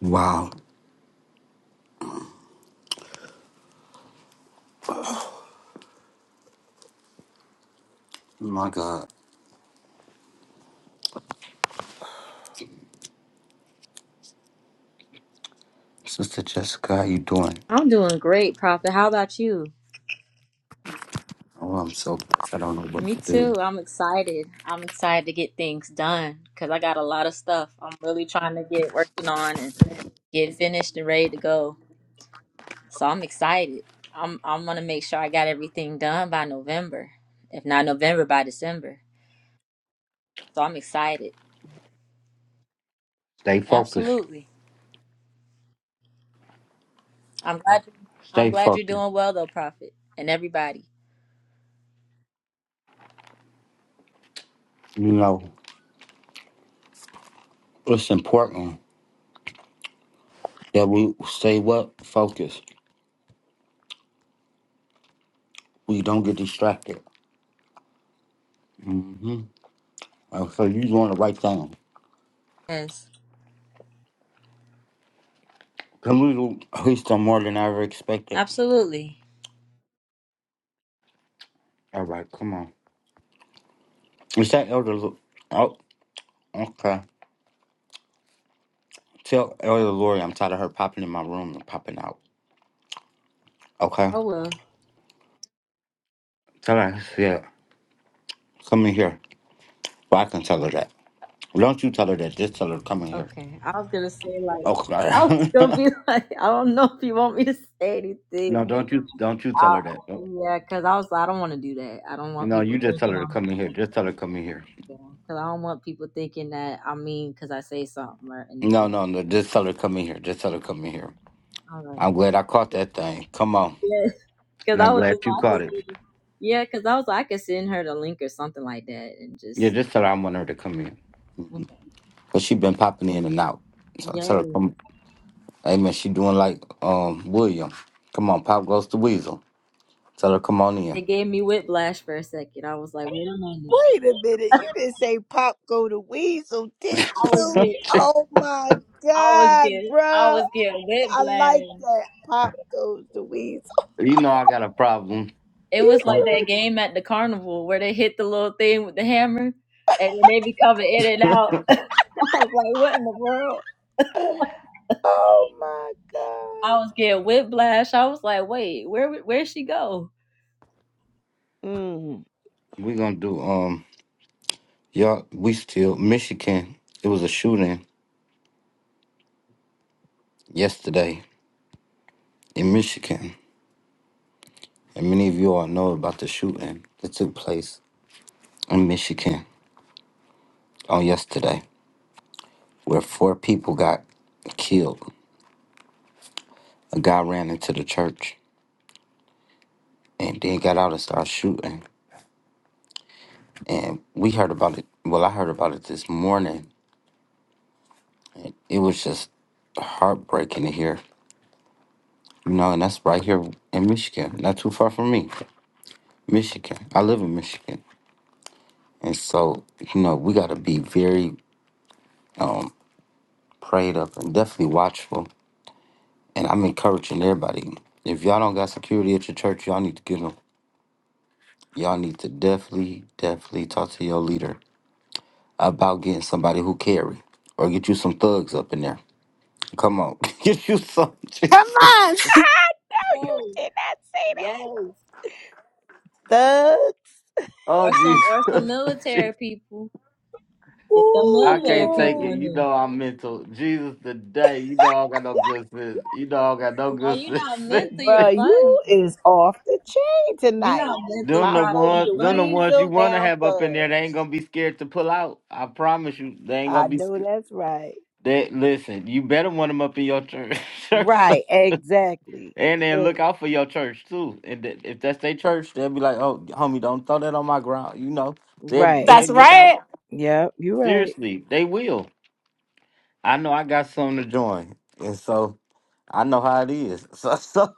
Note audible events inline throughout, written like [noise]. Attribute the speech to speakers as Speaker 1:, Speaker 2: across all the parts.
Speaker 1: Wow. Oh My God. Sister Jessica, how you doing?
Speaker 2: I'm doing great, Prophet. How about you?
Speaker 1: Oh, I'm so I don't know what
Speaker 2: Me
Speaker 1: to do.
Speaker 2: too. I'm excited. I'm excited to get things done because I got a lot of stuff I'm really trying to get working on and get finished and ready to go. So I'm excited. I'm I'm gonna make sure I got everything done by November, if not November by December. So I'm excited.
Speaker 1: Stay focused.
Speaker 2: Absolutely. I'm glad. You, I'm
Speaker 1: Stay
Speaker 2: glad you're
Speaker 1: focused.
Speaker 2: doing well though, Prophet, and everybody.
Speaker 1: You know, it's important that we stay what? Focused. We don't get distracted. Mm-hmm. Oh, so you doing the right thing.
Speaker 2: Yes,
Speaker 1: Come we do at least done more than I ever expected.
Speaker 2: absolutely.
Speaker 1: All right, come on. Is that Elder Lu- Oh, okay. Tell Elder Lori I'm tired of her popping in my room and popping out. Okay?
Speaker 2: I will.
Speaker 1: Tell her, yeah, come in here. Well, I can tell her that. Don't you tell her that. Just tell her come in here.
Speaker 2: Okay, I was gonna say like [laughs] I was
Speaker 1: Okay.
Speaker 2: gonna be [laughs] like I don't know if you want me to say
Speaker 1: [laughs]
Speaker 2: anything.
Speaker 1: no,
Speaker 2: 'cause
Speaker 1: don't you don't you tell her that.
Speaker 2: I,
Speaker 1: Don't-
Speaker 2: yeah, because I was like, I don't want to do that. I don't want
Speaker 1: No,
Speaker 2: people
Speaker 1: you just tell
Speaker 2: thinking
Speaker 1: her to come in here.
Speaker 2: I'm
Speaker 1: Just tell her come in here.
Speaker 2: because I don't want people thinking that I mean because I say something or
Speaker 1: No,
Speaker 2: anything.
Speaker 1: no, no. Just tell her come in here. Just tell her come in here.
Speaker 2: All right.
Speaker 1: I'm glad I caught
Speaker 2: [laughs]
Speaker 1: that thing. Come on.
Speaker 2: Yeah, because
Speaker 1: And
Speaker 2: I
Speaker 1: I'm
Speaker 2: was just
Speaker 1: glad you
Speaker 2: like, I
Speaker 1: caught
Speaker 2: could
Speaker 1: it.
Speaker 2: see- yeah, because I was like I could send her the link or something like that and
Speaker 1: Yeah,
Speaker 2: just
Speaker 1: just tell her I want her to come in.
Speaker 2: okay.
Speaker 1: But she been popping in and out. So I tell her
Speaker 2: Yeah,
Speaker 1: come Hey man, she doing like um William. Come on, Pop goes to Weasel. Tell her come on
Speaker 2: it
Speaker 1: in.
Speaker 2: gave me whiplash for a second. I was like, wait a minute.
Speaker 3: Wait a minute. You didn't say Pop go to Weasel, did
Speaker 2: I was
Speaker 3: you?
Speaker 2: getting,
Speaker 1: [laughs]
Speaker 3: Oh my
Speaker 2: I was
Speaker 3: God,
Speaker 2: getting, I
Speaker 3: bruh.
Speaker 2: was getting
Speaker 3: I like
Speaker 2: whiplash.
Speaker 3: that. Pop goes to Weasel.
Speaker 1: you know I got a problem.
Speaker 2: It
Speaker 3: You
Speaker 2: was like
Speaker 1: Something.
Speaker 3: sure?
Speaker 2: that game at the carnival where they hit the little thing with the hammer and then they be coming in and out. [laughs] I was like, what in the world?
Speaker 3: did. [sighs] Oh my
Speaker 2: I was
Speaker 3: God.
Speaker 2: getting whiplash. I was like, wait, where where'd she go?
Speaker 3: Mm.
Speaker 1: We gonna do. um. Y'all, we still Michigan. It was a shooting yesterday in Michigan, and many of you all know about the shooting that took place in Michigan on yesterday, where four people got killed. A guy ran into the church and then got out and started shooting. And we heard about it. Well, I heard about it this morning. And it was just heartbreaking to hear. You know, and that's right here in Michigan, not too far from me. Michigan. I live in Michigan. And so, you know, we got to be very, um, prayed up and definitely watchful. And I'm encouraging everybody. If y'all don't got security at your church, y'all need to get them. Y'all need to definitely, definitely talk to your leader about getting somebody who carry, or get you some thugs up in there. Come on, [laughs] get you some. [laughs]
Speaker 4: Come
Speaker 1: Jesus.
Speaker 4: on. [laughs]
Speaker 3: No, you
Speaker 2: Ooh,
Speaker 3: did not say
Speaker 2: yes. Or
Speaker 3: that. Thug.
Speaker 1: Oh
Speaker 2: some
Speaker 1: Jesus,
Speaker 2: or some
Speaker 1: [laughs] Jesus.
Speaker 2: military people. Get the
Speaker 1: I
Speaker 3: Ooh,
Speaker 2: military
Speaker 1: can't take
Speaker 2: people
Speaker 1: it.
Speaker 3: Lord.
Speaker 2: in
Speaker 1: You know
Speaker 2: there.
Speaker 1: I'm mental. Jesus, today, you know I don't got no good sense. You know I don't got no
Speaker 2: No, you're
Speaker 1: good
Speaker 2: not
Speaker 1: sense.
Speaker 2: mental,
Speaker 1: [laughs]
Speaker 2: you're
Speaker 3: Bruh, you
Speaker 2: funny.
Speaker 3: is off the chain
Speaker 2: You're not
Speaker 3: tonight.
Speaker 2: mental
Speaker 1: Them
Speaker 3: Pop
Speaker 1: the
Speaker 2: property,
Speaker 3: goes
Speaker 1: ones,
Speaker 3: to
Speaker 2: you're
Speaker 1: them
Speaker 2: funny.
Speaker 1: the ones you
Speaker 3: Weasel,
Speaker 1: want to
Speaker 3: now
Speaker 1: have up in there. They ain't
Speaker 3: thugs.
Speaker 1: gonna be scared to pull out. I promise you, they ain't
Speaker 3: I
Speaker 1: gonna be.
Speaker 3: know
Speaker 1: sc-
Speaker 3: that's right.
Speaker 1: They listen. You better want them up in your church, [laughs] church.
Speaker 3: Right, exactly.
Speaker 1: and then
Speaker 3: [laughs]
Speaker 1: look out for your church too. And th- if that's their church, they'll be like, "Oh, homie, don't throw that on my ground." You know, they
Speaker 3: Right.
Speaker 1: they
Speaker 4: That's
Speaker 1: look out
Speaker 4: right.
Speaker 3: Yep, you're right.
Speaker 1: seriously. They will. I know. I got something to join, and so I know how it is. [laughs] So so.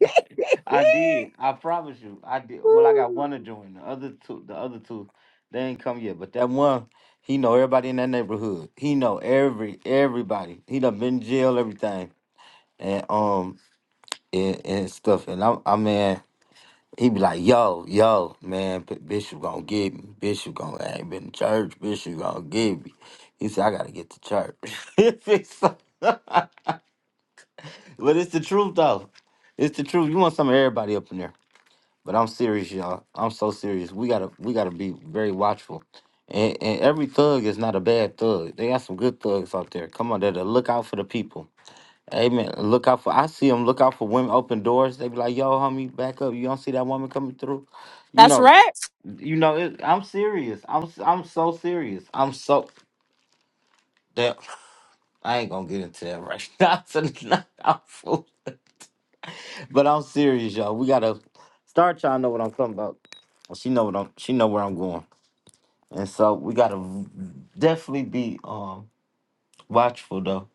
Speaker 3: [laughs]
Speaker 1: I did. I promise you. I did. Well, I
Speaker 3: Woo.
Speaker 1: got one to join. The other two, the other two, they ain't come yet. But that one, he know everybody in that neighborhood. He know every everybody. He done been in jail, everything, and um and, and stuff. And I'm, I mean, he be like, yo, yo, man, B- Bishop gonna get me. Bishop gonna I ain't been to church. Bishop gonna get me. He said, I gotta get to church. [laughs] It's so- [laughs] but it's the truth though. It's the truth. You want some of everybody up in there. But I'm serious, y'all. I'm so serious. We gotta we gotta be very watchful. And and every thug is not a bad thug. They got some good thugs out there. Come on, that that look out for the people. Amen. Look out for I see them look out for women open doors. They be like, yo, homie, back up. You don't see that woman coming through. You
Speaker 4: That's
Speaker 1: know,
Speaker 4: right.
Speaker 1: you know, it, I'm serious. I'm s- I'm so serious. I'm so that I ain't gonna get into that right [laughs] now. tonight. I'm full. but I'm serious, y'all. We gotta start trying to know what I'm talking about. She know what I'm she know where I'm going. And so we gotta v- definitely be um watchful though,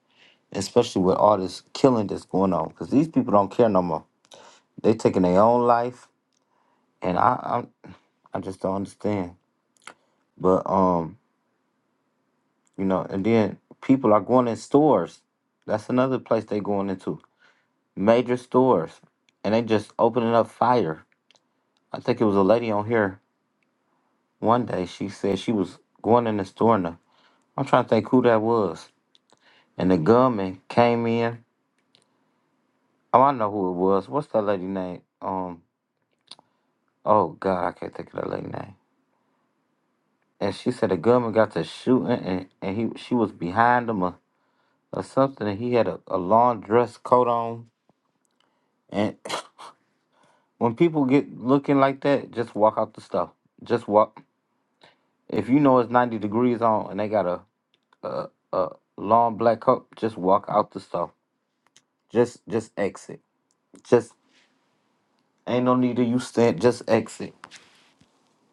Speaker 1: especially with all this killing that's going on, because these people don't care no more. They taking their own life, and I, I I just don't understand. But um, you know, and then people are going in stores. That's another place they going into major stores, and they just opening up fire. I think it was a lady on here one day. She said she was going in the store, and the, I'm trying to think who that was. And the gunman came in Oh, I know who it was. What's that lady name? Um, oh God, I can't think of that lady name. And she said the gunman got to shooting, and, and he she was behind him or, or something, and he had a, a long dress coat on. And [coughs] [clears throat] when people get looking like that, just walk out the stuff. Just walk. If you know it's ninety degrees on, and they got a long black coat, just walk out the stuff. Just just exit. Just ain't no need to you stand. Just exit.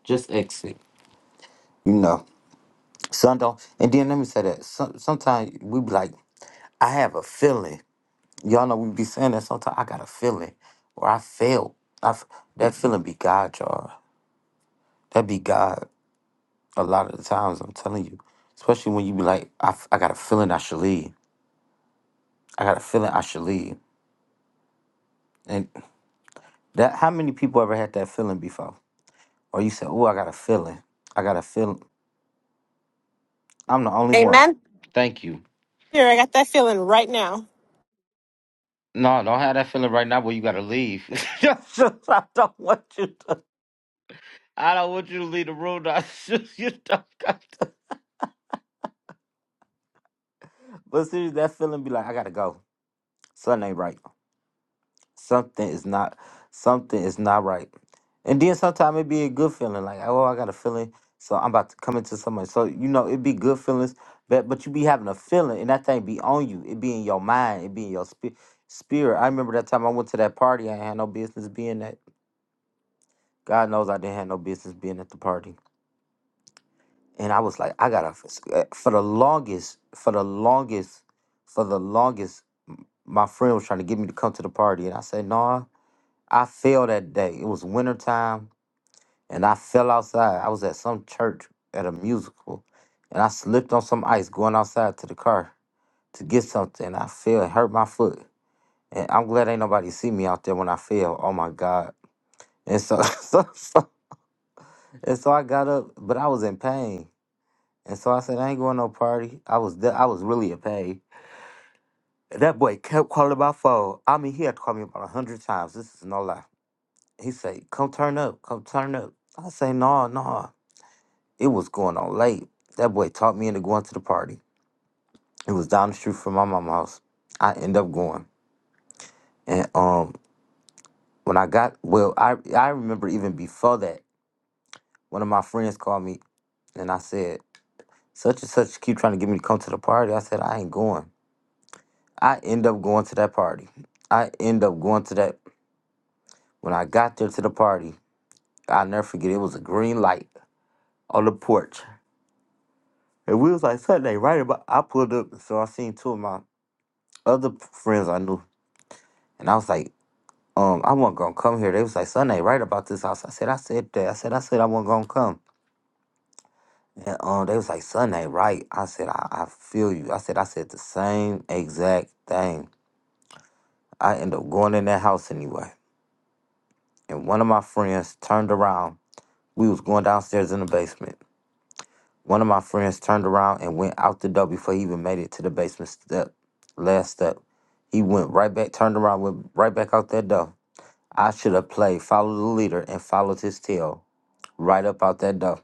Speaker 1: Just exit. You know. Some don't. And then let me say that. Some, sometimes we be like, I have a feeling. Y'all know we be saying that sometimes. I got a feeling, or I felt. I f- that feeling be God, y'all. That be God. A lot of the times, I'm telling you. Especially when you be like, I, f- I got a feeling I should leave. I got a feeling I should leave. And that, how many people ever had that feeling before? Or you say, Oh, I got a feeling. I got a feeling. I'm the only one.
Speaker 4: Amen.
Speaker 1: Thank you.
Speaker 4: Here, I got that feeling right now.
Speaker 1: No, don't have that feeling right now where you gotta leave. [laughs] I don't want you to. I don't want you to leave the room. Now. [laughs] you don't got to. But seriously, that feeling be like, I gotta go. Something ain't right. Something is not. Something is not right. And then sometimes it be a good feeling, like oh, I got a feeling, so I'm about to come into somebody. So you know, it be good feelings, but but you be having a feeling, and that thing be on you. It be in your mind. It be in your spi- spirit. I remember that time I went to that party. I ain't had no business being at. God knows I didn't have no business being at the party. and I was like, I gotta f- uh, for the longest, for the longest, for the longest, my friend was trying to get me to come to the party, and I said, no, nah. I fell that day. It was wintertime, and I fell outside. I was at some church at a musical, and I slipped on some ice going outside to the car to get something. I fell, it hurt my foot, and I'm glad ain't nobody see me out there when I fell. Oh my God! And so, [laughs] so, so and so I got up, but I was in pain. And so I said, I ain't going no party. I was there. I was really a pay. That boy kept calling my phone. I mean, he had to call me about a hundred times. This is no lie. He said, "Come turn up, come turn up." I say, "No, no." It was going on late. That boy talked me into going to the party. It was down the street from my mama's house. I end up going, and um, when I got well, I I remember even before that, one of my friends called me, and I said, "Such and such keep trying to get me to come to the party." I said, "I ain't going." I end up going to that party. I end up going to that. When I got there to the party, I'll never forget. It was a green light on the porch, and we was like Sunday right about. I pulled up, so I seen two of my other friends I knew, and I was like, um, I wasn't gonna come here. They was like Sunday right about this house. I said, I said that. I said, I said I wasn't gonna come. And um, they was like Sunday right. I said, I, I feel you. I said, I said the same exact thing. I end up going in that house anyway, and one of my friends turned around We was going downstairs in the basement. One of my friends turned around and went out the door before he even made it to the basement step, last step. He went right back, turned around, went right back out that door. I should have played follow the leader and followed his tail right up out that door.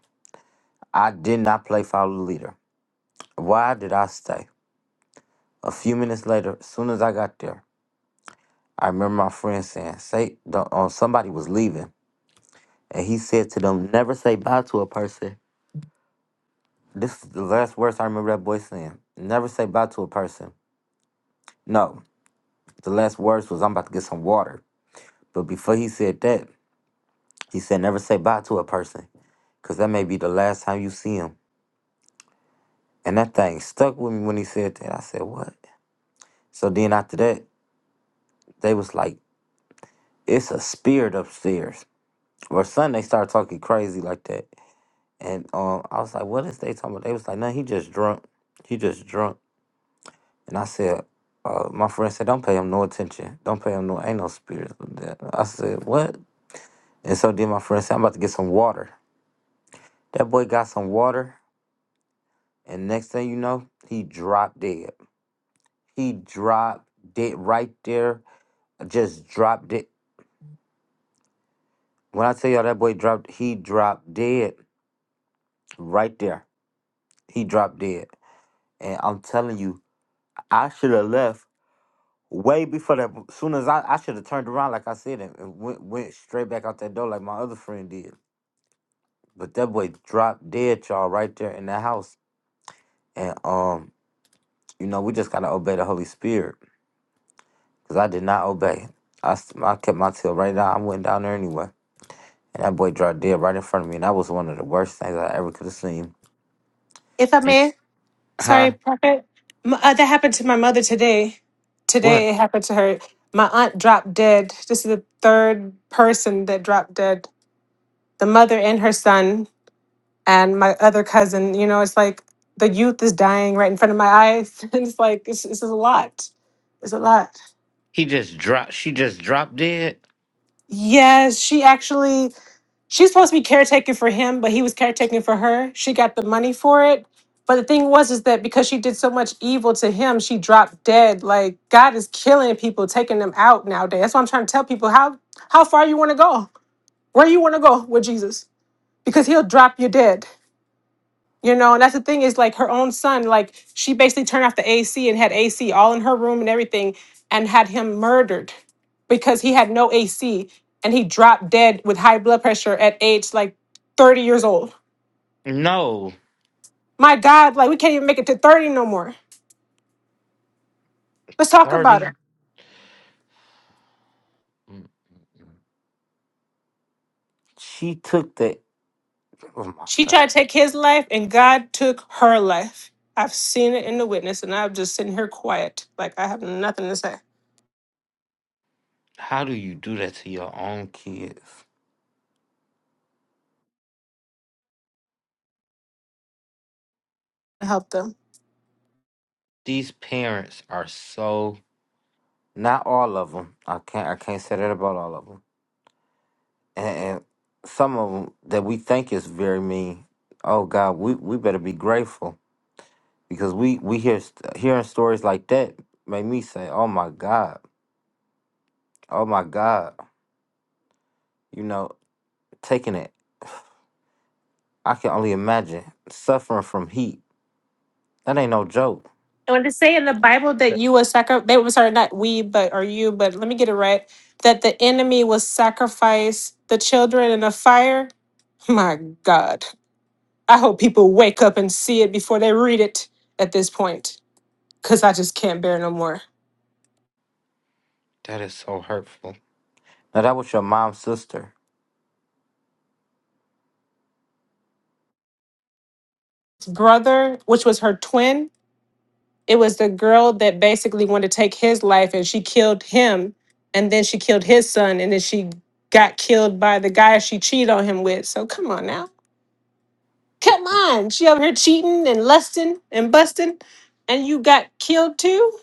Speaker 1: I did not play follow the leader. Why did I stay? A few minutes later, as soon as I got there, I remember my friend saying, "Say, the- uh, somebody was leaving," and he said to them, "Never say bye to a person This is the last words I remember that boy saying. Never say bye to a person. No, the last words was I'm about to get some water. But before he said that, he said never say bye to a person, cause that may be the last time you see him. And that thing stuck with me when he said that. I said what? So then after that, they was like, it's a spirit upstairs. Or Sunday they started talking crazy like that, and um, I was like, what is they talking about? They was like, no, he just drunk. He just drunk. And I said, uh, my friend said, don't pay him no attention. Don't pay him no, ain't no spirit. of death." I said, what? And so then my friend said, I'm about to get some water. That boy got some water. And next thing you know, he dropped dead. He dropped dead right there. Just dropped it. When I tell y'all that boy dropped, he dropped dead right there. He dropped dead. And I'm telling you, I should have left way before that. Soon as I, I should have turned around, like I said, and, and went, went straight back out that door like my other friend did. But that boy dropped dead, y'all, right there in the house. And um, you know, we just gotta obey the Holy Spirit. Cause I did not obey. I, s- I kept my tail right down. I went down there anyway. And that boy dropped dead right in front of me. And that was one of the worst things I ever could have seen.
Speaker 4: If I
Speaker 1: And,
Speaker 4: may. Sorry,
Speaker 1: huh?
Speaker 4: Prophet. M- uh, that happened to my mother today.
Speaker 1: What?
Speaker 4: Today it happened to her. My aunt dropped dead. This is the third person that dropped dead. The mother and her son, and my other cousin. You know, it's like the youth is dying right in front of my eyes. [laughs] And it's like, this, this is a lot. It's a lot.
Speaker 1: He just dropped she just dropped dead?
Speaker 4: Yes, she actually. She's supposed to be caretaking for him, but he was caretaking for her. She got the money for it. But the thing was is that because she did so much evil to him, she dropped dead. Like God is killing people, taking them out nowadays. That's why I'm trying to tell people how how far you want to go, where you want to go with Jesus, because He'll drop you dead. You know, and that's the thing is like her own son, like she basically turned off the AC and had AC all in her room and everything and had him murdered because he had no AC and he dropped dead with high blood pressure at age like 30 years old.
Speaker 1: No.
Speaker 4: My God, like we can't even make it to 30 no more. Let's talk about
Speaker 1: 30.
Speaker 4: her.
Speaker 1: She took the oh my
Speaker 4: She
Speaker 1: god.
Speaker 4: tried to take his life and God took her life. I've seen it in the witness and I'm just sitting here quiet. Like I have nothing to say
Speaker 1: How do you do that to your own kids?
Speaker 4: to help them.
Speaker 1: These parents are so Not all of them. I can't. I can't say that about all of them. And, and some of them that we think is very mean. Oh God, we, we better be grateful because we we hear st- hearing stories like that make me say, Oh my God, oh my God. You know, taking it. I can only imagine suffering from heat. That ain't no joke.
Speaker 4: when to say in the Bible that
Speaker 1: That,
Speaker 4: you was sacri- they were sorry, not we, but or you, but let me get it right, that the enemy will sacrifice the children in a fire. My God. I hope people wake up and see it before they read it at this point. Cause I just can't bear no more.
Speaker 1: that is so hurtful. Now that was your mom's sister.
Speaker 4: Brother, which was her twin, It was the girl that basically wanted to take his life and she killed him and then she killed his son and then she got killed by the guy she cheated on him with. So come on now. Come on. She over here cheating and lusting and busting and you got killed too?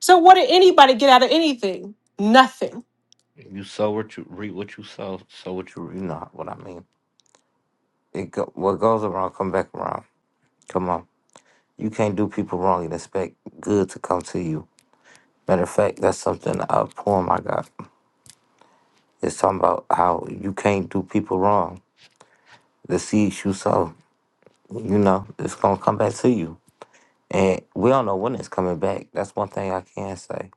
Speaker 4: So what did anybody get out of anything? Nothing.
Speaker 1: You sow what you reap, what you sow. Sow what you re- you know what I mean. It go, what goes around come back around. Come on. You can't do people wrong and expect good to come to you. Matter of fact, that's something a poem I got. It's talking about how you can't do people wrong. The seeds you sow, you know, it's gonna come back to you. And we don't know when it's coming back. That's one thing I can say.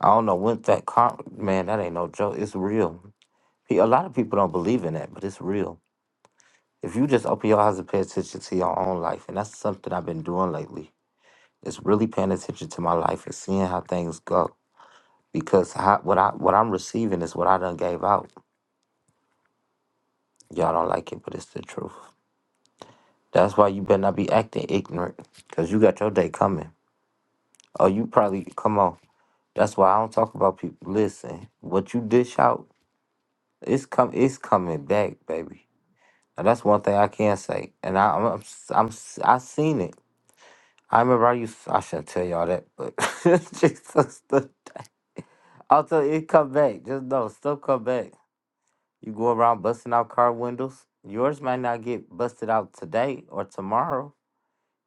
Speaker 1: I don't know when that car man, that ain't no joke. It's real. Pe- A lot of people don't believe in that, but it's real. If you just open your eyes and pay attention to your own life, and that's something I've been doing lately. It's really paying attention to my life and seeing how things go because how, what I what I'm receiving is what I done gave out. Y'all don't like it, but it's the truth. That's why you better not be acting ignorant, cause you got your day coming. Oh, you probably come on. That's why I don't talk about people. Listen, what you dish out, it's come, it's coming back, baby. And that's one thing I can say. And I, I'm, I'm, I'm I seen it. I remember I used. I shouldn't tell y'all that, but [laughs] Jesus, the- I'll tell you, it come back. Just know, stuff come back. You go around busting out car windows. Yours might not get busted out today or tomorrow.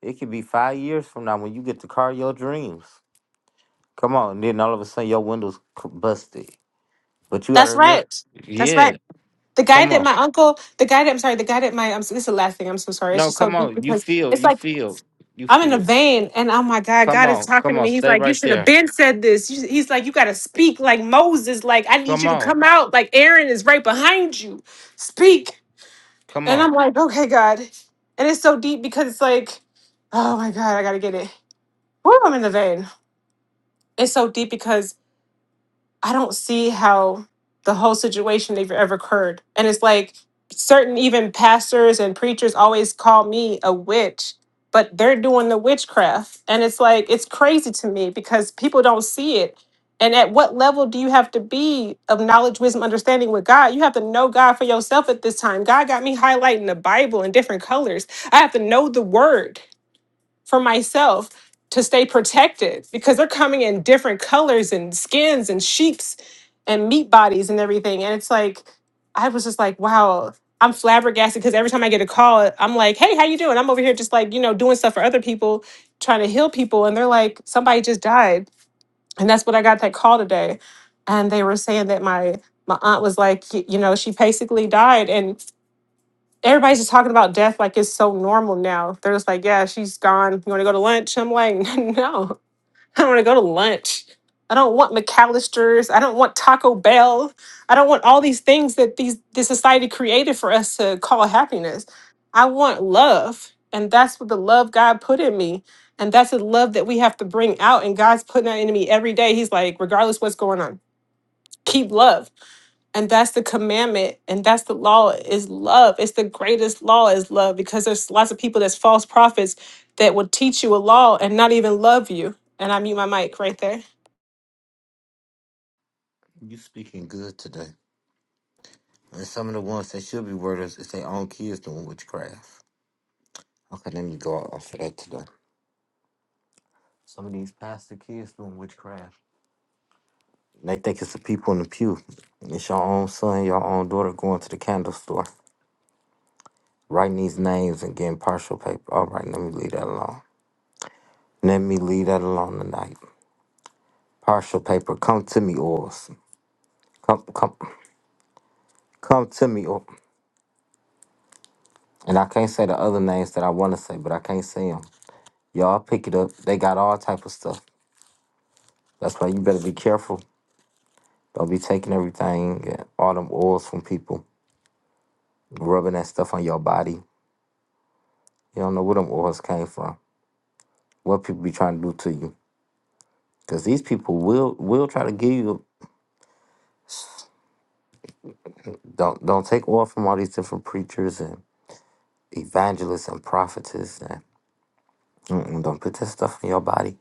Speaker 1: It could be five years from now when you get the car of your dreams. Come on, and then all of a sudden your windows c- busted. But you gotta
Speaker 4: That's
Speaker 1: remember,
Speaker 4: right. That's
Speaker 1: yeah.
Speaker 4: right. The guy
Speaker 1: Come
Speaker 4: that
Speaker 1: on,
Speaker 4: my uncle, the guy that I'm sorry, the guy that my um, this is the last thing. I'm so sorry. It's
Speaker 1: no,
Speaker 4: just so
Speaker 1: come
Speaker 4: deep
Speaker 1: on. You
Speaker 4: because
Speaker 1: feel,
Speaker 4: it's
Speaker 1: you
Speaker 4: like
Speaker 1: feel, you
Speaker 4: I'm in a
Speaker 1: feel.
Speaker 4: vein, and oh my God,
Speaker 1: Come
Speaker 4: God is
Speaker 1: on,
Speaker 4: talking
Speaker 1: come
Speaker 4: to
Speaker 1: on.
Speaker 4: me. He's
Speaker 1: Stay
Speaker 4: like, you
Speaker 1: right
Speaker 4: should have
Speaker 1: there.
Speaker 4: been said this. You- He's like, you got to speak like Moses. Like I need
Speaker 1: Come
Speaker 4: you to
Speaker 1: on,
Speaker 4: come out. Like Aaron is right behind you. Speak.
Speaker 1: come
Speaker 4: And
Speaker 1: on.
Speaker 4: I'm like, okay, God. And it's so deep because it's like, oh my God, I gotta get it. Woo, I'm in the vein. It's so deep because I don't see how the whole situation ever ever occurred. And it's like certain even pastors and preachers always call me a witch, but they're doing the witchcraft. And it's like it's crazy to me because people don't see it. And at what level do you have to be of knowledge, wisdom, understanding with God? You have to know God for yourself at this time. God got me highlighting the Bible in different colors. I have to know the word for myself to stay protected because they're coming in different colors and skins and sheeps and meat bodies and everything. And it's like, I was just like, wow, I'm flabbergasted because every time I get a call, I'm like, hey, how you doing? I'm over here just like, you know, doing stuff for other people, trying to heal people. And they're like, somebody just died. And that's what I got that call today. And they were saying that my my aunt was like, y- you know, she basically died everybody's just talking about death like it's so normal now. They're just like, yeah, she's gone. You want to go to lunch? I'm like, [laughs] no, I don't want to go to lunch. I don't want McAllister's. I don't want Taco Bell. I don't want all these things that these this society created for us to call happiness. I want love, and that's what the love God put in me, and that's the love that we have to bring out. And God's putting that into me every day. He's like, regardless what's going on, keep love and that's the commandment and that's the law is love it's the greatest law is love because there's lots of people that's false prophets that will teach you a law and not even love you and i mute my mic right there
Speaker 1: You speaking good today. And some of the ones that should be worders is their own kids doing witchcraft. Okay, let me go off of that today. Some of these pastor kids doing witchcraft. They think it's the people in the pew. It's your own son, your own daughter going to the candle store, writing these names and getting partial paper. All right, let me leave that alone. Let me leave that alone tonight. Partial paper, come to me, oils. Come, come, come to me. oils. and I can't say the other names that I want to say, but I can't say them. Y'all pick it up. They got all type of stuff. That's why you better be careful. Don't be taking everything, all them oils from people, rubbing that stuff on your body You don't know where them oils came from. What people be trying to do to you. Because these people will will try to give you don't don't take oil from all these different preachers and evangelists and prophets and mm-mm, don't put that stuff in your body.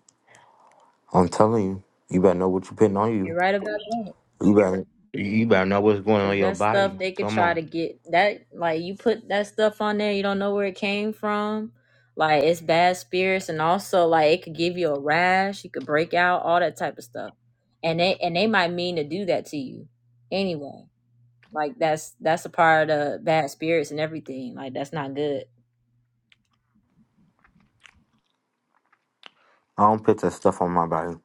Speaker 1: I'm telling you, you better know what you're putting on
Speaker 2: You're
Speaker 1: you.
Speaker 2: right about that.
Speaker 1: You better you better know what's going on
Speaker 2: Cause
Speaker 1: in your
Speaker 2: that stuff
Speaker 1: body.
Speaker 2: they could
Speaker 1: Come
Speaker 2: try
Speaker 1: on.
Speaker 2: to get that like you put that stuff on there, you don't know where it came from. Like it's bad spirits and also like it could give you a rash, you could break out, all that type of stuff. And they and they might mean to do that to you anyway. Like that's that's a part of bad spirits and everything. Like that's not good.
Speaker 1: I don't put that stuff on my body.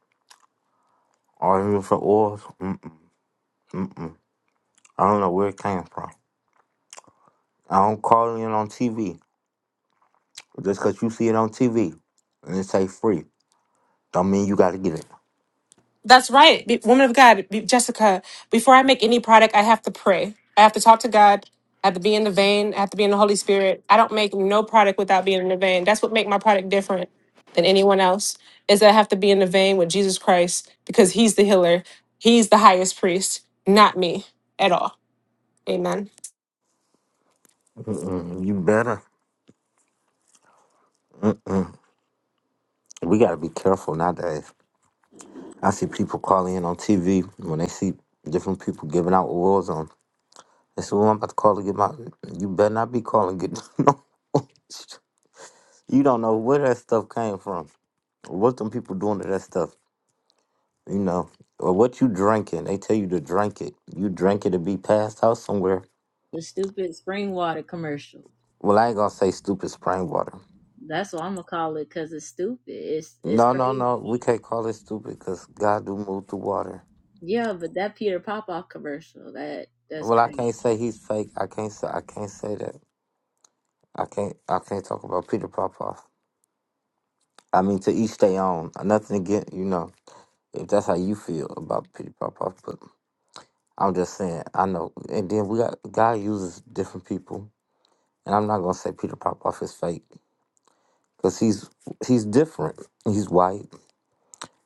Speaker 1: All these different oils. Mm-mm, mm-mm. I don't know where it came from. I don't call it in on TV. Just because you see it on TV and it say free, don't mean you got to get it.
Speaker 4: That's right. Be- woman of God, be- Jessica, before I make any product, I have to pray. I have to talk to God. I have to be in the vein. I have to be in the Holy Spirit. I don't make no product without being in the vein. That's what make my product different than anyone else is that I have to be in the vein with Jesus Christ because he's the healer. He's the highest priest, not me at all. Amen.
Speaker 1: Mm-mm, you better. We got to be careful nowadays. I see people calling in on TV when they see different people giving out awards on. They say, "Well, I'm about to call to get my." You better not be calling get [laughs] no. awards. you don't know where that stuff came from, or what them people doing to that stuff. You know, or what you drinking. They tell you to drink it. You drink it to be passed out somewhere.
Speaker 2: The stupid spring water commercial.
Speaker 1: Well, I ain't gonna say stupid spring water.
Speaker 2: That's what I'm gonna call it because it's stupid. It's it's
Speaker 1: No, no, no.
Speaker 2: crazy.
Speaker 1: We can't call it stupid because God do move the water.
Speaker 2: Yeah, but that Peter Popoff commercial, that that's
Speaker 1: Well, I
Speaker 2: crazy.
Speaker 1: can't say he's fake. I can't say I can't say that. I can't I can't talk about Peter Popoff. I mean, to each their own. Nothing against you know if that's how you feel about Peter Popoff, but I'm just saying I know. And then we got God uses different people, and I'm not gonna say Peter Popoff is fake because he's he's different. He's white,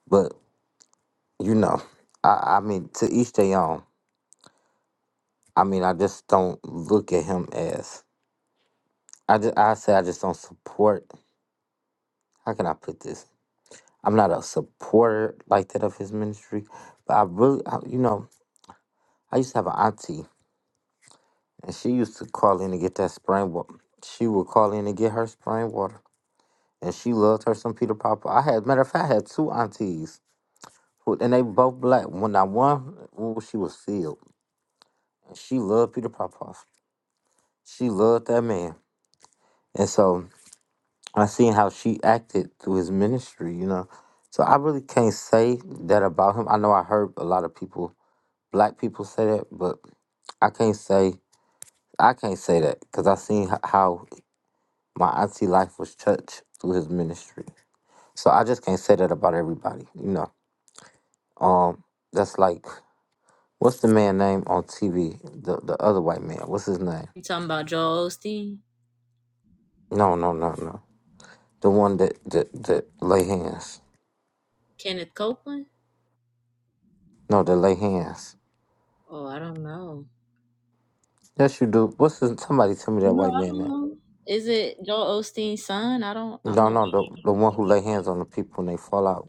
Speaker 1: but you know, I I mean to each their own. I mean, I just don't look at him as I just I say I just don't support. How can I put this? I'm not a supporter like that of his ministry, but I really, I, you know, I used to have an auntie, and she used to call in to get that spring water. She would call in to get her spring water, and she loved her some Peter Piper. I had, matter of fact, I had two aunties, who, and they both black. When I one, ooh, she was filled. She loved Peter Popoff. She loved that man, and so I seen how she acted through his ministry, you know. So I really can't say that about him. I know I heard a lot of people black people say that, but I can't say I can't say that because I seen h- how my auntie life was touched through his ministry. So I just can't say that about everybody, you know. Um, that's like what's the man name on TV? The the other white man. What's his name?
Speaker 2: You talking about Joel Osteen?
Speaker 1: No, no, no, no. The one that that that lay hands.
Speaker 2: Kenneth Copeland?
Speaker 1: No, that lay hands.
Speaker 2: Oh, I don't know.
Speaker 1: Yes, you do. What's his, somebody tell me that
Speaker 2: No,
Speaker 1: white
Speaker 2: I
Speaker 1: man
Speaker 2: don't
Speaker 1: name?
Speaker 2: know. Is it Joel Osteen's son? I don't. I'm
Speaker 1: No,
Speaker 2: not.
Speaker 1: no, the the one who lay hands on the people and they fall out.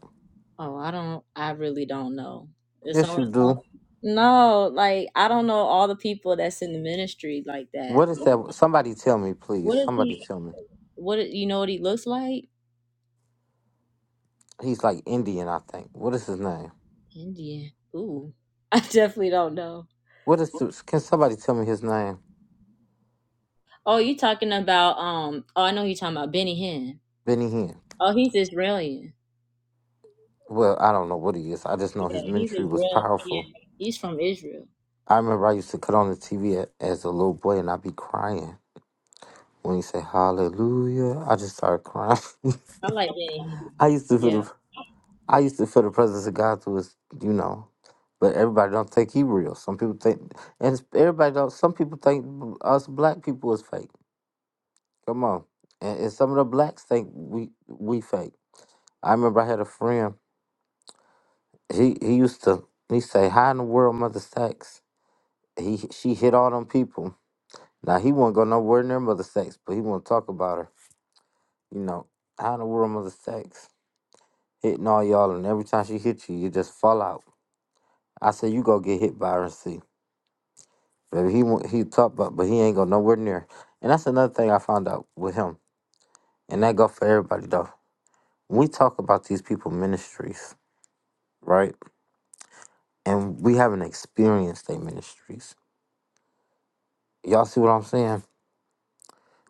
Speaker 2: Oh, I don't. I really don't know. It's
Speaker 1: Yes,
Speaker 2: only.
Speaker 1: you do.
Speaker 2: No, like I don't know all the people that's in the ministry like that.
Speaker 1: What
Speaker 2: I
Speaker 1: is that? Somebody tell me, please.
Speaker 2: What is
Speaker 1: Somebody
Speaker 2: he?
Speaker 1: tell me.
Speaker 2: What is- you know? What he looks like?
Speaker 1: He's like Indian, I think. What is his name?
Speaker 2: Indian. Ooh, [laughs] I definitely don't know.
Speaker 1: What is? The, can somebody tell me his name?
Speaker 2: Oh, you talking about? Um. Oh, I know you talking about Benny Hinn.
Speaker 1: Benny Hinn.
Speaker 2: Oh, he's Israeli.
Speaker 1: Well, I don't know what he is. I just know
Speaker 2: Yeah,
Speaker 1: his
Speaker 2: he's
Speaker 1: ministry was
Speaker 2: Israeli. Yeah,
Speaker 1: powerful.
Speaker 2: he's from Israel.
Speaker 1: I remember I used to cut on the TV as a little boy, and I'd be crying when he said Hallelujah. I just started crying.
Speaker 2: I like Benny Hinn.
Speaker 1: [laughs] I used to feel
Speaker 2: Yeah.
Speaker 1: the I used to feel the presence of God through his, you know. But everybody don't think he real. Some people think, and everybody don't. Some people think us black people is fake. Come on. And, and some of the blacks think we we fake. I remember I had a friend. He he used to he say, "How in the world, Mother Sacks?" He she hit all them people. Now he won't go nowhere near Mother Sacks, but he won't talk about her. You know, how in the world, Mother Sacks hitting all y'all, and every time she hit you, you just fall out. I said, "You go get hit by her and see." Baby, he won't- he talk about, but he ain't go nowhere near. And that's another thing I found out with him, and that go for everybody though. We talk about these people ministries, right? and we haven't experienced their ministries. Y'all see what I'm saying?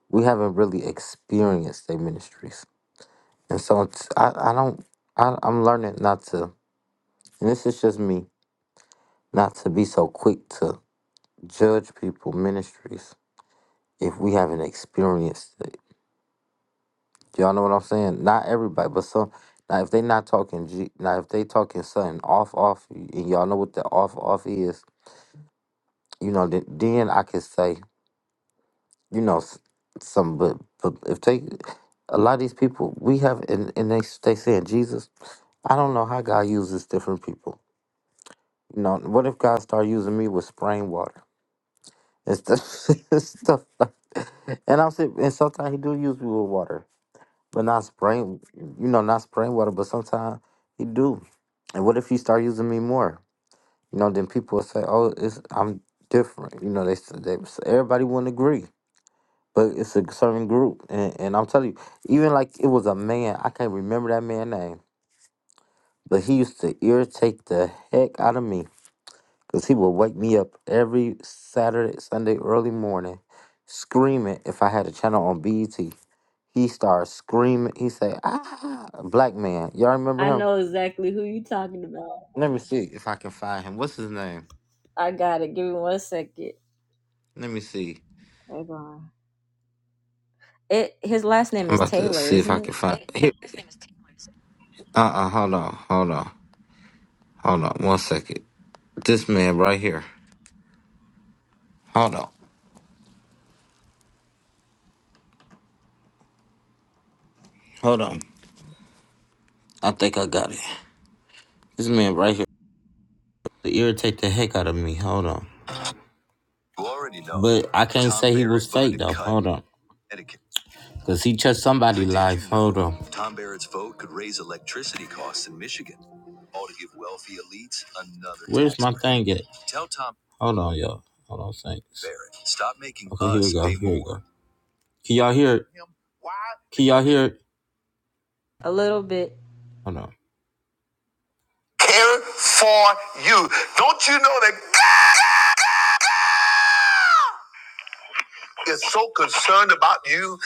Speaker 1: We haven't really experienced their ministries, and so it's, I I don't I I'm learning not to, and this is just me, not to be so quick to judge people ministries if we haven't experienced it. Y'all know what I'm saying? Not everybody, but some. Now if they not talking, G, now if they talking something off off, and y'all know what the off off is, you know, then, then I can say you know, s- some, but, but if they, a lot of these people, we have, and, and they, they saying, Jesus, I don't know how God uses different people. You know, what if God started using me with spraying water and stuff, [laughs] stuff like that? And I'm saying, and sometimes he do use me with water, but not spraying, you know, not spraying water, but sometimes he do. And what if he start using me more? You know, then people will say, oh, it's, I'm different. You know, they, s- they everybody wouldn't agree. but it's a certain group, and, and I'm telling you, even like it was a man, I can't remember that man's name, but he used to irritate the heck out of me because he would wake me up every Saturday, Sunday, early morning, screaming if I had a channel on BET. He started screaming. He said, "Ah, black man, y'all remember
Speaker 2: I
Speaker 1: him?
Speaker 2: know exactly who you talking about.
Speaker 1: Let me see if I can find him. What's his name?
Speaker 2: I got it. Give me one second.
Speaker 1: Let me see.
Speaker 2: Hold on. It his last name
Speaker 1: I'm
Speaker 2: is
Speaker 1: about to
Speaker 2: Taylor,
Speaker 1: see if
Speaker 2: isn't
Speaker 1: I
Speaker 2: it?
Speaker 1: can find. Here, uh, uh hold on, hold on, hold on, one second. This man right here. Hold on. Hold on. I think I got it. This man right here to irritate the heck out of me. Hold on. You already know. But I can't Tom say he Barrett was fake though. cut. Hold on. Etiquette. Cause he touched somebody's life. Hold on. Tom Barrett's vote could raise electricity costs in Michigan. All to give wealthy elites another. Where's my thing at? Tell Tom. Hold on, y'all. Hold on, thanks. Barrett, stop making okay, us here we go. Here we go. Can y'all hear it? Why? Can y'all hear it?
Speaker 2: A little bit.
Speaker 1: Hold on. Care for you. Don't you know that? God is so concerned about you.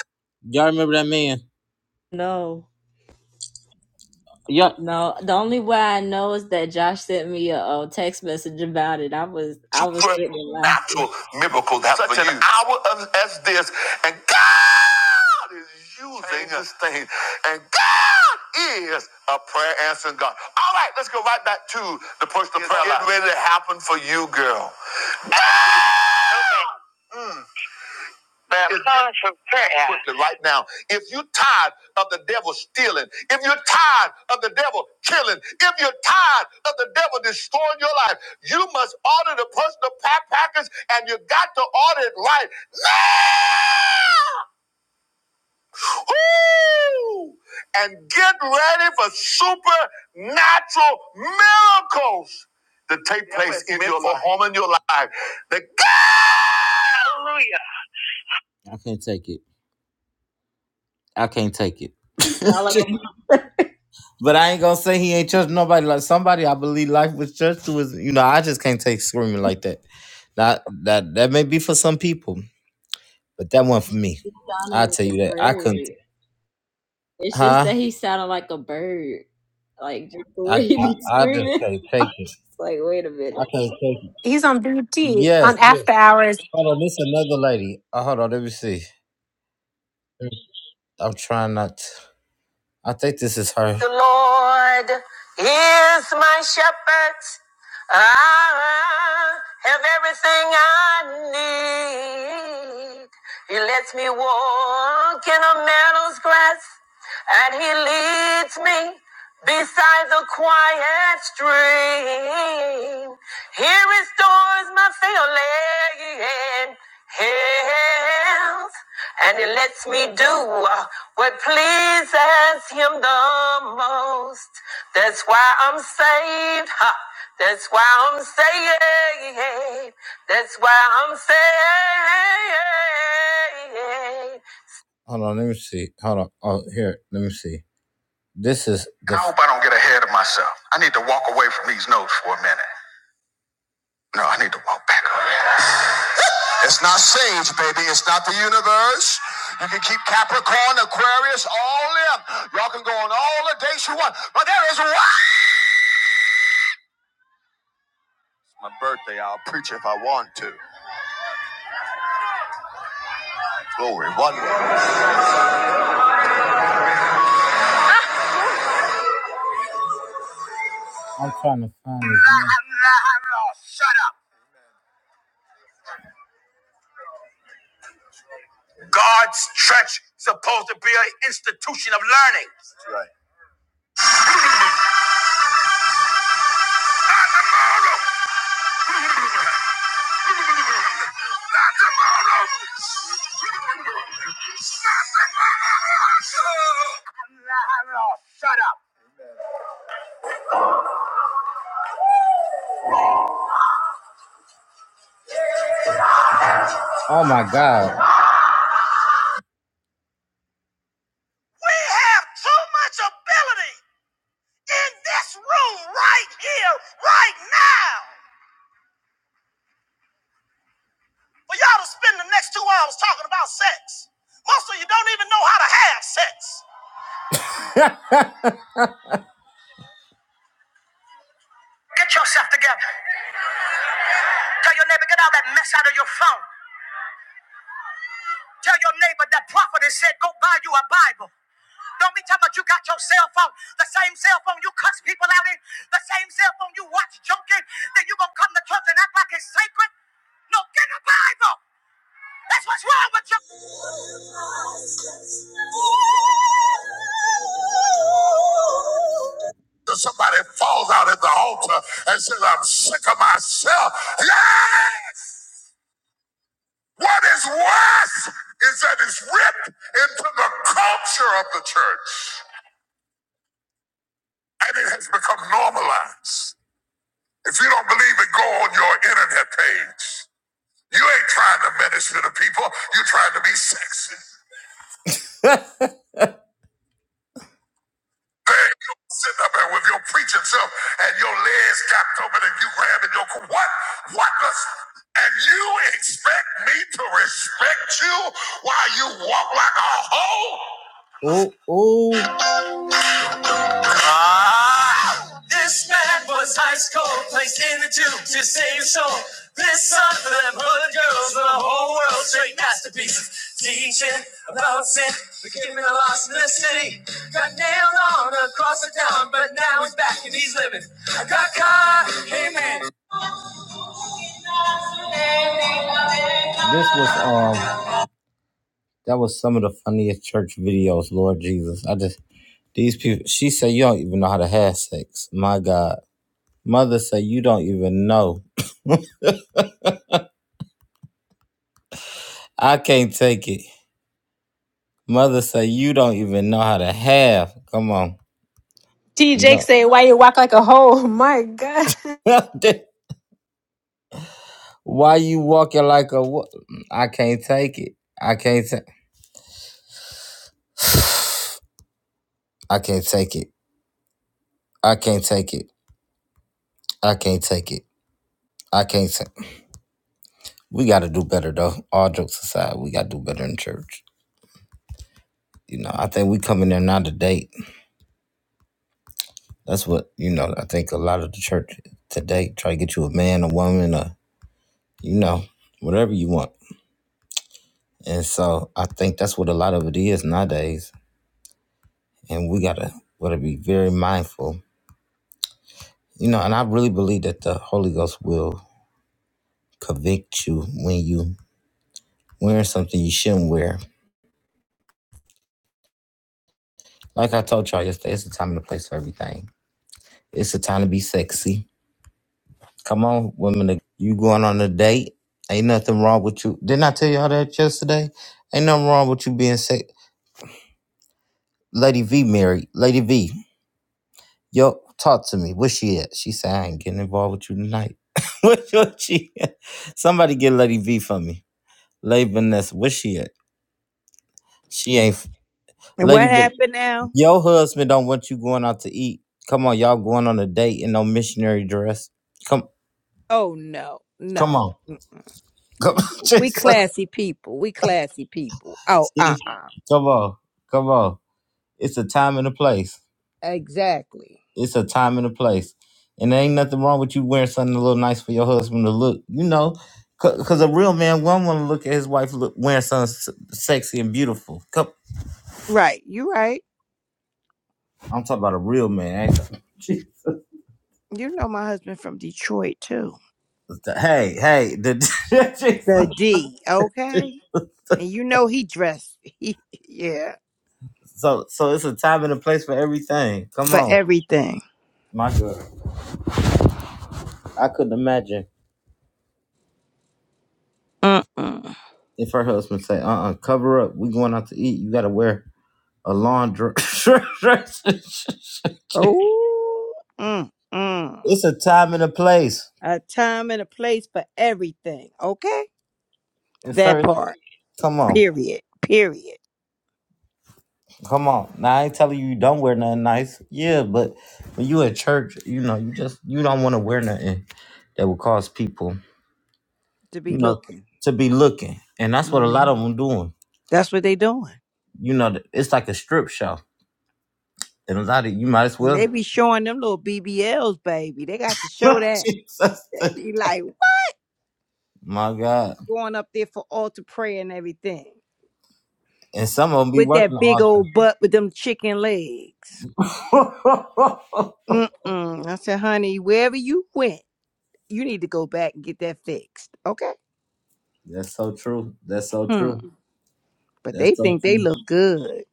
Speaker 1: Y'all remember that man?
Speaker 2: No.
Speaker 1: Yep.
Speaker 2: No. The only way I know is that Josh sent me a, uh text message about it. I was I was sitting there laughing.
Speaker 1: Supernatural miracle that's such for an you. hour of, as this, and God is using this thing, and God is a prayer answering God. All right, let's go right back to the personal prayer. life. It's getting ready to happen for you, girl. Man, it's quickly right now. If you're tired of the devil stealing, if you're tired of the devil killing, if you're tired of the devil destroying your life, you must order the personal pack package and you got to order it right now. Ooh! And get ready for supernatural miracles to take Yeah, place it's in your midnight. home and your life. The Hallelujah. I can't take it. I can't take
Speaker 2: He sounded
Speaker 1: it. [laughs]
Speaker 2: like a
Speaker 1: But I ain't gonna say he ain't church nobody. Like somebody, I believe life was church to is you know. I just can't take screaming like that. That that that may be for some people, but that one for me. I
Speaker 2: Donald
Speaker 1: tell
Speaker 2: like
Speaker 1: you
Speaker 2: a
Speaker 1: that I couldn't.
Speaker 2: bird. It's just
Speaker 1: Huh?
Speaker 2: that he sounded like a bird. Like just the
Speaker 1: I
Speaker 2: way he
Speaker 1: I,
Speaker 2: be
Speaker 1: I just
Speaker 2: screaming.
Speaker 1: can't
Speaker 2: [laughs]
Speaker 1: take
Speaker 2: I'm
Speaker 1: it.
Speaker 2: just like, wait a minute.
Speaker 1: I can't take it.
Speaker 4: He's
Speaker 1: Yes, yes. Hold on, this another lady. Uh, hold on, let me see. I'm trying not to. I think this is her. The Lord is my shepherd. I have everything I need. He lets me walk in a meadow's grass and he leads me beside the quiet stream. He restores my failing health, and he lets me do what pleases him the most. That's why I'm saved. Ha. That's why I'm saved. That's why I'm saved. Hold on, let me see. Hold on. Oh, here, let me see. This is. The I hope I don't get ahead of myself. I need to walk away from these notes for a minute. No, I need to walk back up. It's not Sage, baby. It's not the universe. You can keep Capricorn, Aquarius, all them. Y'all can go on all the dates you want, but there is one. My birthday. I'll preach if I want to. Glory, one way. I'm trying to find this. man. Shut up. Arts Church supposed to be an institution of learning. That's right. Not tomorrow. Shut up. Oh my God. We have too much ability in this room right here, right now, for y'all to spend the next two hours talking about sex. Most of you don't even know how to have sex. Get yourself together. Tell your neighbor, get all that mess out of your phone. Tell your neighbor that prophet has said, go buy you a Bible. Don't be talking about you got your cell phone, the same cell phone you cuss people out in, the same cell phone you watch joking, then you gonna come to church and act like it's sacred? No, get the Bible! That's what's wrong with you! Somebody falls out at the altar and says, I'm sick of myself. Yes! What is worse is that it's ripped into the culture of the church and it has become normalized. If you don't believe it, go on your internet page. You ain't trying to minister to people. You're trying to be sexy. Man, you sitting up there with your preaching self and your legs cocked open and you grabbing your co- what? What does? And you expect me to respect you while you walk like a hoe? Oh, oh. This man was ice cold, placed in the tube to save his soul. This son for them hood girls of the whole world, straight masterpieces. Teaching about sin, forgiving the lost in the city. Got nailed on across the town, but now he's back and he's living. I got caught, amen. This was um, that was some of the funniest church videos. Lord Jesus, I just these people. She said you don't even know how to have sex. My God, mother said you don't even know. [laughs] I can't take it. Mother say you don't even know how to have. Come on,
Speaker 4: T. Jake
Speaker 1: no.
Speaker 4: say, why you walk like a hoe? [laughs] My God.
Speaker 1: [laughs] Why you walking like a? wo- I can't take it. I can't take. [sighs] I can't take it. I can't take it. I can't take it. I can't take. We got to do better though. All jokes aside, we got to do better in church. You know, I think we coming there now to date. That's what you know. I think a lot of the church today try to get you a man, a woman, a you know, whatever you want. And so I think that's what a lot of it is nowadays and we gotta gotta be very mindful you know and i really believe that the holy ghost will convict you when you wearing something you shouldn't wear like i told y'all yesterday it's a time and a place for everything it's a time to be sexy come on women you going on a date ain't nothing wrong with you didn't i tell y'all that yesterday ain't nothing wrong with you being sexy, lady v married lady v yo talk to me where she at she said i ain't getting involved with you tonight [laughs] what she somebody get lady v for me Lady Vanessa, where she at? She ain't. f-
Speaker 3: and what
Speaker 1: Lady, Van-
Speaker 3: happened now?
Speaker 1: your husband don't want you going out to eat. Come on, y'all going on a date in no missionary dress. Come,
Speaker 3: Oh no, no.
Speaker 1: come on, come, [laughs]
Speaker 3: We
Speaker 1: Jesus.
Speaker 3: classy people. We classy people. Oh,
Speaker 1: See?
Speaker 3: uh-uh.
Speaker 1: come on, come on. It's a time and a place.
Speaker 3: Exactly.
Speaker 1: It's a time and a place, and there ain't nothing wrong with you wearing something a little nice for your husband to look. You know, because a real man won't want to look at his wife look, wearing something s- sexy and beautiful. Come,
Speaker 3: Right. You right.
Speaker 1: I'm talking about a real man. Ain't I? Jesus.
Speaker 3: You know my husband from Detroit too.
Speaker 1: Hey, hey, the, [laughs]
Speaker 3: The D, okay? And you know he dressed [laughs] he yeah,
Speaker 1: So so it's a time and a place for everything. Come
Speaker 3: for
Speaker 1: on.
Speaker 3: everything.
Speaker 1: My God. I couldn't imagine
Speaker 3: Mm-mm.
Speaker 1: if her husband say, uh uh cover up. We going out to eat. You gotta wear a lawn dress. [laughs]
Speaker 3: Oh mm-mm.
Speaker 1: it's a time and a place.
Speaker 3: A time and a place for everything, okay?
Speaker 1: It's
Speaker 3: That
Speaker 1: certain
Speaker 3: part.
Speaker 1: come on.
Speaker 3: Period. Period.
Speaker 1: Come on. Now I ain't telling you you don't wear nothing nice. Yeah, but when you at church, you know, you just you don't want to wear nothing that will cause people,
Speaker 3: To
Speaker 1: you
Speaker 3: be
Speaker 1: know,
Speaker 3: looking.
Speaker 1: to be looking. And that's what a lot
Speaker 3: hmm
Speaker 1: of them doing.
Speaker 3: That's what they doing.
Speaker 1: You know, it's like a strip show. And a lot of you might as
Speaker 3: And
Speaker 1: well.
Speaker 3: they be showing them little BBLs, baby. They got to show
Speaker 1: [laughs]
Speaker 3: that.
Speaker 1: Jesus.
Speaker 3: They be like what?
Speaker 1: My God.
Speaker 3: going up there for altar prayer and everything
Speaker 1: And some of them be
Speaker 3: with
Speaker 1: working
Speaker 3: that big
Speaker 1: the
Speaker 3: old butt with them chicken legs.
Speaker 1: altar.
Speaker 3: Mm-mm. I said, honey, wherever you went, you need to go back and get that fixed. Okay.
Speaker 1: [laughs] That's so true. That's so
Speaker 3: Hmm.
Speaker 1: true.
Speaker 3: But
Speaker 1: That's
Speaker 3: they
Speaker 1: so
Speaker 3: think they
Speaker 1: true.
Speaker 3: look good.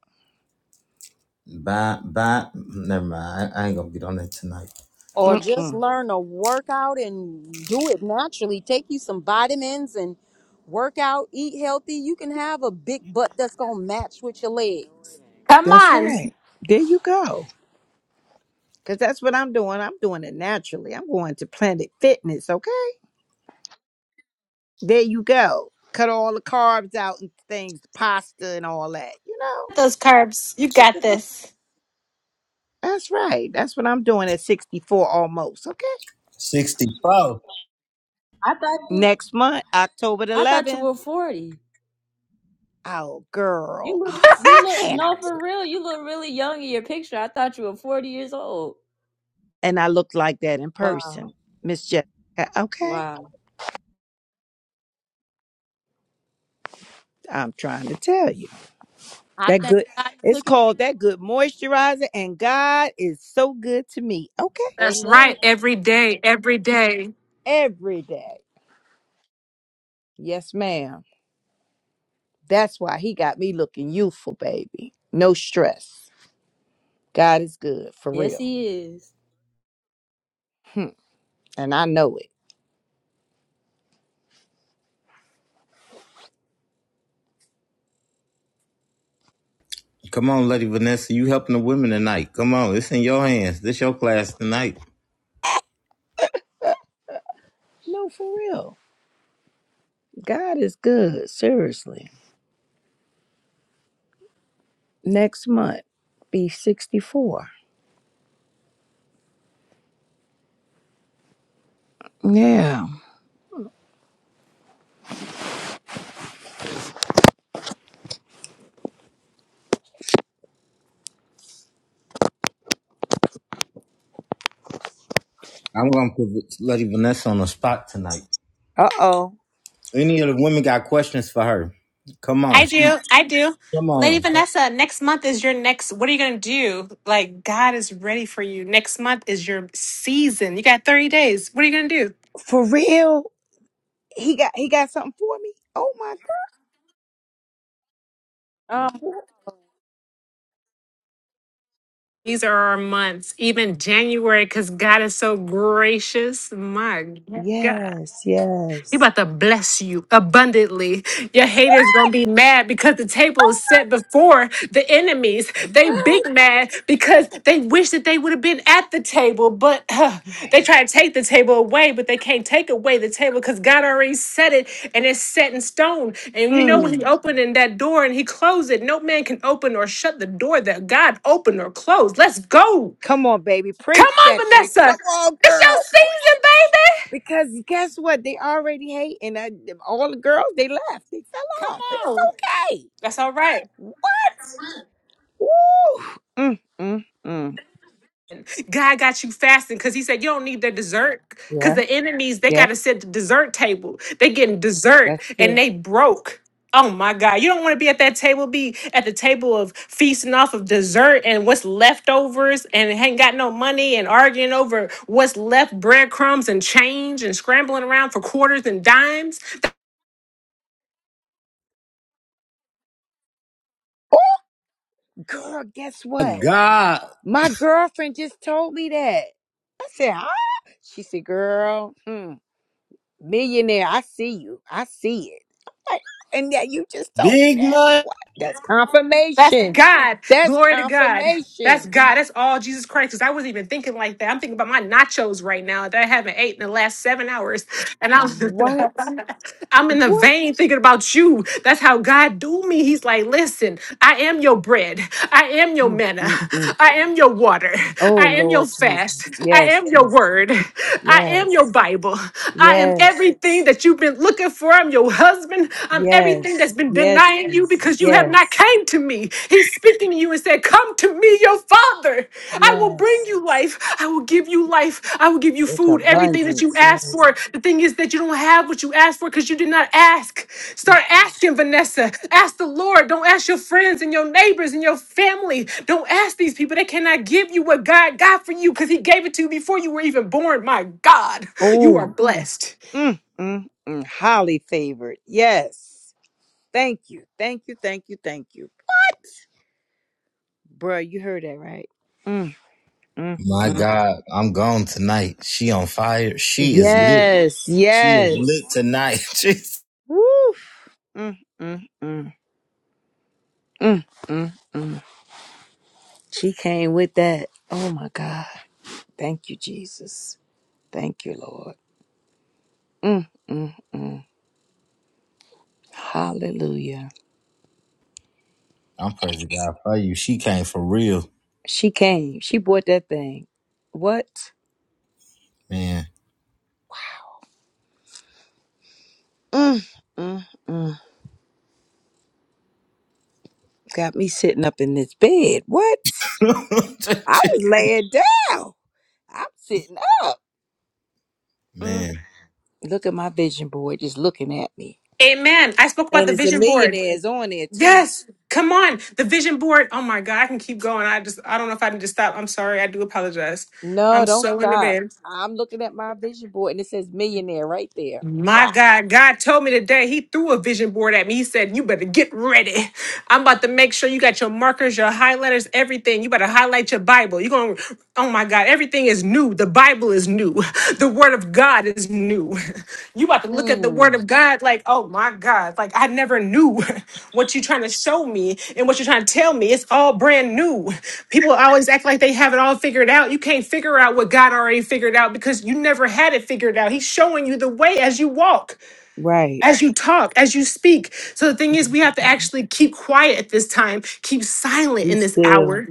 Speaker 1: Bye, bye. Never mind. I I ain't gonna get on that tonight.
Speaker 5: or just
Speaker 3: Mm-mm.
Speaker 5: learn a workout and do it naturally. Take you some vitamins and work out, eat healthy. You can have a big butt that's gonna match with your legs.
Speaker 4: Come
Speaker 3: That's
Speaker 4: on.
Speaker 3: right. There you go. Cause that's what I'm doing. I'm doing it naturally. I'm going to Planet Fitness. okay? There you go. Cut all the carbs out and things, pasta and all that. You know,
Speaker 4: Those carbs. You
Speaker 3: that's,
Speaker 4: got
Speaker 3: what I'm-
Speaker 4: this.
Speaker 3: that's right. That's what I'm doing at 64 almost. Okay.
Speaker 1: 64.
Speaker 2: I thought you
Speaker 3: Next month, October the
Speaker 2: I thought you
Speaker 3: 11th.
Speaker 2: were forty.
Speaker 3: Oh,
Speaker 2: You
Speaker 3: girl.
Speaker 2: look
Speaker 3: Oh,
Speaker 2: you look
Speaker 3: man. I
Speaker 2: no for
Speaker 3: really-
Speaker 2: real. You look really young in your picture. I thought you were forty years old.
Speaker 3: and I look like that in
Speaker 2: Wow.
Speaker 3: person, Miss Jessica. Okay.
Speaker 2: Wow.
Speaker 3: I'm trying to tell you
Speaker 5: I
Speaker 3: that
Speaker 5: thank
Speaker 3: good.
Speaker 5: God he
Speaker 3: It's
Speaker 5: took his
Speaker 3: called
Speaker 5: time
Speaker 3: that good
Speaker 5: on me.
Speaker 3: moisturizer, and God is so good to me. Okay.
Speaker 4: That's right.
Speaker 2: Amen.
Speaker 4: Every day. Every day.
Speaker 3: Every day. Yes, ma'am. That's why he got me looking youthful, baby. No stress. God is good, for
Speaker 2: Yes
Speaker 3: real.
Speaker 2: he is.
Speaker 3: And I know it.
Speaker 1: Come on, Lady Vanessa. You helping the women tonight. Come on. It's in your hands. This your class tonight.
Speaker 3: No, for real. God is good, seriously. Next month, be 64. Yeah.
Speaker 1: I'm gonna put Lady Vanessa on the spot tonight.
Speaker 3: Uh oh.
Speaker 1: Any of the women got questions for her? Come on.
Speaker 4: I
Speaker 1: She,
Speaker 4: do. I do.
Speaker 1: come
Speaker 4: Lady
Speaker 1: on.
Speaker 4: Vanessa, next month is your next. What are you going to do? Like, God is ready for you. Next month is your season. You got 30 days. What are you going to do?
Speaker 3: For real? He got he got something for me? Oh my
Speaker 5: Um,
Speaker 3: god.
Speaker 4: These are our months, even January, because God is so gracious. My God.
Speaker 3: Yes,
Speaker 4: He
Speaker 3: yes.
Speaker 4: about to bless you abundantly. Your haters gonna be mad because the table is set before the enemies. They
Speaker 3: What?
Speaker 4: big mad because they wish that they would have been at the table, but huh, they
Speaker 3: Right.
Speaker 4: try to take the table away, but they can't take away the table because God already set it and it's set in stone. And you know when He
Speaker 3: Mm.
Speaker 4: opened in that door and He closed it, no man can open or shut the door that God opened or closed. Let's go.
Speaker 3: Come on, baby. Preach
Speaker 4: Come on,
Speaker 3: that thing.
Speaker 4: Vanessa.
Speaker 3: Come on,
Speaker 4: It's
Speaker 3: girl.
Speaker 4: your season, baby.
Speaker 3: Because guess what? They already hate, and I, all the girls they left. They
Speaker 4: Come
Speaker 3: fell off, but it's
Speaker 4: on.
Speaker 3: okay.
Speaker 4: That's all right.
Speaker 3: What? Woo! Mm, mm, mm.
Speaker 4: God got you fasting because He said you don't need the dessert because
Speaker 3: Yeah,
Speaker 4: the enemies they got
Speaker 3: yeah,
Speaker 4: to sit at the dessert table. They getting dessert
Speaker 3: that's
Speaker 4: and
Speaker 3: true.
Speaker 4: they broke. Oh my God! You don't want to be at that table. Be at the table of feasting off of dessert and what's leftovers, and ain't got no money, and arguing over what's left, breadcrumbs and change, and scrambling around for quarters and dimes.
Speaker 3: Girl, guess
Speaker 1: My
Speaker 3: what?
Speaker 1: God.
Speaker 3: My girlfriend just told me that. I said, huh? She said, girl, mm, millionaire. I see you. I see it. Like, and yeah, you just told me
Speaker 1: Big money.
Speaker 3: that. What? That's
Speaker 4: That's
Speaker 3: confirmation.
Speaker 4: God.
Speaker 3: That's
Speaker 4: Glory to God. That's
Speaker 3: confirmation.
Speaker 4: God. That's all Jesus Christ. Because I wasn't even thinking like that. I'm thinking about my nachos right now that I haven't ate in the last seven hours. And I was [laughs]
Speaker 3: What?
Speaker 4: I'm in the
Speaker 3: What?
Speaker 4: vein thinking about you. That's how God do me. He's like, listen, I am your bread. I am your
Speaker 3: Mm,
Speaker 4: manna.
Speaker 3: mm, mm.
Speaker 4: I am your water.
Speaker 3: Oh
Speaker 4: I am your
Speaker 3: Lord
Speaker 4: fast.
Speaker 3: Jesus.
Speaker 4: I
Speaker 3: Yes,
Speaker 4: am your
Speaker 3: Jesus.
Speaker 4: word. I am
Speaker 3: Yes.
Speaker 4: your Bible. I am
Speaker 3: Yes.
Speaker 4: everything that you've been looking for. I'm your husband. I'm everything that's
Speaker 3: Yes.
Speaker 4: been
Speaker 3: Yes,
Speaker 4: denying you
Speaker 3: Jesus.
Speaker 4: because you have not
Speaker 3: Yes.
Speaker 4: came to me. He's speaking to you and said, come to me be your father. I will bring
Speaker 3: Yes.
Speaker 4: you life. I will give you life. I will give you
Speaker 3: With
Speaker 4: food, everything that you
Speaker 3: abundance.
Speaker 4: ask
Speaker 3: Yes.
Speaker 4: for. The thing is that you don't have what you asked for because you did not ask. Start
Speaker 3: Yes.
Speaker 4: asking, Vanessa. Ask the Lord. Don't ask your friends and your neighbors and your family. Don't ask these people. They cannot give you what God got for you because He gave it to you before you were even born. My God, you are
Speaker 3: Oh.
Speaker 4: blessed.
Speaker 3: Mm, mm, mm. Highly favored. Yes. Thank you. Thank you. Thank you. Thank you. Bruh, you heard that right. Mm, mm,
Speaker 1: My
Speaker 3: mm.
Speaker 1: God, I'm gone tonight. She on fire. She is lit.
Speaker 3: Yes.
Speaker 1: She is
Speaker 3: Yes.
Speaker 1: lit tonight. [laughs] Jeez.
Speaker 3: Woo. Mm, mm, mm. Mm, mm, mm. She came with that. Oh my God. Thank you, Jesus. Thank you, Lord. Mm, mm, mm. Hallelujah.
Speaker 1: I'm praising God for you. She came for real,
Speaker 3: She came. She bought that thing. What?
Speaker 1: man.
Speaker 3: Mm, mm, mm. Got me sitting up in this bed. What?
Speaker 1: [laughs]
Speaker 3: I was laying down. I'm sitting up. Mm.
Speaker 1: man,
Speaker 3: Look at my vision board just looking at me.
Speaker 4: Amen. I spoke about
Speaker 3: And
Speaker 4: the
Speaker 3: it's a
Speaker 4: vision board.
Speaker 3: millionaires on there too.
Speaker 4: Yes. Come on. The vision board. Oh my God. I can keep going. I just, I don't know if I need to stop. I'm sorry. I do apologize.
Speaker 3: No,
Speaker 4: I'm
Speaker 3: don't
Speaker 4: so in the
Speaker 3: stop.
Speaker 4: van.
Speaker 3: I'm looking at my vision board and it says millionaire right there.
Speaker 4: My
Speaker 3: Wow.
Speaker 4: God. God told me today, He threw a vision board at me. He said, You better get ready. I'm about to make sure you got your markers, your highlighters, everything. You better highlight your Bible. You're going, to oh my God, everything is new. The Bible is new. [laughs] The Word of God is new. [laughs] You about to look at the Word
Speaker 3: Mm.
Speaker 4: of God like, oh my God, like I never knew [laughs] what you're trying to show me and what you're trying to tell me. It's all brand new. People always act like they have it all figured out. You can't figure out what God already figured out because you never had it figured out. He's showing you the way as you walk
Speaker 3: Right.
Speaker 4: as you talk, as you speak. So the thing is, we have to actually keep quiet at this time, keep silent
Speaker 3: Be
Speaker 4: in this
Speaker 3: still.
Speaker 4: hour,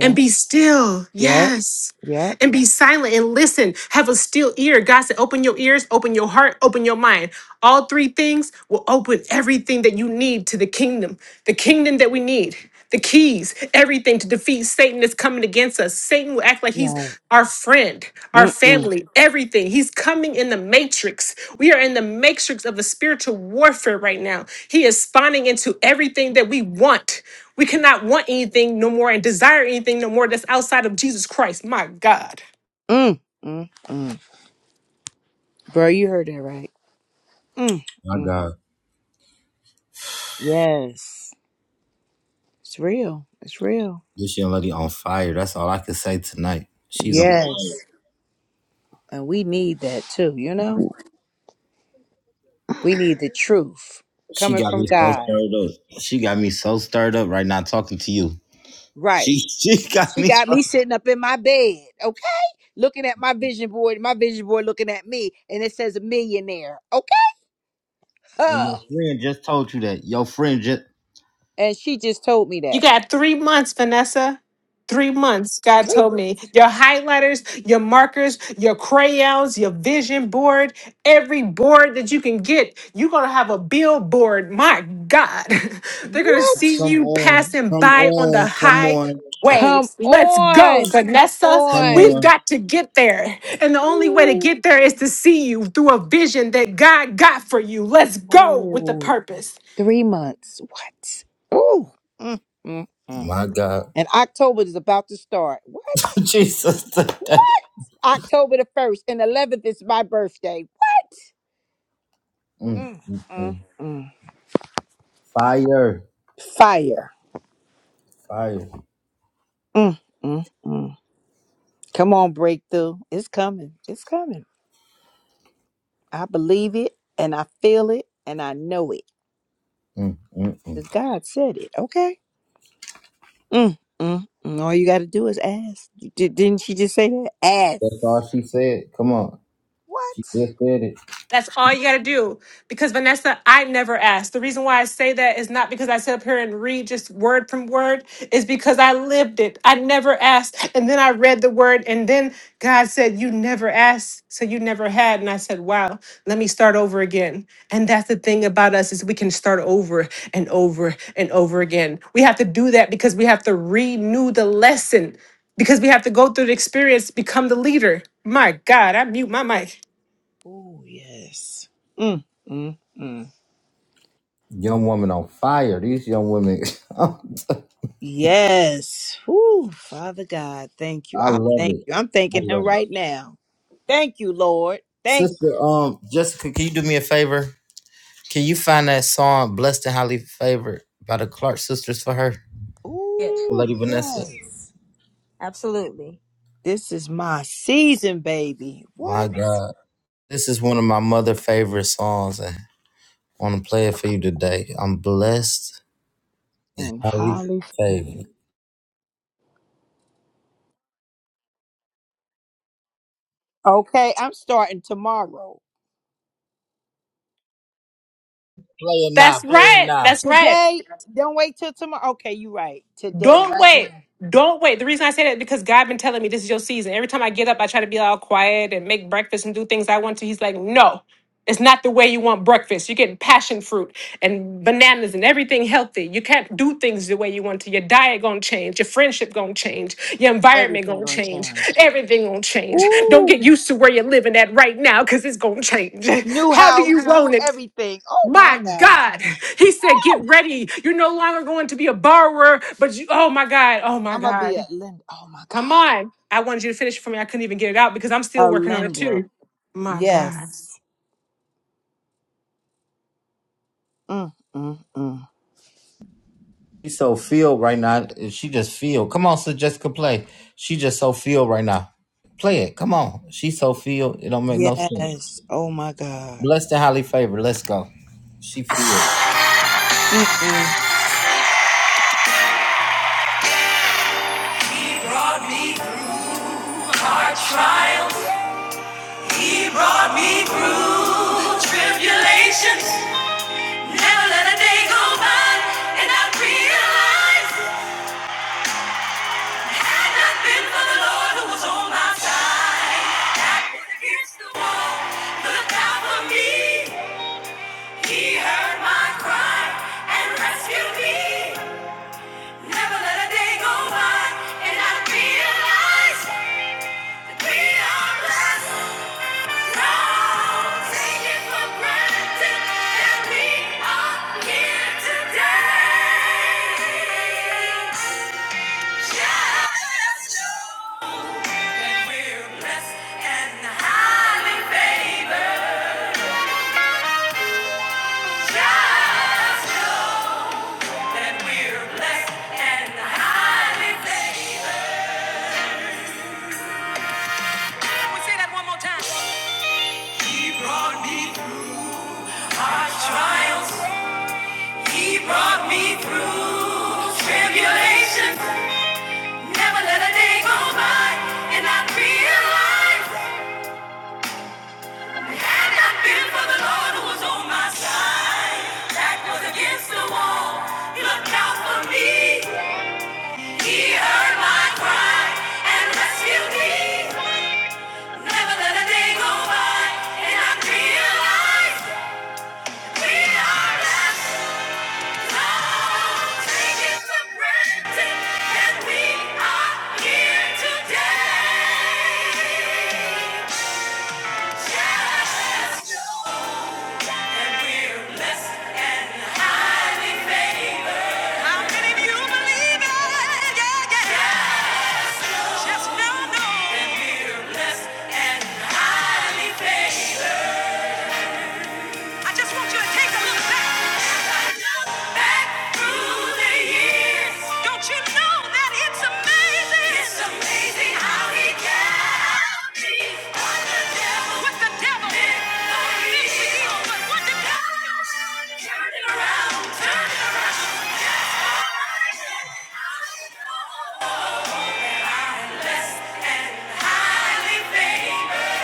Speaker 4: and be still.
Speaker 3: Yep.
Speaker 4: Yes
Speaker 3: Yep.
Speaker 4: and be silent and listen. Have a still ear. God said, open your ears, open your heart, open your mind. All three things will open everything that you need to the kingdom, the kingdom that we need. The keys, everything to defeat Satan that's coming against us. Satan will act like he's
Speaker 3: Right.
Speaker 4: our friend, our
Speaker 3: Mm-mm.
Speaker 4: family, everything. He's coming in the matrix. We are in the matrix of a spiritual warfare right now. He is spawning into everything that we want. We cannot want anything no more and desire anything no more that's outside of Jesus Christ. My God.
Speaker 3: Mm. Mm. Mm. Bro, you heard that right. Mm.
Speaker 1: my
Speaker 3: Mm.
Speaker 1: God,
Speaker 3: Yes. It's real. It's real.
Speaker 1: this young lady on fire. That's all I can say tonight. She's on.
Speaker 3: Yes. And we need that too, you know? We need the truth
Speaker 1: She
Speaker 3: coming
Speaker 1: got me
Speaker 3: from
Speaker 1: so
Speaker 3: God.
Speaker 1: stirred up. She got me so stirred up right now talking to you.
Speaker 3: Right.
Speaker 1: She [laughs] she got
Speaker 3: She
Speaker 1: me. So,
Speaker 3: got me sitting up in my bed, okay? Looking at my vision board, my vision board looking at me, and it says millionaire, okay?
Speaker 1: and your
Speaker 3: Huh.
Speaker 1: friend just told you that. Your friend just
Speaker 3: And she just told me
Speaker 4: You
Speaker 3: that.
Speaker 4: got three months, Vanessa. Three months, God told me. Your highlighters, your markers, your crayons, your vision board, every board that you can get, you're going to have a billboard. My God. [laughs] They're going to
Speaker 3: What?
Speaker 4: see
Speaker 1: come
Speaker 4: you
Speaker 1: on,
Speaker 4: passing
Speaker 1: come
Speaker 4: by on the
Speaker 1: on, come on,
Speaker 3: Come
Speaker 4: highways. Let's go,
Speaker 3: on. Come
Speaker 4: Vanessa.
Speaker 1: come
Speaker 3: on.
Speaker 4: We've
Speaker 1: on.
Speaker 4: got to get there. And the only way to
Speaker 3: Ooh.
Speaker 4: get there is to see you through a vision that God got for you. Let's go with the
Speaker 3: Oh,
Speaker 4: purpose.
Speaker 3: three months. What? Ooh. Mm, mm, mm.
Speaker 1: My
Speaker 3: And October is about to start. What?
Speaker 1: [laughs] Jesus. today.
Speaker 3: What? October the 1st and 11th is my birthday. What?
Speaker 1: Mm,
Speaker 3: Mm,
Speaker 1: mm,
Speaker 3: mm,
Speaker 1: mm.
Speaker 3: mm.
Speaker 1: Fire.
Speaker 3: Fire.
Speaker 1: Fire.
Speaker 3: Mm, mm, mm. Come on, breakthrough. It's coming. It's coming. I believe it and I feel it and I know it.
Speaker 1: Mm, mm, mm.
Speaker 3: 'Cause God said it. Okay. Mm, mm, mm. All you got to do is ask. D- didn't she just say that?
Speaker 1: That's
Speaker 3: Ask.
Speaker 1: all she said. Come on. She
Speaker 3: What?
Speaker 1: just said it.
Speaker 4: That's all you got to do. Because Vanessa, I never asked. The reason why I say that is not because I sit up here and read just word from word, is because I lived it. I never asked. And then I read the word, and then God said, You never asked, so you never had. And I said, Wow, let me start over again. And that's the thing about us is we can start over and over and over again. We have to do that because we have to renew the lesson. Because we have to go through the experience, become the leader. My God, I mute my mic.
Speaker 3: Oh, yes. Mm, mm, mm.
Speaker 1: Young woman on fire. These young women. [laughs] I
Speaker 3: Yes. Whew, Father God, thank you. I
Speaker 1: love
Speaker 3: thank
Speaker 1: it.
Speaker 3: you. I'm
Speaker 1: I
Speaker 3: thanking him
Speaker 1: love it.
Speaker 3: right now. Thank you, Lord. Thank
Speaker 1: Sister,
Speaker 3: you.
Speaker 1: um, Jessica, can you do me a favor? Can you find that song Blessed and Highly Favored by the Clark Sisters for her? For
Speaker 2: Yeah.
Speaker 3: Ooh,
Speaker 1: Lady Vanessa.
Speaker 3: yes.
Speaker 2: Absolutely.
Speaker 3: This is my season, baby.
Speaker 1: My
Speaker 3: What?
Speaker 1: God. This is one of my mother favorite songs. I want to play it for you today. I'm blessed,
Speaker 3: And
Speaker 1: highly
Speaker 3: highly
Speaker 1: favored.
Speaker 3: favored.
Speaker 1: Play
Speaker 3: Okay, I'm starting tomorrow.
Speaker 1: it now,
Speaker 4: That's
Speaker 1: play it
Speaker 4: right.
Speaker 1: now.
Speaker 4: That's right.
Speaker 3: Today, don't wait till tomorrow. Okay, you right. Today,
Speaker 4: Don't
Speaker 3: right
Speaker 4: wait.
Speaker 3: now,
Speaker 4: Don't wait. The reason I say that is because God been telling me this is your season. Every time I get up, I try to be all quiet and make breakfast and do things I want to. He's like, no, it's not the way you want breakfast. You're getting passion fruit and bananas and everything healthy. You can't do things the way you want to. Your diet gonna change. Your friendship gonna change. Your environment
Speaker 3: everything
Speaker 4: gonna
Speaker 3: gonna
Speaker 4: change.
Speaker 3: change.
Speaker 4: Everything gonna change. Don't get
Speaker 3: Ooh,
Speaker 4: used to where you're living at right now because it's gonna change. [laughs]
Speaker 3: new
Speaker 4: How do
Speaker 3: house,
Speaker 4: you want
Speaker 3: new
Speaker 4: it?
Speaker 3: everything. Oh my
Speaker 4: My
Speaker 3: God,
Speaker 4: God, he said, get ready. You're no longer going to be a borrower, but you, oh my God, oh my
Speaker 3: I'm gonna be a
Speaker 4: God.
Speaker 3: lender. Oh my
Speaker 4: Come
Speaker 3: God,
Speaker 4: on. I wanted you to finish it for me. I couldn't even get it out because I'm still
Speaker 3: a
Speaker 4: working on it
Speaker 3: lender.
Speaker 4: too. My God.
Speaker 3: Yes. Mm, mm, mm.
Speaker 1: She's so filled right now. She just feel. Come on, Sister Jessica, play. She just so filled right now. Play it. Come on. She so filled. It don't make no sense.
Speaker 3: Yes. Oh my God.
Speaker 1: Blessed and highly favored. Let's go. She feel.
Speaker 3: Mm-mm.
Speaker 2: He brought me through our trials. He brought me through tribulations. Never let a day go by, and I realized had not been for the Lord who was on my side. I was against the wall, looked out for me. He heard my cry and rescued me. Never let a day go by, and I realized. that we are blessed. Can we say that one more time? He brought me through our trials. He brought me through tribulation. Never let a day go by, and I realized had not been for the Lord who was on my side, that was against the wall. He looked out for me. He heard my cry and rescued me. Never let a day go by, and I realized we are blessed. Just know, know. And we're blessed and highly favored. I just want you to take a look back. Back through the years. Don't you know that it's amazing? It's amazing how he kept me from the devil. What the devil did for evil. But what did God do? Turn it around, turn it around. That's what I said. I know. I'm blessed and highly favored.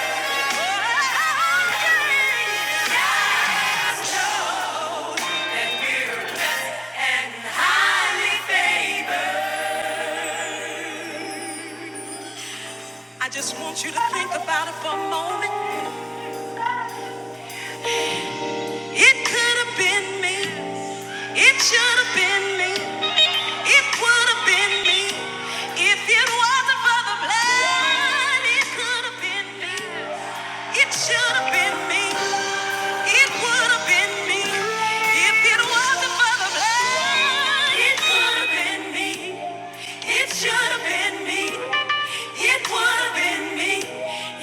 Speaker 2: I just want you to think about it for a moment. It could have been me. It should have been me. It would have been me. If it wasn't for the blood, it could have been me. It should have been me. It would have been me. If it wasn't for the blood, it could have been me. It should have been me. It would have been me.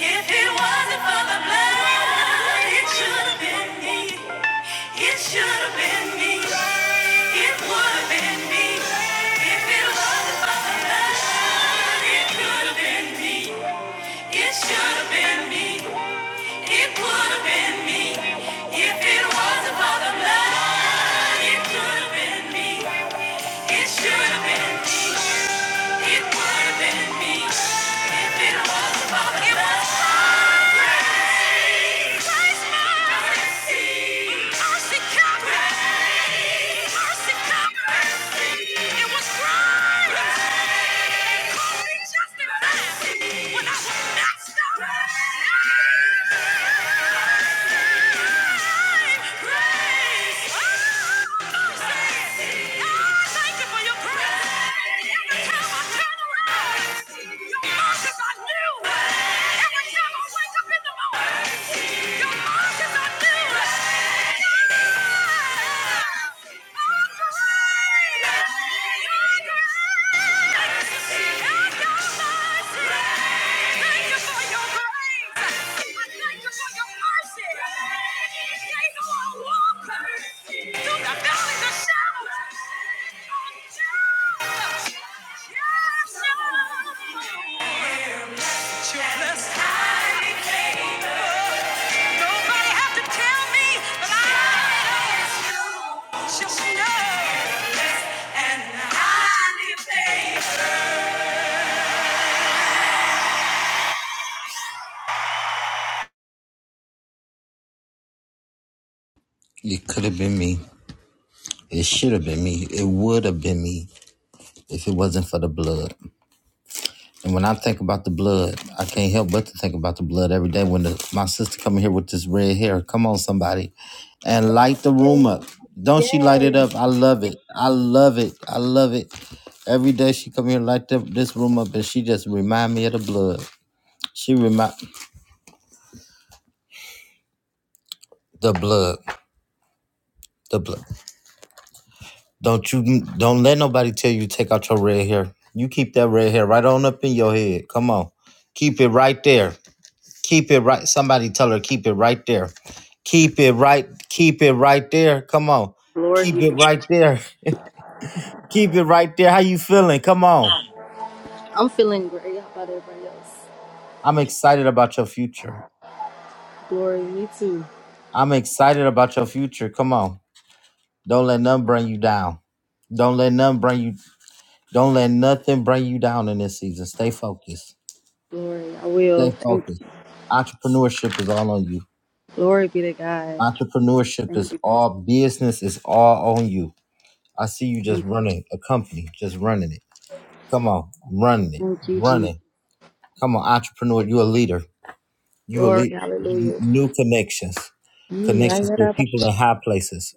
Speaker 2: If it wasn't for the blood, it should have been me. It should have been me. It would have been me. If it was about for the it could have been me. It should have been me. It would have been me. If it was about the blood, it could have been me. It should have been me. It would have been me. If it was about the blood. When I was messed up. Thank you for your grace. Just
Speaker 1: It could have been me. It should have been me. It would have been me if it wasn't for the blood. And when I think about the blood, I can't help but to think about the blood every day. When the, my sister come in here with this red hair, come on somebody, and light the room up. Don't she light it up? I love it. I love it. I love it. Every day she come here and light up this room up, and she just remind me of the blood. She remind the blood, the blood. Don't you don't let nobody tell you take out your red hair. You keep that red hair right on up in your head. Come on, keep it right there. Keep it right. Somebody tell her keep it right there. Keep it right. Keep it right there. Come on.
Speaker 6: Glory
Speaker 1: Keep
Speaker 6: be to
Speaker 1: it
Speaker 6: God.
Speaker 1: right there. [laughs] keep it right there. How you feeling? Come on.
Speaker 6: I'm feeling great. How about everybody else?
Speaker 1: I'm excited about your future.
Speaker 6: Glory, me too.
Speaker 1: I'm excited about your future. Come on. Don't let none bring you down. Don't let none bring you. Don't let nothing bring you down in this season. Stay focused.
Speaker 6: Glory. I
Speaker 1: Stay
Speaker 6: will. Thank you.
Speaker 1: focused. Entrepreneurship is all on you.
Speaker 6: Glory be to God.
Speaker 1: Entrepreneurship
Speaker 6: Thank
Speaker 1: is
Speaker 6: you.
Speaker 1: all business is all on you. I see you just
Speaker 6: Thank you.
Speaker 1: running a company, just running it Come on, I'm running it,
Speaker 6: Thank
Speaker 1: I'm
Speaker 6: you, Jesus.
Speaker 1: running. Come on, entrepreneur, you a leader. You a
Speaker 6: Glory.
Speaker 1: leader.
Speaker 6: Hallelujah.
Speaker 1: New connections,
Speaker 6: Yee, ay,
Speaker 1: connections
Speaker 6: yada,
Speaker 1: with
Speaker 6: ba.
Speaker 1: people in high places,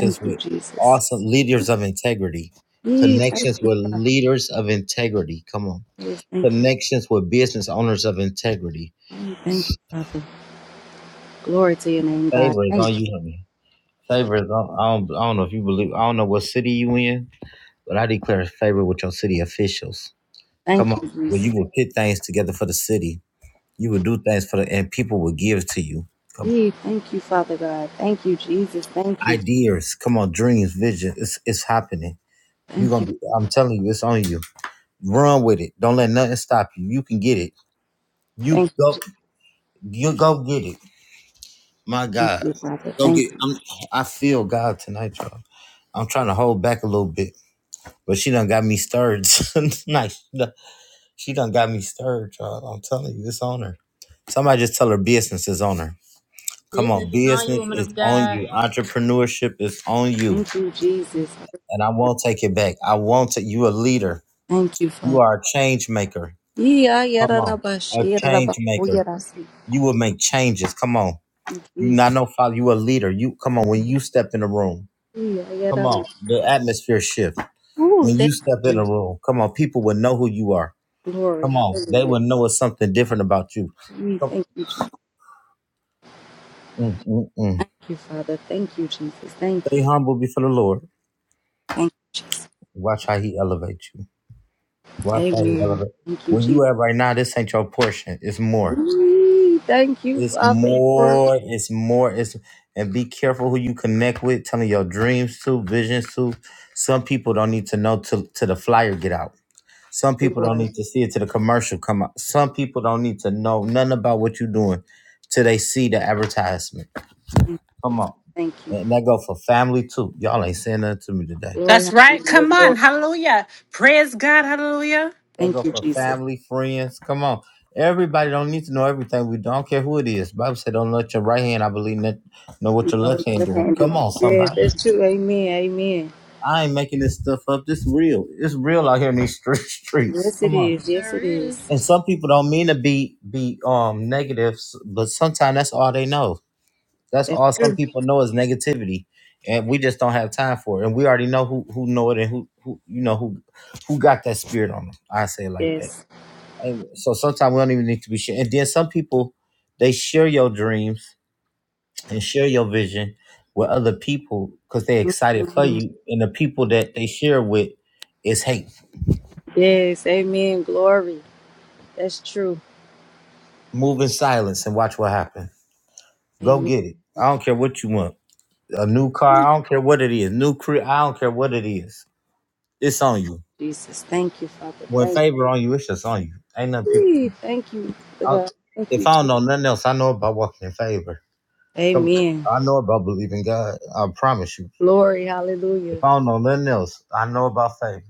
Speaker 6: Thank you,
Speaker 1: with
Speaker 6: Jesus.
Speaker 1: awesome leaders of integrity,
Speaker 6: Yee, Thank
Speaker 1: connections
Speaker 6: you,
Speaker 1: with leaders of integrity. Come on,
Speaker 6: Jesus. Thank you.
Speaker 1: connections with business owners of integrity.
Speaker 6: Yee, Thank you, Father. Glory to your name, God.
Speaker 1: Favor is
Speaker 6: Thank
Speaker 1: on
Speaker 6: you.
Speaker 1: you, honey. Favor is on. I don't, I don't know if you believe. I don't know what city you in, but I declare favor with your city officials. Come
Speaker 6: Thank
Speaker 1: on,
Speaker 6: you,
Speaker 1: well,
Speaker 6: Jesus.
Speaker 1: you will pit things together for the city You would do things for the and people would give to you. Come
Speaker 6: Yee, Thank you, Father God. Thank you, Jesus. Thank
Speaker 1: on.
Speaker 6: you.
Speaker 1: Ideas. Come on, dreams, vision. It's it's happening. You're
Speaker 6: Thank
Speaker 1: gonna
Speaker 6: you.
Speaker 1: be I'm telling you, it's on you. Run with it. Don't let nothing stop you. You can get it. You
Speaker 6: Thank you,
Speaker 1: go
Speaker 6: Jesus.
Speaker 1: you go get it. My
Speaker 6: Thank
Speaker 1: God.
Speaker 6: you, Father.
Speaker 1: Go
Speaker 6: Thank
Speaker 1: get
Speaker 6: you.
Speaker 1: I'm I feel God tonight, y'all. I'm trying to hold back a little bit. But she done got me stirred [laughs] tonight. She done, she done got me stirred, y'all. I'm telling you, it's on her. Somebody just tell her business is on her. Come on,
Speaker 2: Business is on you,
Speaker 1: business
Speaker 2: woman
Speaker 1: is
Speaker 2: of
Speaker 1: on
Speaker 2: God.
Speaker 1: you. Entrepreneurship is on you.
Speaker 6: Thank you, Jesus.
Speaker 1: And I won't take it back. I won't take you a leader.
Speaker 6: Thank you, Father.
Speaker 1: You are a change maker.
Speaker 6: Yeah,
Speaker 1: Come
Speaker 6: yada da
Speaker 1: on.
Speaker 6: ba
Speaker 1: A
Speaker 6: shi,
Speaker 1: change maker.
Speaker 6: si.
Speaker 1: You will make changes. Come on. You
Speaker 6: Jesus.
Speaker 1: not no follow. You a leader. You come on. When you step in the room,
Speaker 6: Yeah,
Speaker 1: come
Speaker 6: yada ma.
Speaker 1: on. The atmosphere shift.
Speaker 6: Ooh,
Speaker 1: When
Speaker 6: thank
Speaker 1: you
Speaker 6: you,
Speaker 1: step in the
Speaker 6: Jesus.
Speaker 1: room, come on. People will know who you are.
Speaker 6: Glory,
Speaker 1: Come on. They
Speaker 6: hallelujah.
Speaker 1: will know it's something different about you.
Speaker 6: We
Speaker 1: Come-
Speaker 6: thank you, Jesus.
Speaker 1: mm, mm, mm.
Speaker 6: Thank you, Father. Thank you, Jesus. Thank you.
Speaker 1: Stay humble before the Lord.
Speaker 6: Thank you, Jesus.
Speaker 1: Watch how he elevates you. Why play
Speaker 6: Amen.
Speaker 1: elevate.
Speaker 6: Thank you,
Speaker 1: Where you
Speaker 6: Jesus.
Speaker 1: at right now, this ain't your portion. It's more.
Speaker 6: Ooh, thank you,
Speaker 1: It's
Speaker 6: Father. Glory,
Speaker 1: more. It's more. It's and be careful who you connect with, telling your dreams to, visions to. Some people don't need to know till to the flyer get out. Some people don't
Speaker 6: glory.
Speaker 1: need to see it till the commercial come out. Some people don't need to know nothing about what you're doing till they see the advertisement.
Speaker 6: Thank
Speaker 1: Come on.
Speaker 6: thank you.
Speaker 1: And that go for family too. Y'all ain't saying nothing to me today.
Speaker 6: Glory,
Speaker 4: That's right.
Speaker 6: hallelujah.
Speaker 4: Come on.
Speaker 6: Glory.
Speaker 4: Hallelujah. Praise God. Hallelujah.
Speaker 1: That
Speaker 6: Thank
Speaker 1: go
Speaker 6: you,
Speaker 1: for
Speaker 6: Jesus.
Speaker 1: family, friends. Come on. Everybody don't need to know everything. We don't care who it is. Bible said, don't let your right hand, I believe, not know what
Speaker 6: You
Speaker 1: your
Speaker 6: know
Speaker 1: left
Speaker 6: what
Speaker 1: hand
Speaker 6: you
Speaker 1: doing.
Speaker 6: can
Speaker 1: Come
Speaker 6: do.
Speaker 1: on,
Speaker 6: Yes,
Speaker 1: somebody.
Speaker 6: that's true. Amen. Amen.
Speaker 1: I ain't making this stuff up. This real. It's real out here in these street, [laughs] streets.
Speaker 6: Yes, it
Speaker 1: Come on.
Speaker 6: is. Yes,
Speaker 2: Sure
Speaker 6: it
Speaker 2: is
Speaker 6: is.
Speaker 1: And some people don't mean to be be um negative, but sometimes that's all they know. That's
Speaker 6: That's
Speaker 1: all some
Speaker 6: true.
Speaker 1: people know is negativity, and we just don't have time for it. And we already know who who know it and who who you know who who got that spirit on them. I say it like that.
Speaker 6: Yes.
Speaker 1: So sometimes we don't even need to be sharing. And then some people, they share your dreams and share your vision with other people because they're excited
Speaker 6: Mm-hmm.
Speaker 1: for you. And the people that they share with is hate.
Speaker 6: Yes, amen. Glory. That's true.
Speaker 1: Move in silence and watch what happens. Go
Speaker 6: Amen,
Speaker 1: get it. I don't care what you want. A new car. I don't care what it is. New career. I don't care what it is. It's on you.
Speaker 6: Jesus. Thank you, Father.
Speaker 1: When
Speaker 6: Thank
Speaker 1: favor on you, it's just on you. Ain't nothing people
Speaker 6: you.
Speaker 1: can. do.
Speaker 6: Thank you,
Speaker 1: I,
Speaker 6: God. Thank
Speaker 1: if
Speaker 6: you,
Speaker 1: I don't
Speaker 6: Jesus.
Speaker 1: know nothing else, I know about walking in favor. Come,
Speaker 6: Amen.
Speaker 1: I know about believing God. I promise you.
Speaker 6: Glory.
Speaker 1: If
Speaker 6: Hallelujah.
Speaker 1: I don't know nothing else, I know about faith.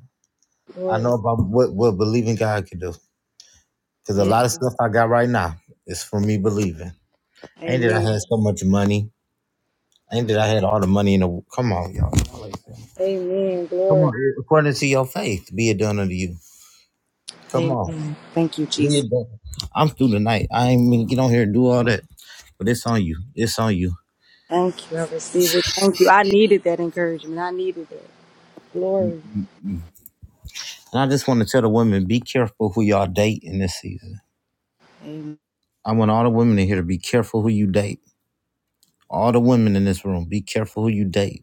Speaker 1: I
Speaker 6: Glory.
Speaker 1: know about what, what believing God can do. Because a
Speaker 6: Yes.
Speaker 1: lot of stuff I got right now is from me believing. Ain't that I
Speaker 6: Amen.
Speaker 1: had so much money. Ain't that I had all the money in the come on, y'all. Come
Speaker 6: Amen.
Speaker 1: on,
Speaker 6: Glory.
Speaker 1: according to your faith, be it done unto you. Come on.
Speaker 6: Amen. Thank you,
Speaker 1: Be
Speaker 6: Jesus.
Speaker 1: it done. I'm through tonight. I ain't mean get on here and do all that. But it's on you. It's on you.
Speaker 6: Thank you. I receive it. Thank you. I needed that encouragement. I needed that. Glory.
Speaker 1: And I just want to tell the women, be careful who y'all date in this season.
Speaker 6: Amen.
Speaker 1: I want all the women in here to be careful who you date. All the women in this room, be careful who you date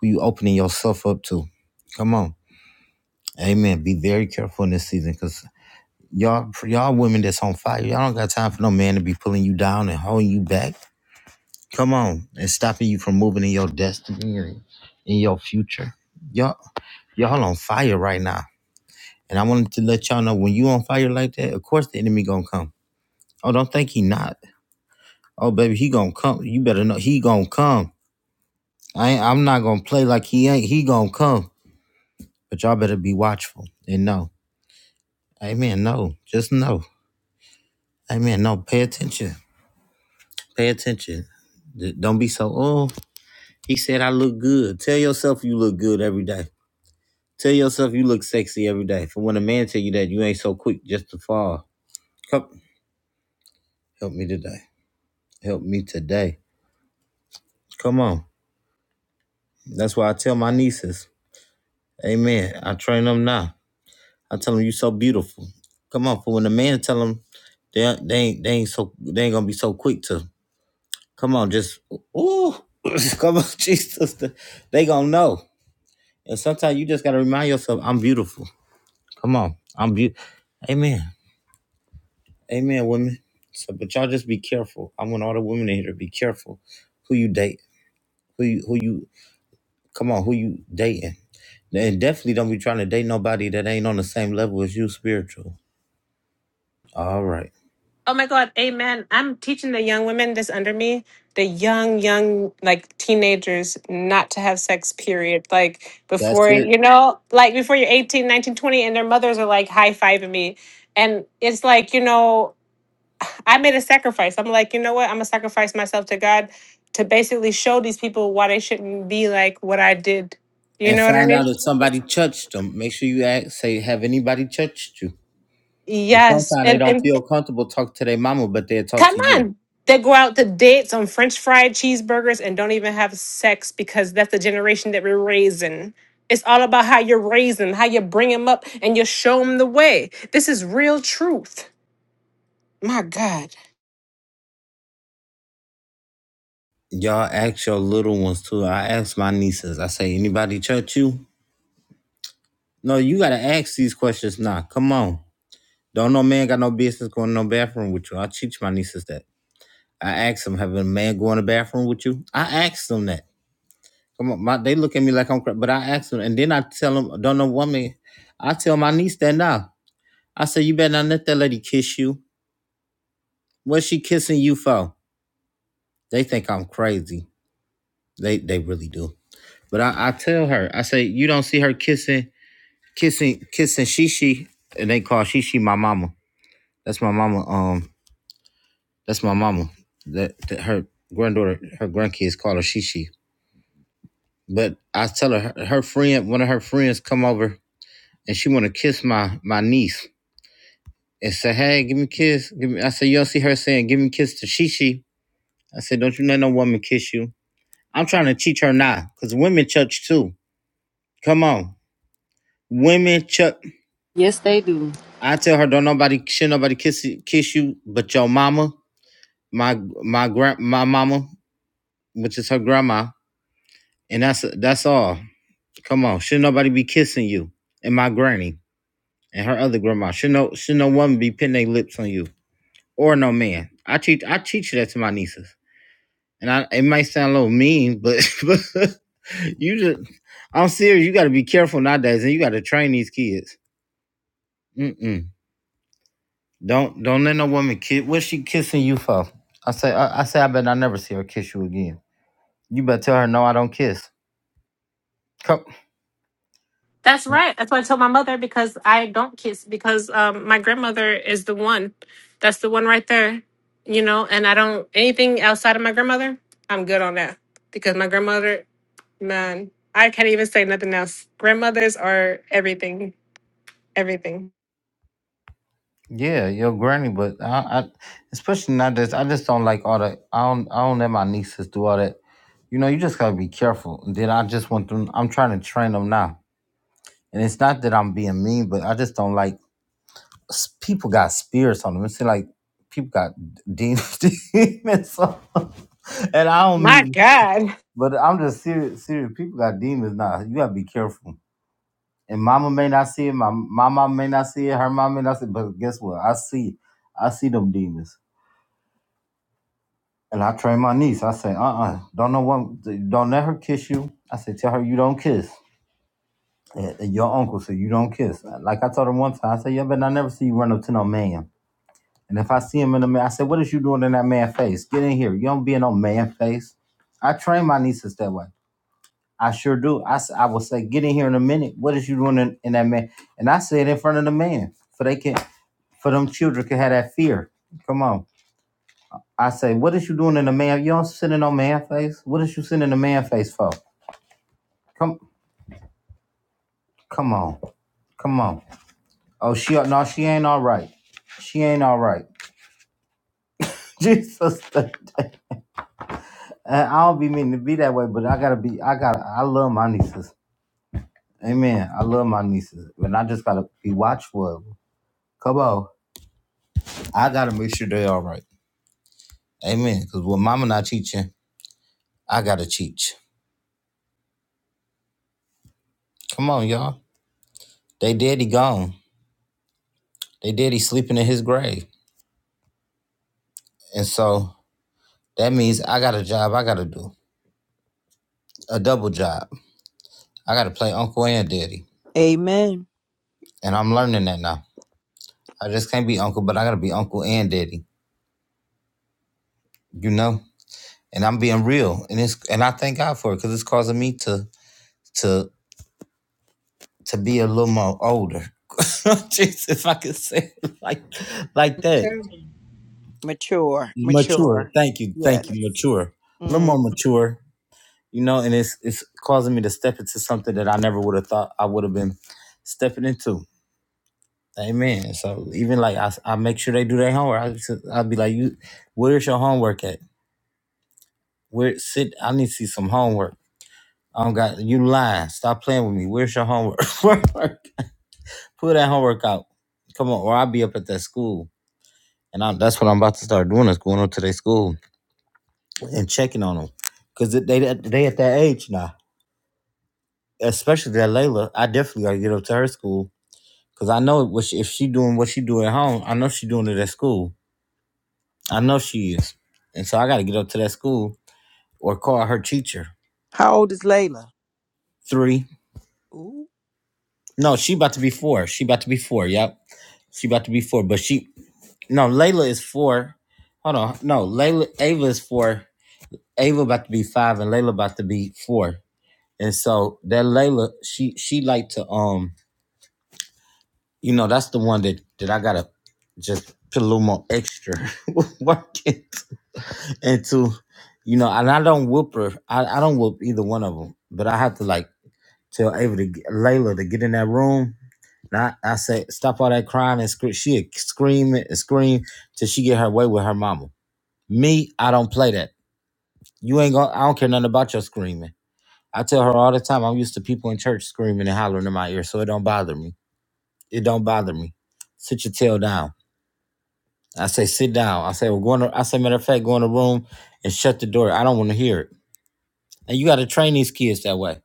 Speaker 1: who you opening yourself up to. Come on. Amen. Be very careful in this season because y'all y'all women that's on fire, y'all don't got time for no man to be pulling you down and holding you back. Come on. And stopping you from moving in your destiny and in your future. Y'all y'all on fire right now. And I wanted to let y'all know when you on fire like that, of course the enemy gonna come. Oh, don't think he not. Oh, baby, he gonna come. You better know he gonna come. I ain't, I'm not gonna play like he ain't. He gonna come. But y'all better be watchful and know. Amen. No, just no. Amen. No, pay attention. Pay attention. D- Don't be so, oh, he said I look good. Tell yourself you look good every day. Tell yourself you look sexy every day. For when a man tell you that, you ain't so quick just to fall. Come, help me today. Help me today. Come on. That's why I tell my nieces, amen. I train them now. I tell them you so beautiful. Come on. For when a man tell them, they, they, ain't, they ain't so, they ain't gonna be so quick to Come on, just ooh, [laughs] [clears throat] come on, Jesus. They gonna know. And sometimes you just gotta remind yourself, I'm beautiful. Come on, I'm beautiful. Amen. Amen, women. So, but y'all just be careful. I want all the women in here to be careful who you date, who you, who you. Come on, who you dating? And definitely don't be trying to date nobody that ain't on the same level as you spiritual. All right,
Speaker 4: Oh my God, amen. I'm teaching the young women that's under me, the young, young, like teenagers, not to have sex, period. Like
Speaker 1: that's
Speaker 4: before,
Speaker 1: it.
Speaker 4: you know, like before you're eighteen, nineteen, twenty, and their mothers are like high fiving me. And it's like, you know, I made a sacrifice. I'm like, you know what? I'm going to sacrifice myself to God to basically show these people why they shouldn't be like what I did. You
Speaker 1: And
Speaker 4: know what I
Speaker 1: find out
Speaker 4: mean?
Speaker 1: if somebody touched them. Make sure you ask, say, have anybody touched you? And
Speaker 4: Yes.
Speaker 1: sometimes they
Speaker 4: And,
Speaker 1: don't
Speaker 4: and
Speaker 1: feel comfortable talk to their mama, but they'll talk
Speaker 4: Come
Speaker 1: to you.
Speaker 4: on. They go out to dates on French fried cheeseburgers and don't even have sex because that's the generation that we're raising. It's all about how you're raising, how you bring them up, and you show them the way. This is real truth. My God.
Speaker 1: Y'all ask your little ones too. I ask my nieces. I say, anybody touch you? No, you gotta ask these questions now. Come on. Don't no man got no business going to no bathroom with you. I teach my nieces that. I ask them, have a man go in the bathroom with you? I ask them that. Come on, my, they look at me like I'm crazy, but I ask them, and then I tell them, don't no woman. I tell my niece that now. I say, you better not let that lady kiss you. What's she kissing you for? They think I'm crazy. They they really do. But I, I tell her, I say, you don't see her kissing, kissing, kissing Shishi, and they call Shishi my mama. That's my mama. Um, that's my mama. That, that her granddaughter, her grandkids call her Shishi. But I tell her, her, her friend, one of her friends, come over and she want to kiss my my niece and say, hey, give me a kiss. Give me. I say, you don't see her saying, give me a kiss to Shishi. I said, don't you let no woman kiss you. I'm trying to teach her now, cause women touch too. Come on, women touch.
Speaker 6: Yes, they do.
Speaker 1: I tell her don't nobody should nobody kiss you- kiss you but your mama, my my grand my mama, which is her grandma, and that's that's all. Come on, should nobody be kissing you and my granny and her other grandma. Should no should no woman be putting their lips on you or no man. I teach I teach that to my nieces, and I it might sound a little mean, but [laughs] but you just I'm serious. You got to be careful nowadays, and you got to train these kids. Mm mm. Don't don't let no woman kiss. What's she kissing you for? I say I, I say I bet I never see her kiss you again. You better tell her no, I don't kiss. Come,
Speaker 4: That's right. That's what I told my mother because I don't kiss because um, my grandmother is the one. That's the one right there. You know, and I don't anything outside of my grandmother. I'm good on that because my grandmother, man, I can't even say nothing else. Grandmothers are everything Everything.
Speaker 1: yeah, your granny, but I, I especially not this. I just don't like all that. I don't I don't let my nieces do all that. You know, you just gotta be careful. And then I just want them. I'm trying to train them now, and it's not that I'm being mean, but I just don't like s- people got spirits on them. It's like people got demons, [laughs] demons on 'em. and I don't
Speaker 4: My
Speaker 1: meet.
Speaker 4: God.
Speaker 1: But I'm just serious. Serious people got demons now. You gotta be careful. And mama may not see it. My my mom may not see it. Her mom may not see it. But guess what? I see. I see them demons. And I train my niece. I say, uh, uh-uh, uh, do not know what. Don't let her kiss you. I say, tell her you don't kiss. And, and your uncle said you don't kiss. Like I told her one time, I said, yeah, but I never see you run up to no man. And if I see him in the man, I said, what is you doing in that man face? Get in here. You don't be in no man face. I train my nieces that way. I sure do. I, s- I will say, get in here in a minute. What is you doing in, in that man? And I say it in front of the man, for they can, for them children can have that fear. Come on. I say, what is you doing in the man? You don't sit in no man face. What is you sitting in the man face for? Come, come on, come on. Oh, she no, she ain't all right. She ain't all right. [laughs] Jesus, [laughs] and I don't be meaning to be that way, but I gotta be. I gotta. I love my nieces. Amen. I love my nieces, and I just gotta be watchful. of 'em. Come on. I gotta make sure they all right. Amen. Cause when mama not teaching, I gotta teach. Come on, y'all. They daddy gone. They daddy sleeping in his grave. And so that means I got a job I gotta do. A double job. I gotta play uncle and daddy.
Speaker 3: Amen.
Speaker 1: And I'm learning that now. I just can't be uncle, but I gotta be uncle and daddy. You know? And I'm being real. And it's and I thank God for it because it's causing me to to to be a little more older. [laughs] Jesus, if I could say it like like that.
Speaker 3: Mature,
Speaker 1: mature.
Speaker 3: mature.
Speaker 1: Thank you,
Speaker 3: Yes.
Speaker 1: thank you, mature. A little
Speaker 3: Mm.
Speaker 1: more mature, you know, and it's it's causing me to step into something that I never would have thought I would have been stepping into. Amen. So even like I, I make sure they do their homework. I just, I'll be like, you, where's your homework at? Where sit? I need to see some homework. I don't got you lying. Stop playing with me. Where's your homework? [laughs] Work. Pull that homework out. Come on, or I'll be up at that school, and I'm, that's what I'm about to start doing is going up to their school and checking on them because they they at that age now. Especially that Layla, I definitely gotta get up to her school because I know what she, if she doing what she do at home, I know she doing it at school. I know she is, and so I gotta get up to that school or call her teacher.
Speaker 3: How old is Layla?
Speaker 1: Three,
Speaker 3: Ooh.
Speaker 1: no, she about to be four. She about to be four. Yep, she about to be four. But she no, Layla is four. Hold on, no, Layla Ava is four. Ava about to be five, and Layla about to be four. And so that Layla, she she like to um You know, that's the one that that I gotta just put a little more extra [laughs] work in- into. You know, and I don't whoop her. I, I don't whoop either one of them. But I have to like tell Ava to get, Layla to get in that room. And I, I say stop all that crying and scream. She scream and scream till she get her way with her mama. Me, I don't play that. You ain't gonna. I don't care nothing about your screaming. I tell her all the time. I'm used to people in church screaming and hollering in my ear, so it don't bother me. It don't bother me. Sit your tail down. I say, sit down. I say, we're going to, I say, matter of fact, go in the room and shut the door. I don't want to hear it. And you got to train these kids that way.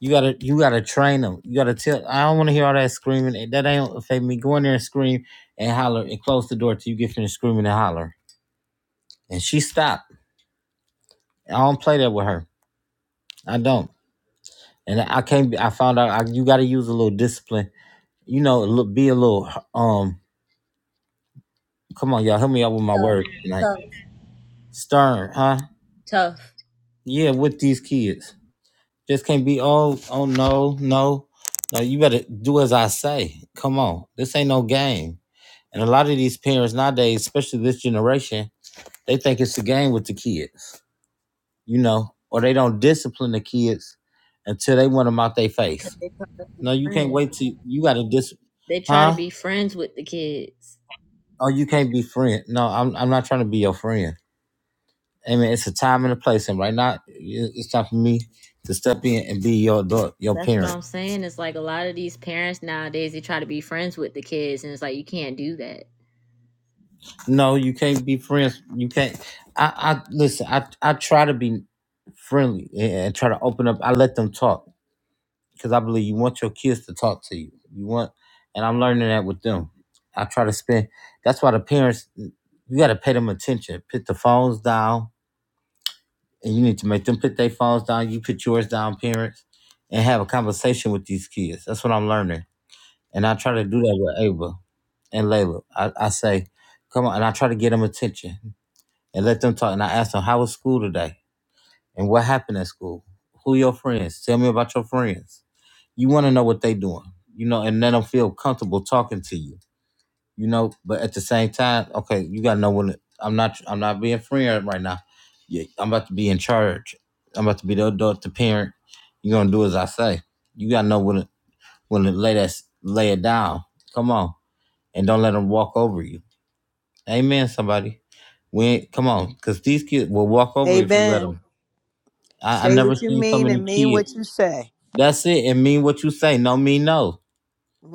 Speaker 1: You got to, you got to train them. You got to tell, I don't want to hear all that screaming. It- That ain't affect me. Go in there and scream and holler and close the door till you get finished screaming and holler. And she stopped. I don't play that with her. I don't. And I can't, be- I found out I, you got to use a little discipline. You know, a little- be a little, um, come on, y'all, help me out with my word
Speaker 2: tough,
Speaker 1: tonight.
Speaker 2: tough,
Speaker 1: Stern, huh?
Speaker 2: tough.
Speaker 1: Yeah, with these kids. Just can't be oh oh no no no. You better do as I say. Come on, this ain't no game. And a lot of these parents nowadays, especially this generation, they think it's a game with the kids, you know, or they don't discipline the kids until they want them out their
Speaker 2: Cause
Speaker 1: face.
Speaker 2: they try to be
Speaker 1: No, you can't
Speaker 2: friends.
Speaker 1: wait till you got to dis,
Speaker 2: They try to
Speaker 1: huh?
Speaker 2: be friends with the kids.
Speaker 1: Oh, you can't be friend. No, I'm I'm not trying to be your friend. I mean, it's a time and a place, and right now it- it's time for me to step in and be your adult, your
Speaker 2: That's what
Speaker 1: parent
Speaker 2: I'm saying. It's like a lot of these parents nowadays. They try to be friends with the kids, and it's like you can't do that.
Speaker 1: No, you can't be friends. You can't. I, I listen. I, I try to be friendly and, and try to open up. I let them talk because I believe you want your kids to talk to you. You want, and I'm learning that with them. I try to spend. That's why the parents, you got to pay them attention. Put the phones down, and you need to make them put their phones down. You put yours down, parents, and have a conversation with these kids. That's what I'm learning, and I try to do that with Ava and Layla. I, I say, come on, and I try to get them attention and let them talk. And I asked them, how was school today? And what happened at school? Who your friends? Tell me about your friends. You want to know what they doing, you know, and let them feel comfortable talking to you, you know. But at the same time, okay, you gotta know when I'm not. I'm not being friend right now. Yeah, I'm about to be in charge. I'm about to be the adult, the parent. You're gonna do as I say. You gotta know when to, when to lay that lay it down. Come on, and don't let them walk over you. Amen. Somebody, we ain't, come on, cause these kids will walk over if you let them.
Speaker 3: Amen.
Speaker 1: I, I
Speaker 3: Say
Speaker 1: never
Speaker 3: what you
Speaker 1: seen so
Speaker 3: mean
Speaker 1: many
Speaker 3: and mean what
Speaker 1: kids.
Speaker 3: you say.
Speaker 1: That's it. And mean what you say. No mean no.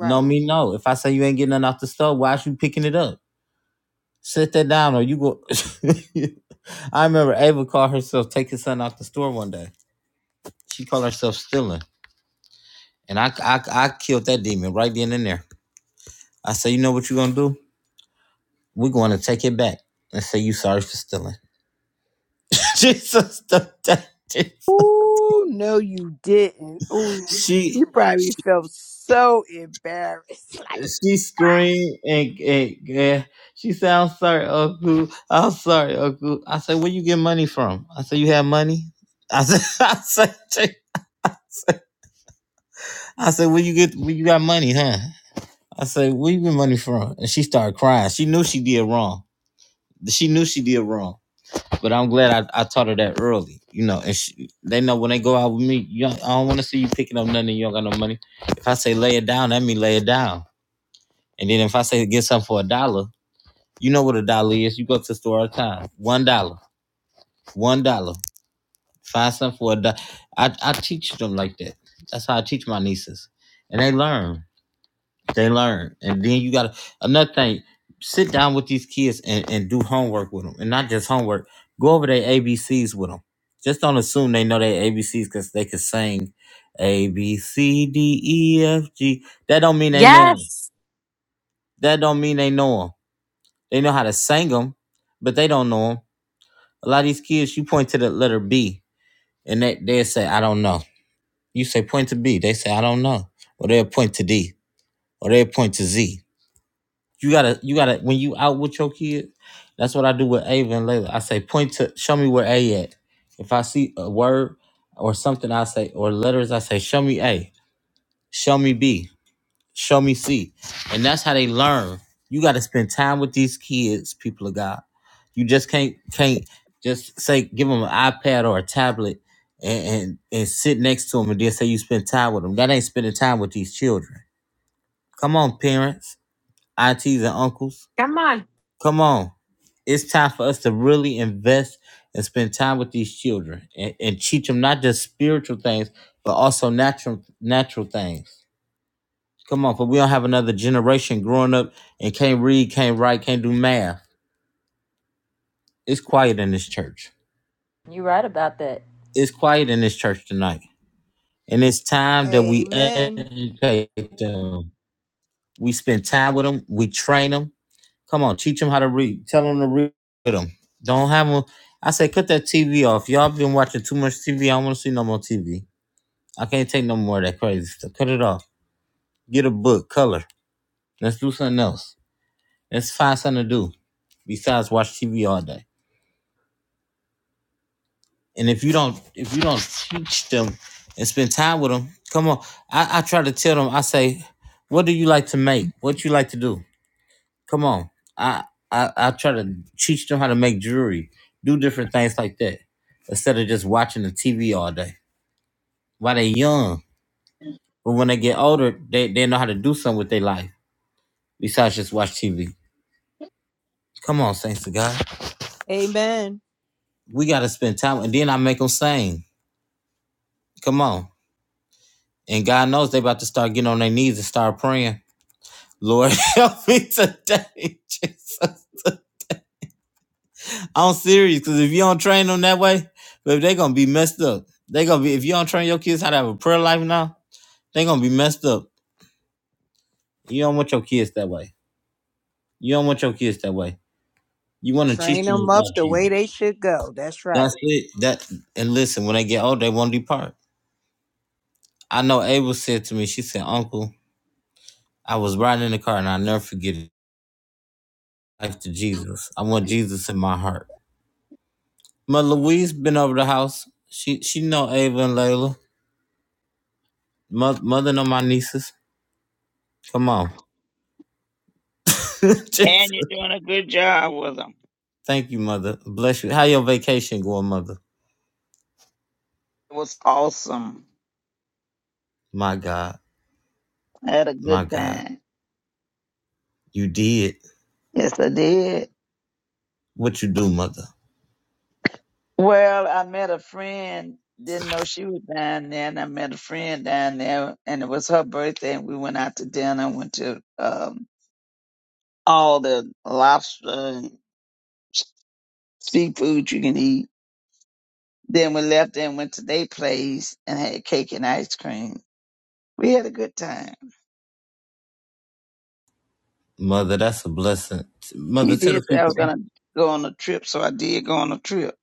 Speaker 1: No mean no. If I say you ain't getting nothing off the store, why is you picking it up? Sit that down or you go [laughs] I remember Ava called herself taking something off the store one day. She called herself stealing. And I, I I killed that demon right then and there. I said, you know what you're gonna do? We're gonna take it back and say you sorry for stealing. [laughs] Jesus the day.
Speaker 3: Ooh, no, you didn't. Ooh,
Speaker 1: She
Speaker 3: you probably felt so embarrassed. [laughs] Like,
Speaker 1: she screamed and, and, and she said, I'm sorry, Uncle. I'm sorry, Uncle. I said, where you get money from? I said, you have money? I said, [laughs] I said, I said, where you get, where you got money, huh? I said, where you get money from? And she started crying. She knew she did wrong. She knew she did wrong. But I'm glad I, I taught her that early, you know. And she, they know when they go out with me, you don't- I don't want to see you picking up nothing. and You don't got no money. If I say lay it down, that mean lay it down. And then if I say get something for a dollar, You know what a dollar is. You go to the store all the time. One dollar. One dollar. Find something for a dollar. I, I teach them like that. That's how I teach my nieces. And they learn. They learn. And then you gotta another thing, sit down with these kids and, and do homework with them. And not just homework. Go over their ABCs with them. Just don't assume they know their ABCs because they can sing A B C D E F G. That don't mean they know 'em.
Speaker 4: Yes.
Speaker 1: That don't mean they know them. They know how to sing them, but they don't know know them. A lot of these kids, you point to the letter B, and they they say, I don't know. You say point to B, they say, I don't know. Or they'll point to D. Or they'll point to Z. You gotta, you gotta, when you out with your kids, that's what I do with Ava and Layla. I say, point to show me where A at. If I see a word or something, I say, or letters, I say, show me A, show me B show me see and that's how they learn you got to spend time with these kids people of god you just can't can't just say give them an ipad or a tablet and and, and sit next to them and then say you spend time with them that ain't spending time with these children come on parents aunts and uncles
Speaker 4: Come on.
Speaker 1: come on it's time for us to really invest and spend time with these children and, and teach them not just spiritual things but also natural natural things Come on, cause we don't have another generation growing up and can't read, can't write, can't do math. It's quiet in this church.
Speaker 2: You're right about that.
Speaker 1: It's quiet in this church tonight. And it's time that we
Speaker 3: Amen.
Speaker 1: educate them. We spend time with them. We train them. Come on, teach them how to read. Tell them to read with them. Don't have them. I say, cut that TV off. Y'all been watching too much TV. I don't want to see no more TV. I can't take no more of that crazy stuff. Cut it off. Get a book, color. Let's do something else. Let's find something to do besides watch TV all day. And if you don't, if you don't teach them and spend time with them, come on. I, I try to tell them. I say, what do you like to make? What you like to do? Come on. I I, I try to teach them how to make jewelry, do different things like that, instead of just watching the TV all day while they are young. But when they get older, they, they know how to do something with their life besides just watch TV. Come on, thanks to God.
Speaker 3: Amen.
Speaker 1: We got to spend time, and then I make them sing. Come on. And God knows they about to start getting on their knees and start praying Lord [laughs] help me today, Jesus. I'm serious, because if you don't train them that way, baby, they are gonna be messed up. They gonna be if you don't train your kids how to have a prayer life now, they gonna be messed up. You don't want your kids that way. You don't want your kids that way. You want to teach
Speaker 3: Train
Speaker 1: them
Speaker 3: them up
Speaker 1: about
Speaker 3: the way
Speaker 1: Jesus.
Speaker 3: they should go. That's
Speaker 1: That's
Speaker 3: right.
Speaker 1: it. That and listen, when they get old, they won't depart. I know Abel said to me, she said, Uncle, I was riding in the car and I never forget it. Life to Jesus. I want Jesus in my heart. Mother Louise been over the house. She she know Ava and Layla. Mother, mother, no, my nieces. Come on. [laughs] Jesus.
Speaker 7: And you're doing a good job with them.
Speaker 1: Thank you, mother. Bless you. How your vacation going, mother?
Speaker 7: It was awesome.
Speaker 1: My God.
Speaker 7: I had a
Speaker 1: My
Speaker 7: good
Speaker 1: God.
Speaker 7: time.
Speaker 1: You did
Speaker 7: Yes, I did.
Speaker 1: what you do, mother.
Speaker 7: Well, I met a friend. Didn't know she was down there, and I met a friend down there, and it was her birthday, and we went out to dinner. Went to um, all the lobster and seafood you can eat. Then we left and went to their place and had cake and ice cream. We had a good time.
Speaker 1: Mother, that's a blessing.
Speaker 7: You
Speaker 1: Mother, tell the
Speaker 7: did say I
Speaker 1: people.
Speaker 7: was gonna go on a trip, so I did go on a trip.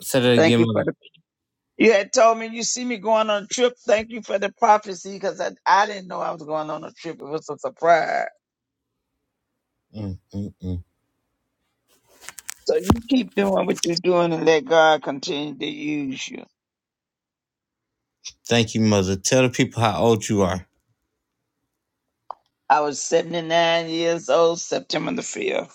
Speaker 1: Say that
Speaker 7: Thank
Speaker 1: again,
Speaker 7: you for
Speaker 1: mother.
Speaker 7: the You had told me you see me going on a trip. Thank you for the prophecy because I, I didn't know I was going on a trip. It was a surprise.
Speaker 1: Mm, mm, mm.
Speaker 7: So you keep doing what you're doing and let God continue to use you.
Speaker 1: Thank you, mother. Tell the people how old you are.
Speaker 7: I was 79 years old, September the 5th.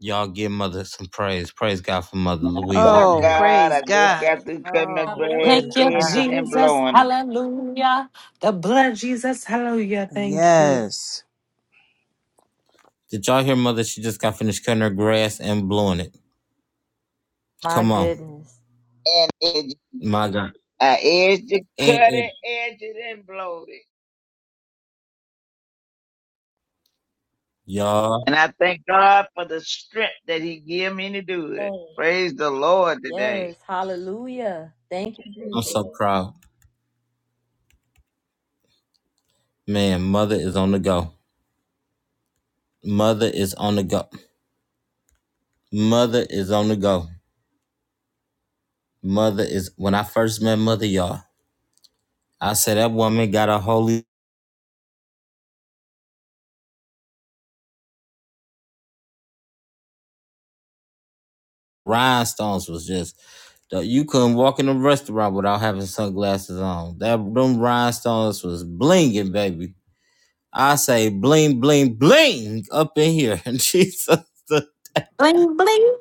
Speaker 1: Y'all give mother some praise. Praise God for mother
Speaker 7: And I
Speaker 1: Louisa.
Speaker 7: thank
Speaker 3: Oh,
Speaker 7: God
Speaker 3: praise
Speaker 7: I just
Speaker 3: God.
Speaker 7: got through cutting the
Speaker 2: God
Speaker 3: Oh,
Speaker 2: bless
Speaker 7: grass,
Speaker 2: you.
Speaker 3: praise God.
Speaker 7: edging and blowing
Speaker 4: Hallelujah. The blood of Jesus. Hallelujah. Thank you.
Speaker 3: Yes.
Speaker 1: Did y'all hear mother? She just got finished cutting her grass and blowing it.
Speaker 2: My
Speaker 1: Come on.
Speaker 2: goodness.
Speaker 7: it. And edge,
Speaker 1: My God.
Speaker 7: I edged it, cut
Speaker 1: And it.
Speaker 7: it, edged it, and blowed it.
Speaker 1: Y'all,
Speaker 7: And I thank God for the strength that He gave me to do it.
Speaker 2: Oh,
Speaker 7: Praise the Lord today.
Speaker 2: yes. Hallelujah. Thank you,
Speaker 1: I'm
Speaker 2: Jesus.
Speaker 1: so proud. Man, mother is on the go. Mother is on the go. Mother is on the go. Mother is when I first met mother, y'all. I said that woman got a holy rhinestones was just you couldn't walk in a restaurant without having sunglasses on. That them rhinestones was blinging, baby. I say bling, bling, bling up in here. And [laughs] Jesus,
Speaker 4: Bling, bling.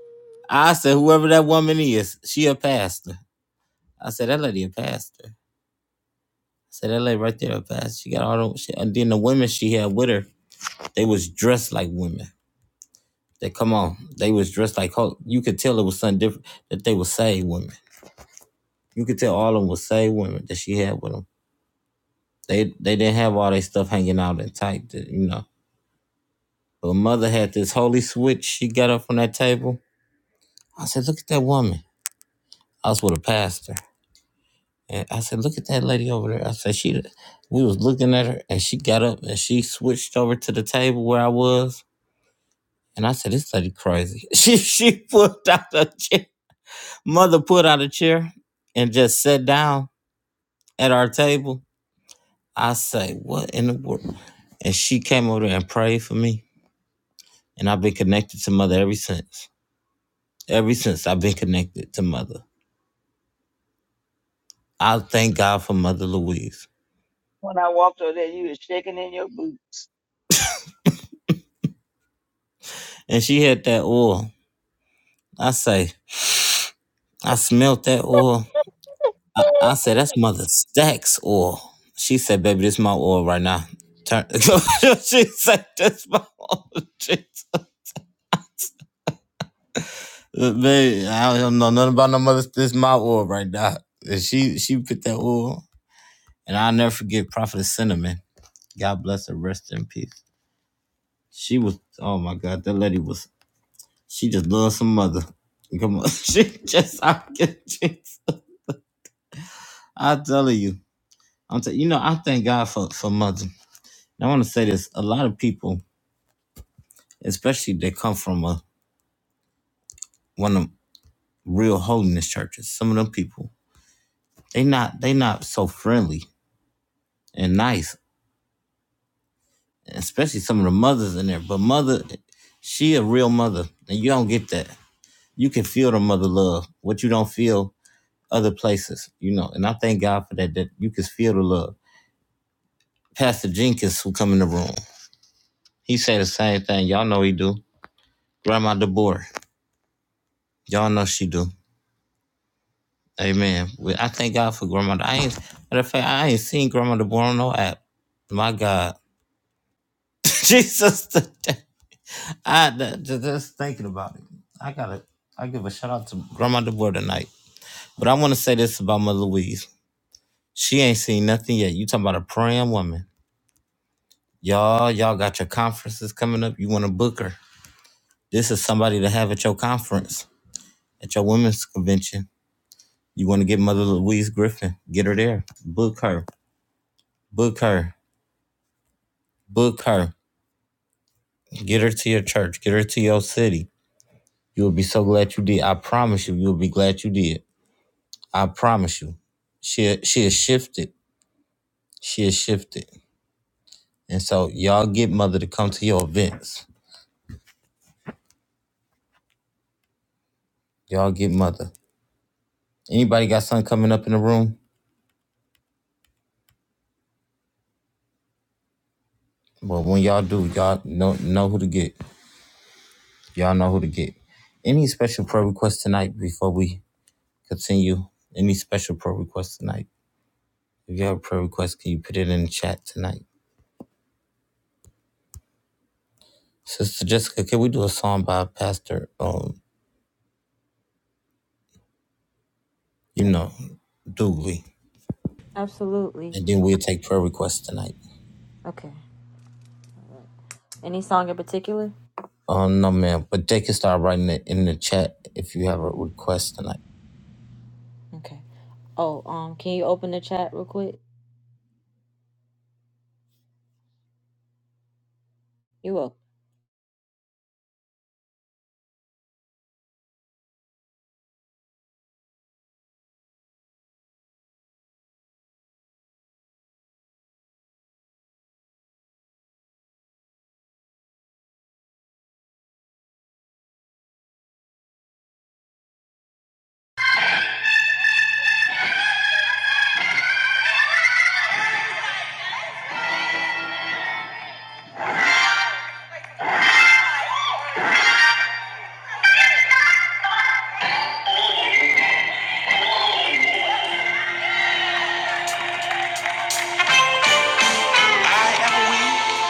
Speaker 1: I said whoever that woman is, she a pastor. I said that lady a pastor. So that lady right there, up fast. She got all the shit. And then the women she had with her, they was dressed like women. They come on, they was dressed like ho- you could tell it was something different that they were saved women. You could tell all of them were saved women that she had with them. They they didn't have all their stuff hanging out and tight, that, you know. But mother had this holy switch. She got up from that table. I said, look at that woman. I was with a pastor, and I said, look at that lady over there. I said, she. We was looking at her, and she got up and she switched over to the table where I was And I said, this lady crazy. [laughs] She she pulled out a chair. Mother pulled out a chair and just sat down at our table. I say, what in the world? And she came over there and prayed for me. And I've been connected to mother ever since. Ever since I've been connected to mother. I thank God for Mother Louise.
Speaker 7: When I walked over there, you was shaking in your boots.
Speaker 1: And she had that oil. I say, I smelt that oil I, I said, that's mother stacks oil. She said, baby, this my oil right now. Turn. [laughs] she said, this my oil. Jesus. Baby, I don't know nothing about no mother. This my oil right now. And she she put that oil. And I'll never forget Prophetess Cinnamon. God bless her. Rest in peace. She was, oh my God, that lady was, she just loves some mother. Come on. [laughs] she just, I, [laughs] I'm telling you. I'm telling you know, I thank God for, for mother. And I want to say this. A lot of people especially they come from a, one of them real holiness churches. Some of them people, they not they not so friendly and nice, especially some of the mothers in there. But mother, she a real mother, and you don't get that. You can feel the mother love, what you don't feel other places, you know. And I thank God for that. That you can feel the love. Pastor Jenkins, who come in the room, he say the same thing. Y'all know he do. Grandma DeBoer, y'all know she do. Amen. We- I thank God for grandmother. I ain't matter of fact, I ain't seen grandmother born on no app. My God, [laughs] Jesus, today. I that- ju- just thinking about it. I gotta. I give a shout out to grandmother boy tonight. But I want to say this about Mother Louise. She ain't seen nothing yet. You talking about a praying woman? Y'all, y'all got your conferences coming up. You want to book her? This is somebody to have at your conference, at your women's convention. You want to get Mother Louise Griffin? Get her there. Book her. Book her. Book her. Get her to your church. Get her to your city. You will be so glad you did. I promise you, you'll be glad you did. I promise you. She she is shifted. She is shifted. And so y'all get mother to come to your events. Y'all get mother. Anybody got something coming up in the room? Well, when y'all do, y'all know know who to get. Y'all know who to get. Any special prayer requests tonight before we continue? Any special prayer requests tonight? If you have a prayer request, can you put it in the chat tonight? Sister Jessica, can we do a song by Pastor, um, you know, Dooley?
Speaker 2: Absolutely.
Speaker 1: And then we'll take prayer requests tonight.
Speaker 2: Okay. Any song in particular?
Speaker 1: Um, no, ma'am. But they can start writing it in the chat if you have a request tonight.
Speaker 2: Okay. Oh, um, can you open the chat real quick? You're welcome. I am weak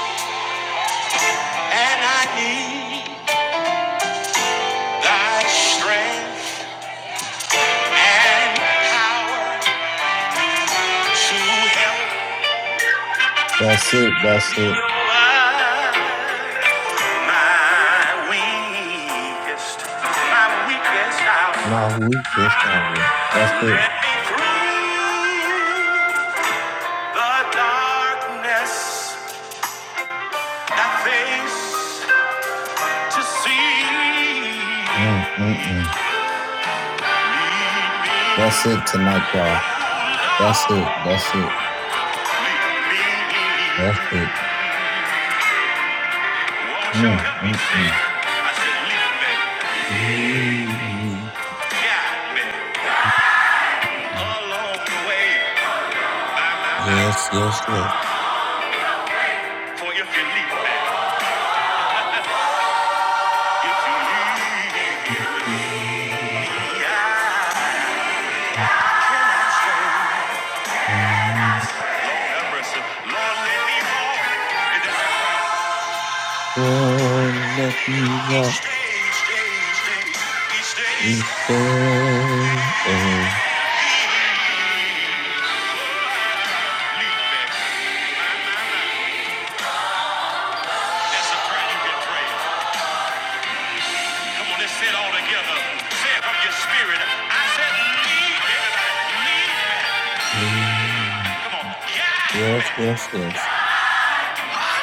Speaker 2: and I need thy strength and power to help
Speaker 1: That's it. That's
Speaker 2: me
Speaker 1: it.
Speaker 2: over my weakest, my weakest
Speaker 1: My
Speaker 2: hour.
Speaker 1: week is over. That's it.
Speaker 2: Let me through the darkness I face to see.
Speaker 1: Mm, mm, mm.
Speaker 2: Lead me,
Speaker 1: That's it tonight, y'all.
Speaker 2: oh
Speaker 1: That's it. That's
Speaker 2: Lord,
Speaker 1: it.
Speaker 2: lead
Speaker 1: That's
Speaker 2: me.
Speaker 1: it.
Speaker 2: Lord, shall
Speaker 1: Mm,
Speaker 2: help me
Speaker 1: mm,
Speaker 2: stay.
Speaker 1: mm.
Speaker 2: I said, lead me,
Speaker 1: Ooh,
Speaker 2: guide me along the way. By my
Speaker 1: Yes,
Speaker 2: life,
Speaker 1: yes, yes.
Speaker 2: for if you lead me, if you lead
Speaker 1: Ooh,
Speaker 2: me,
Speaker 1: mm,
Speaker 2: I have mercy. Lord, let me walk in the path.
Speaker 1: Oh, let me
Speaker 2: Each
Speaker 1: walk
Speaker 2: day, each day, each day, each day.
Speaker 1: each day.
Speaker 2: lead me. By my life. That's a prayer you can pray. Come on, let's say all together. Say from your spirit. I said, lead me, lead me. Come on, guide
Speaker 1: Yes, yes, yes.
Speaker 2: Thank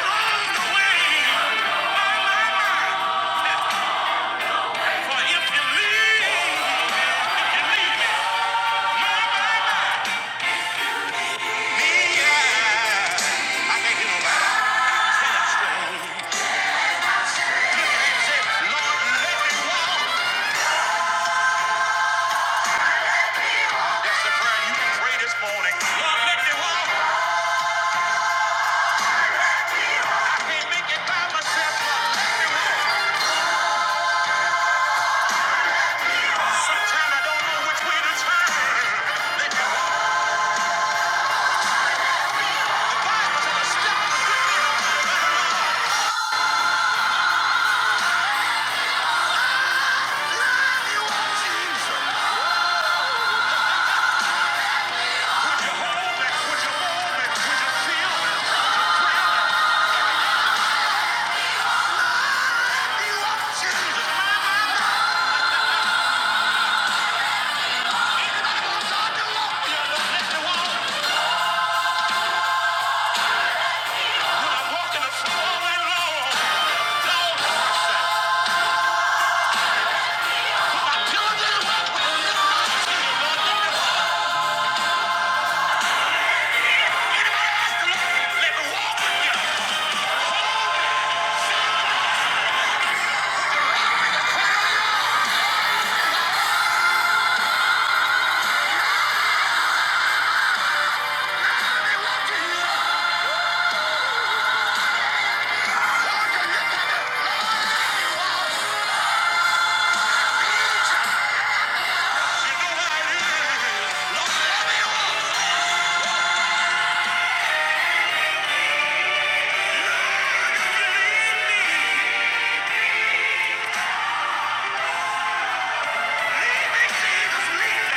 Speaker 2: you.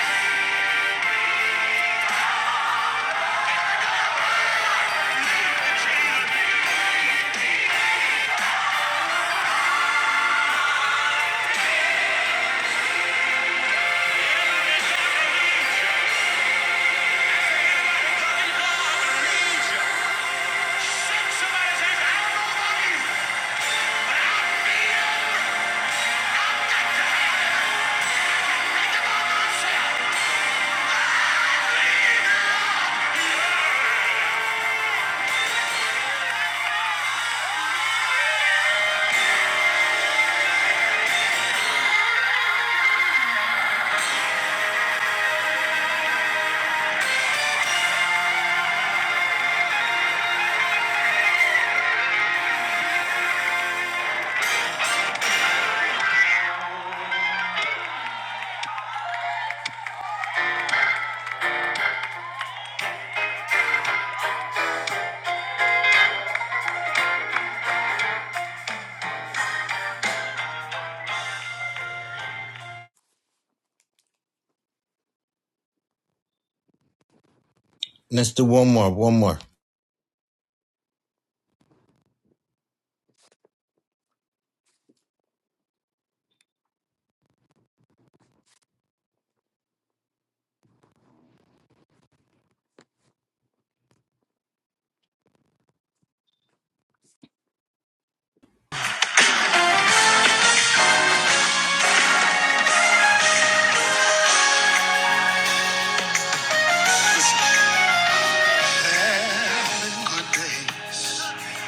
Speaker 1: Let's do one more. One more.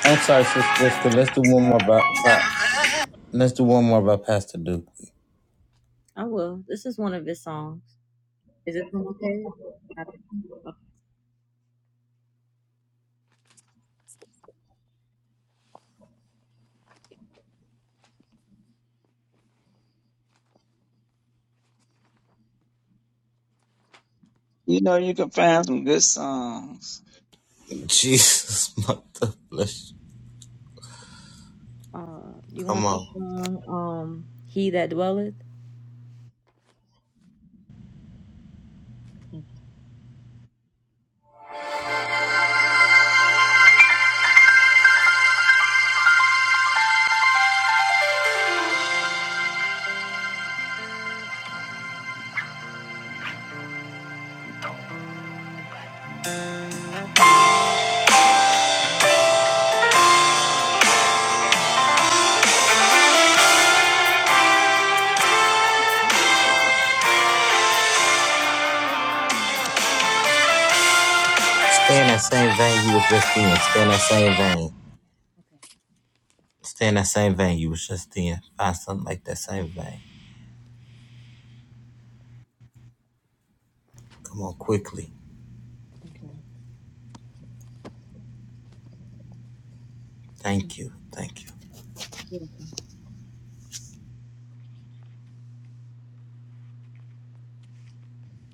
Speaker 1: I'm sorry, Sister Jessica. Let's do one more by, by let's do one more by Pastor Duke.
Speaker 2: I will. This is one of his songs. Is it from okay? I don't know.
Speaker 7: You know you can find some good songs.
Speaker 1: Jesus, [laughs] mother bless you.
Speaker 2: Uh, you
Speaker 1: Come
Speaker 2: want the
Speaker 1: on.
Speaker 2: song? Um, he that dwelleth.
Speaker 8: Pretty sure.
Speaker 1: Stay in that same vein you was just in. Stay in that same vein.
Speaker 2: Okay.
Speaker 1: Stay in that same vein you was just in. Find something like that same vein. Come on, quickly.
Speaker 2: Okay.
Speaker 1: Thank you. Thank you.
Speaker 2: Beautiful.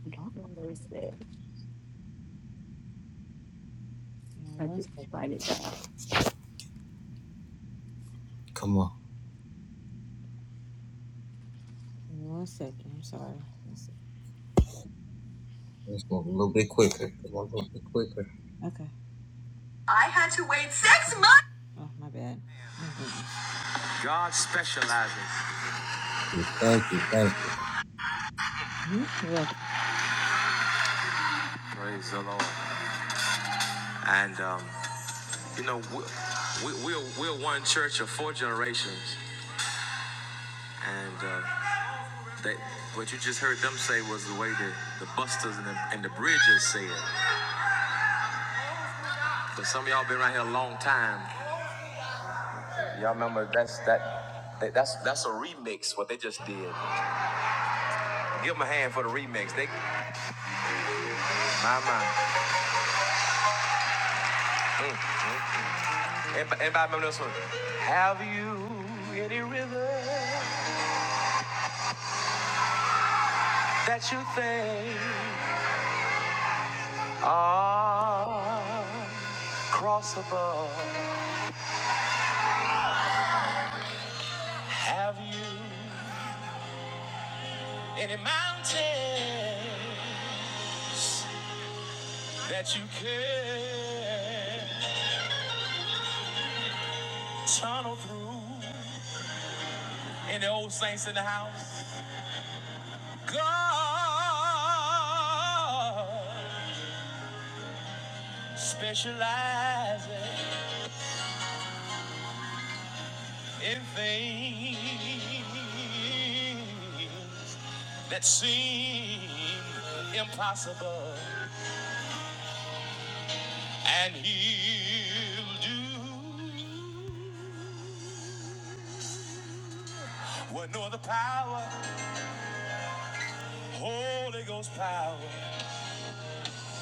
Speaker 8: I don't know where it's at. I
Speaker 2: Now, One
Speaker 8: just write
Speaker 2: second.
Speaker 8: it down.
Speaker 1: Come on.
Speaker 2: Give me One second. I'm sorry. Let's see.
Speaker 1: Let's move a little bit quicker. Come on, a little bit quicker.
Speaker 2: Okay. I had to wait six months. Oh, my bad. Mhm. God specializes.
Speaker 1: Thank you, thank you.
Speaker 2: Mhm. You're welcome. Praise the Lord. And, um, you know, we, we, we're, we're one church of four generations. And uh, that, what you just heard them say was the way the, the Busters and the, and the Bridges said. But some of y'all been around here a long time. Y'all remember that's that. that- That's that's a remix. What they just did. Give them a hand for the remix. They, my my. Mm, mm, mm. Everybody, everybody remember this one? Have you any river that you think? Ah, cross above. Have you any mountains that you can tunnel through? Any old saints in the house? God specializes in things that seem impossible, and He'll do. What no other power, Holy Ghost power.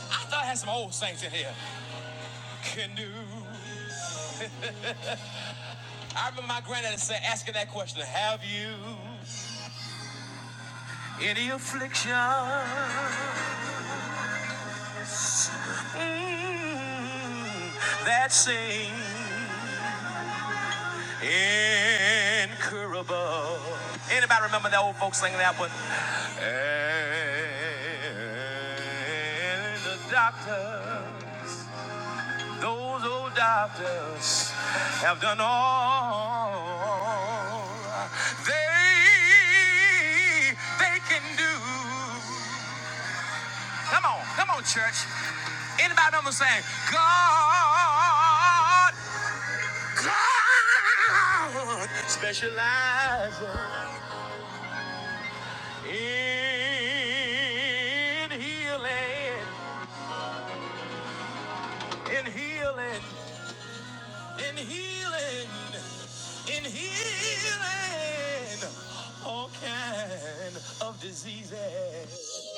Speaker 2: I thought I had some old saints in here. Can do. I remember my granddaddy said, asking that question, have you any affliction mm, that seems incurable? Anybody remember that old folks singing that one? And the doctors Those old doctors have done all they they can do. Come on, come on, church. Anybody know what I'm saying? God, God specializes in healing, in healing. in healing, in healing all kind of diseases.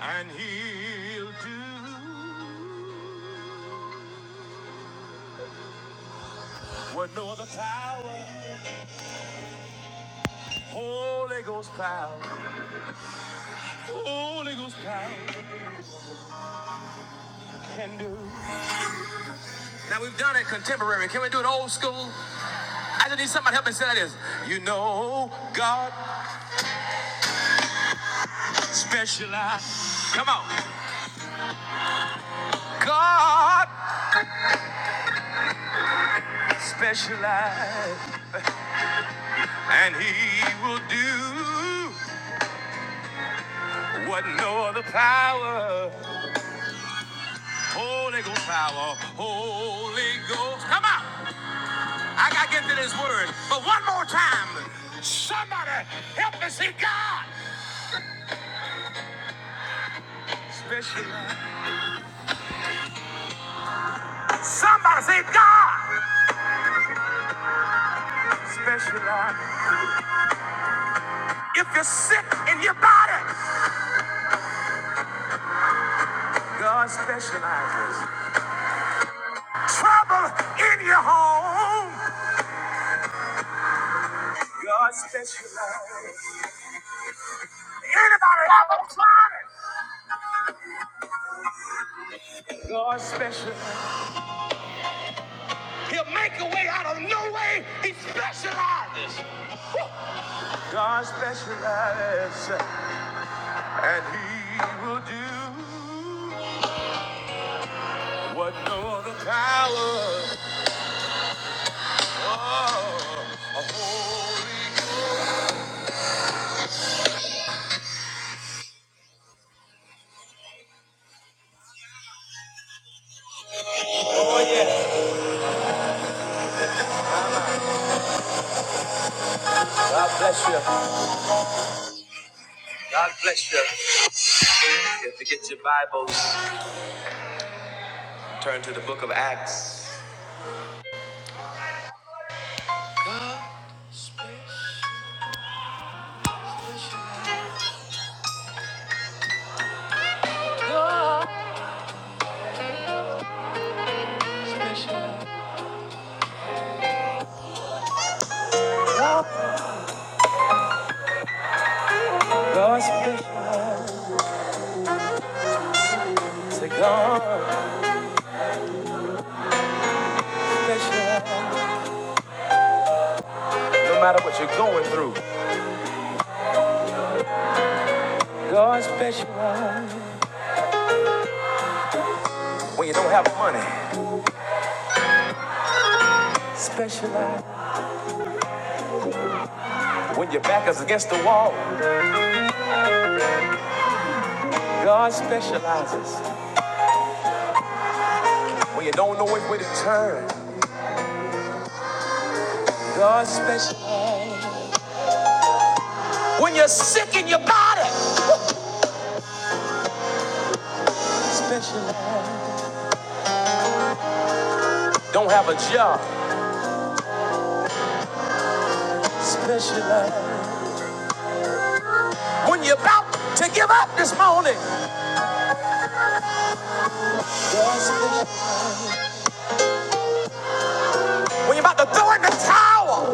Speaker 2: And he'll do what no other power, Holy Ghost power, Holy Ghost power can do. Now we've done it contemporary. Can we do it old school? I just need somebody to help me say this. You know God specializes. Come on. God specializes. And he will do what no other power, Holy Ghost power, Holy Ghost. Come on. I got to get to this word. But one more time. Somebody help me see God. Special. Lord. Somebody say God. Special. Lord. If you're sick in your body, God specializes. Trouble in your home, God specializes. Anybody ever tried it? God special, God specializes, and He will do what no other power. Oh, a holy. Oh yeah. God bless you. God bless you. If you have to get your Bibles, turn to the Book of Acts. God special, say God special. No matter what you're going through, God specializes. When you don't have money, specialize. When your back is against the wall. God specializes when you don't know which way to turn. God specializes when you're sick in your body. Specializes don't have a job. Specializes when you're about to give up this morning. God specializes when you're about to throw in the towel.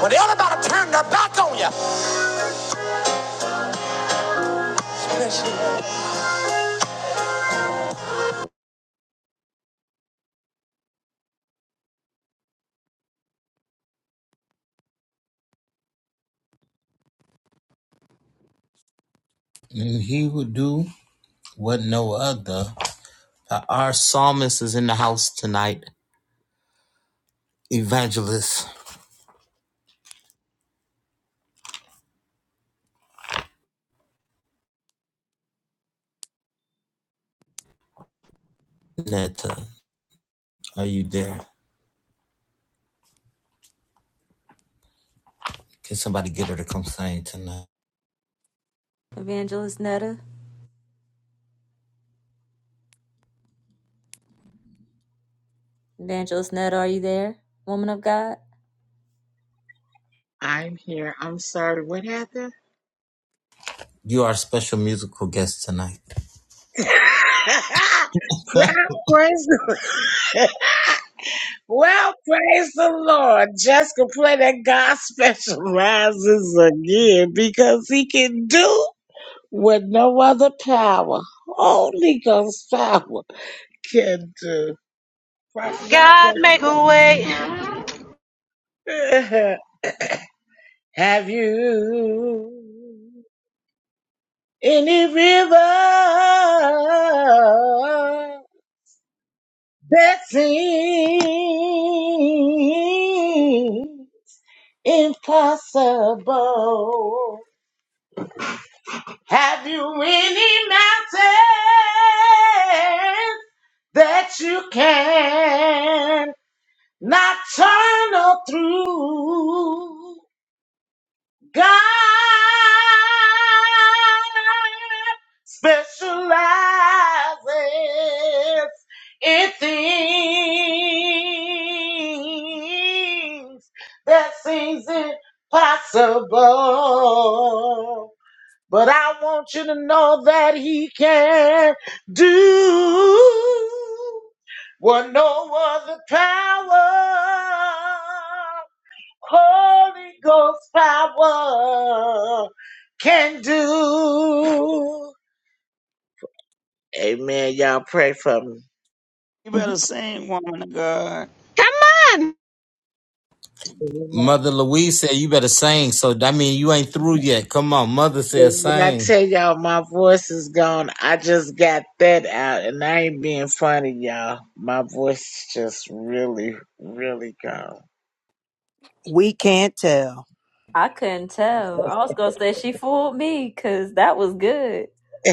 Speaker 2: When everybody turned their back on you.
Speaker 1: And he will do what no other. uh, Our psalmist is in the house tonight. Evangelist Netta, are you there? Can somebody get her to come sing tonight?
Speaker 2: Evangelist Netta, Evangelist Netta, are you there, woman of God?
Speaker 9: I'm here. I'm sorry. What happened?
Speaker 1: You are a special musical guest tonight.
Speaker 9: [laughs] Pra- praise the- [laughs] well, praise the Lord. Jessica play that God [laughs] specializes again because he can do what no other power, Holy Ghost power, can do. Prophet, y'all pray. [laughs] Have you any river? That seem impossible. Have you any mountain that you can not tunnel through? God specializes in things that seems impossible. But I want you to know that he can do what no other power Holy Ghost power can do. Amen. Y'all pray for me.
Speaker 7: You
Speaker 8: Mhm.
Speaker 7: better sing, woman of God.
Speaker 4: Come on.
Speaker 1: Mother Louise said you better sing, so that means you ain't through yet. Come on, Mother said
Speaker 9: When I
Speaker 1: sing.
Speaker 9: tell y'all my voice is gone, I just got that out and I ain't being funny, y'all. My voice is just really, really gone.
Speaker 3: We can't tell.
Speaker 2: I couldn't tell. I was gonna say she fooled me, cause that was good.
Speaker 9: [laughs]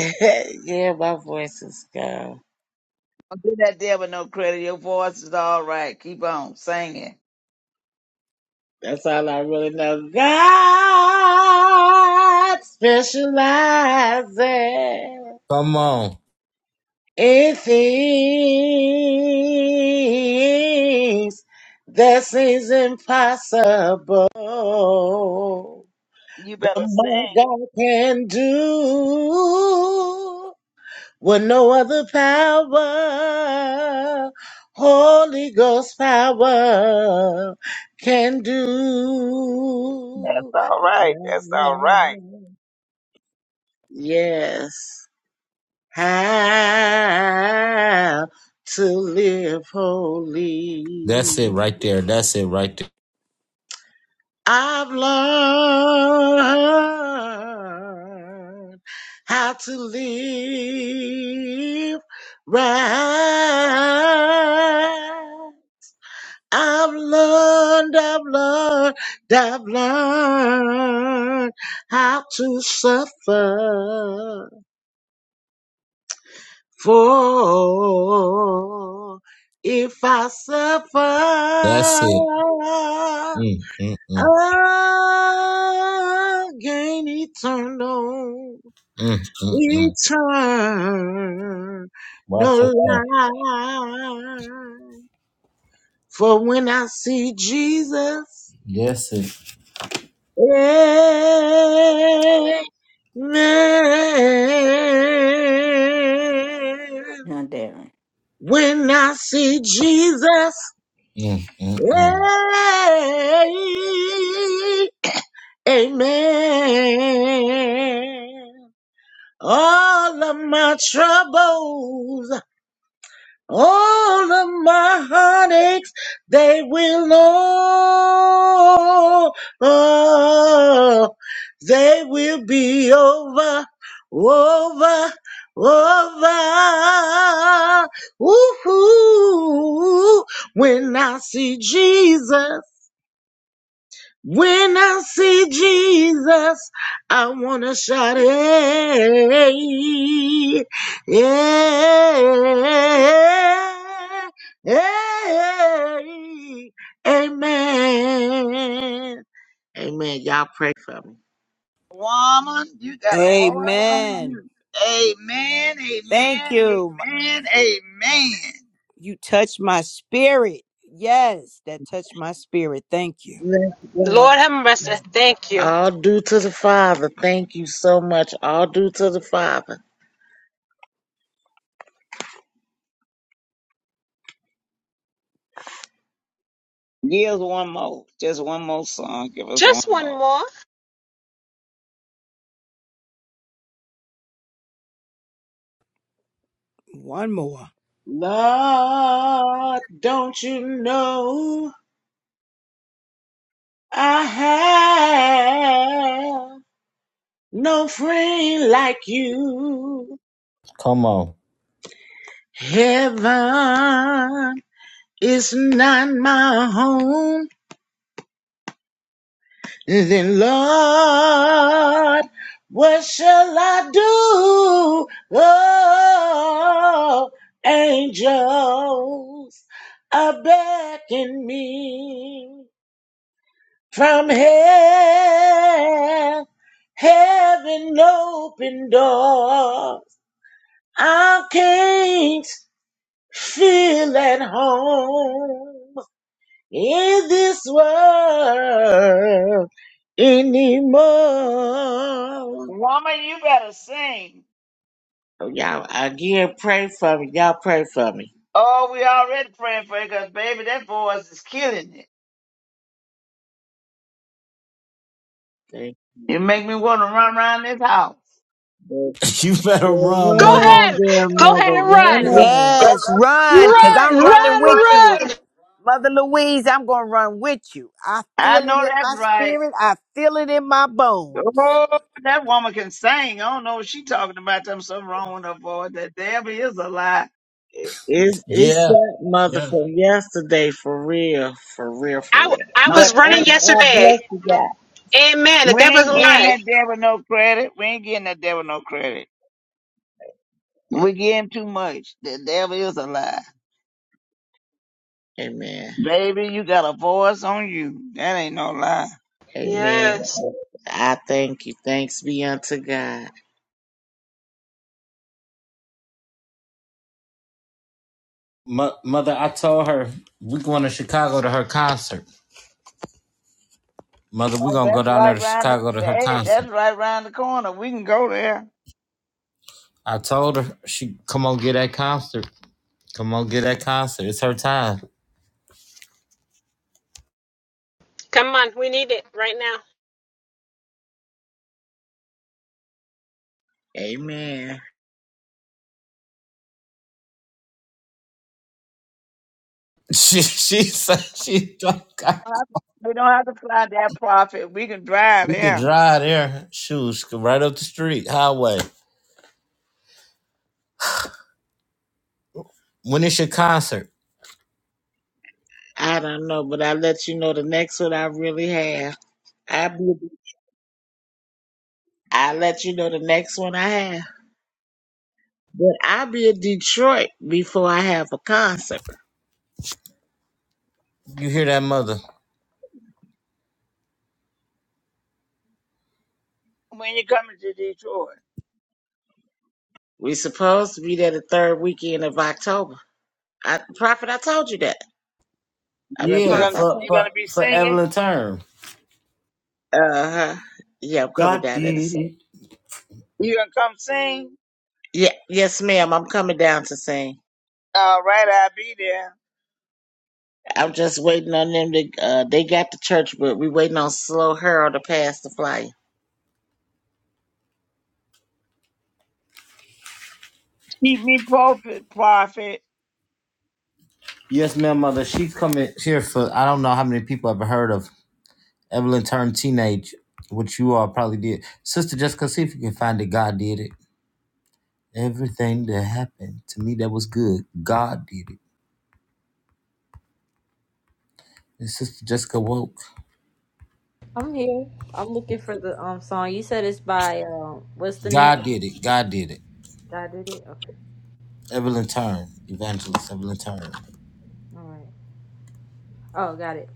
Speaker 9: yeah, my voice is gone.
Speaker 7: Don't do that there with no credit. Your voice is all right. Keep on singing.
Speaker 9: That's all I really know. God specializes.
Speaker 1: Come on.
Speaker 9: It is. This is impossible.
Speaker 7: You
Speaker 9: But
Speaker 7: better
Speaker 9: my
Speaker 7: sing.
Speaker 9: God can do with no other power. Holy Ghost power can
Speaker 7: That's
Speaker 9: do.
Speaker 7: all right. That's all right.
Speaker 9: Yes how to live
Speaker 1: That's it
Speaker 9: holy.
Speaker 1: right there. That's it right there.
Speaker 9: I've learned how to live right. I've learned, I've learned, I've learned how to suffer. For if I suffer,
Speaker 1: That's it. Mm, mm, mm,
Speaker 9: I gain eternal,
Speaker 1: mm, mm, mm.
Speaker 9: eternal
Speaker 1: Watch yourself.
Speaker 9: life. For when I see Jesus,
Speaker 1: That's it.
Speaker 9: amen.
Speaker 8: Now, Darren.
Speaker 9: When I see Jesus.
Speaker 1: Mm, mm,
Speaker 9: Hey,
Speaker 1: mm.
Speaker 9: amen. All of my troubles, all of my heartaches, they will all, oh, they will be over, over, over. Ooh, when I see Jesus. When I see Jesus, I wanna shout, hey, yeah, hey, amen. Amen. Y'all pray for me.
Speaker 7: Woman, you got a voice on
Speaker 3: Amen.
Speaker 7: you. Amen,
Speaker 3: Thank
Speaker 7: amen,
Speaker 3: you.
Speaker 7: amen, amen.
Speaker 3: You touch my spirit. Yes, that touched my spirit. Thank you.
Speaker 9: Bless God.
Speaker 4: Lord have mercy. Thank you.
Speaker 9: All due to the Father. Thank you so much. All due to the Father.
Speaker 7: Give us one more. Just one more song. Give us one
Speaker 4: Just one
Speaker 7: more.
Speaker 4: more.
Speaker 3: One more.
Speaker 9: Lord, don't you know I have? No friend like you.
Speaker 1: Come on.
Speaker 9: Heaven is not my home. Then, Lord, what shall I do? Oh, angels are beckoning me from hell. Heaven open doors. I can't Feel at home in this world anymore.
Speaker 7: Woman, you better sing.
Speaker 9: Oh, Y'all, again, pray for me. Y'all pray for me.
Speaker 7: Oh, we already praying for it because, baby, that voice is killing it.
Speaker 9: Thank
Speaker 7: You make me want to run around this house.
Speaker 9: you.
Speaker 1: [laughs] You better
Speaker 9: Run
Speaker 1: run,
Speaker 4: Go
Speaker 1: mother.
Speaker 9: on,
Speaker 4: ahead.
Speaker 9: dear
Speaker 4: Go ahead
Speaker 9: mother.
Speaker 4: and run.
Speaker 9: Run on.
Speaker 3: Yes, run, because
Speaker 4: Run,
Speaker 3: I'm running
Speaker 4: run,
Speaker 3: with
Speaker 4: run.
Speaker 3: you. Mother Louise, I'm going to run with you. I
Speaker 7: I
Speaker 3: feel it
Speaker 7: know
Speaker 3: in
Speaker 7: that's
Speaker 3: my
Speaker 7: right.
Speaker 3: spirit. I feel it in my bones.
Speaker 7: Oh, that woman can sing. I don't know what she talking about. There's something wrong with her voice. That Debbie is a lie.
Speaker 9: It's, it's
Speaker 1: Yeah.
Speaker 9: that mother
Speaker 1: Yeah.
Speaker 9: from yesterday, for real, for real, for
Speaker 4: I,
Speaker 9: real.
Speaker 4: I
Speaker 7: No.
Speaker 9: But
Speaker 4: was
Speaker 9: I,
Speaker 4: running
Speaker 9: I
Speaker 4: yesterday.
Speaker 9: bless you, God.
Speaker 4: Amen. The
Speaker 7: We
Speaker 4: devil's a
Speaker 7: ain't getting that
Speaker 4: lie.
Speaker 7: devil no credit. We ain't getting that devil no credit. We getting too much. The devil is a lie.
Speaker 9: Amen.
Speaker 7: Baby, you got a voice on you. That ain't no lie.
Speaker 9: Amen.
Speaker 4: Yes.
Speaker 9: I thank you. Thanks be unto God.
Speaker 1: Mo- mother, I told her we going to Chicago to her concert. Mother, we
Speaker 7: Oh,
Speaker 1: going to go
Speaker 7: that's
Speaker 1: down there
Speaker 7: right
Speaker 1: to
Speaker 7: round the,
Speaker 1: Chicago to her
Speaker 7: hey,
Speaker 1: concert.
Speaker 7: that's right round the corner. We can go there.
Speaker 1: I told her, she come on get that concert. Come on get that concert. It's her time. [laughs]
Speaker 4: Come on. We need it right now.
Speaker 9: Amen.
Speaker 1: She she said she don't got-
Speaker 7: We don't have to fly that profit. We can drive
Speaker 1: we could
Speaker 7: there.
Speaker 1: drive there. Shoes right up the street, highway. When it's your concert,
Speaker 9: I don't know, but I'll let you know the next one I really have. I'll, be, I'll let you know the next one I have. But I'll be in Detroit before I have a concert.
Speaker 1: you hear that mother.
Speaker 7: When you're coming to Detroit,
Speaker 9: we supposed to be there the third weekend of October. I, Prophet, I told you that. I'm in
Speaker 7: you're
Speaker 1: Yeah,
Speaker 7: gonna
Speaker 9: Pastor, I
Speaker 1: for
Speaker 7: you're
Speaker 9: told
Speaker 1: for,
Speaker 7: gonna be
Speaker 1: for
Speaker 7: singing.
Speaker 1: Evelyn Turn.
Speaker 9: you. Uh-huh. Yeah, I'm coming
Speaker 1: God
Speaker 9: down there to
Speaker 1: did it.
Speaker 9: sing.
Speaker 7: You're gonna come sing.
Speaker 9: Yeah, yes, ma'am. I'm coming down to sing.
Speaker 7: All right, I'll be there.
Speaker 9: I'm just waiting on them to, uh, they got the church, but we waiting on Slow Harold to pass the flyer.
Speaker 7: Keep me profit, profit.
Speaker 1: Yes, my mother. She's coming here for. I don't know how many people ever heard of Evelyn turn teenage, which you all probably did. Sister Jessica, see if you can find it. God did it. Everything that happened to me that was good, God did it. And Sister Jessica woke.
Speaker 2: I'm here. I'm looking for the um song. You said it's by um what's the name?
Speaker 1: God did it. God did it.
Speaker 2: God did it? Okay.
Speaker 1: Evelyn turn. Evangelist. Evelyn turn.
Speaker 2: All right. Oh, got it.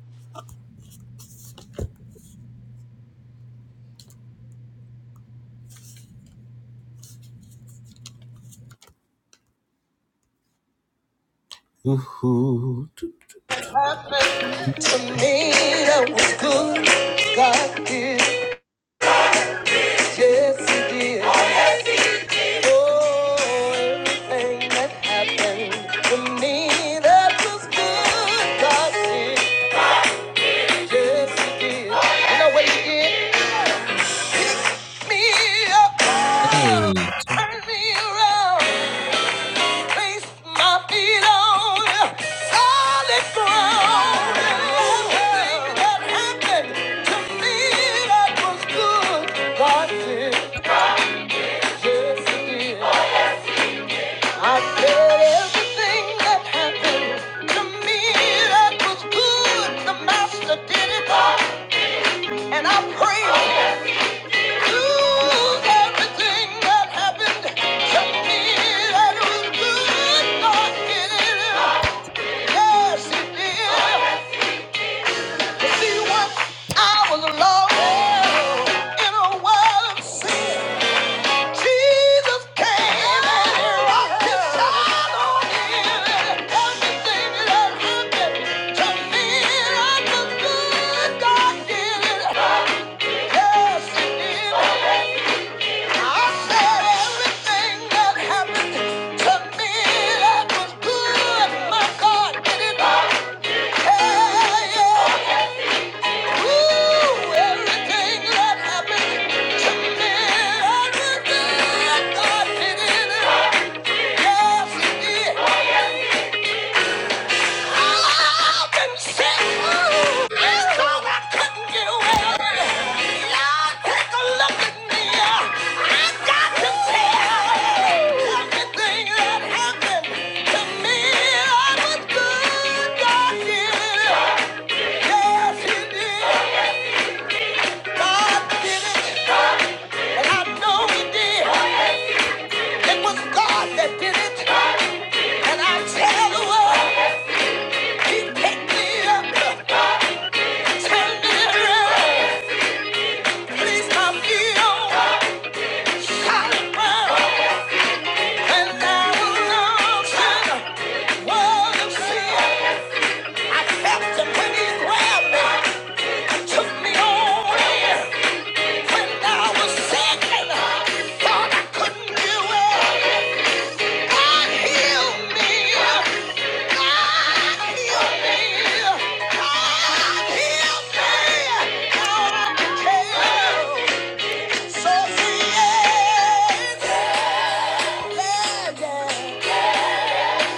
Speaker 2: It was good. God did. Yes, he did. Oh, everything that happened to me, that was good. God did. Yes, he did. You know what he did? Me up, turned me around. Place my feet on solid ground. Everything that happened to me that was good, God did. Yes, He did. I said everything that happened to me that was good, the Master did it. And I praise Him. Lose everything that happened to me that was good, God did it. Yes, He did. See what I was lost in a world of sin. Jesus came and rocked his shadow in. Everything that happened to me, I understood God did it. Yes, He I said everything that happened to me that was good, my God did it. Yeah, yeah. Yes, he did. God did it. And I know he did. It was God that did it.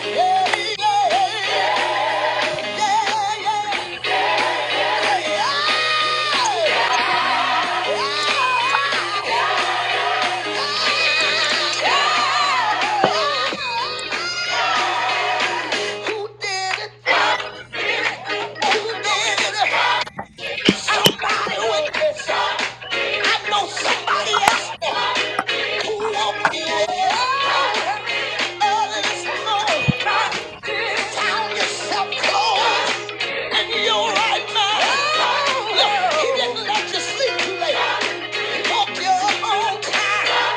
Speaker 2: Yeah. yeah, yeah. Who did it? Who did it? somebody who ain't been shot. I know somebody else who won't be there. Early this morning, found yourself cold and you're right now. Look, he didn't let you sleep too late. He woke you up on time.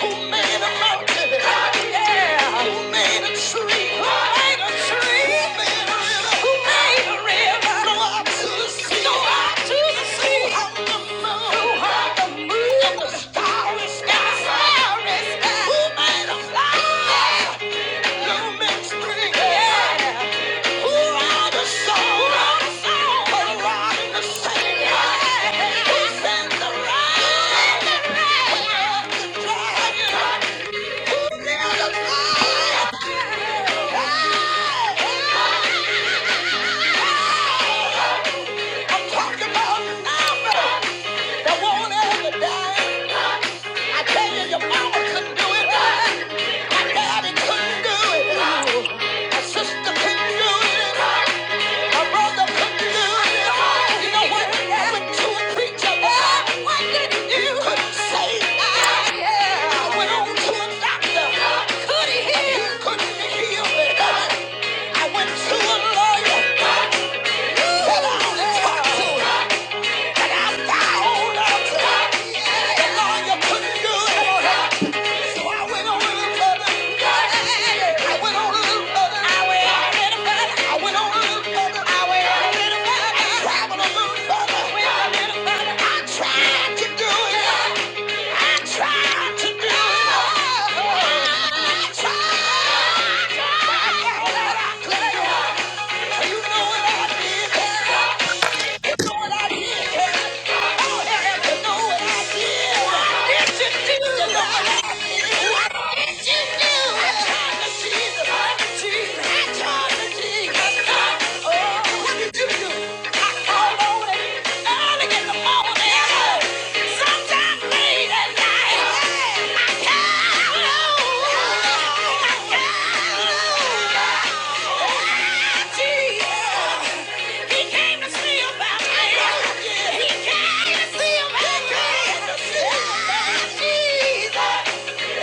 Speaker 2: Who made a mountain? Yeah. Who made a tree? Who made a tree? Who made a river? Go out to the sea. Go out to the sea. Who hung the moon? Who hung the moon? the starry sky. Starry Who made a Yeah. Who made spring? Yeah. Yeah. I'm talking about Alpha, that won't ever die. I tell you, your mama couldn't do it. My daddy couldn't do it. My sister couldn't do it. My brother couldn't do it. You know what? When two or three together, why didn't you say I? I went on to a doctor. Could he heal? Couldn't heal me. I went to a lawyer. Said I don't to him. Tried to do it. I tried to do it. I tried. I tried. I couldn't do it. You know what I did? Yeah. He came to see about me. He came to see about me. He came to see about Jesus.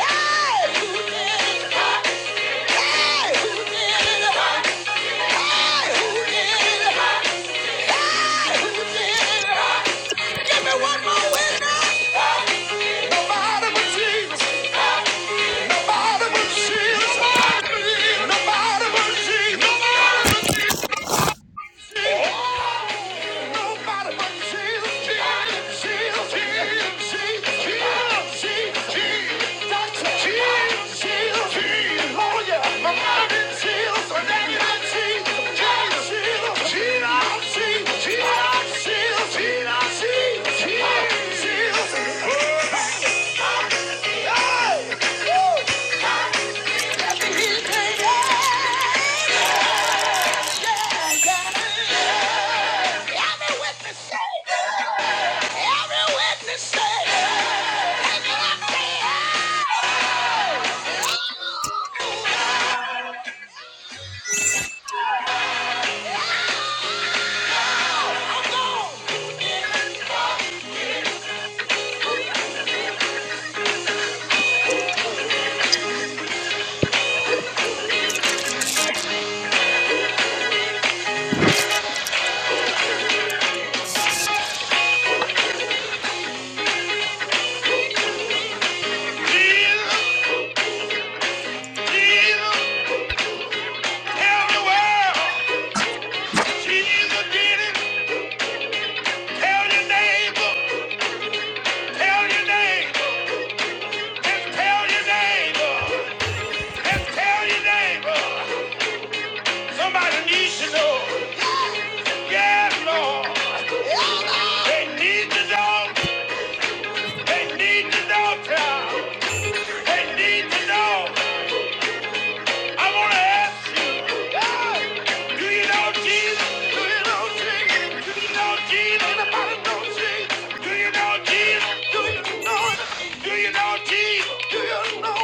Speaker 2: Hey, who did it? Hey, who did it? Hey, who did it? Hey, who did it? Give me one more witness. Nobody but Jesus. Nobody but Jesus. Nobody but Jesus. Nobody but Jesus. Nobody but Jesus, Jesus, Jesus, Jesus, Jesus, Jesus, Jesus. Doctor Jesus, Jesus, Jesus. Oh, yeah. My mom is Jesus, my daddy is Jesus. Jesus, Jesus, Jesus, Jesus, Jesus, Jesus, Jesus, Jesus. Hey! Jesus, Jesus, tell the world. Jesus did it. Tell your neighbor, tell your neighbor. And tell your neighbor, and tell your neighbor, somebody needs to know. Yes, Lord. They need to know, they need to know, child. They need to know. I wanna ask you, do you know Jesus? Do you know Jesus? Do you know Jesus? Anybody know Jesus? Do you know Jesus? Do you know Do you know Jesus? Do you know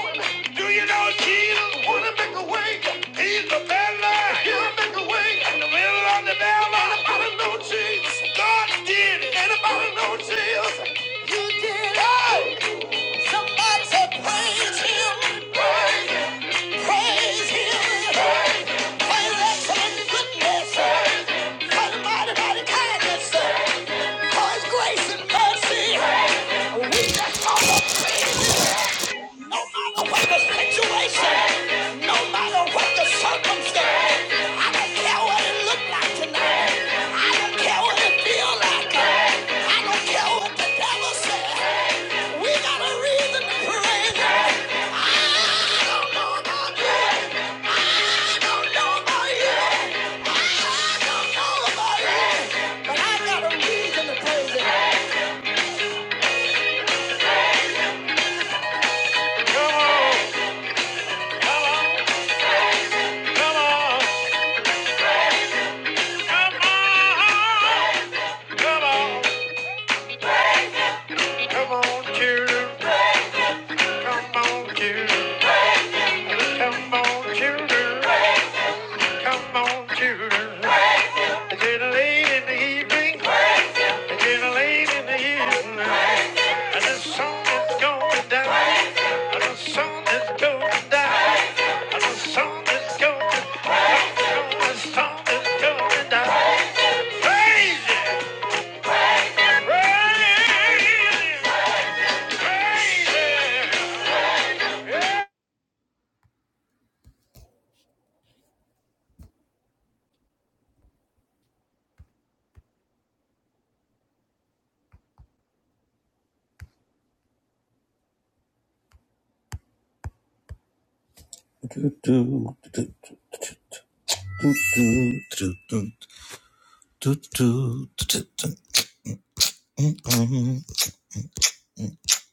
Speaker 2: Do you know Jesus? Wanna make a way? He's the better. He'll make a way in the middle of the valley. Anybody know Jesus? God did it. Anybody know Jesus? You did it. Hey! Praise Him for His excellent goodness, for His mighty, mighty kindness, for His grace and mercy. We just call Him, no matter what the situation, no matter what the circumstance. I don't care what it look like tonight. I don't care what it feel like. I don't care what the devil said. We got a reason to praise. Come on, children. It's late in the evening. Getting late in the evening, and the sun is going down. And the sun is going down. And the sun is going down. And the sun is going down. Crazy, crazy, crazy.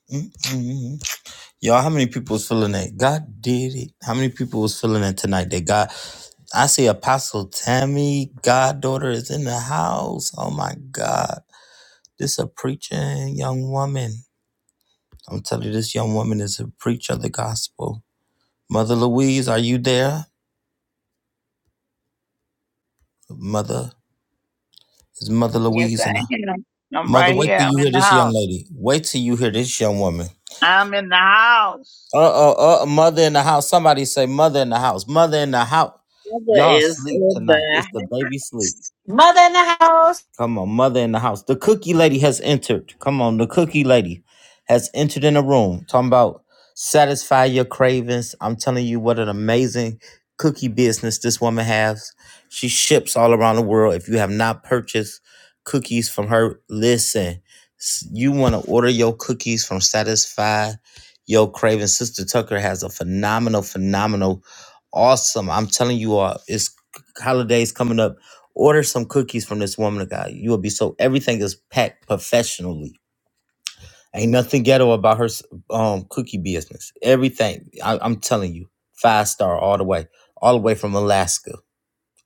Speaker 1: Hey. Y'all, how many people was feeling that? God did it. How many people was feeling that tonight? That God, I see Apostle Tammy, goddaughter, is in the house. Oh my God. This a preaching young woman. I'm telling you, this young woman is a preacher of the gospel. Mother Louise, are you there? Mother, is Mother
Speaker 7: Yes, I
Speaker 1: Louise and I?
Speaker 7: am. I'm
Speaker 1: Mother,
Speaker 7: right
Speaker 1: wait
Speaker 7: here.
Speaker 1: till
Speaker 7: I'm
Speaker 1: you hear
Speaker 7: in the
Speaker 1: this young
Speaker 7: house.
Speaker 1: lady. Wait till you hear this young woman.
Speaker 7: I'm in the house.
Speaker 1: Uh, oh, uh, mother in the house. Somebody say mother in the house. Mother in the house.
Speaker 9: Brother
Speaker 1: Y'all
Speaker 9: is
Speaker 1: sleep
Speaker 9: in
Speaker 1: tonight. It's
Speaker 9: the
Speaker 1: the baby sleep.
Speaker 4: Mother in the house.
Speaker 1: Come on, mother in the house. The cookie lady has entered. Come on, the cookie lady has entered in the room. Talking about satisfy your cravings. I'm telling you what an amazing cookie business this woman has. She ships all around the world. If you have not purchased cookies from her, listen. S- You want to order your cookies from Satisfy Your Cravings. Sister Tucker has a phenomenal, phenomenal, awesome. I'm telling you all, it's holidays coming up Order some cookies from this woman guy. You will be so everything is packed professionally. Ain't nothing ghetto about her um cookie business. Everything I, I'm telling you, five star all the way, all the way from Alaska,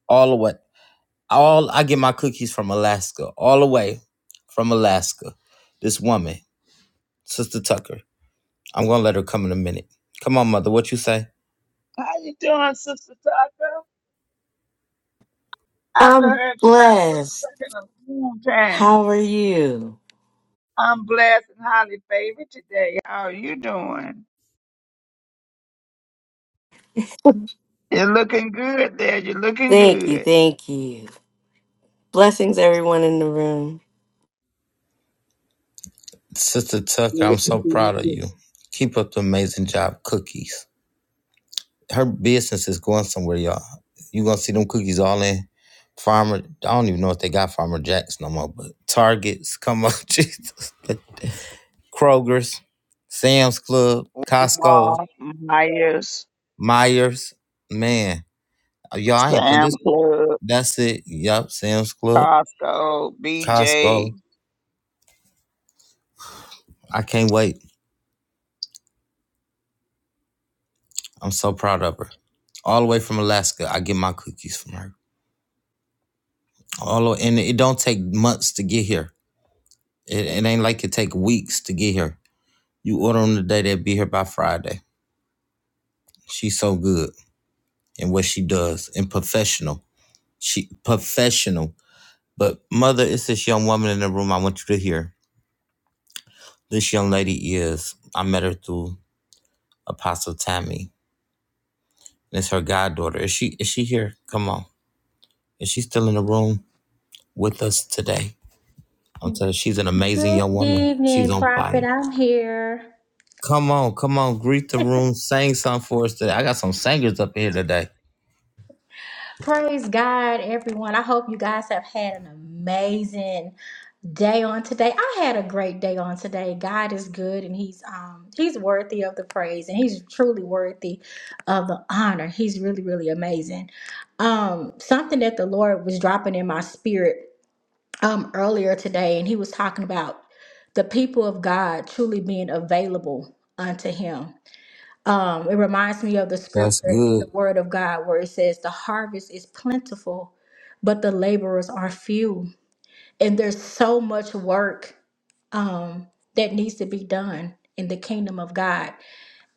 Speaker 1: all the way. All I get my cookies from Alaska, all the way from Alaska. This woman, Sister Tucker. I'm gonna let her come in a minute. Come on, mother. What you say?
Speaker 7: How you doing, Sister Tucker? I haven't
Speaker 10: I'm
Speaker 7: heard about Sister
Speaker 10: blessed.
Speaker 7: Tucker in a long time.
Speaker 10: How are you?
Speaker 7: I'm blessed and highly favored today. How are you doing? You're looking good there. You're looking
Speaker 10: Thank you.
Speaker 7: good.
Speaker 10: Thank you. Blessings, everyone in the room.
Speaker 1: Sister Tucker, I'm so proud
Speaker 9: house.
Speaker 1: of you. Keep up the amazing job, cookies. her business is going somewhere, y'all. You gonna see them cookies all in Farmer. I don't even know if they got Farmer Jacks no more, but Targets, come on, [laughs] Jesus, Kroger's, Sam's Club, Costco,
Speaker 7: Mall, Myers,
Speaker 1: Myers. Man, y'all, I ain't playing this.
Speaker 7: Sam Club,
Speaker 1: That's it. Yup, Sam's Club,
Speaker 7: Costco,
Speaker 1: Costco.
Speaker 7: BJ.
Speaker 1: I can't wait. I'm so proud of her. All the way from Alaska, I get my cookies from her. All the, and it don't take months to get here. It, it ain't like it take weeks to get here. You order them today, they'll be here by Friday. She's so good in what she does and professional. She professional. But mother, it's this young woman in the room I want you to hear. This young lady is I met her through Apostle Tammy. And it's her goddaughter. Is she is she here? Come on. Is she still in the room with us today? I'm telling you, she's an amazing
Speaker 11: Good
Speaker 1: young woman. She's
Speaker 11: evening,
Speaker 1: on
Speaker 11: Prophet.
Speaker 1: fire.
Speaker 11: I'm here.
Speaker 1: Come on, come on, greet the room, sing something for us today. I got some singers up here today.
Speaker 11: Praise God, everyone. I hope you guys have had an amazing day on today. I had a great day on today. God is good and he's um he's worthy of the praise and he's truly worthy of the honor. He's really really amazing. Um something that the Lord was dropping in my spirit um earlier today and he was talking about the people of God truly being available unto him Um, it reminds me of the
Speaker 1: That's
Speaker 11: scripture in the
Speaker 1: good.
Speaker 11: Word of God where it says, The harvest is plentiful, but the laborers are few. And there's so much work um, that needs to be done in the kingdom of God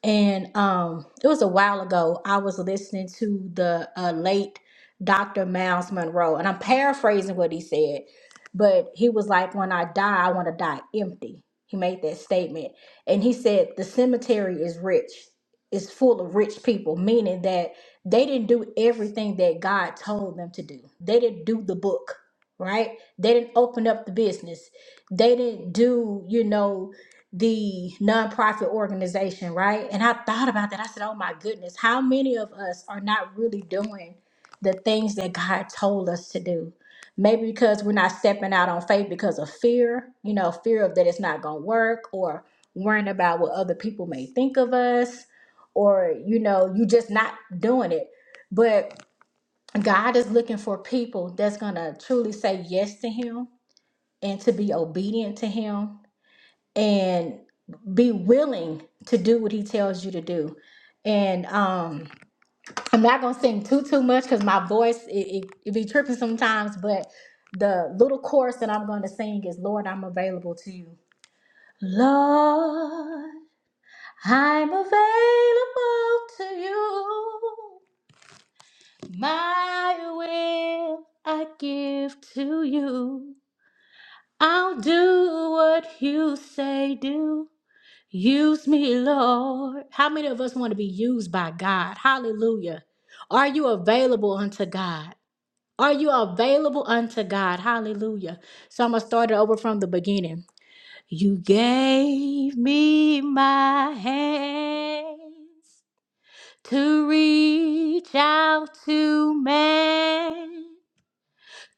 Speaker 11: and um it was a while ago i was listening to the uh, late dr miles monroe and i'm paraphrasing what he said but he was like when i die i want to die empty he made that statement and he said the cemetery is rich is full of rich people meaning that they didn't do everything that god told them to do they didn't do the book right they didn't open up the business they didn't do you know the nonprofit organization, right? And I thought about that. I said, oh my goodness, how many of us are not really doing the things that God told us to do? Maybe because we're not stepping out on faith because of fear, you know, fear of that it's not going to work or worrying about what other people may think of us or, you know, you just not doing it. But God is looking for people that's going to truly say yes to Him and to be obedient to Him and be willing to do what he tells you to do. And um, I'm not gonna sing too too much because my voice it, it, it be tripping sometimes. But the little chorus that I'm going to sing is "Lord, I'm available to you." Lord, I'm available to you. My will I give to you. I'll do what you say do. Use me, Lord. How many of us want to be used by God? Hallelujah. Are you available unto God? Are you available unto God? Hallelujah. So I'm going to start it over from the beginning. You gave me my hands to reach out to man,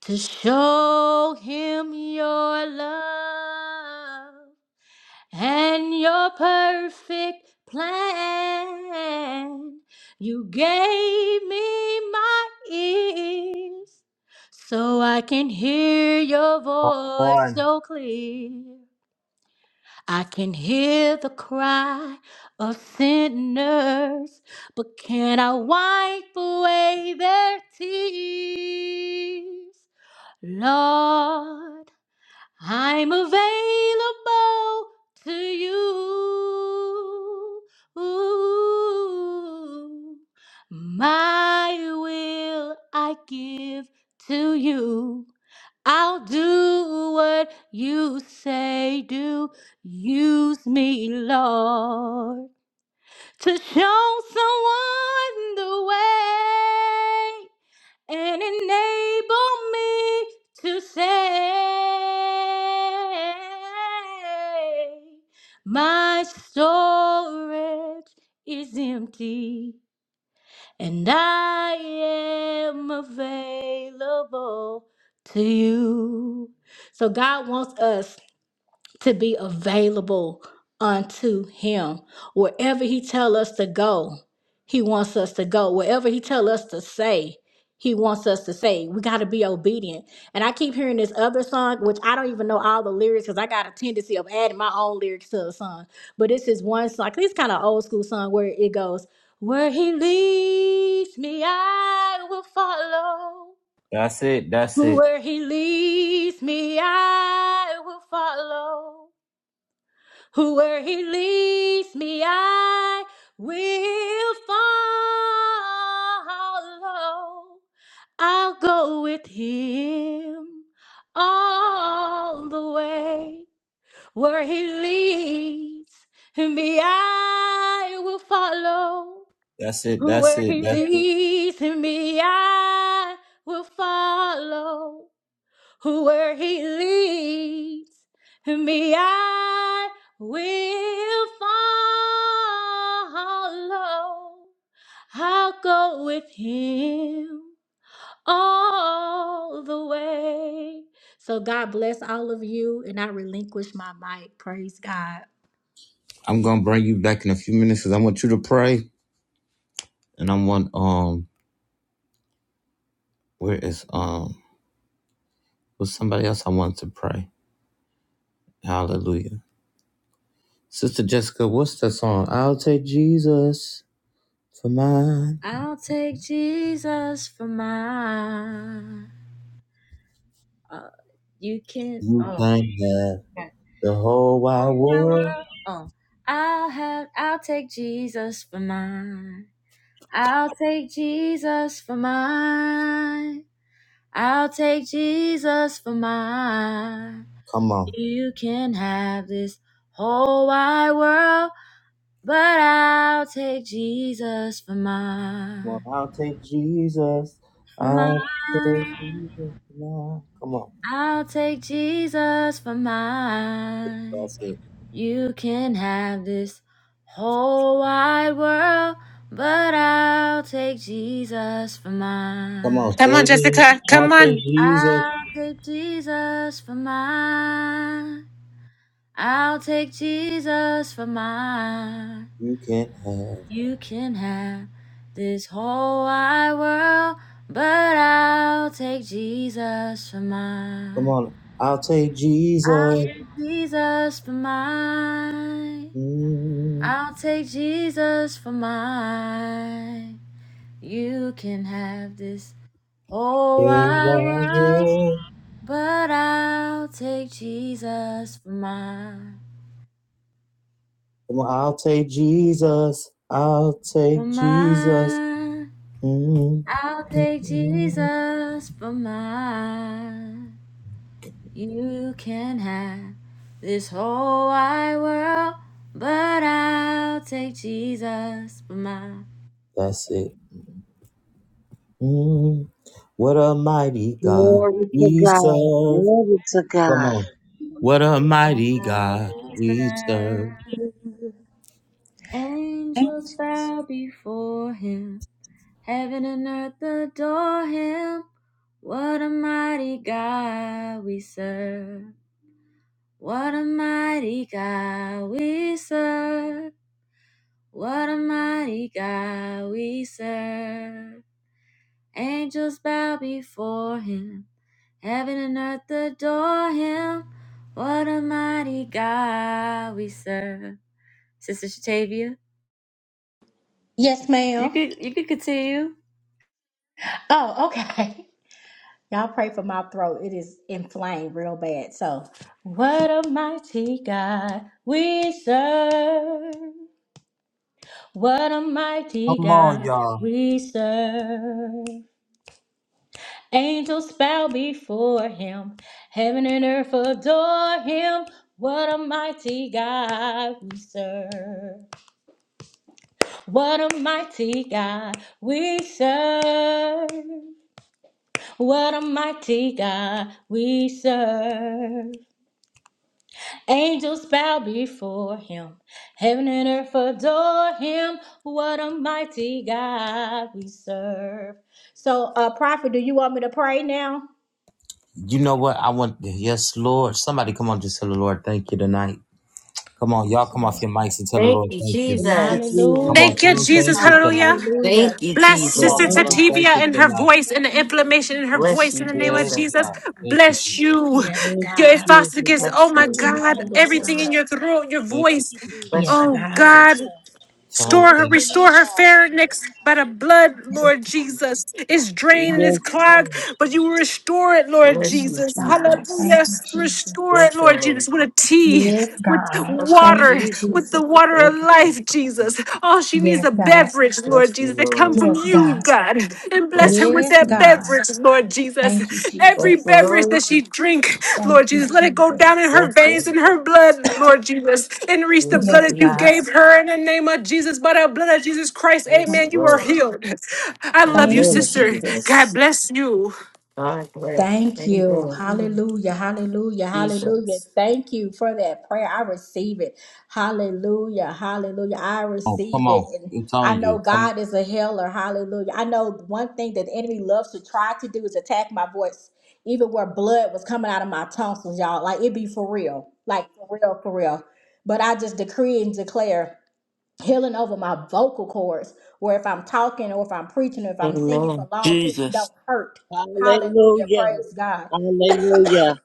Speaker 11: to show him your love and your perfect plan. You gave me my ears so I can hear your voice so clear. I can hear the cry of sinners, but can I wipe away their tears? Lord. I'm available to you. Ooh, my will I give to you. I'll do what you say, do. Use me, Lord to show someone the way and enable me to say, My storage is empty and I am available to you. So, God wants us to be available unto him wherever he tell us to go he wants us to go wherever he tell us to say he wants us to say we got to be obedient and i keep hearing this other song which i don't even know all the lyrics because i got a tendency of adding my own lyrics to a song but this is one song this kind of old school song where it goes where he leads me i will follow
Speaker 1: That's it. That's it.
Speaker 11: where he leads me i will follow where he leads me, I will follow. I'll go with him all the way. Where he leads me, I will follow.
Speaker 1: That's it. That's
Speaker 11: Where
Speaker 1: it.
Speaker 11: he
Speaker 1: That's it.
Speaker 11: leads me, I will follow where he leads me, I will follow. I'll go with him all the way. So God bless all of you, and I relinquish my mic. Praise God.
Speaker 1: I'm gonna bring you back in a few minutes because I want you to pray, and I want um, where is um, was somebody else I want to pray? Hallelujah, Sister Jessica. What's the song? I'll take Jesus for mine.
Speaker 2: I'll take Jesus for mine. Uh, you can.
Speaker 1: You
Speaker 2: Oh,
Speaker 1: can't have
Speaker 2: okay.
Speaker 1: the whole wide
Speaker 2: oh, my,
Speaker 1: world.
Speaker 2: my. oh. I'll have. I'll take Jesus for mine. I'll take Jesus for mine. I'll take Jesus for mine.
Speaker 1: Come on.
Speaker 2: You can have this whole wide world, but I'll take Jesus for
Speaker 1: Well,
Speaker 2: mine.
Speaker 1: I'll take Jesus.
Speaker 2: For
Speaker 1: I'll take
Speaker 2: mine.
Speaker 1: Jesus for mine. Come on.
Speaker 2: I'll take Jesus for mine.
Speaker 1: That's it.
Speaker 2: You can have this whole wide world, but I'll take Jesus for
Speaker 1: Come on,
Speaker 2: mine.
Speaker 4: Come on,
Speaker 1: Savior.
Speaker 4: Jessica. Come
Speaker 1: I'll take
Speaker 4: on.
Speaker 1: Jesus.
Speaker 2: I'll take Jesus for mine. I'll take Jesus for mine.
Speaker 1: You can't have.
Speaker 2: You can have this whole wide world, but I'll take Jesus for
Speaker 1: Come
Speaker 2: mine.
Speaker 1: on. I'll take Jesus.
Speaker 2: I'll take Jesus for mine.
Speaker 1: Mm,
Speaker 2: I'll take Jesus for mine. You can have this whole
Speaker 1: yeah,
Speaker 2: wide
Speaker 1: yeah.
Speaker 2: world.
Speaker 1: yeah.
Speaker 2: But I'll take Jesus for mine,
Speaker 1: Come on. I'll take Jesus. I'll
Speaker 2: for
Speaker 1: take Jesus.
Speaker 2: mine.
Speaker 1: Mm,
Speaker 2: I'll take Jesus for mine. You can have this whole wide world, but I'll take Jesus for mine.
Speaker 1: that's it. Mm, what a mighty God
Speaker 9: Glory to
Speaker 1: we
Speaker 9: God.
Speaker 1: serve.
Speaker 9: Glory to
Speaker 1: Come
Speaker 9: God.
Speaker 1: on. What a mighty
Speaker 2: God
Speaker 1: God
Speaker 2: we
Speaker 1: we
Speaker 2: serve.
Speaker 1: serve.
Speaker 2: Angels bow before him. Heaven and earth adore him. What a mighty God we serve. What a mighty God we serve. What a mighty God we serve. Angels bow before him. Heaven and earth adore him. What a mighty God we serve. Sister Shatavia,
Speaker 11: Yes,
Speaker 2: you
Speaker 11: ma'am.
Speaker 2: could you could continue.
Speaker 11: Oh, okay. [laughs] Y'all pray for my throat. It is inflamed real bad. So, what a mighty God we serve. What a mighty
Speaker 1: Come on,
Speaker 11: God
Speaker 1: y'all.
Speaker 11: we serve. Angels bow before him. Heaven and earth adore him. What a mighty God we serve. What a mighty God we serve. What a mighty God we serve. Angels bow before him. Heaven and earth adore him. What a mighty God we serve. So, uh, Prophet, do you want me to pray now?
Speaker 1: You know what? I want, yes, Lord. Somebody come on, just tell the Lord, thank you tonight. Come on, y'all
Speaker 11: Yes,
Speaker 1: come off your
Speaker 11: Lord.
Speaker 1: mics and tell the
Speaker 10: Thank
Speaker 1: Lord,
Speaker 10: you,
Speaker 1: thank you.
Speaker 9: Thank
Speaker 2: Thank
Speaker 9: you,
Speaker 2: you,
Speaker 10: Jesus.
Speaker 1: Come
Speaker 2: Lord.
Speaker 9: Jesus.
Speaker 11: Hallelujah.
Speaker 1: on,
Speaker 4: Thank
Speaker 1: tell
Speaker 4: you,
Speaker 11: Thank
Speaker 1: him
Speaker 11: you,
Speaker 1: thank
Speaker 4: Jesus.
Speaker 1: you
Speaker 11: Jesus.
Speaker 1: tonight.
Speaker 4: Hallelujah.
Speaker 2: Hallelujah.
Speaker 10: Thank
Speaker 11: Hallelujah.
Speaker 10: you,
Speaker 4: Bless
Speaker 11: We
Speaker 1: Now
Speaker 10: Jesus.
Speaker 2: Glorify
Speaker 4: Sister
Speaker 2: you,
Speaker 9: Thank
Speaker 1: tell him
Speaker 9: you,
Speaker 2: God.
Speaker 11: worship
Speaker 1: thank
Speaker 4: Sativia
Speaker 1: you
Speaker 4: and
Speaker 1: for
Speaker 11: you.
Speaker 4: her
Speaker 1: tonight.
Speaker 4: voice and the
Speaker 11: Yes,
Speaker 4: inflammation
Speaker 11: God.
Speaker 4: in her
Speaker 10: Bless
Speaker 4: voice in the
Speaker 10: you,
Speaker 4: name of
Speaker 1: Yes,
Speaker 11: Yes,
Speaker 10: Jesus.
Speaker 4: Jesus.
Speaker 1: God.
Speaker 11: God.
Speaker 1: Thank you,
Speaker 4: Bless
Speaker 1: Jesus.
Speaker 4: you.
Speaker 2: Hallelujah.
Speaker 11: Yes,
Speaker 9: thank
Speaker 4: Your
Speaker 9: you,
Speaker 2: Glory
Speaker 11: God.
Speaker 2: to
Speaker 9: Jesus.
Speaker 4: esophagus.
Speaker 2: Lord.
Speaker 4: Oh
Speaker 10: Bless you,
Speaker 1: Thank
Speaker 4: my
Speaker 1: you.
Speaker 10: Lord
Speaker 4: God. Everything in
Speaker 10: Jesus.
Speaker 2: Hallelujah.
Speaker 4: your throat, your
Speaker 1: Thank you.
Speaker 2: Thank
Speaker 4: voice.
Speaker 2: you, Jesus.
Speaker 10: Bless you,
Speaker 4: Oh
Speaker 10: Jesus.
Speaker 4: God.
Speaker 2: Hallelujah.
Speaker 1: Tell him
Speaker 4: Store
Speaker 2: Glory to
Speaker 4: her,
Speaker 1: thank you.
Speaker 2: your
Speaker 4: restore
Speaker 2: name,
Speaker 4: her
Speaker 2: Father.
Speaker 4: pharynx by the blood, Lord Jesus. It's drained and it's
Speaker 9: Yes,
Speaker 4: clogged,
Speaker 9: Lord.
Speaker 4: but you will restore it, Lord
Speaker 10: Bless you,
Speaker 11: Yes,
Speaker 4: Jesus.
Speaker 11: God.
Speaker 10: Jesus.
Speaker 4: Hallelujah.
Speaker 11: Thank you, Jesus.
Speaker 4: Restore it,
Speaker 10: Bless your
Speaker 4: Lord Jesus,
Speaker 10: Lord.
Speaker 4: with a tea,
Speaker 11: Yes,
Speaker 4: with
Speaker 11: God.
Speaker 10: Bless you,
Speaker 11: Thank
Speaker 4: water,
Speaker 11: you,
Speaker 10: Jesus.
Speaker 4: with the
Speaker 11: Jesus.
Speaker 4: water of
Speaker 10: Thank you.
Speaker 4: life,
Speaker 10: Jesus.
Speaker 4: Jesus. All she needs is
Speaker 11: Yes,
Speaker 4: a
Speaker 11: God.
Speaker 4: beverage, Lord
Speaker 10: Bless you,
Speaker 4: Jesus, that come
Speaker 10: Lord.
Speaker 4: from
Speaker 11: Yes,
Speaker 4: you you,
Speaker 11: God.
Speaker 4: God, and bless her
Speaker 10: Bless you,
Speaker 4: with
Speaker 11: Yes,
Speaker 4: that
Speaker 10: Jesus.
Speaker 11: God.
Speaker 4: beverage, Lord Jesus.
Speaker 11: Thank you,
Speaker 10: Bless
Speaker 4: Every
Speaker 11: Jesus.
Speaker 10: you,
Speaker 4: beverage
Speaker 10: Lord.
Speaker 4: that she drink, Lord
Speaker 11: Thank you,
Speaker 4: Jesus, let it go down
Speaker 11: Jesus.
Speaker 4: in her
Speaker 10: Bless
Speaker 4: veins
Speaker 10: you.
Speaker 4: and her blood, Lord Jesus, and reach the
Speaker 10: Bless
Speaker 4: blood
Speaker 11: Yes,
Speaker 4: that
Speaker 10: you,
Speaker 4: you
Speaker 11: God.
Speaker 4: gave
Speaker 10: Jesus.
Speaker 4: her in the name of Jesus. By the blood of Jesus Christ,
Speaker 11: Thank
Speaker 10: Yes,
Speaker 4: amen, you
Speaker 11: you,
Speaker 4: are
Speaker 10: Lord.
Speaker 11: Jesus.
Speaker 4: healed. I
Speaker 10: In the
Speaker 4: love you,
Speaker 11: Thank
Speaker 10: name
Speaker 11: you,
Speaker 10: of
Speaker 4: sister.
Speaker 11: Jesus.
Speaker 4: God
Speaker 10: Jesus.
Speaker 4: bless you.
Speaker 10: God bless.
Speaker 11: Thank you.
Speaker 10: Amen.
Speaker 11: Hallelujah. Hallelujah. Hallelujah.
Speaker 10: Jesus.
Speaker 11: Thank you for that prayer. I receive it. Hallelujah. Hallelujah. I
Speaker 1: Oh,
Speaker 11: receive
Speaker 1: come
Speaker 11: it.
Speaker 1: on.
Speaker 11: And
Speaker 1: It's on
Speaker 11: I
Speaker 1: you.
Speaker 11: know
Speaker 1: Come on.
Speaker 11: God is a healer. Hallelujah. I know one thing that the enemy loves to try to do is attack my voice, even where blood was coming out of my tonsils, y'all. Like it be for real. Like for real, for real. But I just decree and declare healing over my vocal cords, where if I'm talking or if I'm preaching or if I'm singing for
Speaker 10: Amen.
Speaker 11: long periods, it
Speaker 12: Jesus.
Speaker 11: don't hurt. Hallelujah.
Speaker 9: Hallelujah.
Speaker 11: Praise God.
Speaker 9: Hallelujah.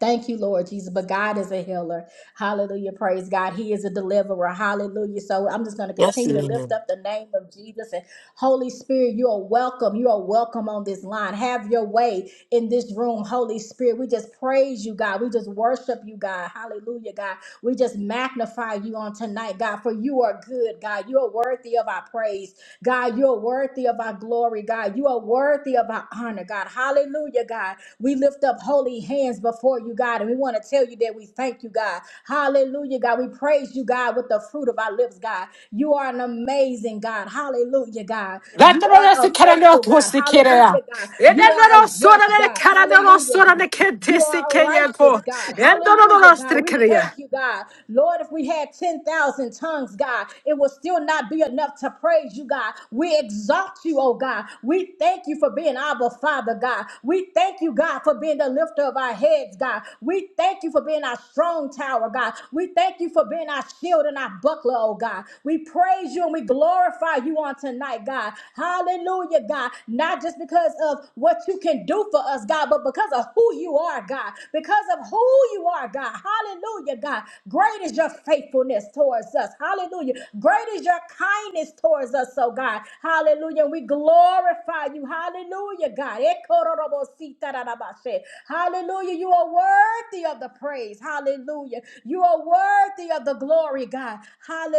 Speaker 11: Thank you, Lord Jesus. But God is a healer. Hallelujah. Praise God. He is a deliverer. Hallelujah. So I'm just going to
Speaker 10: Yes, he
Speaker 11: continue to
Speaker 10: is.
Speaker 11: lift up the name of Jesus. And Holy Spirit, you are welcome. You are welcome on this line. Have your way in this room, Holy Spirit. We just praise you, God. We just worship you, God. Hallelujah, God. We just magnify you on tonight, God, for you are good, God. You are worthy of our praise. God, you are worthy of our glory, God. You are worthy of our honor, God. Hallelujah, God. We lift up holy hands before you, God, and we want to tell you that we thank you, God. Hallelujah, God. We praise you, God, with the fruit of our lips, God. You are an amazing God. Hallelujah, God. You are a faithful God. Hallelujah, God. You are a just God. Hallelujah, God. You are a righteous God. Hallelujah, God. We thank you, God. Lord, if we had 10,000 tongues, God, it will still not be enough to praise you, God. We exalt you, oh God. We thank you for being our Father, God. We thank you, God, for being the lifter of our heads, God. We thank you for being our strong tower, God. We thank you for being our shield and our buckler, oh God. We praise you and we glorify glorify you on tonight, God. Hallelujah, God. Not just because of what you can do for us, God, but because of who you are, God. Because of who you are, God. Hallelujah, God. Great is your faithfulness towards us. Hallelujah. Great is your kindness towards us, oh God. Hallelujah. We glorify you. Hallelujah, God. Ekororobositarabashe. Hallelujah. You are worthy of the praise. Hallelujah. You are worthy of the glory, God.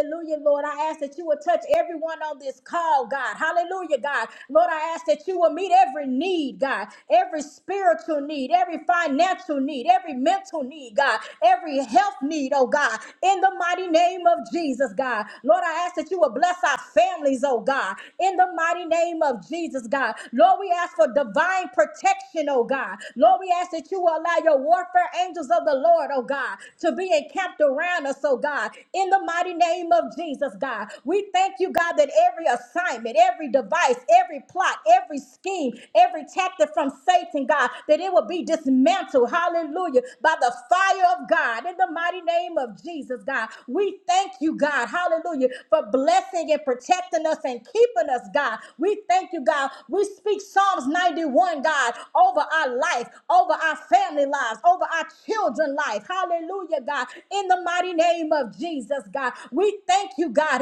Speaker 11: Hallelujah, Lord. I ask that you would touch everyone on this call, God. Hallelujah, God. Lord, I ask that you will meet every need, God. Every spiritual need, every financial need, every mental need, God. Every health need, oh God. In the mighty name of Jesus, God. Lord, I ask that you will bless our families, oh God. In the mighty name of Jesus, God. Lord, we ask for divine protection, oh God. Lord, we ask that you will allow your warfare angels of the Lord, oh God, to be encamped around us us, oh God, in the mighty name of Jesus, God. We thank you, God, that every assignment, every device, every plot, every scheme, every tactic from Satan, God, that it will be dismantled, hallelujah, by the fire of God, in the mighty name of Jesus, God. We thank you, God, hallelujah, for blessing and protecting us and keeping us, God. We thank you, God. We speak Psalms 91, God, over our life, over our family lives, over our children life. Hallelujah. Hallelujah, God. In the mighty name of Jesus, God. We thank you, God.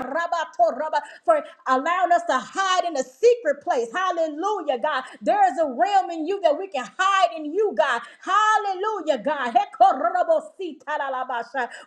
Speaker 11: [laughs] For allowing us to hide in a secret place. Hallelujah, God. There is a realm in you that we can hide in you, God. Hallelujah, God. [laughs]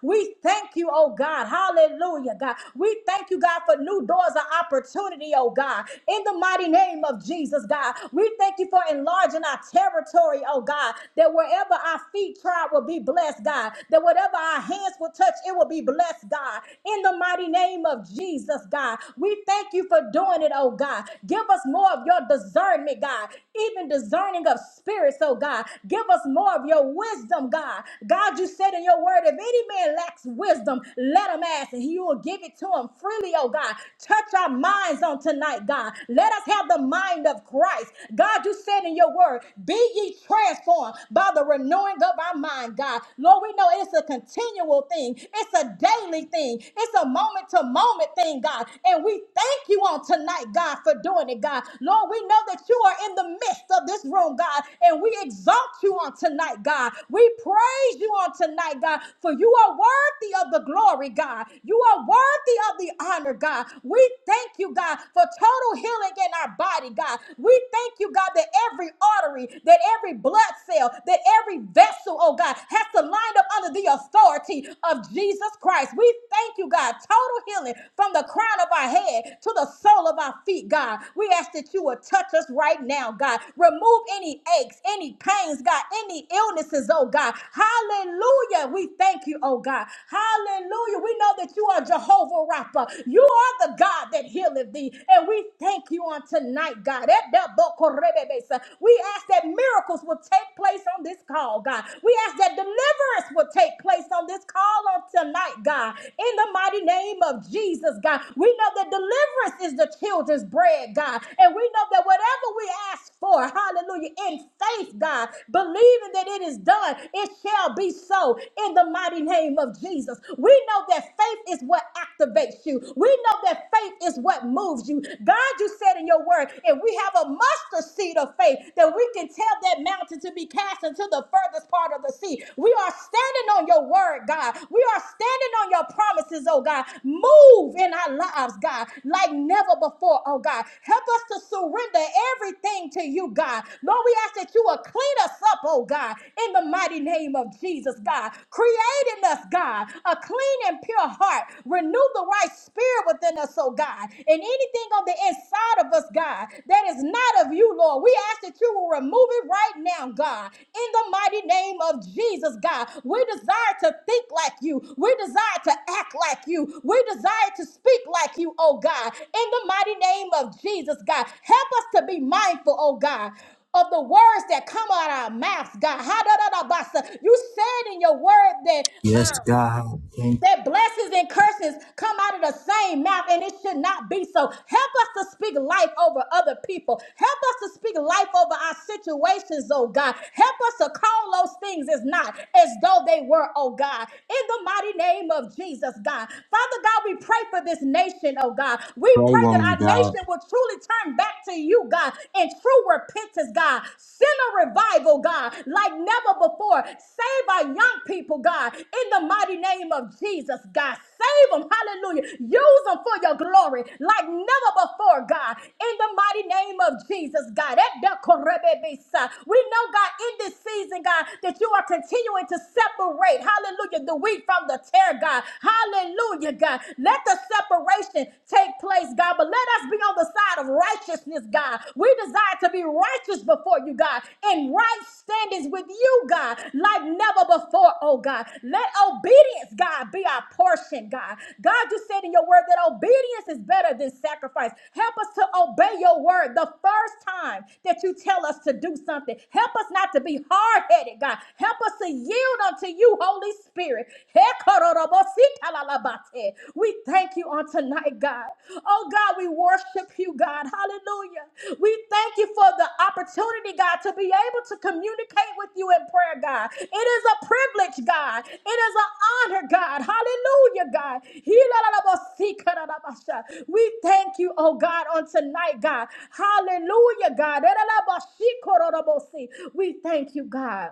Speaker 11: We thank you, oh God. Hallelujah, God. We thank you, God, for new doors of opportunity, oh God. In the mighty name of Jesus, God. We thank you for enlarging our territory, oh God. God, that wherever our feet trod will be blessed, God, that whatever our hands will touch, it will be blessed, God. In the mighty name of Jesus, God, we thank you for doing it, oh God. Give us more of your discernment, God, even discerning of spirits, oh God. Give us more of your wisdom, God. God, you said in your word, if any man lacks wisdom, let him ask, and he will give it to him freely, oh God. Touch our minds on tonight, God. Let us have the mind of Christ. God, you said said in your word, be ye transformed by the renewing of our mind, God. Lord, we know it's a continual thing, it's a daily thing, it's a moment to moment thing, God. And we thank you on tonight, God, for doing it, God. Lord, we know that you are in the midst of this room, God, and we exalt you on tonight, God. We praise you on tonight, God, for you are worthy of the glory, God. You are worthy of the honor, God. We thank you, God, for total healing in our body, body, God. We thank you, God, that every artery, that every blood cell, that every vessel, oh God, has to line up under the authority of Jesus Christ. We thank you, God, total healing from the crown of our head to the sole of our feet, God. We ask that you would touch us right now, God. Remove any aches, any pains, God, any illnesses, oh God. Hallelujah. We thank you, oh God. Hallelujah. We know that you are Jehovah Rapha. You are the God that healeth thee. And we thank you on tonight, God. Edabokorebebesa. We ask that miracles will take place on this call, God. We ask that deliverance will take place on this call on tonight, God. In the mighty name of Jesus, God. We know that deliverance is the children's bread, God. And we know that whatever we ask for, hallelujah, in faith, God, believing that it is done, it shall be so in the mighty name of Jesus. We know that faith is what activates you. We know that faith is what moves you. God, you said in your word, if we have a mustard seed of faith, then we can tell that mountain to be cast into the furthest part of the sea. We are standing on your word, God. We are standing on your promises, oh God. Move in our lives, God, like never before, oh God. Help us to surrender everything to you, God. Lord, we ask that you will clean us up, oh God, in the mighty name of Jesus, God. Create in us, God, a clean and pure heart heart. Renew the right spirit within us, oh God. And anything on the inside of us, God, that is not of you, Lord, we ask that you will remove it right now, God. In the mighty name of Jesus, God, we desire to think like you. We desire to act like you. We desire to speak like you, oh God. In the mighty name of Jesus, God, help us to be mindful, oh God of the words that come out of our mouths, God. Ha-da-da-da-ba-sa. You said in your word that.
Speaker 1: Yes,
Speaker 11: uh,
Speaker 1: God. Thank you.
Speaker 11: that blessings and curses come out of the same mouth and it should not be so. Help us to speak life over other people. Help us to speak life over our situations, oh God. Help us to call those things as not as though they were, oh God. In the mighty name of Jesus, God. Father God, we pray for this nation, oh God. We
Speaker 1: Pray,
Speaker 11: pray that
Speaker 1: woman of
Speaker 11: our
Speaker 1: God.
Speaker 11: nation will truly turn back to you, God, in true repentance, God. Send a revival, God. God, like never before. Save our young people, God, in the mighty name of Jesus, God. Save them, hallelujah. Use them for your glory, like never before, God, in the mighty name of Jesus, God. Edekorebebesa. We know, God, in this season, God, that you are continuing to separate, hallelujah, the wheat from the tear, God. Hallelujah, God. Let the separation take place, God, but let us be on the side of of righteousness, God. We desire to be righteous before you, God, in right standings with you, God, like never before, oh God. Let obedience, God, be our portion, God. God, you said in your word that obedience is better than sacrifice. Help us to obey your word the first time that you tell us to do something. Help us not to be hard headed, God. Help us to yield unto you, Holy Spirit. Shalalabate. We thank you on tonight, God. Oh, God, we worship you, God. Hallelujah. We thank you for the opportunity, God, to be able to communicate with you in prayer, God. It is a privilege, God. It is an honor, God. Hallelujah, God. Hilalalabosikadalabasha. We thank you, oh God, on tonight, God. Hallelujah, God. Elalabashikorodobosi. We thank you, God.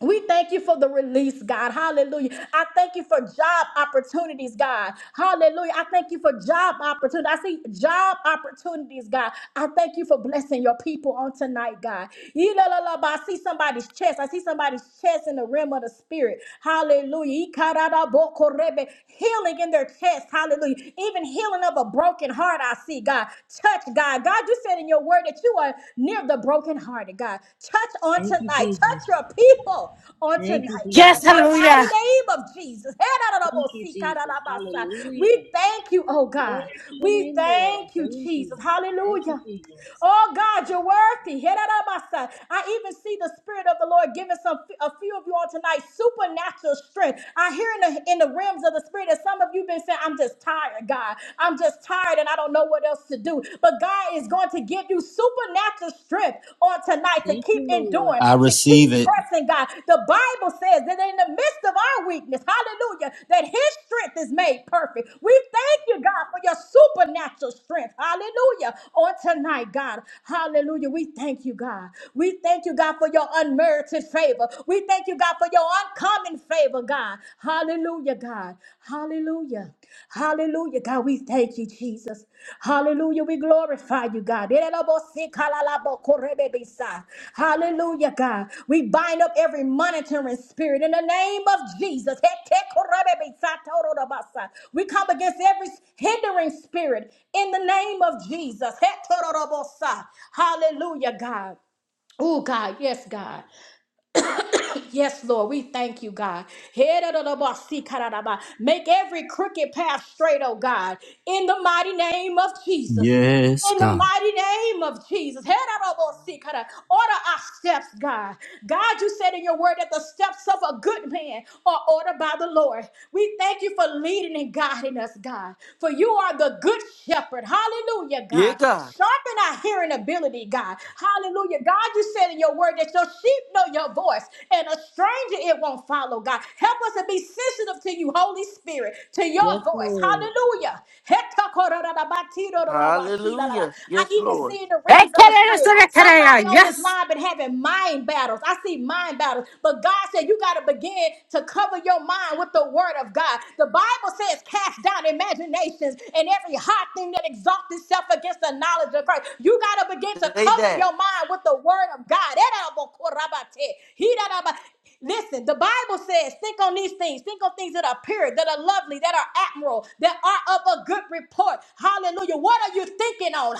Speaker 11: We thank you for the release, God. Hallelujah. I thank you for job opportunities, God. Hallelujah. I thank you for job opportunities. I see job opportunities, God. I thank you for blessing your people on tonight, God. Yilalalaba. I see somebody's chest. I see somebody's chest in the realm of the spirit. Hallelujah. Ikaradabokorebe. Healing in their chest. Hallelujah. Even healing of a broken heart, I see, God. Touch, God. God, you said in your word that you are near the brokenhearted, God. Touch on
Speaker 2: Thank you,
Speaker 11: tonight. Touch
Speaker 2: Jesus.
Speaker 11: your people
Speaker 2: We
Speaker 11: on
Speaker 2: Thank you, Jesus. Thank you, Jesus. Thank you,
Speaker 11: tonight, God.
Speaker 4: Yes,
Speaker 2: Jesus.
Speaker 11: In the
Speaker 4: hallelujah.
Speaker 11: mighty name of Jesus.
Speaker 2: Thank you, Jesus.
Speaker 11: We
Speaker 2: Hallelujah.
Speaker 11: thank you, oh God.
Speaker 2: Glory to your
Speaker 11: We
Speaker 2: name, Lord.
Speaker 11: thank you,
Speaker 2: Thank you.
Speaker 11: Jesus.
Speaker 2: Thank you,
Speaker 11: Hallelujah.
Speaker 2: Jesus.
Speaker 11: Oh God, you're worthy. I even see the Spirit of the Lord giving some a few of you all tonight supernatural strength. I hear in the in the realms of the Spirit that some of you been saying, "I'm just tired, God. I'm just tired, and I don't know what else to do." But God is going to give you supernatural strength on tonight to
Speaker 2: Thank you,
Speaker 11: keep
Speaker 2: Lord.
Speaker 11: enduring,
Speaker 1: I
Speaker 11: to keep
Speaker 1: receive it.
Speaker 11: pressing, God. The Bible. Bible says that in the midst of our weakness, hallelujah, that his strength is made perfect. We thank you, God, for your supernatural strength. Hallelujah. On tonight, God. Hallelujah. We thank you, God. We thank you, God, for your unmerited favor. We thank you, God, for your uncommon favor, God. Hallelujah, God. Hallelujah. Hallelujah, God, we thank you, Jesus. Hallelujah, we glorify you, God. Hallelujah, God. We bind up every monitoring spirit in the name of Jesus. We come against every hindering spirit in the name of Jesus. Hallelujah, God. Oh, God, yes, God. Yes, Lord, we thank you, God. Heredabasikarabba. Make every crooked path straight, oh God, in the mighty name of Jesus.
Speaker 1: Yes,
Speaker 11: In the
Speaker 1: God.
Speaker 11: mighty name of Jesus. Heredabasikarabba. Order our steps, God. God, you said in your word that the steps of a good man are ordered by the Lord. We thank you for leading and guiding us, God. For you are the good shepherd. Hallelujah,
Speaker 12: Yeah,
Speaker 11: God.
Speaker 12: God.
Speaker 11: Sharpen my hearing ability, God. Hallelujah. God, you said in your word that your sheep know your voice and a stranger it won't follow, God. Help us to be sensitive to you, Holy Spirit, to your
Speaker 2: Yes,
Speaker 11: voice.
Speaker 2: Lord.
Speaker 11: Hallelujah.
Speaker 12: Hallelujah.
Speaker 11: I
Speaker 12: Yes,
Speaker 11: even
Speaker 12: Lord.
Speaker 11: see in the realms of the spirit somebody
Speaker 4: Ekeleleselekelea,
Speaker 11: on this
Speaker 4: Yes.
Speaker 11: line been having mind battles. I see mind battles, but God said you got to begin to cover your mind with the word of God. The Bible Bible says, cast down imaginations and every high thing that exalts itself against the knowledge of Christ. You got to begin to
Speaker 12: Say
Speaker 11: cover
Speaker 12: that.
Speaker 11: your mind with the word of God. Erabokorabate, hidaraba- Listen, the Bible says, think on these things. Think on things that are pure, that are lovely, that are admirable, that are of a good report. Hallelujah. What are you thinking on?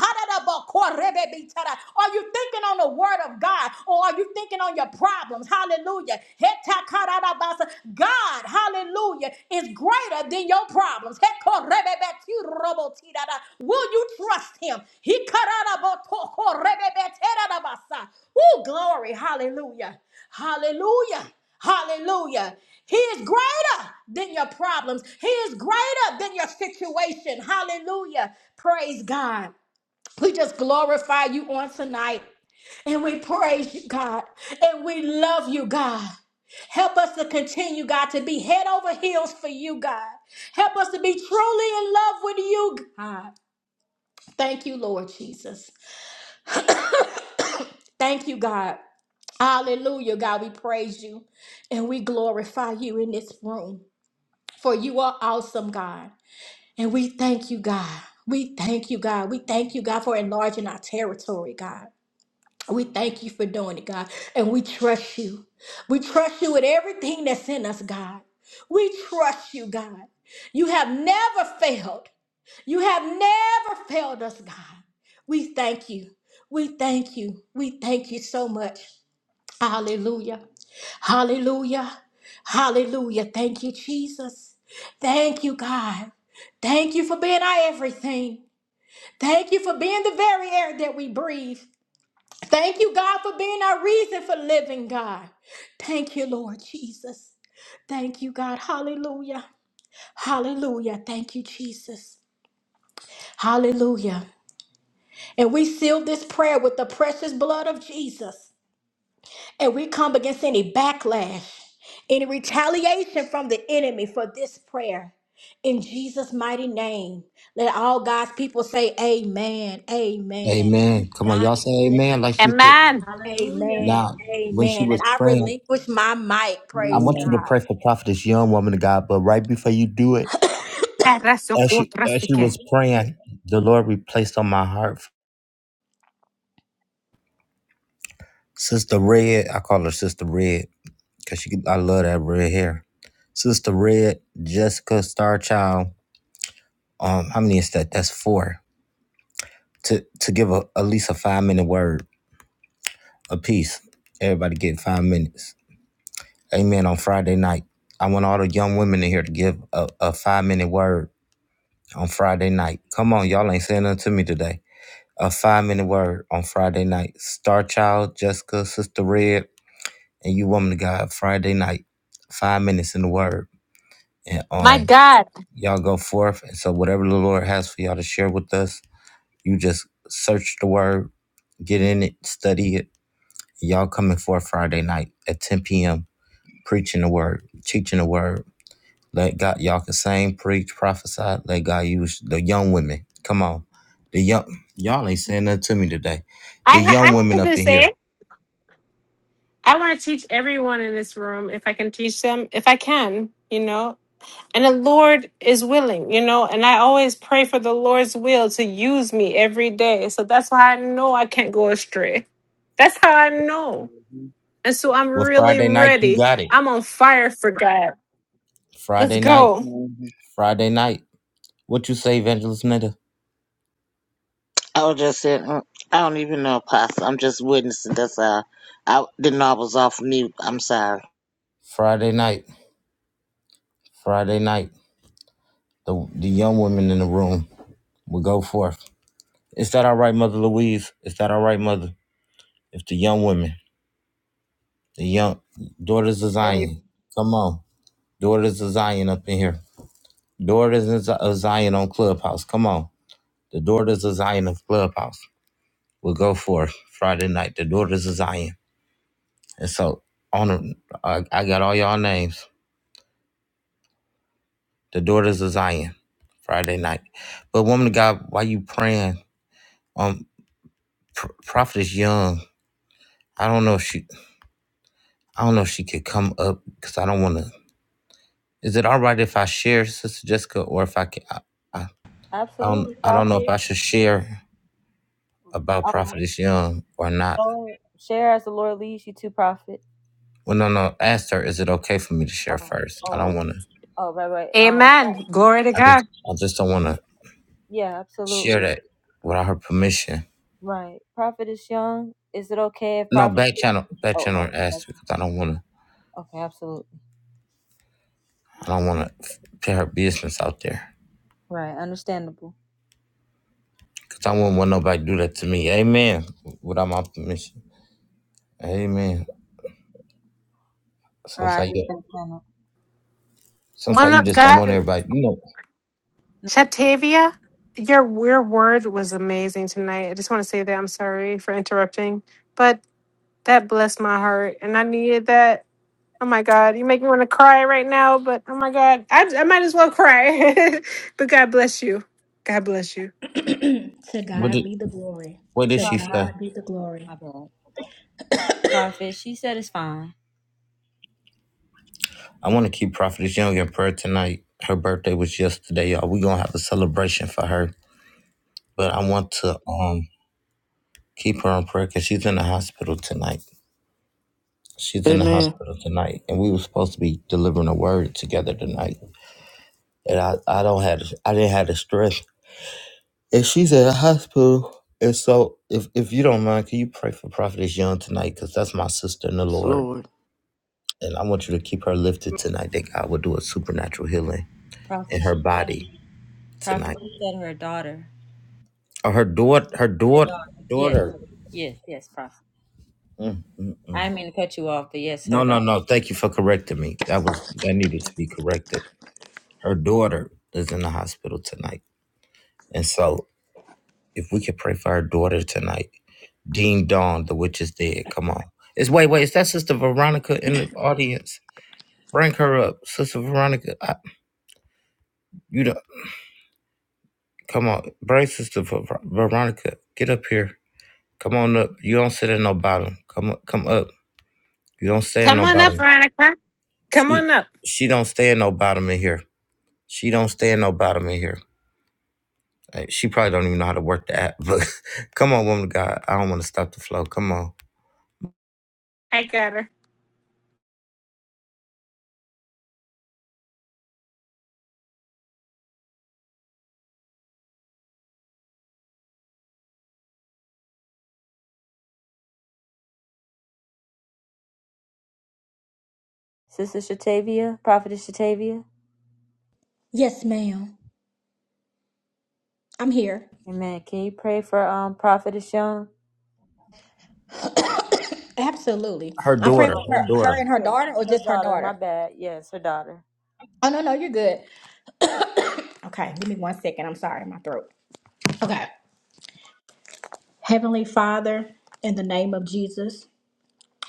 Speaker 11: Are you thinking on the word of God? Or are you thinking on your problems. Hallelujah. Hetakarabasa. God, hallelujah, is greater than your problems. Hekorebebetirobotidada. Will you trust him? Hikarabotokorebebeterabasa. Ooh, glory. Hallelujah. Hallelujah. Hallelujah. He is greater than your problems. He is greater than your situation. Hallelujah. Praise God. We just glorify you on tonight. And we praise you, God. And we love you, God. Help us to continue, God, to be head over heels for you, God. Help us to be truly in love with you, God. Thank you, Lord Jesus. [coughs] Thank you, God. Hallelujah, God. We praise you and we glorify you in this room. For you are awesome, God. And we thank you, God. We thank you, God. We thank you, God, for enlarging our territory, God. We thank you for doing it, God, and we trust you. We trust you with everything that's in us, God. We trust you, God. You have never failed. You have never failed us, God. We thank you. We thank you. We thank you so much. Hallelujah. Hallelujah. Hallelujah. Thank you, Jesus. Thank you, God. Thank you for being our everything. Thank you for being the very air that we breathe. Thank you, God, for being our reason for living, God. Thank you, Lord Jesus. Thank you, God. Hallelujah. Hallelujah. Thank you, Jesus. Hallelujah. And we seal this prayer with the precious blood of Jesus. And we come against any backlash, any retaliation from the enemy for this prayer. In Jesus' mighty name, let all God's people say, Amen. Amen.
Speaker 1: Amen. Come on.
Speaker 11: God
Speaker 1: Y'all
Speaker 11: is
Speaker 1: say
Speaker 11: good.
Speaker 1: amen like you said.
Speaker 4: Amen.
Speaker 11: Amen.
Speaker 1: Now, when she
Speaker 11: Amen. And
Speaker 1: was
Speaker 11: I
Speaker 1: praying,
Speaker 11: relinquish my mic.
Speaker 1: I
Speaker 11: Praise
Speaker 1: want you
Speaker 9: Amen.
Speaker 1: to
Speaker 11: God.
Speaker 1: pray for prophetess young woman of God, but right before you do it, as she as she
Speaker 4: Eresokotrasike.
Speaker 1: was praying, the Lord replaced on my heart Sister Red. I call her Sister Red Cause she, I love that red hair. Sister Red, Jessica Starchild. Um, how many is that? That's four. To to give a, at least a five minute word a piece. Everybody get five minutes. Amen. On Friday night, I want all the young women in here to give a, a five minute word on Friday night. Come on, y'all ain't saying nothing to me today. A five minute word on Friday night. Starchild, Jessica, Sister Red, and you woman of God. Friday night, five minutes in the word, and
Speaker 4: My
Speaker 1: um.
Speaker 4: God.
Speaker 1: Y'all go forth. And so, whatever the Lord has for y'all to share with us, you just search the word, get in it, study it. Y'all coming forth Friday night at 10 p.m., preaching the word, teaching the word. Let God, y'all can sing, preach, prophesy. Let God use the young women. Come on. The young, y'all ain't saying nothing to me today. The
Speaker 4: I, ha-
Speaker 1: young
Speaker 4: I
Speaker 1: women
Speaker 4: have
Speaker 1: up
Speaker 4: to
Speaker 1: in here.
Speaker 4: say, I want to teach everyone in this room if I can teach them, if I can, you know. And the Lord is willing, you know. And I always pray for the Lord's will to use me every day. So that's why I know I can't go astray. That's how I know. And so I'm
Speaker 1: Well,
Speaker 4: really
Speaker 1: Friday night, you
Speaker 4: ready.
Speaker 1: got it.
Speaker 4: I'm on fire for God. Let's
Speaker 1: Friday night,
Speaker 4: go.
Speaker 9: Amen.
Speaker 1: Friday night. What you say, Evangelist Nita?
Speaker 9: I was just saying, mm, I don't even know, Pastor. I'm just witnessing. That's all. I didn't know I was off mute. I'm sorry.
Speaker 1: Friday night, Friday night. The the young women in the room will go forth. Is that all right, Mother Louise? Is that all right, Mother? If the young women, the young daughters of Zion, come on, daughters of Zion up in here, daughters of Z- of Zion on Clubhouse, come on, the daughters of Zion of Clubhouse will go forth Friday night. The daughters of Zion, and so on. the- I, I got all y'all names. The daughters of Zion, Friday night. But woman of God, while you praying, um, Pr- prophetess Young. I don't know if she I don't know if she could come up because I don't want to. Is it all right if I share, Sister Jessica, or if I can? I, I, I don't.
Speaker 2: Absolutely,
Speaker 1: I don't know if I
Speaker 2: Prophet.
Speaker 1: should share about
Speaker 2: All
Speaker 1: Prophetess Young or not.
Speaker 2: Share as the Lord leads you to profit.
Speaker 1: Well, no, no. Asked her, is it okay for me to share
Speaker 2: Oh,
Speaker 1: first? I don't
Speaker 2: oh,
Speaker 1: want to.
Speaker 2: oh, right, right. Um,
Speaker 4: Amen. Glory to
Speaker 1: I just,
Speaker 4: God.
Speaker 1: I just don't want to
Speaker 2: yeah,
Speaker 1: share
Speaker 2: absolutely.
Speaker 1: that without her permission.
Speaker 2: Right. Prophet is young. Is it okay if
Speaker 1: No,
Speaker 2: prophet?
Speaker 1: back channel, back
Speaker 2: Oh,
Speaker 1: channel
Speaker 2: oh,
Speaker 1: her asked her because I
Speaker 2: okay, okay,
Speaker 1: don't want to.
Speaker 2: okay, absolutely.
Speaker 1: I don't want to put her business out there
Speaker 2: Right, understandable.
Speaker 1: because I wouldn't want nobody to do that to me. Amen. Without my permission. Amen.
Speaker 2: All right, I
Speaker 1: Sometimes you
Speaker 2: just didn't plan on-
Speaker 1: Sometimes you just don't
Speaker 4: God.
Speaker 1: want everybody. You know
Speaker 4: Shatavia, your your word was amazing tonight. I just want to say that I'm sorry for interrupting, but that blessed my heart, and I needed that. Oh my God, you make me want to cry right now. But oh my God, I I might as well cry. [laughs] but God bless you. God bless you.
Speaker 11: [clears throat] to
Speaker 1: what?
Speaker 11: God
Speaker 1: Did,
Speaker 11: be the glory.
Speaker 1: what did
Speaker 11: To
Speaker 1: she
Speaker 2: Prophet.
Speaker 1: say?
Speaker 11: God be the
Speaker 2: Oh,
Speaker 11: glory.
Speaker 2: my bad. Prophet. She said it's fine.
Speaker 1: I want to keep Prophetess Young in prayer tonight. Her birthday was yesterday, y'all. We gonna have a celebration for her, but I want to um keep her in prayer because she's in the hospital tonight. She's in the
Speaker 12: Amen.
Speaker 1: hospital tonight, and we were supposed to be delivering a word together tonight. And I, I don't have I didn't have the strength. And she's at the hospital, and so if if you don't mind, can you pray for Prophetess Young tonight? Because that's my sister in the
Speaker 12: Yes,
Speaker 1: Lord
Speaker 12: Lord.
Speaker 1: And I want you to keep her lifted tonight that God will do a supernatural healing
Speaker 2: Prophet.
Speaker 1: in her
Speaker 2: She
Speaker 1: body
Speaker 2: said. Prophet.
Speaker 1: tonight.
Speaker 2: She said her daughter.
Speaker 1: Or her daughter, her
Speaker 2: Her
Speaker 1: daughter,
Speaker 2: daughter. Yes.
Speaker 1: daughter.
Speaker 2: Yes. Yes. Prophet.
Speaker 1: Mm, mm, mm.
Speaker 2: I didn't mean to cut you off, but yes, her
Speaker 1: No, no,
Speaker 2: daughter.
Speaker 1: no. Thank you for correcting me. That was that needed to be corrected. Her daughter is in the hospital tonight. And so if we could pray for her daughter tonight, Dean Dawn, the witch is dead. Come on. It's wait, wait, is that Sister Veronica in the audience? Bring her up. Sister Veronica, I, you don't come on. Bring Sister Ver- Veronica. Get up here. Come on up. You don't sit in no bottom. Come up, come up. You don't stay in
Speaker 4: Come
Speaker 1: no
Speaker 4: on up,
Speaker 1: bottom.
Speaker 4: Veronica. Come
Speaker 1: She
Speaker 4: on up.
Speaker 1: she don't stay in no bottom in here. She don't stay in no bottom in here. Hey, She probably don't even know how to work the app. [laughs] But come on, woman of God. I don't want to stop the flow. Come on.
Speaker 2: Sister Shatavia. Prophetess Shatavia.
Speaker 11: Yes, ma'am. I'm here.
Speaker 2: Amen. Can you pray for um Prophetess Young?
Speaker 11: [coughs] Absolutely.
Speaker 1: Her
Speaker 11: I'm
Speaker 2: Her
Speaker 1: daughter.
Speaker 11: praying for
Speaker 2: daughter,
Speaker 1: Her
Speaker 11: her,
Speaker 2: her
Speaker 1: daughter.
Speaker 11: her
Speaker 2: daughter.
Speaker 11: and her
Speaker 2: Yeah,
Speaker 11: daughter, or
Speaker 2: her
Speaker 11: just her
Speaker 2: daughter. My
Speaker 11: daughter.
Speaker 2: bad. Yes, her daughter.
Speaker 11: Oh no, no, you're good. [coughs] okay, give me one second. I'm sorry, my throat. Okay. Heavenly Father, in the name of Jesus,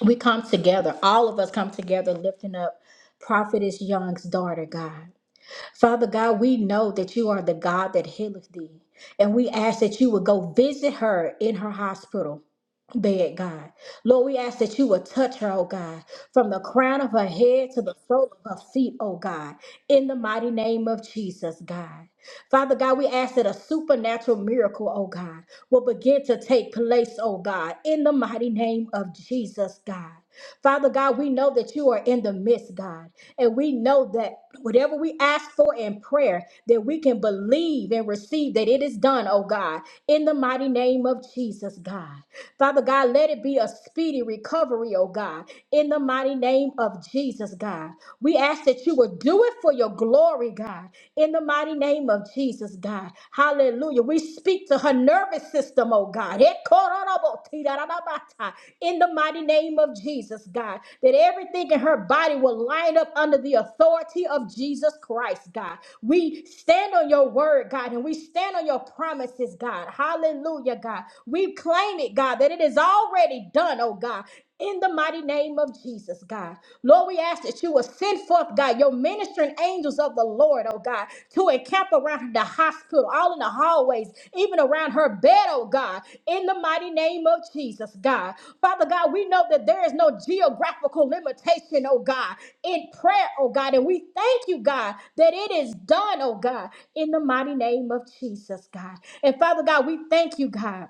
Speaker 11: we come together. All of us come together, lifting up Prophetess Young's daughter, God. Father God, we know that you are the God that healeth thee. And we ask that you would go visit her in her hospital bed, God. Lord, we ask that you would touch her, oh God, from the crown of her head to the sole of her feet, oh God, in the mighty name of Jesus, God. Father God, we ask that a supernatural miracle, oh God, will begin to take place, oh God, in the mighty name of Jesus, God. Father God, we know that you are in the midst, God. And we know that whatever we ask for in prayer, that we can believe and receive that it is done, oh God, in the mighty name of Jesus, God. Father God, let it be a speedy recovery, oh God, in the mighty name of Jesus, God. We ask that you would do it for your glory, God, in the mighty name of Jesus, God. Hallelujah. Hallelujah. We speak to her nervous system, oh God. In the mighty name of Jesus, God, that everything in her body will line up under the authority of Jesus Christ, God. We stand on your word, God, and we stand on your promises, God. Hallelujah, God. We claim it, God, that it is already done, oh God in the mighty name of Jesus, God. Lord, we ask that you will send forth, God, your ministering angels of the Lord, oh God, to encamp around the hospital, all in the hallways, even around her bed, oh God, in the mighty name of Jesus, God. Father God, we know that there is no geographical limitation, oh God, in prayer, oh God, and we thank you, God, that it is done, oh God, in the mighty name of Jesus, God. And Father God, we thank you, God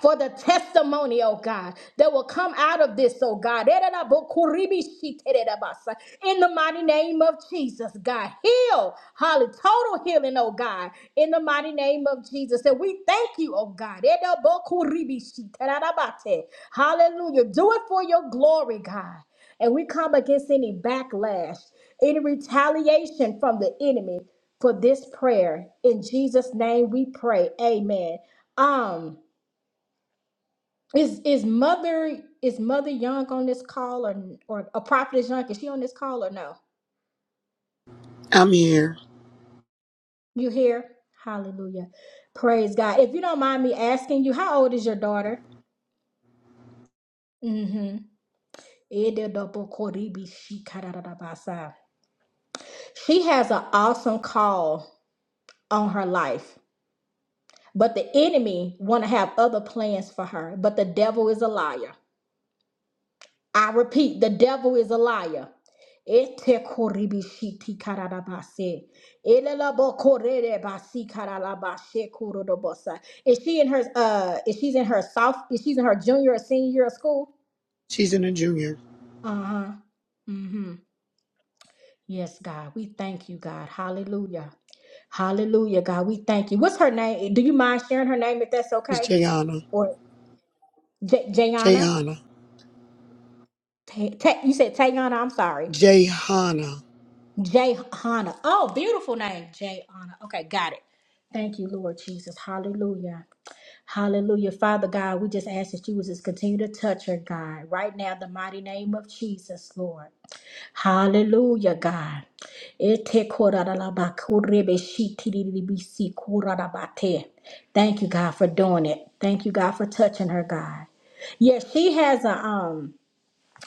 Speaker 11: for the testimony, oh God, that will come out of this, oh God. In the mighty name of Jesus, God, heal, holly, total healing, oh God, in the mighty name of Jesus. And we thank you, oh God. Hallelujah. Do it for your glory, God. And we come against any backlash, any retaliation from the enemy for this prayer. In Jesus' name we pray. Amen. Um is is mother is mother Young on this call or or a prophetess Young? Is she on this call or no?
Speaker 13: I'm here.
Speaker 11: You here? Hallelujah. Praise God. If you don't mind me asking you, how old is your daughter? Mm-hmm. She has an awesome call on her life, but the enemy want to have other plans for her. But the devil is a liar. I repeat, the devil is a liar. Ete koribishiti kararabase. Elelabo korerebasi kararabashe kurodobosa. Is she in her uh is she's in her south is she's in her junior or senior year of school?
Speaker 13: She's in a junior.
Speaker 11: Uh-huh. Mm-hmm. Yes, God. We thank you, God. Hallelujah. Hallelujah, God. We thank you. What's her name? Do you mind sharing her name if that's
Speaker 13: It's
Speaker 11: okay?
Speaker 13: Jayana.
Speaker 11: Or J- Jayana?
Speaker 13: Jayana.
Speaker 11: Ta- Ta- you said Tayana, I'm sorry.
Speaker 13: Jayhana.
Speaker 11: Jay Oh, beautiful name, Jay Okay, got it. Thank you, Lord Jesus. Hallelujah. Hallelujah. Father God, we just ask that you would just continue to touch her, God, right now, the mighty name of Jesus, Lord. Hallelujah, God. Ete korarabba korebe shitiribisi korarabate. Thank you, God, for doing it. Thank you, God, for touching her, God. Yes, she has a um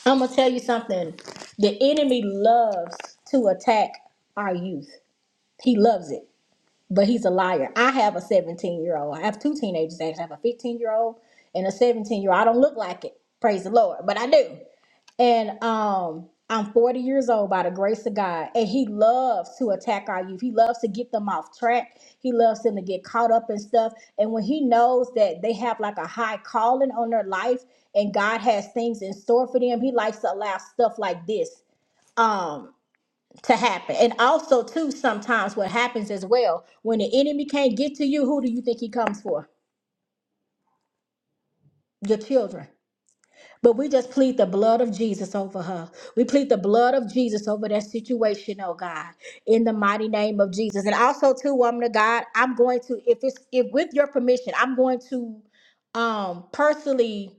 Speaker 11: I'm gonna tell you something. The enemy loves to attack our youth. He loves it but he's a liar. I have a 17 year old. I have two teenagers. Actually. I have a 15 year old and a 17 year old. I don't look like it. Praise the Lord, but I do. And um, I'm 40 years old by the grace of God. And he loves to attack our youth. He loves to get them off track. He loves them to get caught up in stuff. And when he knows that they have like a high calling on their life and God has things in store for them, he likes to allow stuff like this. Um, to happen. And also, too, sometimes what happens as well, when the enemy can't get to you, who do you think he comes for? Your children. But we just plead the blood of Jesus over her. We plead the blood of Jesus over that situation, oh God, in the mighty name of Jesus. And also, too, woman of God, I'm going to, if it's if with your permission, I'm going to um personally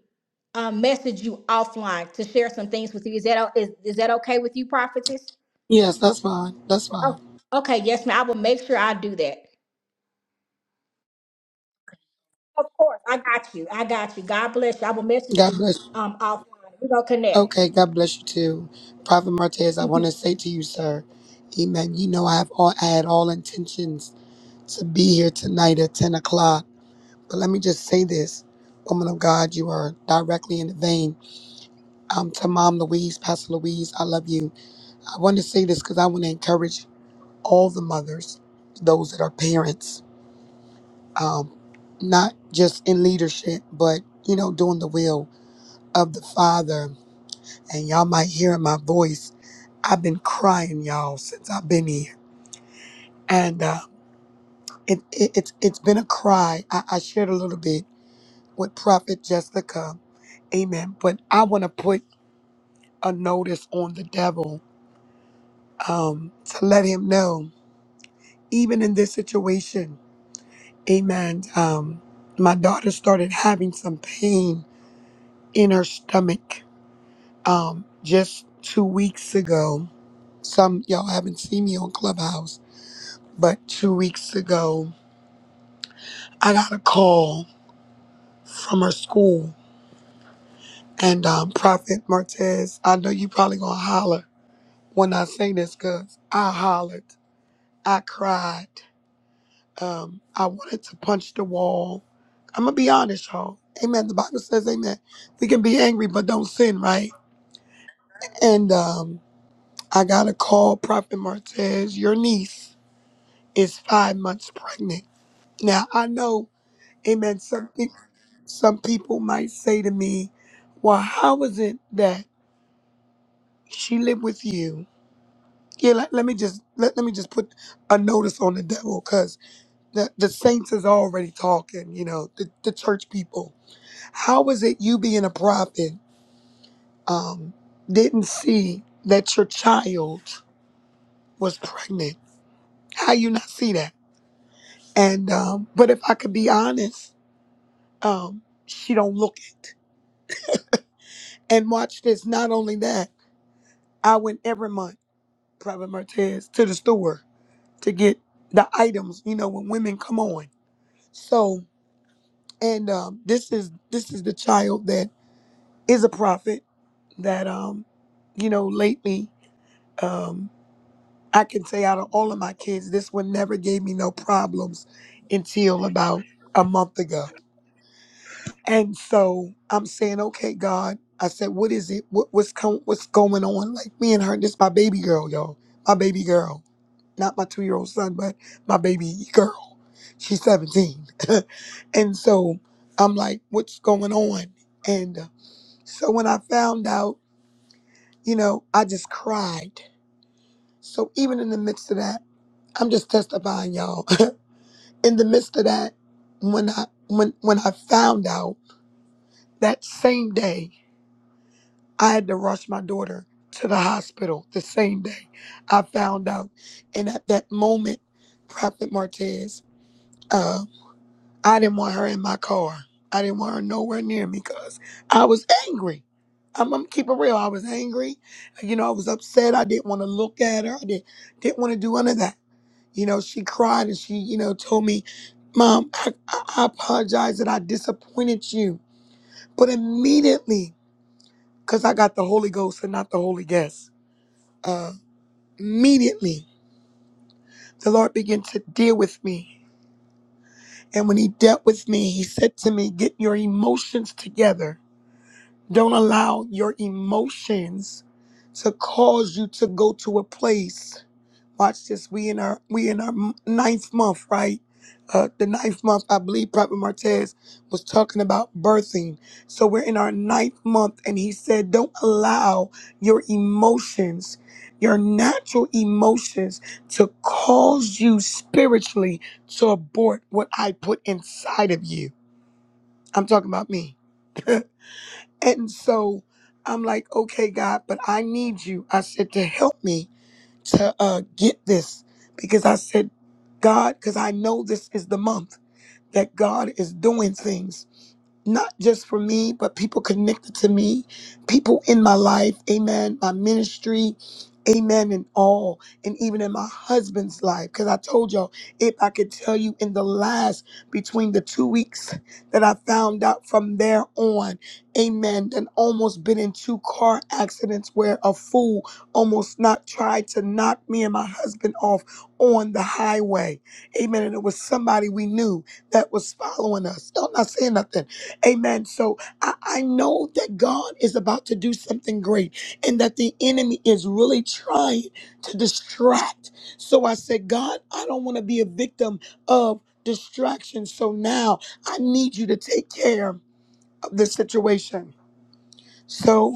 Speaker 11: um message you offline to share some things with you. Is that o- is, is that okay with you, prophetess?
Speaker 13: Yes, that's fine. That's
Speaker 11: Oh,
Speaker 13: fine.
Speaker 11: okay, yes, ma'am. I will make sure I do that. Of course, I got you. I got you. God bless you. I will message
Speaker 13: God
Speaker 11: you
Speaker 13: bless.
Speaker 11: um offline. We're gonna connect.
Speaker 13: Okay, God bless you too. Prophet Martez, I want to say to you, sir, Amen. You know I have all I had all intentions to be here tonight at 10 o'clock. But let me just say this. Woman of God, you are directly in the vein. Um, to Mom Louise, Pastor Louise, I love you. I want to say this because I want to encourage all the mothers, those that are parents. um, not just in leadership, but you know, doing the will of the Father. And y'all might hear in my voice, I've been crying, y'all, since I've been here, and uh, it, it, it's it's been a cry. I, I shared a little bit with Prophet Jessica, Amen. But I want to put a notice on the devil um, to let him know, even in this situation, Amen. Um, my daughter started having some pain in her stomach Um, just two weeks ago, some y'all haven't seen me on Clubhouse, but two weeks ago, I got a call from her school. And um, Prophet Martez, I know you probably gonna holler when I say this, cause I hollered, I cried, um, I wanted to punch the wall. I'm gonna be honest, y'all. Amen. The Bible says, Amen. We can be angry, but don't sin, right? And um, I got a call, Prophet Martez, your niece. is five months pregnant. Now I know, amen, some people some people might say to me, Well, how is it that she lived with you? Yeah, let, let me just let, let me just put a notice on the devil because the, the saints is already talking, you know, the, the church people. How is it you being a prophet um didn't see that your child was pregnant? How you not see that? And um, but if I could be honest, um, she don't look And watch this. Not only that, I went every month, Private Martez, to the store to get the items. You know, when women come on. So, and um, this is this is the child that is a prophet. That um, you know, lately, um, I can say out of all of my kids, this one never gave me no problems until about a month ago. And so I'm saying, okay, God. I said, what is it? What, what's com- what's going on? Like me and her, this my baby girl, y'all. My baby girl. Not my two year old son, but my baby girl. She's 17. [laughs] and so I'm like, what's going on? And uh, so when I found out, you know, I just cried. So even in the midst of that, I'm just testifying, y'all. [laughs] in the midst of that, when I when when I found out that same day I had to rush my daughter to the hospital the same day I found out. And at that moment, Prophet Martez, uh, I didn't want her in my car. I didn't want her nowhere near me because I was angry. I'm, I'm keep it real. I was angry. You know, I was upset. I didn't want to look at her. I didn't didn't want to do any of that. You know, she cried and she, you know, told me, "Mom, I, I I apologize that I disappointed you." But immediately, because I got the Holy Ghost and not the Holy Guest. Uh, immediately, the Lord began to deal with me. And when He dealt with me, He said to me, Get your emotions together. Don't allow your emotions to cause you to go to a place Watch this. We in our we in our m- ninth month, right? Uh, the ninth month, I believe Prophet Martez was talking about birthing. So we're in our ninth month, and he said, "Don't allow your emotions, your natural emotions, to cause you spiritually to abort what I put inside of you." I'm talking about me. [laughs] and so I'm like, "Okay, God, but I need you." I said to help me to uh, get this because I said, God, because I know this is the month that God is doing things not just for me, but people connected to me, people in my life, amen, my ministry, amen, and all, and even in my husband's life. Because I told y'all, if I could tell you in the last between the two weeks that I found out from there on, amen, and almost been in two car accidents where a fool almost not tried to knock me and my husband off on the highway, amen. And it was somebody we knew that was following us. No, I'm not saying nothing Amen. So I, I know that God is about to do something great and that the enemy is really trying to distract. So I said, God, I don't want to be a victim of distraction. So now I need you to take care of this situation. So.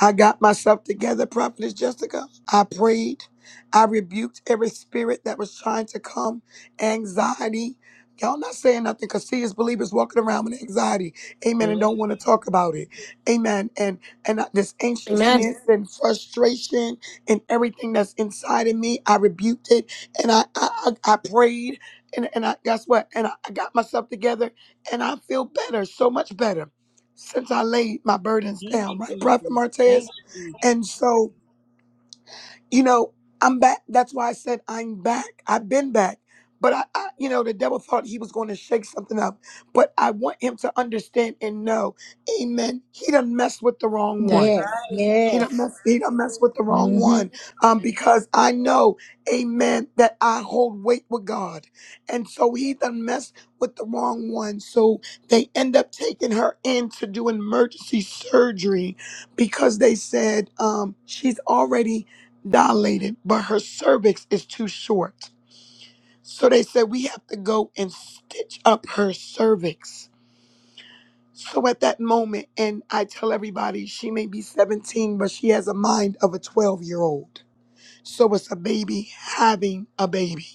Speaker 13: I got myself together, Prophetess Jessica. I prayed. I rebuked every spirit that was trying to come, anxiety. Y'all not saying nothing because see, as believers walking around with anxiety, amen, and don't want to talk about it, amen. And and uh, this
Speaker 4: Amen.
Speaker 13: anxiousness and frustration and everything that's inside of me, I rebuked it, and I I, I I prayed, and and I guess what, and I I got myself together, and I feel better, so much better since I laid my burdens down, right, Prophet Martez? And so, you know, I'm back. That's why I said I'm back. I've been back. But I, I you know, the devil thought he was going to shake something up. But I want him to understand and know, amen, he done messed with the wrong one.
Speaker 11: Yes,
Speaker 13: He don't
Speaker 11: yes.
Speaker 13: mess, he don't mess with the wrong
Speaker 11: hmm
Speaker 13: one. Um, because I know, amen, that I hold weight with God. And so he done messed with the wrong one. So they end up taking her in to do emergency surgery because they said um she's already dilated, but her cervix is too short. So they said we have to go and stitch up her cervix. So at that moment, and I tell everybody she may be 17, but she has a mind of a 12 year old. So it's a baby having a baby.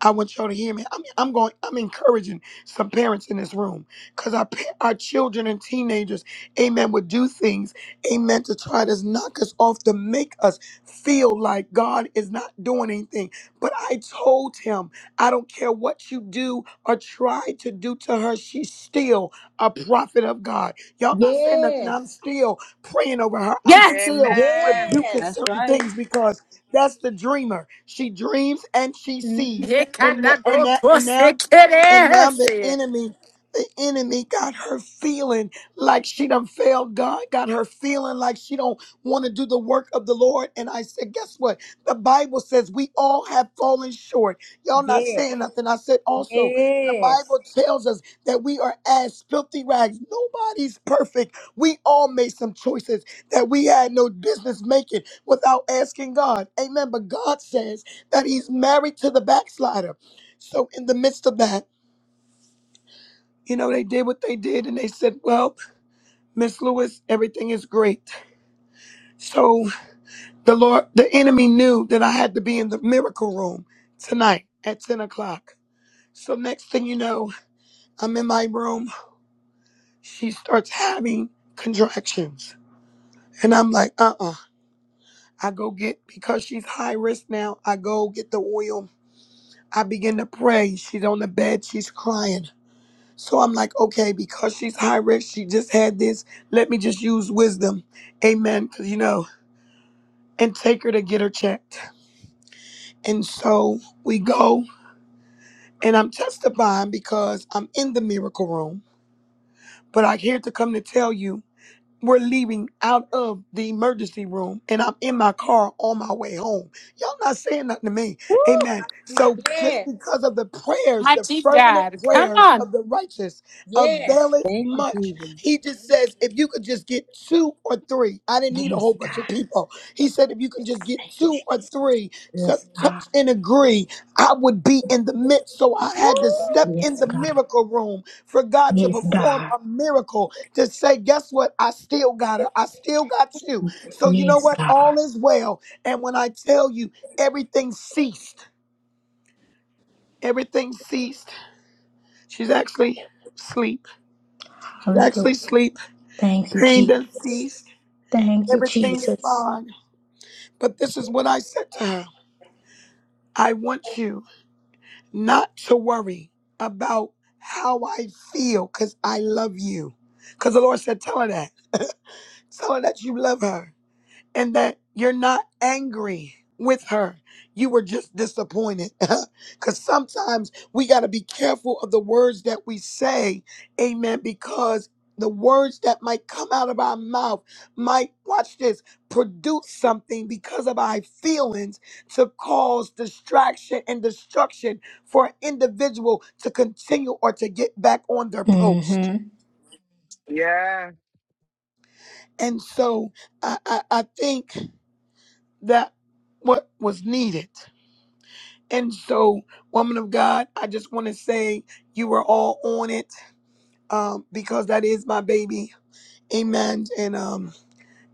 Speaker 13: I want y'all to hear me. I'm, I'm going. I'm encouraging some parents in this room because our pa- our children and teenagers, amen, would do things, amen, to try to knock us off to make us feel like God is not doing anything. But I told him, I don't care what you do or try to do to her. She's still a prophet of God. Y'all not saying nothing.
Speaker 11: Yes.
Speaker 13: I'm still praying over her. I'm still
Speaker 14: Amen.
Speaker 13: rebuking
Speaker 11: Yes.
Speaker 2: That's
Speaker 13: certain
Speaker 2: right.
Speaker 13: things because that's the dreamer. She dreams and she sees
Speaker 4: You
Speaker 13: and the-
Speaker 4: cannot
Speaker 13: and
Speaker 4: go
Speaker 13: that, and
Speaker 4: pussy,
Speaker 13: now
Speaker 4: kid
Speaker 13: and now
Speaker 4: ass.
Speaker 13: the enemy the enemy got her feeling like she done failed God, got her feeling like she don't want to do the work of the Lord. And I said, guess what? The Bible says we all have fallen short. Y'all not
Speaker 11: Yes.
Speaker 13: saying nothing. I said also, the
Speaker 11: Yes.
Speaker 13: Bible tells us that we are as filthy rags. Nobody's perfect. We all made some choices that we had no business making without asking God. Amen. But God says that he's married to the backslider. So in the midst of that, you know, they did what they did and they said, Well, Miss Lewis, everything is great. So the Lord the enemy knew that I had to be in the miracle room tonight at 10 o'clock. So next thing you know, I'm in my room. She starts having contractions. And I'm like, uh-uh. I go get because she's high risk now, I go get the oil. I begin to pray. She's on the bed, she's crying. So I'm like, okay, because she's high risk, she just had this. Let me just use wisdom. Amen. Because, you know, and take her to get her checked. And so we go, and I'm testifying because I'm in the miracle room. But I'm here to come to tell you We're leaving out of the emergency room and I'm in my car on my way home. Y'all not saying nothing to me.
Speaker 11: Woo!
Speaker 13: Amen. So just
Speaker 11: Yes.
Speaker 13: because of the prayers, the
Speaker 4: Mighty
Speaker 13: fervent
Speaker 4: God, come
Speaker 13: prayers
Speaker 4: on.
Speaker 13: of the righteous
Speaker 11: Yes.
Speaker 13: availeth
Speaker 2: Thank you,
Speaker 13: much.
Speaker 2: Jesus.
Speaker 13: He just says, if you could just get two or three, I didn't need a
Speaker 11: Yes,
Speaker 13: whole
Speaker 11: God.
Speaker 13: bunch of people. He said, if you could just get two or three to
Speaker 11: Yes, God.
Speaker 13: touch and agree, I would be in the midst. So I had to
Speaker 4: Woo.
Speaker 13: step in
Speaker 11: Yes,
Speaker 13: the
Speaker 11: God.
Speaker 13: miracle room for God to
Speaker 11: Yes,
Speaker 13: perform
Speaker 11: God.
Speaker 13: a miracle to say, guess what? I still got her. I still got you. So you know
Speaker 11: Yes,
Speaker 13: what?
Speaker 11: God.
Speaker 13: All is well. And when I tell you, everything ceased. Everything ceased. She's actually asleep. She's
Speaker 11: Hallelujah.
Speaker 13: actually asleep.
Speaker 11: Thank you,
Speaker 13: Pain done
Speaker 11: Jesus.
Speaker 13: ceased.
Speaker 11: Thank you,
Speaker 13: Everything's
Speaker 11: Jesus.
Speaker 13: fine. But this is what I said to her. I want you not to worry about how I feel because I love you. Because the Lord said, tell her that. Tell her that you love her. and that you're not angry with her. You were just disappointed. [laughs] Because sometimes we got to be careful of the words that we say. Amen. Because the words that might come out of our mouth might, watch this, produce something because of our feelings to cause distraction and destruction for an individual to continue or to get back on their post.
Speaker 11: Mm-hmm.
Speaker 14: Yeah.
Speaker 13: And so I, I, I think that what was needed And so, woman of God, I just want to say you were all on it um, because that is my baby. Amen. And um,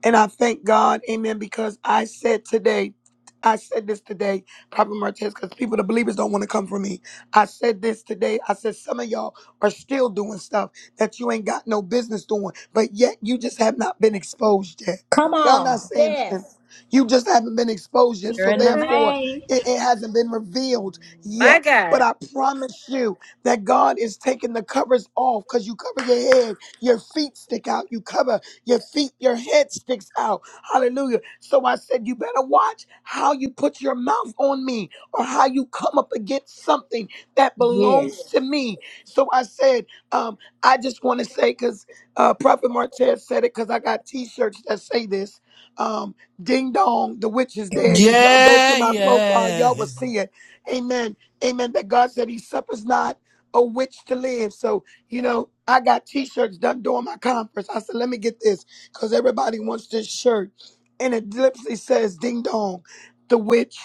Speaker 13: and I thank God, amen, because I said today, I said this today, Prophet Martez, because people, the believers don't want to come for me. I said this today. I said some of y'all are still doing stuff that you ain't got no business doing, but yet you just have not been exposed yet.
Speaker 11: Come
Speaker 13: Y'all not
Speaker 11: on.
Speaker 13: saying nothing.
Speaker 11: Yes.
Speaker 13: You just haven't been exposed yet.
Speaker 2: You're
Speaker 13: So
Speaker 2: in the
Speaker 13: therefore,
Speaker 2: vein.
Speaker 13: it, it hasn't been revealed
Speaker 4: My
Speaker 13: yet. But
Speaker 4: God,
Speaker 13: I promise you that God is taking the covers off because you cover your head, your feet stick out, you cover. Your feet, your head sticks out. Hallelujah. So I said, You better watch how you put your mouth on me or how you come up against something that belongs
Speaker 11: Yes.
Speaker 13: to me. So I said, um, I just want to say, because uh, Prophet Martez said it, because I got t shirts that say this. Um, ding dong, the witch is dead. If y'all go to
Speaker 1: Yeah,
Speaker 13: my profile, y'all
Speaker 1: yeah.
Speaker 13: will see it. Amen. Amen. That God said he suffers not a witch to live. So you know, I got t-shirts done during my conference. I said, let me get this because everybody wants this shirt. And it literally says, ding dong, the witch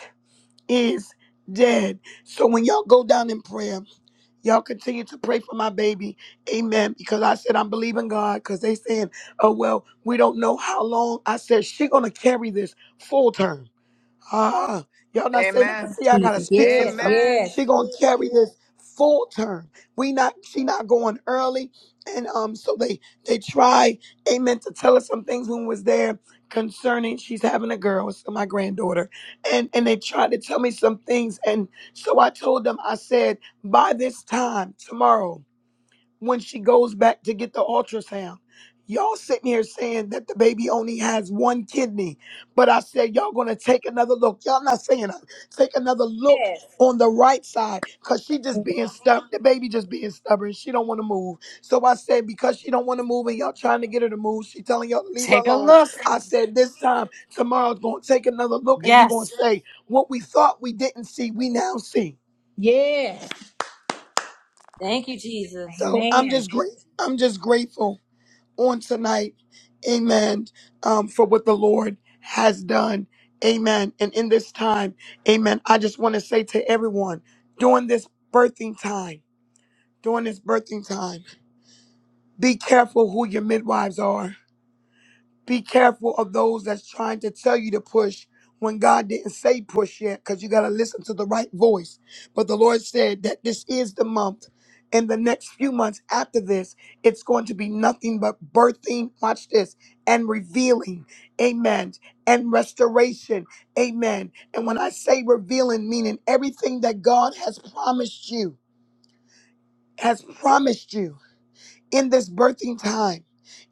Speaker 13: is dead. So when y'all go down in prayer, y'all continue to pray for my baby. Amen. Because I said, I'm believing God because they saying, oh, well, we don't know how long. I said, she going to carry this full term. Ah, y'all not saying that 'cause
Speaker 14: Amen.
Speaker 13: see, I gotta
Speaker 11: Jesus.
Speaker 13: speak some
Speaker 11: Yes.
Speaker 13: stuff.
Speaker 14: Amen.
Speaker 11: Yes.
Speaker 13: She gonna carry this full term. We not she not going early. And um, so they they try, amen, to tell us some things when we was there concerning she's having a girl, So my granddaughter. And and they tried to tell me some things. And so I told them, I said, by this time tomorrow when she goes back to get the ultrasound. Y'all sitting here saying that the baby only has one kidney, but I said y'all gonna take another look. Y'all not saying that. Take another look
Speaker 11: Yes.
Speaker 13: on the right side, cause she just being stubborn. The baby just being stubborn. She don't want to move. So I said because she don't want to move, and y'all trying to get her to move, she telling y'all to leave her
Speaker 4: take a
Speaker 13: alone. I said this time tomorrow's gonna take another look, and you gonna
Speaker 4: yes.
Speaker 13: say what we thought we didn't see, we now see.
Speaker 11: Yes.
Speaker 2: Thank you, Jesus.
Speaker 13: So I'm
Speaker 11: Amen.
Speaker 13: just grateful. I'm just grateful on tonight. Amen. Um, for what the Lord has done. Amen. And in this time, amen. I just want to say to everyone during this birthing time, during this birthing time, be careful who your midwives are. Be careful of those that's trying to tell you to push when God didn't say push yet, because you got to listen to the right voice. But the Lord said that this is the month. and the next few months after this, it's going to be nothing but birthing, watch this, and revealing, amen, and restoration, amen. And when I say revealing, meaning everything that God has promised you, has promised you in this birthing time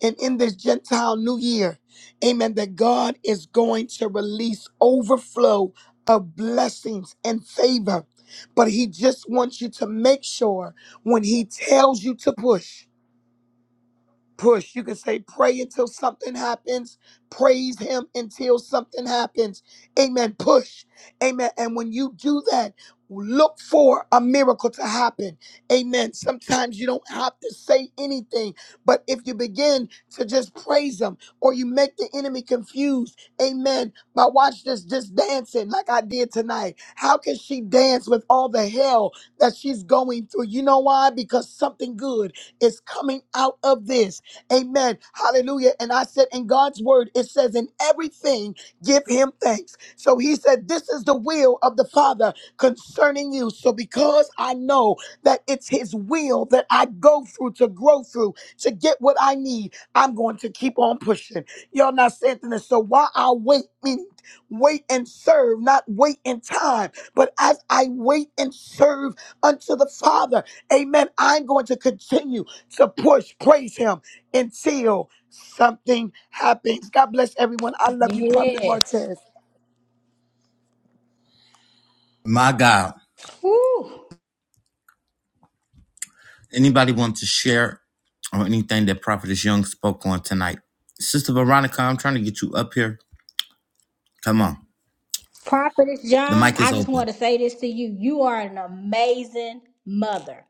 Speaker 13: and in this Gentile new year, amen, that God is going to release overflow of blessings and favor. But He just wants you to make sure when He tells you to push push. You can say, pray until something happens. Praise him until something happens. Amen. Push. Amen. And when you do that, look for a miracle to happen. Amen. Sometimes you don't have to say anything, but if you begin to just praise him or you make the enemy confused, amen. My watch this just dancing like I did tonight. How can she dance with all the hell that she's going through? You know why? Because something good is coming out of this Amen. Hallelujah. And I said, in God's word, it says, in everything, give him thanks. So he said, this is the will of the Father concerning you. So because I know that it's his will that I go through to grow through to get what I need, I'm going to keep on pushing. Y'all not saying this. So while I wait, meaning wait and serve, not wait in time, but as I wait and serve unto the Father, amen, I'm going to continue to push, praise him until something happens. God bless everyone. I love you, Prophet
Speaker 11: Yes.
Speaker 13: Martez.
Speaker 11: Woo.
Speaker 1: Anybody want to share or anything that Prophetess Young spoke on tonight? Sister Veronica, I'm trying to get you up here. Come on.
Speaker 11: Prophetess
Speaker 1: The
Speaker 11: Young,
Speaker 1: mic is
Speaker 11: I just
Speaker 1: open.
Speaker 11: want to say this to you. You are an amazing mother.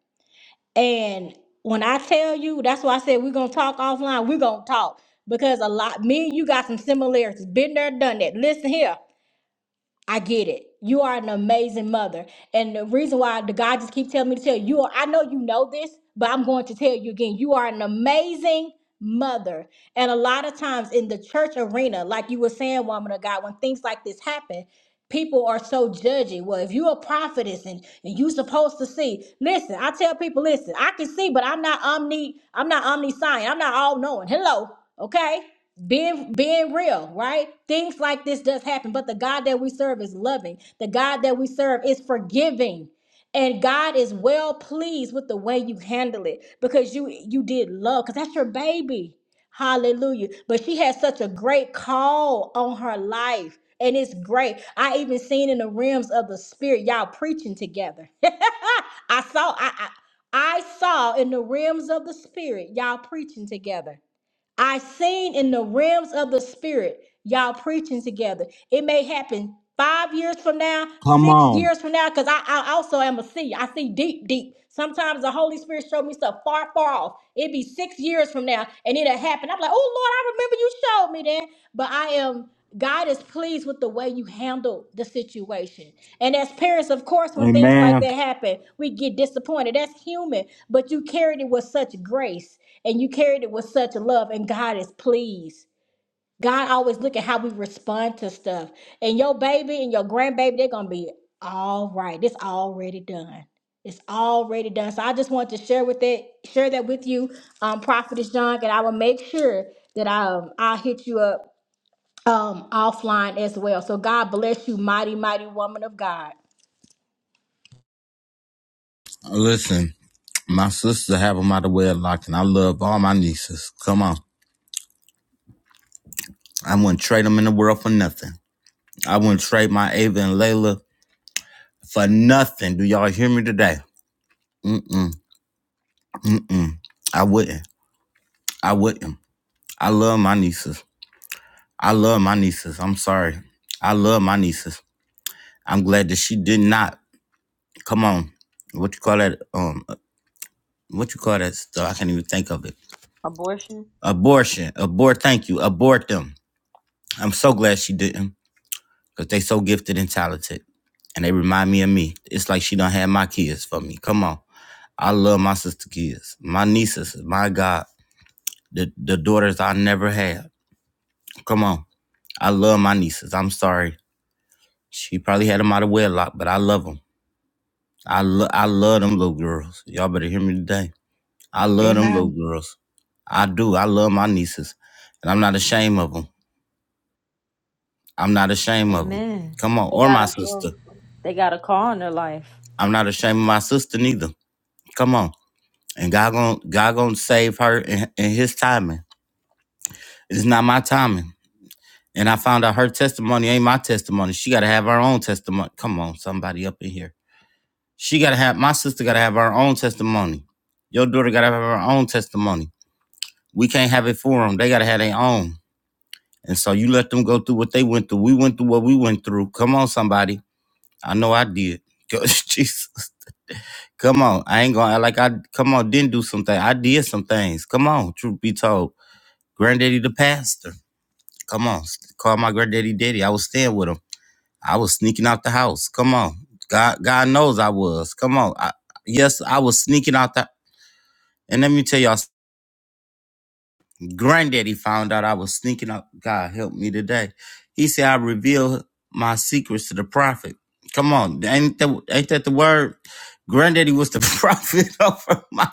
Speaker 11: And when I tell you, that's why I said we're gonna talk offline. We're gonna talk. Because a lot me and you got some similarities. Been there, done that. Listen here. I get it. You are an amazing mother. And the reason why the God just keep telling me to tell you, you are, I know you know this, but I'm going to tell you again, you are an amazing mother. And a lot of times in the church arena, like you were saying, woman of God, when things like this happen, people are so judgy. Well, if you're a prophetess and, and you supposed to see, listen, I tell people, listen, I can see, but I'm not omni, I'm not omniscient. I'm not all knowing. Hello. Okay being being real right things like this does happen but the god that we serve is loving the god that we serve is forgiving and god is well pleased with the way you handle it because you you did love because that's your baby hallelujah but she has such a great call on her life and it's great i even seen in the realms of the spirit y'all preaching together [laughs] i saw i i, I saw in the realms of the spirit y'all preaching together I seen in the realms of the spirit y'all preaching together. It may happen five years from now,
Speaker 1: Come
Speaker 11: six
Speaker 1: on.
Speaker 11: years from now, because I, I also am a seer. I see deep, deep. Sometimes the Holy Spirit showed me stuff far, far off. It'd be six years from now, and it'll happen. I'm like, oh Lord, I remember you showed me that. But I am God is pleased with the way you handled the situation. And as parents, of course, when things like
Speaker 1: Amen.
Speaker 11: that happen, we get disappointed. That's human, but you carried it with such grace and you carried it with such love and god is pleased god always look at how we respond to stuff and your baby and your grandbaby they're gonna be all right it's already done it's already done so i just wanted to share with it share that with you um prophetess john and i will make sure that i um, i'll hit you up um offline as well so god bless you mighty mighty woman of god
Speaker 1: Listen, my sisters have them out of wedlock, and I love all my nieces. Come on. I wouldn't trade them in the world for nothing. I wouldn't trade my Ava and Layla for nothing. Do y'all hear me today? Mm-mm, mm-mm. I wouldn't. I wouldn't. I love my nieces. I love my nieces. I'm sorry. I love my nieces. I'm glad that she did not. Come on. What you call that? Um, what you call that stuff? I can't even think of it.
Speaker 2: Abortion.
Speaker 1: Abortion. Abort. Thank you. Abort them. I'm so glad she didn't. Cause they so gifted and talented. And they remind me of me. It's like she done had my kids for me. Come on. I love my sister kids. My nieces, my God. The the daughters I never had. Come on. I love my nieces. I'm sorry. She probably had them out of wedlock, but I love them. I, lo- I love them little girls. Y'all better hear me today. I love them little
Speaker 14: Amen.
Speaker 1: girls. I do. I love my nieces. And I'm not ashamed of them. I'm not ashamed of them.
Speaker 2: Amen.
Speaker 1: Come on.
Speaker 2: They
Speaker 1: Or
Speaker 2: got
Speaker 1: my
Speaker 2: a
Speaker 1: sister.
Speaker 2: um, They got a call in their life.
Speaker 1: I'm not ashamed of my sister neither. Come on. and God gonna, God gonna save her in, in His timing. It's not my timing. And I found out her testimony ain't my testimony. She gotta have her own testimony. Come on, somebody up in here. She gotta have my sister gotta have her own testimony. Your daughter gotta have her own testimony. We can't have it for them. They gotta have their own. And so you let them go through what they went through. We went through what we went through. Come on, somebody. I know I did. [laughs] Jesus. Come on. I ain't gonna act like I come on, didn't do something. I did some things. Come on, truth be told. Granddaddy the pastor. Come on. Call my granddaddy daddy. I was staying with him. I was sneaking out the house. Come on. God God knows I was. Come on. I, yes, I was sneaking out the and let me tell y'all, granddaddy found out I was sneaking out. God help me today. He said I revealed my secrets to the prophet. Come on. Ain't that ain't that the word? Granddaddy was the [laughs] prophet over my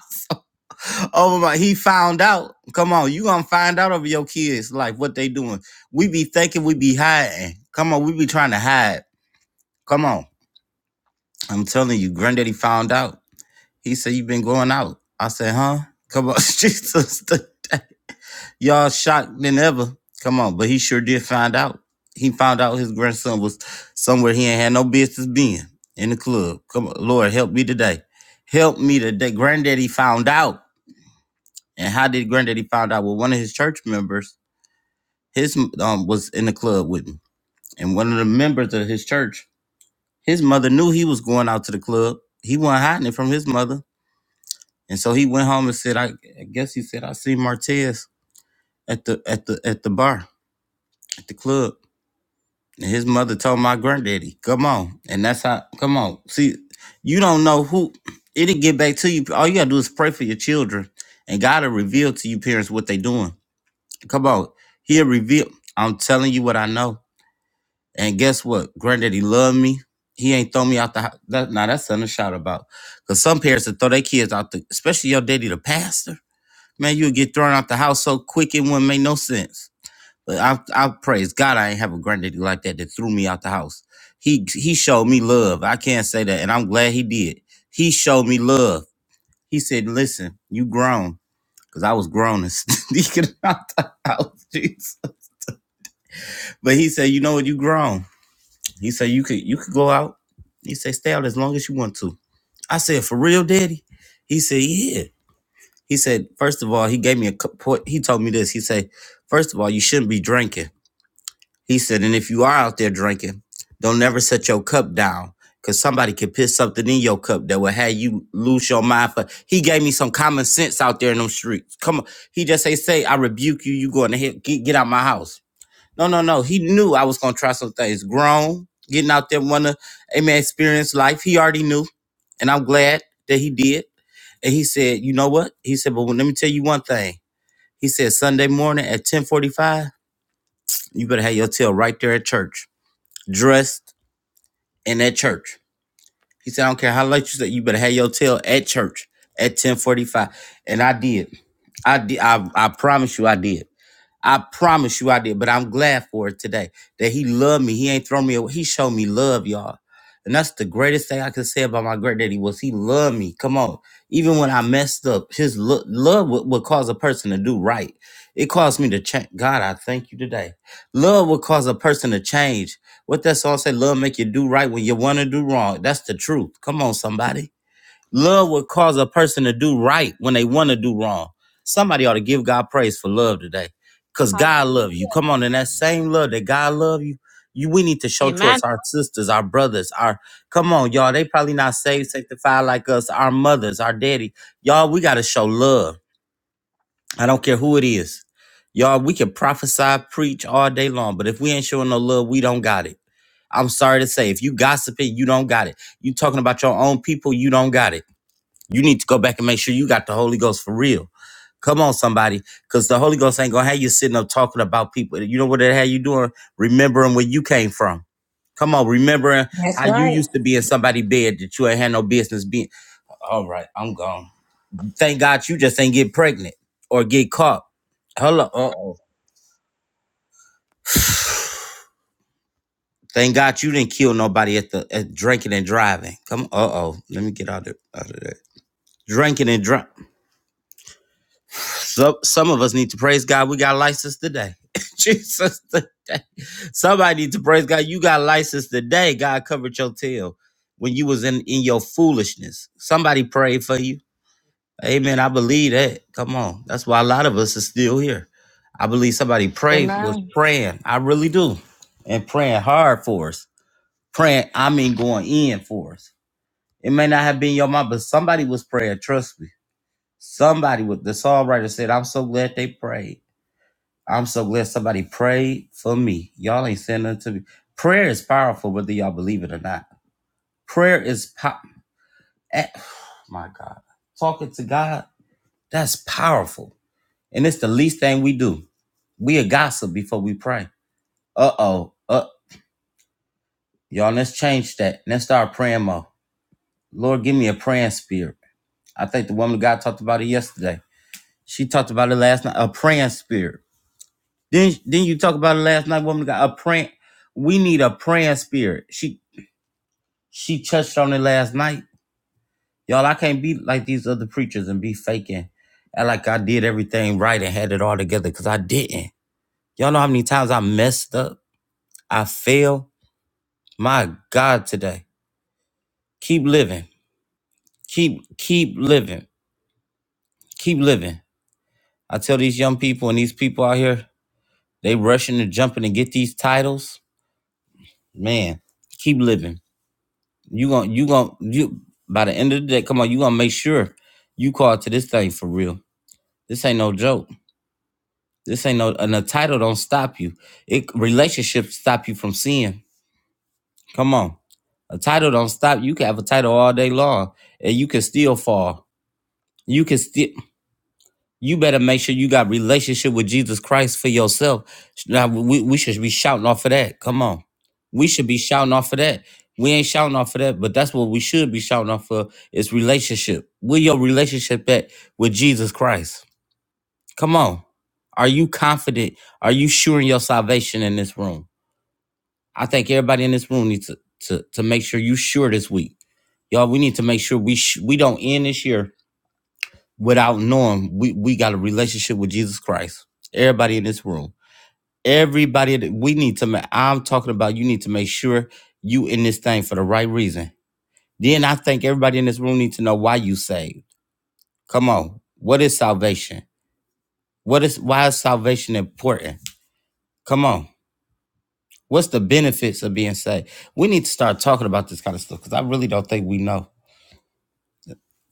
Speaker 1: Oh my, he found out. Come on, you gonna find out over your kids, like what they doing. We be thinking we be hiding. Come on, we be trying to hide. Come on. I'm telling you, granddaddy found out. He said you been going out. I said, huh? Come on, [laughs] Jesus. [laughs] Y'all shocked than ever. Come on, but he sure did find out. He found out his grandson was somewhere he ain't had no business being in the club. Come on, Lord, help me today. Help me today. Granddaddy found out. And how did Granddaddy found out? Well, one of his church members, his um, was in the club with me, and one of the members of his church, his mother knew he was going out to the club. He wasn't hiding it from his mother, and so he went home and said, "I, I guess he said I see Martez at the at the at the bar at the club." And his mother told my granddaddy, "Come on," and that's how. Come on, see, you don't know who it'll get back to you. All you gotta do is pray for your children, and God will reveal to you parents what they doing. Come on. He'll reveal. I'm telling you what I know. And guess what? Granddaddy loved me. He ain't throw me out the house. That, now that's something to shout about. Because some parents that throw their kids out the, especially your daddy, the pastor, man, you'll get thrown out the house so quick it wouldn't make no sense. But I, I praise God I ain't have a granddaddy like that that threw me out the house. He he showed me love. I can't say that. And I'm glad he did. He showed me love. He said, listen, you grown. Because I was grown and [laughs] sneaking out the house. [laughs] Jesus. But he said, you know what, you grown. He said you could you could go out. He said, stay out as long as you want to. I said, for real, daddy? He said, yeah. He said, first of all, he gave me a cu- point. He told me this. He said, first of all, you shouldn't be drinking. He said, and if you are out there drinking, don't never set your cup down because somebody could put something in your cup that will have you lose your mind. But he gave me some common sense out there in them streets. Come on. He just say, say, I rebuke you. You going to hell. Get, get out my house. No, no, no. He knew I was gonna try some things. Grown, getting out there, wanna amen, experience life. He already knew, and I'm glad that he did. And he said, "You know what?" He said, "But let me tell you one thing." He said, "Sunday morning at 10:45, you better have your tail right there at church, dressed in at church." He said, "I don't care how late you say, you better have your tail at church at 10:45." And I did. I did. I, I promise you, I did. I promise you I did, but I'm glad for it today that he loved me. He ain't thrown me away. He showed me love, y'all. And that's the greatest thing I could say about my great daddy was he loved me. Come on. Even when I messed up, his lo- love would, would cause a person to do right. It caused me to change. God, I thank you today. Love would cause a person to change. What that song say, love make you do right when you want to do wrong. That's the truth. Come on, somebody. Love will cause a person to do right when they want to do wrong. Somebody ought to give God praise for love today. Because God
Speaker 2: hallelujah.
Speaker 1: love you. Come on, in that same love that God love you, you we need to show towards
Speaker 4: Amen.
Speaker 1: our sisters, our brothers, our come on, y'all. They probably not saved, sanctified like us, our mothers, our daddy. Y'all, we gotta show love. I don't care who it is. Y'all, we can prophesy, preach all day long, but if we ain't showing no love, we don't got it. I'm sorry to say, if you gossiping, you don't got it. You talking about your own people, you don't got it. You need to go back and make sure you got the Holy Ghost for real. Come on, somebody, because the Holy Ghost ain't gonna have you sitting up talking about people. You know what it had you doing? Remembering where you came from. Come on, remembering
Speaker 11: That's
Speaker 1: how you
Speaker 11: right.
Speaker 1: used to be in somebody's bed that you ain't had no business being. All right, I'm gone. Thank God you just ain't get pregnant or get caught. Hello. Uh oh. Thank God you didn't kill nobody at the at drinking and driving. Come. Uh oh. Let me get out of out of that. Drinking and drunk. So some of us need to praise God. We got license today. [laughs] Jesus today. Somebody need to praise God. You got license today. God covered your tail when you was in, in your foolishness. Somebody prayed for you. Amen. I believe that. Come on. That's why a lot of us are still here. I believe somebody prayed was
Speaker 14: Amen.
Speaker 1: praying. I really do. And praying hard for us. Praying, I mean going in for us. It may not have been your mom, but somebody was praying. Trust me. Somebody with the songwriter said, I'm so glad they prayed. I'm so glad somebody prayed for me. Y'all ain't saying nothing to me. Prayer is powerful, whether y'all believe it or not. Prayer is po- eh, [sighs] oh my God. Talking to God, that's powerful. And it's the least thing we do. We a gossip before we pray. Uh-oh. Uh, y'all, let's change that. Let's start praying more. Lord, give me a praying spirit. I think the woman of God talked about it yesterday. She talked about it last night. A praying spirit. Then then you talk about it last night, woman got a praying. We need a praying spirit. She she touched on it last night. Y'all, I can't be like these other preachers and be faking. act like I did everything right and had it all together because I didn't. Y'all know how many times I messed up? I failed. My God today. Keep living. Keep keep living. Keep living. I tell these young people and these people out here, they rushing and jumping and get these titles. Man, keep living You gon' you gon' you by the end of the day, come on, you gonna make sure you call to this thing for real. This ain't no joke. This ain't no and a title don't stop you. It relationships stop you from seeing. Come on. A title don't stop. You can have a title all day long and you can still fall. You can still. You better make sure you got relationship with Jesus Christ for yourself. Now we, we should be shouting off of that. Come on. We should be shouting off of that. We ain't shouting off of that, but that's what we should be shouting off of is relationship. Where your relationship at with Jesus Christ? Come on. Are you confident? Are you sure in your salvation in this room? I think everybody in this room needs to, to, to make sure you sure this week. Y'all, we need to make sure we sh- we don't end this year without knowing we, we got a relationship with Jesus Christ. Everybody in this room, everybody that we need to make, I'm talking about you need to make sure you in this thing for the right reason. Then I think everybody in this room need to know why you saved. Come on. What is salvation? What is why is salvation important? Come on. What's the benefits of being saved? We need to start talking about this kind of stuff because I really don't think we know.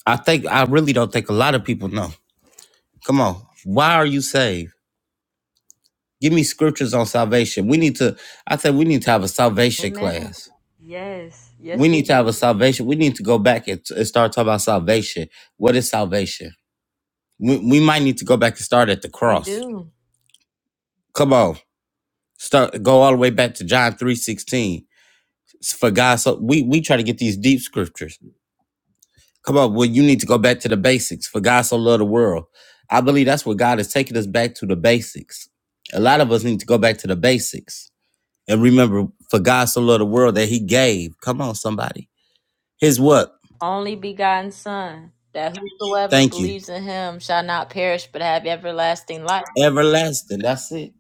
Speaker 1: I think I really don't think a lot of people know. Come on. Why are you saved? Give me scriptures on salvation. We need to, I said, we need to have a salvation
Speaker 2: Amen.
Speaker 1: class.
Speaker 2: Yes.
Speaker 1: We
Speaker 2: Yes, we
Speaker 1: need to
Speaker 2: do.
Speaker 1: have a salvation. We need to go back and, and start talking about salvation. What is salvation? We, we might need to go back and start at the
Speaker 2: We
Speaker 1: cross.
Speaker 2: do.
Speaker 1: Come on, start go all the way back to John three sixteen. For God, so we we try to get these deep scriptures. Come on, well you need to go back to the basics. For God so loved the world. I believe that's what God is taking us back to the basics. A lot of us need to go back to the basics And remember, for God so loved the world that he gave. Come on, somebody. His what?
Speaker 2: Only begotten Son, that whosoever
Speaker 1: Thank you.
Speaker 2: believes in him shall not perish but have everlasting life.
Speaker 1: Everlasting. That's it.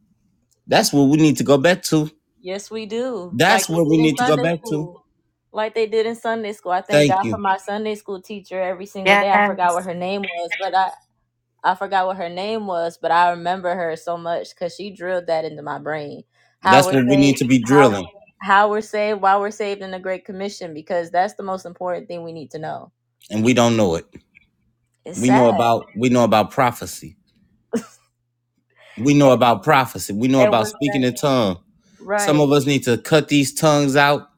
Speaker 1: That's what we need to go back to.
Speaker 2: Yes, we do. Like
Speaker 1: That's what
Speaker 2: they
Speaker 1: we
Speaker 2: did in
Speaker 1: need to go
Speaker 2: Sunday
Speaker 1: back to.
Speaker 2: school. Like they did in Sunday school. I thank
Speaker 1: Thank
Speaker 2: God for
Speaker 1: you.
Speaker 2: my Sunday school teacher every single day. I forgot
Speaker 4: Yes.
Speaker 2: what her name was, but I I forgot what her name was, but I remember her so much because she drilled that into my brain. How
Speaker 1: That's
Speaker 2: we're
Speaker 1: what we need
Speaker 2: saved,
Speaker 1: to be
Speaker 2: how
Speaker 1: drilling.
Speaker 2: how we're saved, why we're saved in the Great Commission, because that's the most important thing we need to know.
Speaker 1: And we don't know it.
Speaker 2: It's
Speaker 1: We know
Speaker 2: sad.
Speaker 1: about we know about prophecy. We know about prophecy. We know
Speaker 2: It
Speaker 1: about
Speaker 2: was
Speaker 1: speaking
Speaker 2: that
Speaker 1: in tongues. Some
Speaker 2: right.
Speaker 1: of us need to cut these tongues out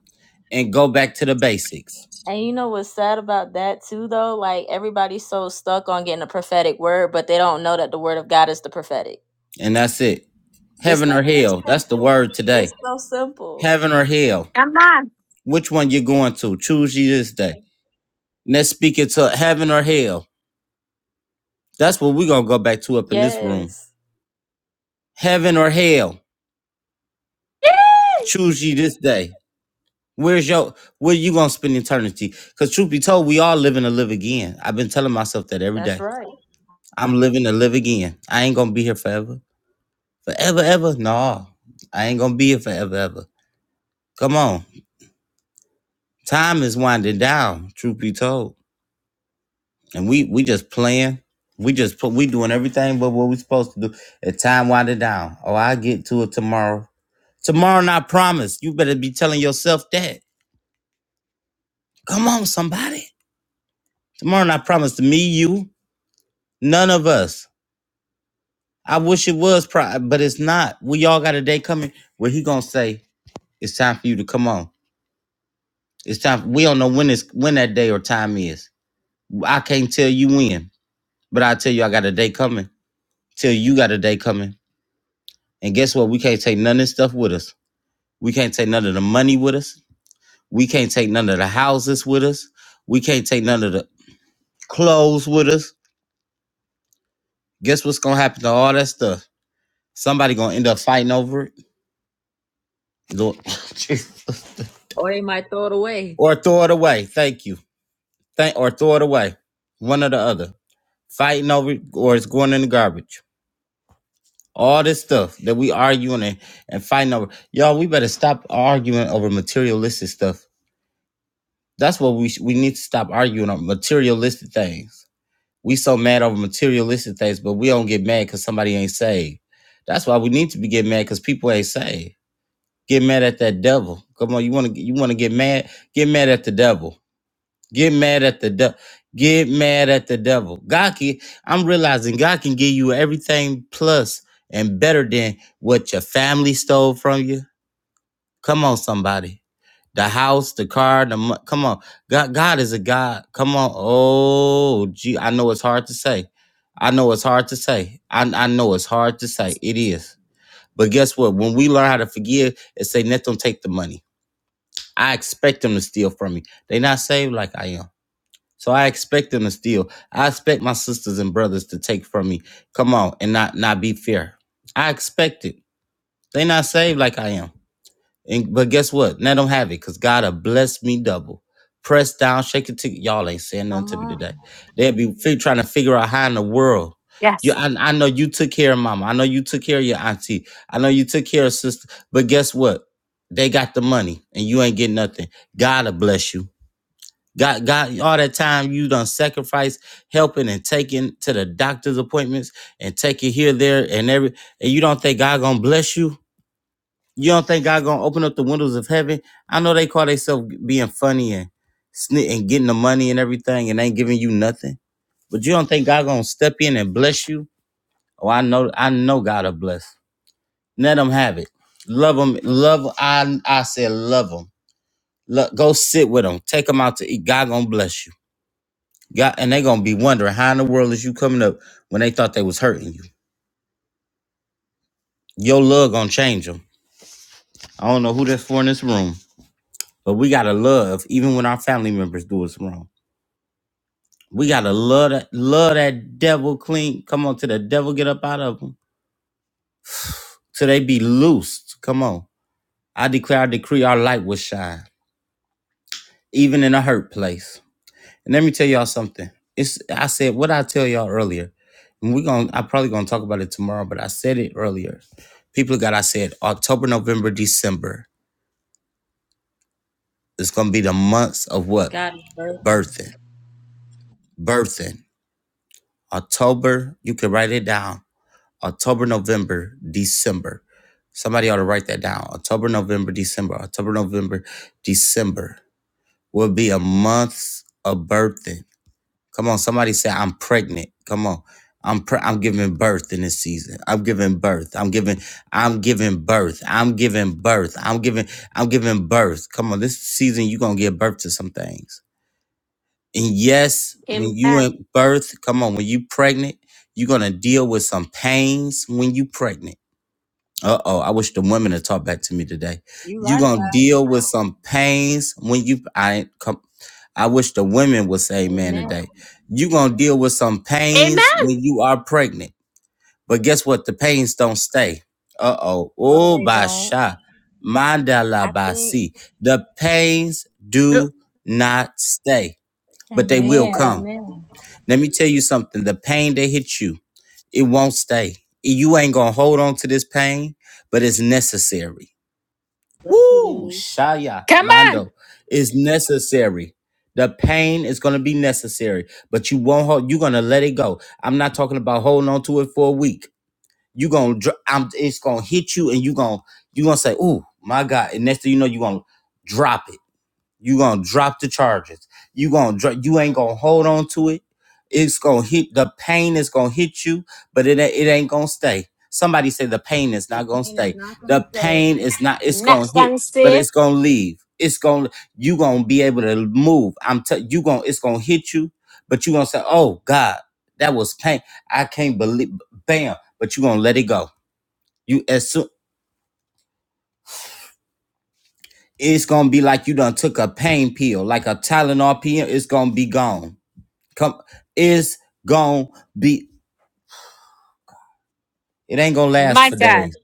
Speaker 1: and go back to the basics.
Speaker 2: And you know what's sad about that too, though? Like everybody's so stuck on getting a prophetic word, but they don't know that the word of God is the prophetic.
Speaker 1: And that's it.
Speaker 2: This
Speaker 1: Heaven
Speaker 2: stuff
Speaker 1: or
Speaker 2: is
Speaker 1: hell. That's the
Speaker 2: simple.
Speaker 1: word
Speaker 2: It's
Speaker 1: today.
Speaker 2: so simple.
Speaker 1: Heaven or hell.
Speaker 4: Come on.
Speaker 1: Which one you going to? Choose ye this day. And Let's speak it to heaven or hell. That's what we're gonna go back to up in this room.
Speaker 2: Yes,
Speaker 1: Heaven or hell. Choose ye this day. Where's your where you gonna spend eternity? Cause truth be told, we all living to live again. I've been telling myself that every
Speaker 2: that's
Speaker 1: day.
Speaker 2: right.
Speaker 1: I'm living to live again. I ain't gonna be here forever. Forever, ever? No. I ain't gonna be here forever, ever. Come on. Time is winding down, truth be told. and we we just playing. We just put we doing everything but what we supposed to do. And time winding down. Oh, I get to it tomorrow. Tomorrow not promise. You better be telling yourself that. Come on, somebody. Tomorrow not promise to me, you, none of us. I wish it was pro, but it's not. We all got a day coming where he gonna say it's time for you to come on. It's time. We don't know when it's when that day or time is. I can't tell you when, but I tell you I got a day coming. Till you got a day coming. And guess what? We can't take none of this stuff with us. We can't take none of the money with us. We can't take none of the houses with us. We can't take none of the clothes with us. Guess what's gonna happen to all that stuff? Somebody gonna end up fighting over it. Lord, [laughs] Jesus.
Speaker 2: Or they might throw it away.
Speaker 1: or throw it away. Thank you. Thank or throw it away. One or the other. Fighting over it, or it's going in the garbage. All this stuff that we arguing and, and fighting over. Y'all, we better stop arguing over materialistic stuff That's what we sh- we need to stop arguing on materialistic things. We so mad over materialistic things, but we don't get mad because somebody ain't saved. That's why we need to be getting mad because people ain't saved. Get mad at that devil. Come on, you want to you want to get mad? Get mad at the devil. Get mad at the devil. Get mad at the devil. God can. I'm realizing God can give you everything plus and better than what your family stole from you Come on, somebody. The house, the car, the mo- come on. God, God is a God. Come on. Oh, gee, I know it's hard to say. I know it's hard to say. I, I know it's hard to say. It is. But guess what? When we learn how to forgive and say, let them take the money. I expect them to steal from me. They not saved like I am. So I expect them to steal. I expect my sisters and brothers to take from me. Come on, and not not be fair. I expect it. They not saved like I am. And but guess what? Now I don't have it because God will bless me double. Press down, shake it to y'all ain't saying nothing
Speaker 2: Come
Speaker 1: to me
Speaker 2: on,
Speaker 1: today. They'll be fi- trying to figure out how in the world. You, I, I know you took care of mama. I know you took care of your auntie. I know you took care of sister. But guess what? They got the money and you ain't getting nothing. God will bless you. God, God, all that time you done sacrifice helping and taking to the doctor's appointments and taking here, there, and every, and you don't think God gonna bless you? You don't think God gonna open up the windows of heaven? I know they call themselves being funny and snit and getting the money and everything and ain't giving you nothing. But you don't think God gonna step in and bless you? Oh, I know, I know God will bless. Let them have it. Love them, love. I I said love them. go sit with them. Take them out to eat. God gonna bless you. God, and they gonna be wondering how in the world is you coming up when they thought they was hurting you. Your love gonna change them. I don't know who that's for in this room, but we gotta love even when our family members do us wrong. We gotta love that, love that devil clean. Come on, to the devil get up out of them. So they be loosed. Come on. I declare, I decree our light will shine, even in a hurt place. And let me tell y'all something. It's I said what I tell y'all earlier. And we're gonna I probably gonna talk about it tomorrow, but I said it earlier. People of God, I said October, November, December. It's gonna be the months of what?
Speaker 2: God is working.
Speaker 1: Birthing. Birthing. October, you can write it down. October, November, December. Somebody ought to write that down. October, November, December. October, November, December will be a month of birthing. Come on, somebody say I'm pregnant. Come on. I'm pre- I'm giving birth in this season. I'm giving birth. I'm giving I'm giving birth. I'm giving birth. I'm giving I'm giving birth. Come on, this season you're going to give birth to some things. And yes, when
Speaker 4: Amen.
Speaker 1: you in birth, come on, when you pregnant, you're going to deal with some pains when you pregnant uh oh, I wish the women had talked back to me today.
Speaker 2: You
Speaker 1: You
Speaker 2: right
Speaker 1: gonna
Speaker 2: about it.
Speaker 1: deal with some pains when you I ain't come. I wish the women would say man
Speaker 2: Amen.
Speaker 1: today. You gonna deal with some pains
Speaker 4: Amen.
Speaker 1: when you are pregnant. But guess what? The pains don't stay. Uh oh.
Speaker 2: No,
Speaker 1: Oh
Speaker 2: they don't.
Speaker 1: basha.
Speaker 2: I
Speaker 1: Mandala
Speaker 2: think.
Speaker 1: basi. The pains
Speaker 4: Look,
Speaker 1: do not stay, but they will
Speaker 11: Amen.
Speaker 1: come.
Speaker 2: Amen.
Speaker 1: Let me tell you something. The pain that hit you. It won't stay. You ain't gonna hold on to this pain, but it's necessary.
Speaker 2: Look at
Speaker 1: Woo,
Speaker 2: this.
Speaker 1: Shaya
Speaker 4: Come on.
Speaker 1: mando, It's necessary. The pain is gonna be necessary, but you won't hold. You're gonna let it go. I'm not talking about holding on to it for a week. You gonna, dr- I'm, it's gonna hit you, and you gonna, you gonna say, "Ooh, my God!" And next thing you know, you gonna drop it you gonna drop the charges. You gonna dro- you ain't gonna hold on to it. It's gonna hit the pain is gonna hit you, but it ain't- it ain't gonna stay. Somebody say the pain is
Speaker 2: The
Speaker 1: not gonna
Speaker 2: pain is
Speaker 1: stay.
Speaker 2: not gonna
Speaker 1: The
Speaker 2: stay.
Speaker 1: pain is not. It's gonna
Speaker 4: Next
Speaker 1: hit,
Speaker 4: one,
Speaker 1: but
Speaker 4: say,
Speaker 1: it's gonna leave. It's gonna you gonna be able to move. I'm tell you gonna it's gonna hit you, but you gonna say, "Oh God, that was pain. I can't believe." Bam! But you gonna let it go. You as soon it's gonna be like you done took a pain pill, like a Tylenol pill. It's gonna be gone Come, it's gonna be. It ain't gonna last
Speaker 4: my
Speaker 1: for
Speaker 4: God,
Speaker 1: days.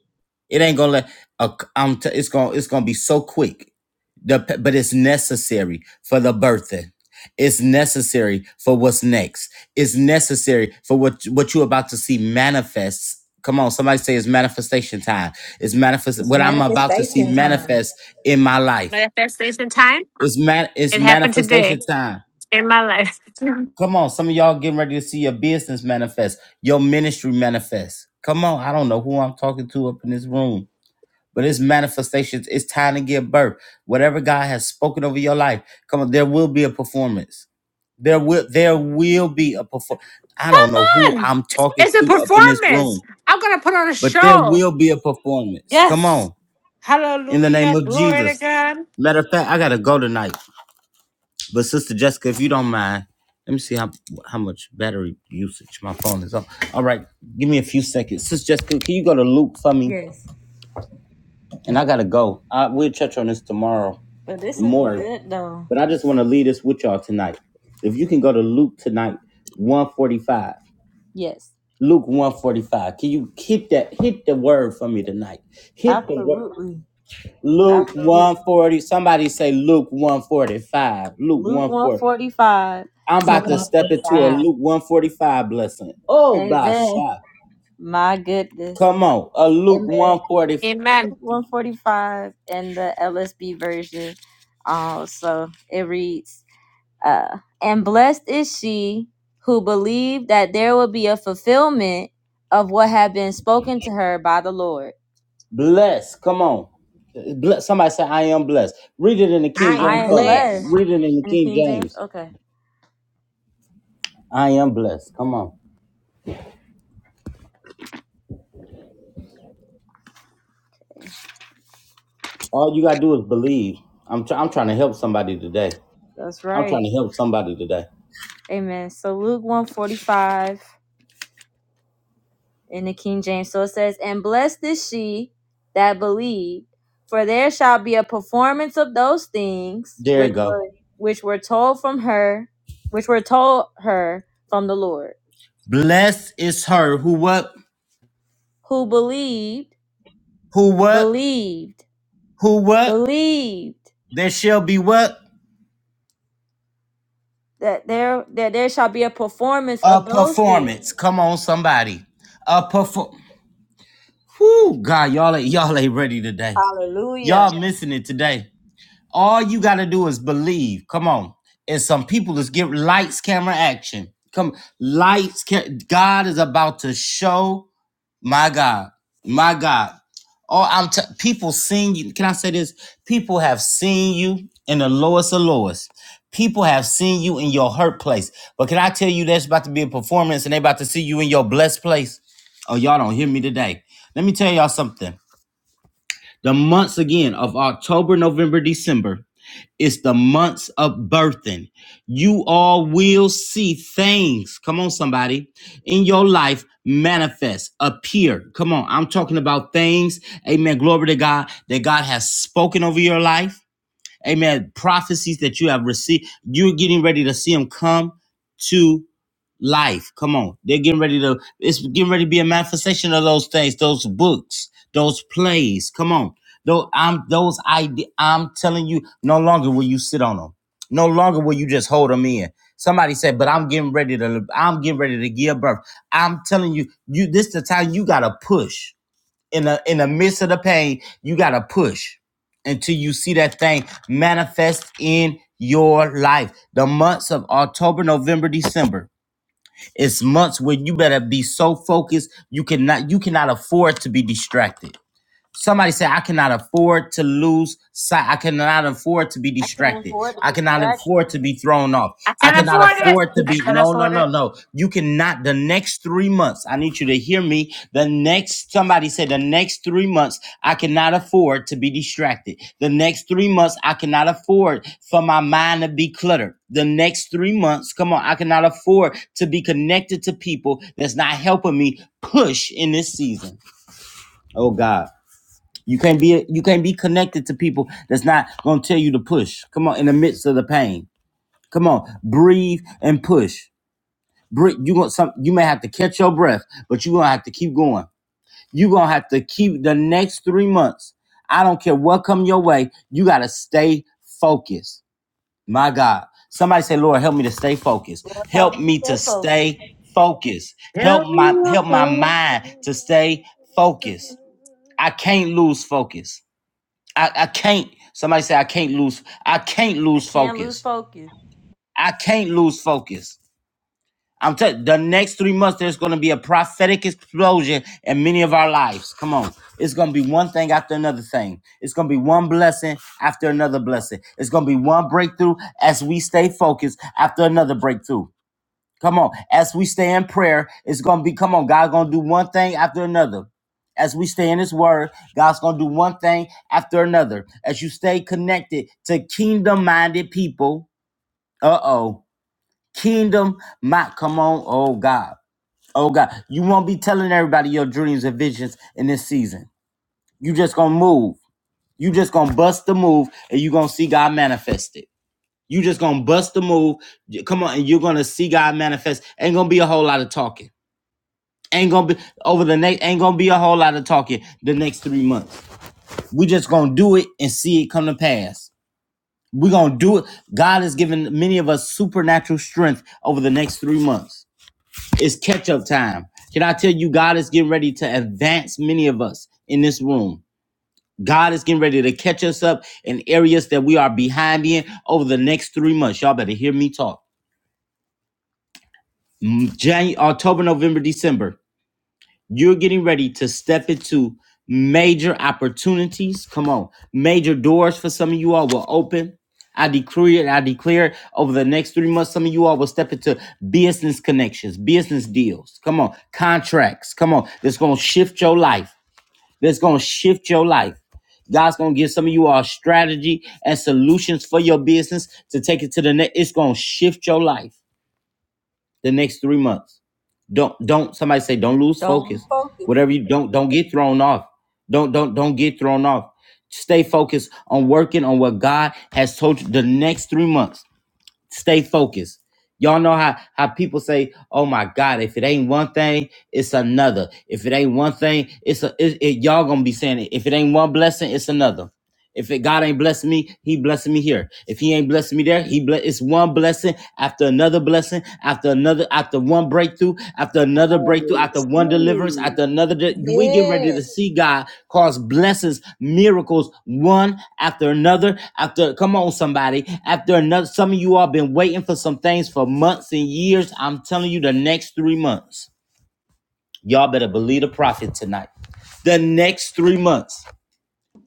Speaker 1: It ain't gonna. La- a- I'm. T- it's gonna. It's gonna be so quick. The, p- but it's necessary for the birthing. It's necessary for what's next. It's necessary for what what you're about to see manifest. Come on, somebody say it's manifestation time. It's manifest.
Speaker 11: It's
Speaker 1: What I'm about to see
Speaker 11: manifestation time.
Speaker 1: manifest in my life.
Speaker 4: manifestation time.
Speaker 1: It's man. It's
Speaker 4: It happened today
Speaker 1: manifestation time.
Speaker 4: in my life.
Speaker 1: Come on, some of y'all getting ready to see your business manifest, your ministry manifest. Come on, I don't know who I'm talking to up in this room, but it's manifestations. It's time to give birth. Whatever God has spoken over your life, come on, there will be a performance. There will there will be a perform. I
Speaker 4: Come
Speaker 1: don't know who
Speaker 4: on.
Speaker 1: I'm talking
Speaker 4: It's a
Speaker 1: to up in this room,
Speaker 4: performance. I'm going to put on a
Speaker 1: but there
Speaker 4: show.
Speaker 1: will be a performance. Come
Speaker 4: Yes.
Speaker 1: on, in the name
Speaker 4: Hallelujah.
Speaker 1: of
Speaker 4: Glory
Speaker 1: Jesus.
Speaker 4: to God.
Speaker 1: Matter of fact, I gotta go tonight. But Sister Jessica, if you don't mind, let me see how how much battery usage my phone is on. All right, give me a few seconds. Sister Jessica, can you go to Luke for me?
Speaker 2: Yes,
Speaker 1: And I gotta go. I, we'll touch on this tomorrow
Speaker 2: but this is
Speaker 1: more,
Speaker 2: good though.
Speaker 1: but I just want to leave this with y'all tonight. If you can go to Luke tonight, one forty five.
Speaker 2: Yes,
Speaker 1: Luke one forty five. Can you hit that? Hit the word for me tonight. Hit the word.
Speaker 2: absolutely,
Speaker 1: Luke
Speaker 2: absolutely.
Speaker 1: one forty. Somebody say Luke one forty five. Luke
Speaker 2: Luke
Speaker 1: 140.
Speaker 2: 145.
Speaker 1: I'm
Speaker 2: So
Speaker 11: Look,
Speaker 1: about to step into a
Speaker 11: 145.
Speaker 1: Luke 145 blessing. Oh, by
Speaker 2: Amen.
Speaker 1: shot.
Speaker 2: My goodness.
Speaker 1: Come on. A Luke
Speaker 2: Amen.
Speaker 1: 145
Speaker 4: Amen.
Speaker 2: 145 in the LSB version. Uh, so it reads, uh, and blessed is she who believed that there would be a fulfillment of what had been spoken to her by the Lord.
Speaker 1: bless. Come on. Bless. Somebody say, I am blessed. Read it in the
Speaker 11: I
Speaker 1: King
Speaker 2: I
Speaker 1: James
Speaker 11: am
Speaker 2: am
Speaker 1: for me.
Speaker 11: blessed.
Speaker 2: blessed.
Speaker 1: Read it in the
Speaker 2: In the
Speaker 1: King
Speaker 2: King James?
Speaker 1: James.
Speaker 2: Okay.
Speaker 1: I am blessed. Come on. All you got to do is believe. I'm, try- I'm trying to help somebody today.
Speaker 2: That's
Speaker 1: I'm
Speaker 2: right.
Speaker 1: trying to help somebody today.
Speaker 2: Amen. So Luke 145. in the King James. So it says, And blessed is she that believed, for there shall be a performance of those things
Speaker 1: There
Speaker 2: which
Speaker 1: you go.
Speaker 2: were which were told from her, which were told her from the Lord,
Speaker 1: Blessed is her who what?
Speaker 2: who believed,
Speaker 1: Who what?
Speaker 2: believed,
Speaker 1: Who what?
Speaker 2: believed
Speaker 1: There shall be what?
Speaker 2: that there that there shall be a performance
Speaker 1: A
Speaker 2: of those things.
Speaker 1: performance. Come on, somebody. A perform. Whoo, God, y'all ain't y'all ain't ready today.
Speaker 2: Hallelujah.
Speaker 1: Y'all missing it today. All you gotta do is believe. Come on. And some people is give lights, camera, action. Come lights. Ca- God is about to show. My God, my God. Oh, I'm t- people seen you. Can I say this? People have seen you in the lowest of lowest. People have seen you in your hurt place. But can I tell you that's about to be a performance and they about to see you in your blessed place? Oh, y'all don't hear me today. Let me tell y'all something. The months again of October, November, December. It's the months of birthing. You all will see things. Come on, somebody. In your life, manifest, appear. Come on. I'm talking about things. Amen. Glory to God that God has spoken over your life. Amen. Prophecies that you have received, you're getting ready to see them come to life. Come on. They're getting ready to, it's getting ready to be a manifestation of those things, those books, those plays. Come on. Those, I'm, those ide- I'm telling you, no longer will you sit on them. No longer will you just hold them in. Somebody said, but I'm getting ready to, I'm getting ready to give birth. I'm telling you, you, this the time you got to push in the in the midst of the pain, you gotta push until you see that thing manifest in your life. The months of October, November, December. It's months where you better be so focused you cannot you cannot afford to be distracted. Somebody say, I cannot afford to lose sight. I cannot afford to be
Speaker 2: I can't
Speaker 1: distracted.
Speaker 2: afford to
Speaker 1: I
Speaker 2: be
Speaker 1: cannot
Speaker 2: distracted.
Speaker 1: afford to be thrown off.
Speaker 4: I
Speaker 1: I
Speaker 4: can
Speaker 1: cannot
Speaker 4: afford it.
Speaker 1: afford to
Speaker 4: I
Speaker 1: be,
Speaker 4: can
Speaker 1: no, no,
Speaker 4: afford
Speaker 1: no,
Speaker 4: it.
Speaker 1: no. You cannot, the next three months, I need you to hear me. The next, somebody say, the next three months, I cannot afford to be distracted. The next three months, I cannot afford for my mind to be cluttered. The next three months, come on, I cannot afford to be connected to people that's not helping me push in this season. Oh God. You can't be you can't be connected to people that's not gonna tell you to push. Come on, in the midst of the pain. Come on, breathe and push. Breathe. You want some? You may have to catch your breath, but you're gonna have to keep going. You're gonna have to keep the next three months. I don't care what come your way. You gotta stay focused. My God, somebody say, Lord, help me to stay focused.
Speaker 2: Help
Speaker 1: Help
Speaker 2: me to
Speaker 1: me to
Speaker 2: stay focused.
Speaker 1: stay focused. Help
Speaker 4: Tell me
Speaker 1: my help my
Speaker 4: why.
Speaker 1: mind to stay focused. I can't lose focus. I, I can't. Somebody say I can't lose. I can't
Speaker 2: I
Speaker 1: lose
Speaker 2: can't lose
Speaker 1: focus.
Speaker 2: focus.
Speaker 1: I can't lose focus. I'm telling you, the next three months there's going to be a prophetic explosion in many of our lives. Come on, it's going to be one thing after another thing. It's going to be one blessing after another blessing. It's going to be one breakthrough as we stay focused after another breakthrough. Come on, as we stay in prayer, it's gonna be come on. God's gonna do one thing after another. As we stay in His Word, God's gonna do one thing after another. As you stay connected to kingdom-minded people, uh oh, kingdom My Come on, oh God, oh God, you won't be telling everybody your dreams and visions in this season. You just gonna move. You just gonna bust the move, and you gonna see God manifest it. You just gonna bust the move. Come on, and you're gonna see God manifest. Ain't gonna be a whole lot of talking. Ain't gonna be over the next. Ain't gonna be a whole lot of talking the next three months. We just gonna do it and see it come to pass. We gonna do it. God has given many of us supernatural strength over the next three months. It's catch up time. Can I tell you, God is getting ready to advance many of us in this room. God is getting ready to catch us up in areas that we are behind in over the next three months. Y'all better hear me talk. Mm, January, October, November, December. You're getting ready to step into major opportunities. Come on, major doors for some of you all will open. I decree it, I declare it over the next three months. Some of you all will step into business connections, business deals. Come on, contracts. Come on, that's gonna shift your life. That's gonna shift your life. God's gonna give some of you all strategy and solutions for your business to take it to the next. It's gonna shift your life the next three months. Don't don't somebody say don't lose
Speaker 2: Don't lose
Speaker 1: focus.
Speaker 2: focus.
Speaker 1: Whatever you don't don't get thrown off. Don't don't don't get thrown off. Stay focused on working on what God has told you the next three months. Stay focused. Y'all know how how people say, "Oh my God, if it ain't one thing, it's another. If it ain't one thing, it's a it, it- y'all gonna be saying it. If it ain't one blessing, it's another." If it, God ain't blessing me, He blessing me here. If He ain't blessing me there, He bless. It's one blessing after another blessing after another after one breakthrough after another
Speaker 9: I
Speaker 1: breakthrough after one deliverance
Speaker 9: receive.
Speaker 1: after another. de- we getting ready to
Speaker 11: Yes.
Speaker 1: see God cause blessings, miracles, one after another after. Come on, somebody. After another, some of you all been waiting for some things for months and years. I'm telling you, the next three months, y'all better believe the prophet tonight. The next three months.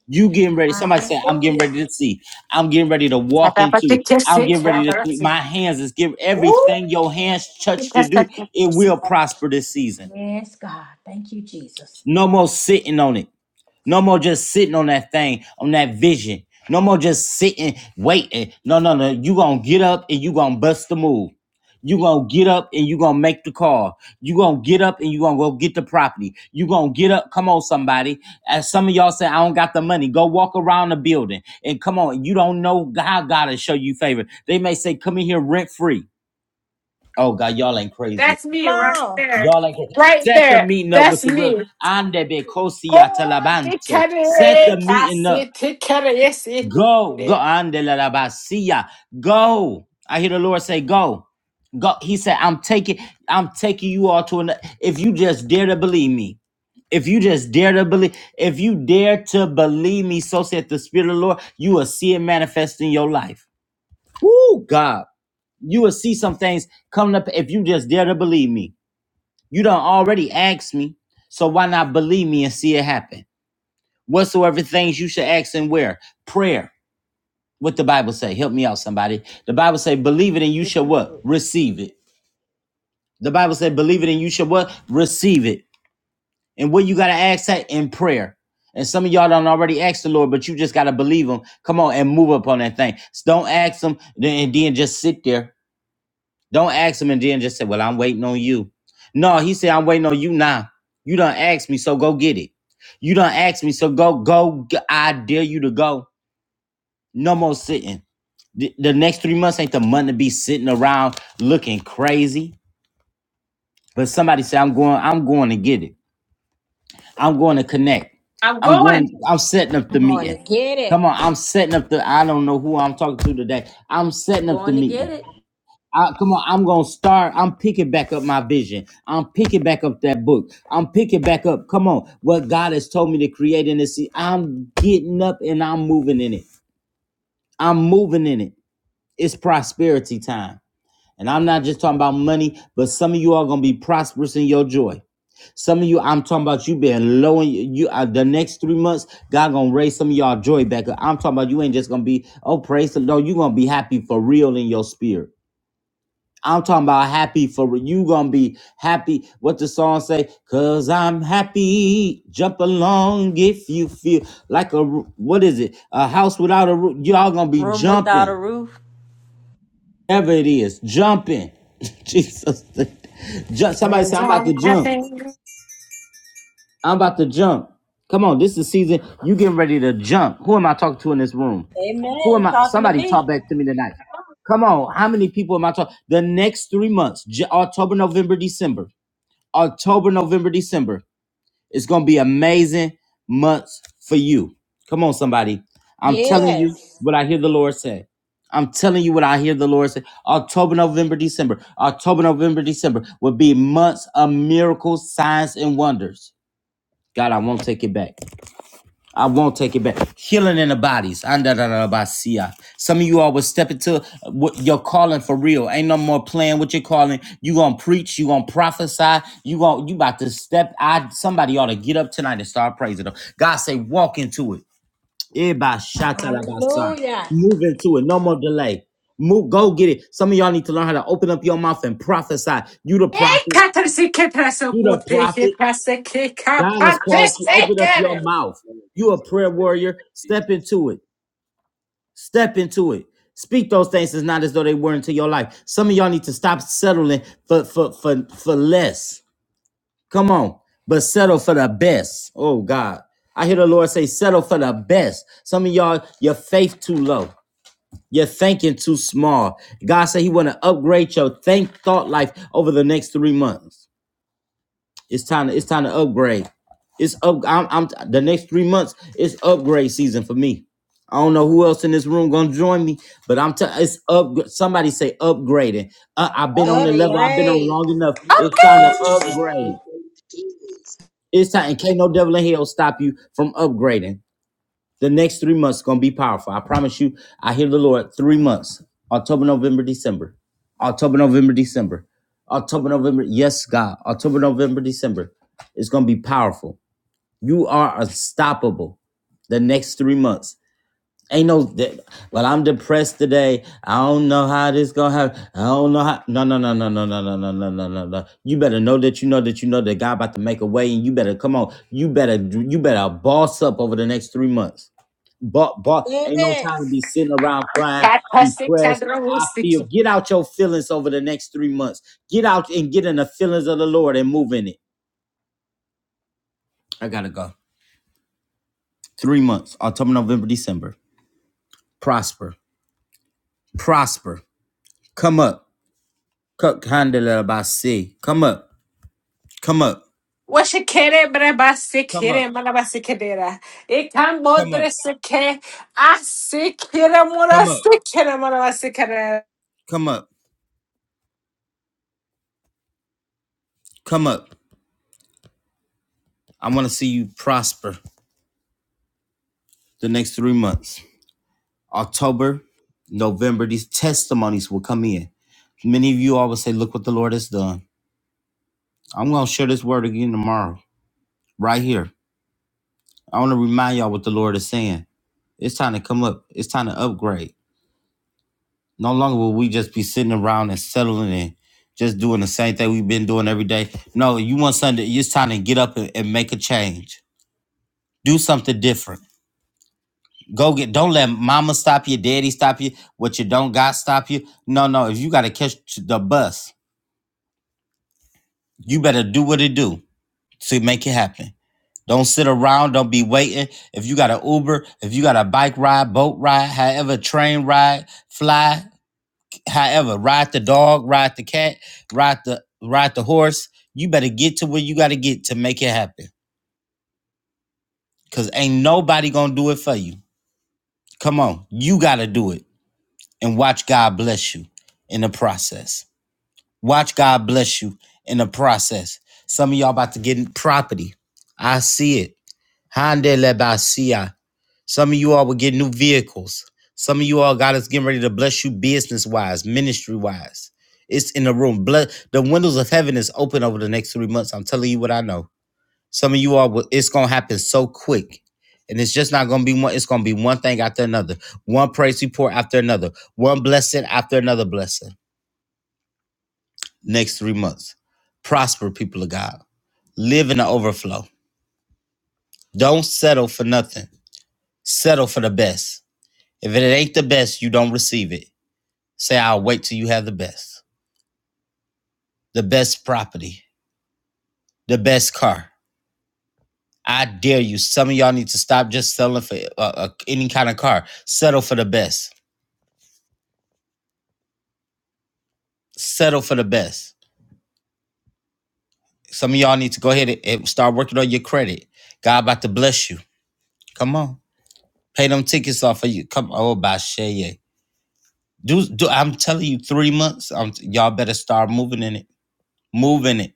Speaker 1: You getting ready. Somebody said I'm getting
Speaker 11: Hallelujah.
Speaker 1: ready to see. I'm getting ready to walk
Speaker 4: Tata
Speaker 1: into.
Speaker 4: pati
Speaker 1: I'm
Speaker 4: kesi
Speaker 1: getting ready to
Speaker 4: kera
Speaker 1: keep
Speaker 4: si.
Speaker 1: my hands. Is give
Speaker 4: Ooh.
Speaker 1: everything your hands touch to do.
Speaker 4: kesi
Speaker 1: It will
Speaker 4: kesi.
Speaker 1: prosper this season.
Speaker 11: Yes, God. Thank you, Jesus.
Speaker 1: No more sitting on it. No more just sitting on that thing, on that vision. No more just sitting, waiting. No, no, no. You gonna get up and you gonna bust the move. You gonna get up and you gonna make the call. You gonna get up and you gonna go get the property. You gonna get up. Come on, somebody. As some of y'all say, I don't got the money. Go walk around the building and come on. You don't know how God will show you favor. They may say, come in here rent free. Oh God, y'all ain't crazy
Speaker 4: That's me
Speaker 11: Come
Speaker 4: right
Speaker 11: on.
Speaker 4: there.
Speaker 1: Y'all like it.
Speaker 4: Right
Speaker 1: Set the
Speaker 4: there.
Speaker 1: meeting up with
Speaker 4: That's
Speaker 1: the real
Speaker 4: me.
Speaker 1: Ande be kosi ya
Speaker 4: Oh, they
Speaker 1: Talabanto.
Speaker 4: cut
Speaker 1: Set the
Speaker 4: it. I
Speaker 1: meeting up.
Speaker 4: see it.
Speaker 1: Go. Go Ande la la Basia. Go. I hear the Lord say, Go. Go. He said, I'm taking, I'm taking you all to another. If you just dare to believe me. If you just dare to believe, if you dare to believe me, so said the Spirit of the Lord, you will see it manifest in your life. Woo, God. You will see some things coming up if you just dare to believe me. You done already asked me. So why not believe me and see it happen? Whatsoever things you should ask and where? Prayer. What the Bible say? Help me out, somebody. The Bible say, believe it and you shall what? Receive it. The Bible say, believe it and you shall what? Receive it. And what you gotta ask that in prayer. And some of y'all don't already ask the Lord, but you just gotta believe him. Come on and move up on that thing. Don't ask him and then just sit there Don't ask him and then just say, Well, I'm waiting on you. No, he said, I'm waiting on you now. You done asked me, so go get it. You done asked me, so go, go. g- I dare you to go. No more sitting. The, the next three months ain't the month to be sitting around looking crazy. But somebody said, I'm going, I'm going to get it. I'm going to connect.
Speaker 4: I'm
Speaker 1: I'm going,
Speaker 4: going.
Speaker 1: I'm setting up the
Speaker 11: I'm going to
Speaker 1: meeting.
Speaker 11: get
Speaker 1: Come on,
Speaker 11: it.
Speaker 1: I'm setting up the, I don't know who I'm talking to today. I'm
Speaker 2: I'm
Speaker 1: setting up the
Speaker 2: going to get
Speaker 1: meeting.
Speaker 2: it.
Speaker 1: I, come on, I'm gonna start. I'm picking back up my vision. I'm picking back up that book. I'm picking back up. Come on, what God has told me to create in this. se- I'm getting up and I'm moving in it. I'm moving in it. It's prosperity time. And I'm not just talking about money, but some of you are gonna be prosperous in your joy. Some of you, I'm talking about you being low in you. uh, the next three months, God gonna raise some of y'all joy back up. I'm talking about you ain't just gonna be, oh praise the Lord. you gonna be happy for real in your spirit. I'm talking about happy for you gonna be happy. What the song say? Cause I'm happy. Jump along if you feel like a roo- what is it? A house without a roof. Y'all gonna be
Speaker 2: Room without a
Speaker 1: jumping.
Speaker 2: roof.
Speaker 1: Whatever it is, jumping. [laughs] Jesus. Jump. Somebody say
Speaker 4: Cause
Speaker 1: I'm about to
Speaker 4: I'm
Speaker 1: jump.
Speaker 4: happy.
Speaker 1: I'm about to jump. Come on, this is season. You getting ready to jump. Who am I talking to in this room? Who
Speaker 2: Amen.
Speaker 1: am I?
Speaker 2: Talking to
Speaker 1: Somebody
Speaker 2: me.
Speaker 1: talk back to me tonight. Come on, how many people am I talking? The next three months, J- October, November, December. October, November, December. It's gonna be amazing months for you. Come on, somebody. I'm telling you
Speaker 11: Yes.
Speaker 1: what I hear the Lord say. I'm telling you what I hear the Lord say. October, November, December. October, November, December will be months of miracles, signs, and wonders. God, I won't take it back. I won't take it back. Healing in the bodies. Andadadabasia. Some of you all will step into what your calling for real. Ain't no more playing with your calling. You gonna preach. You gonna prophesy. You gonna you about to step. I somebody ought to get up tonight and start praising them. God say, walk into it. Ebashatalabasa.
Speaker 11: Hallelujah.
Speaker 1: Move into it. No more delay. Move. Go get it. Some of y'all need to learn how to open up your mouth and prophesy. You the prophet.
Speaker 4: Katarsi ketrasa
Speaker 1: You the
Speaker 4: kute
Speaker 1: prophet.
Speaker 4: ketrasa ke
Speaker 1: God has called you.
Speaker 4: kapatese
Speaker 1: Open up your
Speaker 4: kere.
Speaker 1: mouth. You a
Speaker 15: So
Speaker 1: prayer
Speaker 15: the
Speaker 1: warrior. Step
Speaker 15: name
Speaker 1: into it. Step into it. Speak those things as not as though they were into your life. Some of y'all need to stop settling for for for for less. Come on, but settle for the best. Oh God, I hear the Lord say, settle for the best. Some of y'all, your faith too low. You're thinking too small. God said He want to upgrade your think thought life over the next three months. It's time. To, it's time to upgrade. It's up. I'm, I'm the next three months. It's upgrade season for me. I don't know who else in this room gonna join me, but I'm. T- it's up. Somebody say upgrading. Uh, I've been on the
Speaker 2: Upgrade.
Speaker 1: level. I've been on
Speaker 11: Upgrade.
Speaker 1: long enough. It's time to upgrade.
Speaker 15: of Jesus.
Speaker 1: It's time, and can't no devil in hell stop you from upgrading. The next three months gonna be powerful. I promise you. I hear the Lord. Three months: October, November, December. October, November, December. October, November. Yes, God. October, November, December. It's gonna be powerful. You are unstoppable. The next three months. Ain't no. that- Well, I'm depressed today. I don't know how this gonna happen. I don't know how. No, no, no, no, no, no, no, no, no, no, no, no. You better know that you know that you know that God about to make a way, and you better come on. You better you better boss up over the next three months. But but ain't no
Speaker 11: Yes.
Speaker 1: time to be sitting around crying,
Speaker 4: Katasi
Speaker 1: depressed.
Speaker 4: kadra
Speaker 1: I feel
Speaker 4: usiki.
Speaker 1: get out your feelings over the next three months. Get out and get in the feelings of the Lord and move in it. I gotta go. Three months, October, November, December. Prosper, prosper. Come up, Cut handle by sea. Come up, come up,
Speaker 4: Washe kere brabasi
Speaker 1: come up,
Speaker 4: kere manabasi kedera. Ikan
Speaker 1: come up,
Speaker 4: bodrese ke asi kere
Speaker 1: come up,
Speaker 4: murasi kere manabasi kere.
Speaker 1: come up, come up. I want to see you prosper the next three months. October, November, these testimonies will come in. Many of you always say, Look what the Lord has done. I'm going to share this word again tomorrow, right here. I want to remind y'all what the Lord is saying. It's time to come up, it's time to upgrade. No longer will we just be sitting around and settling and just doing the same thing we've been doing every day. No, you want something, it's time to get up and, and make a change. Do something different. Go get, don't let mama stop you, daddy stop you, what you don't got stop you. No, no, if you got to catch the bus, You better do what it do to make it happen. Don't sit around. Don't be waiting. If you got an Uber, if you got a bike ride, boat ride, however, train ride, fly, however, ride the dog, ride the cat, ride the ride the horse. You better get to where you got to get to make it happen. Cause ain't nobody gonna do it for you. Come on, you gotta do it, and watch God bless you in the process. Watch God bless you in the process. Some of y'all about to get property. I see it. Honda Lebasia. Some of you all will get new vehicles. Some of you all God is getting ready to bless you business wise, ministry wise. It's in the room. Bless, the windows of heaven is open over the next three months. I'm telling you what I know. Some of you all, will, it's gonna happen so quick, and it's just not gonna be one. It's gonna be one thing after another, one praise report after another, one blessing after another blessing. Next three months, prosper people of God. Live in the overflow. Don't settle for nothing. Settle for the best. If it ain't the best, you don't receive it. Say, I'll wait till you have the best, the best property, the best car. I dare you. Some of y'all need to stop just selling for uh, uh, any kind of car. Settle for the best. Settle for the best. Some of y'all need to go ahead and and start working on your credit. God about to bless you. Come on, pay them tickets off of you. Come on. oh, by Shea. Do, do I'm telling you, three months. Um, y'all better start moving in it. Moving it.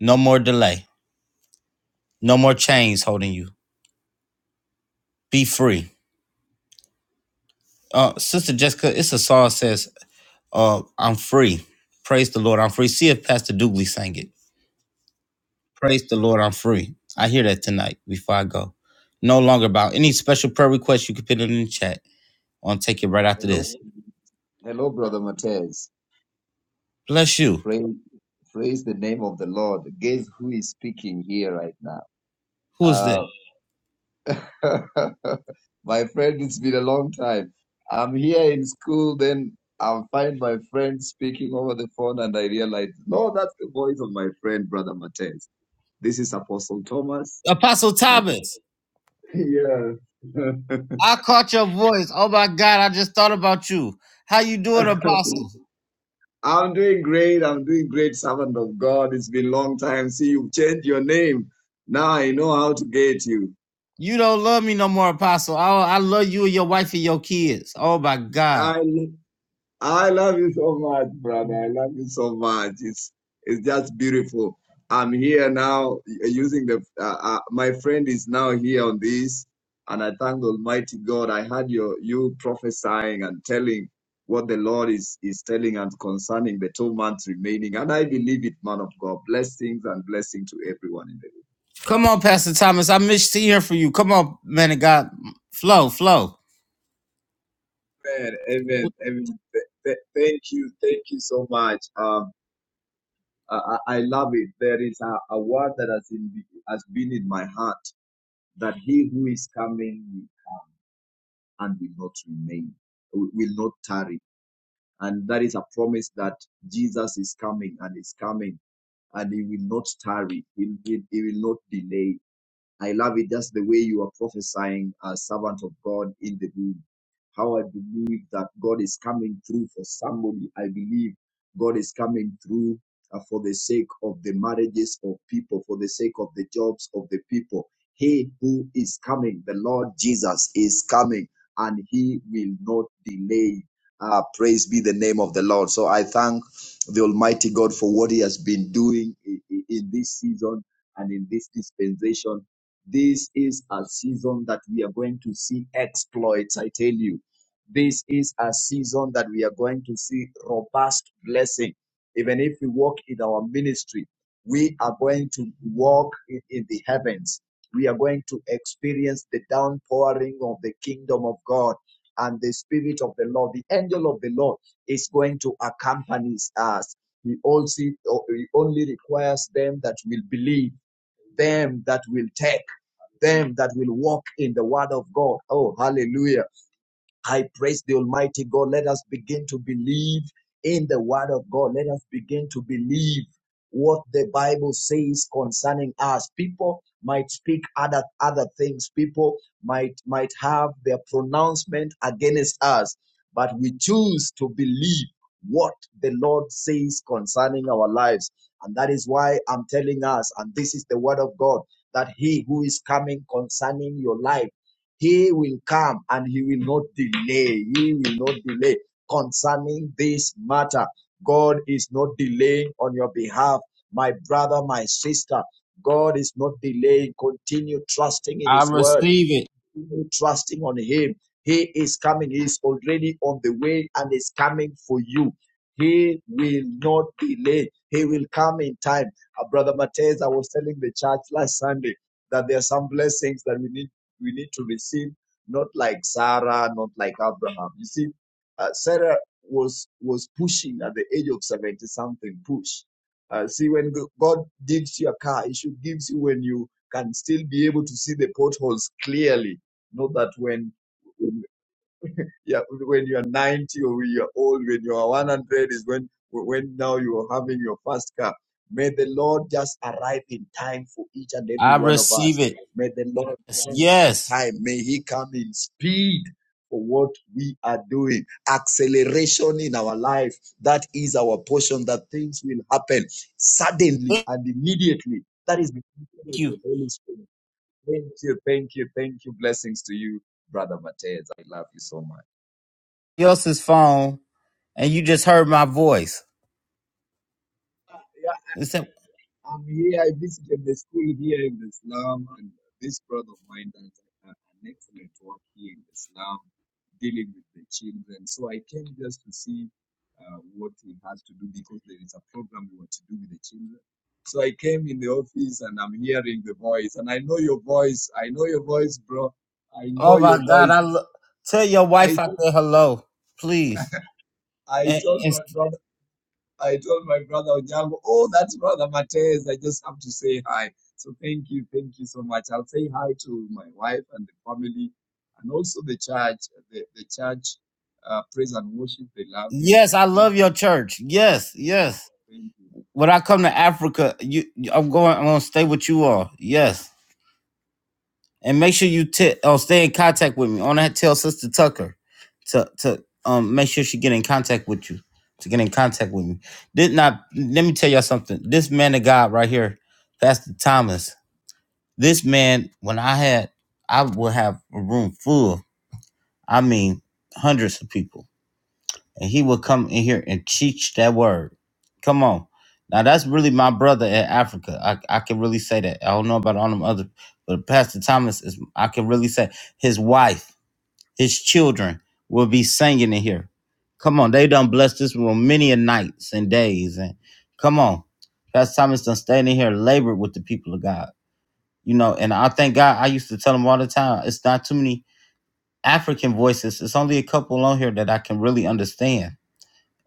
Speaker 1: No more delay. No more chains holding you. Be free. Uh, Sister Jessica, it's a song says, uh, I'm free. Praise the Lord, I'm free. See if Pastor Dooley sang it. Praise the Lord, I'm free. I hear that tonight before I go. No longer about any special prayer requests you can put it in the chat. I'll take it right after
Speaker 15: Hello,
Speaker 1: this.
Speaker 15: hello, brother Matthias.
Speaker 1: Bless you.
Speaker 15: Praise, praise the name of the Lord. Guess who is speaking here right now?
Speaker 1: Who is that?
Speaker 15: Uh, [laughs] my friend, it's been a long time. I'm here in school, then I find my friend speaking over the phone, and I realize, no, that's the voice of my friend, brother Matthias. This is Apostle Thomas.
Speaker 1: Apostle
Speaker 15: I,
Speaker 1: Thomas.
Speaker 15: [laughs] yeah.
Speaker 1: I caught your voice. Oh my God, I just thought about you. How you doing,
Speaker 15: [laughs]
Speaker 1: Apostle?
Speaker 15: I'm doing great. I'm doing great, servant of God. It's been a long time. See, you've changed your name. Now I know how to get you.
Speaker 1: You don't love me no more, Apostle. I, I love you and your wife and your kids. Oh my God.
Speaker 15: I, I love you so much, brother. I love you so much. It's it's just beautiful. I'm here now uh, using the. Uh, uh, my friend is now here on this, and I thank Almighty God. I had your you prophesying and telling what the Lord is is telling and concerning the two months remaining, and I believe it, man of God. Blessings and blessing to everyone in the room.
Speaker 1: Come on, Pastor Thomas. I missed hearing from you. Come on, man of God. Flow, flow.
Speaker 15: Amen. Amen. Amen. Th- th- thank you. Thank you so much. Um, I, I I love it. There is a, a word that has, in, has been in my heart that he who is coming and will not remain, will will not tarry. And that is a promise that Jesus is coming and is coming and he will not tarry. He will, he will not delay. I love it just the way you are prophesying, uh, servant of God in the room. How I believe that God is coming through for somebody. I believe God is coming through uh, for the sake of the marriages of people, for the sake of the jobs of the people. He who is coming, the Lord Jesus is coming, and he will not delay. Uh, praise be the name of the Lord. So I thank the Almighty God for what He has been doing i- in this season and in this dispensation this is a season that we are going to see exploits, I tell you. This is a season that we are going to see robust blessing. Even if we walk in our ministry, we are going to walk in, in the heavens. We are going to experience the downpouring of the kingdom of God and the spirit of the Lord. The angel of the Lord is going to accompany us. He also he only requires them that will believe them that will tarry them that will walk in the word of God. Oh, hallelujah. I praise the Almighty God. Let us begin to believe in the Word of God. Let us begin to believe what the Bible says concerning us. People might speak other other things. People might might have their pronouncement against us, but we choose to believe what the Lord says concerning our lives. And that is why I'm telling us, and this is the word of God, that He who is coming concerning your life he will come and he will not delay. He will not delay concerning this matter. God is not delaying on your behalf, my brother, my sister. God is not delaying. Continue trusting in
Speaker 1: I
Speaker 15: his word
Speaker 1: receive it.
Speaker 15: trusting on him. He is coming. He is already on the way and is coming for you. He will not delay. He will come in time. Uh, Brother Matthias, I was telling the church last Sunday that there are some blessings that we need we need to receive, not like Sarah, not like Abraham. You see, uh, Sarah was was pushing at the age of seventy something. Push. Uh, see, when G- God gives you a car, He should give you when you can still be able to see the potholes clearly not that when, when yeah, when you are 90 or when you are old, when you are 100 is when when now you are having your first car. May the Lord just arrive in time for each and every
Speaker 1: I
Speaker 15: one of
Speaker 1: receive
Speaker 15: us.
Speaker 1: it.
Speaker 15: May the Lord
Speaker 1: Yes.
Speaker 15: send in
Speaker 1: yes.
Speaker 15: time. May He come in speed for what we are doing. Acceleration in our life. That is our portion, that things will happen suddenly and immediately. That is the power
Speaker 1: Thank
Speaker 15: of
Speaker 1: you.
Speaker 15: the Holy Spirit. Thank you, thank you, thank you. Blessings to you, Brother Matez. I love you so much.
Speaker 1: Somebody Else's phone, and you just heard my voice.
Speaker 15: Uh,
Speaker 1: They said,
Speaker 15: yeah, I'm here. I visited the school here in the slum, and this brother of mine does a- an excellent work here in the slum, dealing with the children. So I came just to see uh, what he has to do because there is a program we want to do with the children. So I came in the office and I'm hearing the voice, and I know your voice. I know your voice, bro. I
Speaker 1: "Oh
Speaker 15: know
Speaker 1: my
Speaker 15: your
Speaker 1: God, I
Speaker 15: voice.
Speaker 1: lo- tell your wife
Speaker 15: I
Speaker 1: I said hello, please."
Speaker 15: I
Speaker 1: And,
Speaker 15: told
Speaker 1: and
Speaker 15: my brother. I told my brother Onyango, oh, that's brother Matez. I just have to say hi. So thank you, thank you so much. I'll say hi to my wife and the family, and also the church, the the church, uh, praise and worship. They love you.
Speaker 1: yes,
Speaker 15: So
Speaker 1: I
Speaker 15: thank
Speaker 1: love your
Speaker 15: you.
Speaker 1: church. Yes,
Speaker 15: Yeah,
Speaker 1: yes.
Speaker 15: thank you.
Speaker 1: When I come to Africa, you, I'm going. I'm gonna stay with you all. Yes. and make sure you t- uh, stay in contact with me. On that, tell Sister Tucker to to um make sure she get in contact with you to get in contact with me. Did not let me tell y'all something. This man of God right here, Pastor Thomas. This man, when I had, I would have a room full. I mean, hundreds of people and he will come in here and teach that word. Come on. Now that's really my brother in Africa. I, I can really say that. I don't know about all them other, but Pastor Thomas is I can really say his wife, his children will be singing in here. Come on, they done blessed this room many a nights and days. And come on. Pastor Thomas done staying in here labored with the people of God. You know, and I thank God I used to tell him all the time, it's not too many African voices. It's only a couple on here that I can really understand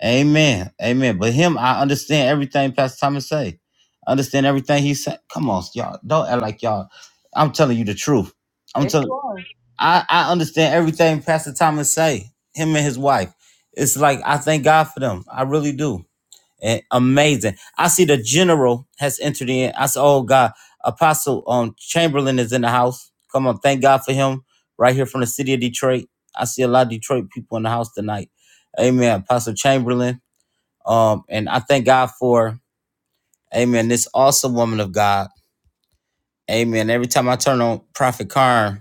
Speaker 1: Amen. Amen. But him, I understand everything Pastor Thomas say. I understand everything he said. Come on, y'all. Don't act like y'all. I'm telling you the truth. I'm
Speaker 2: Yes, you
Speaker 1: telling
Speaker 2: are.
Speaker 1: I, I understand everything Pastor Thomas say. Him and his wife. It's like I thank God for them. I really do. And amazing. I see the general has entered in. I said, Oh God, Apostle um Chamberlain is in the house. Come on, thank God for him. Right here from the city of Detroit. I see a lot of Detroit people in the house tonight. Amen. Apostle Chamberlain. Um, and I thank God for, amen, this awesome woman of God. Amen. Every time I turn on Prophet Karn,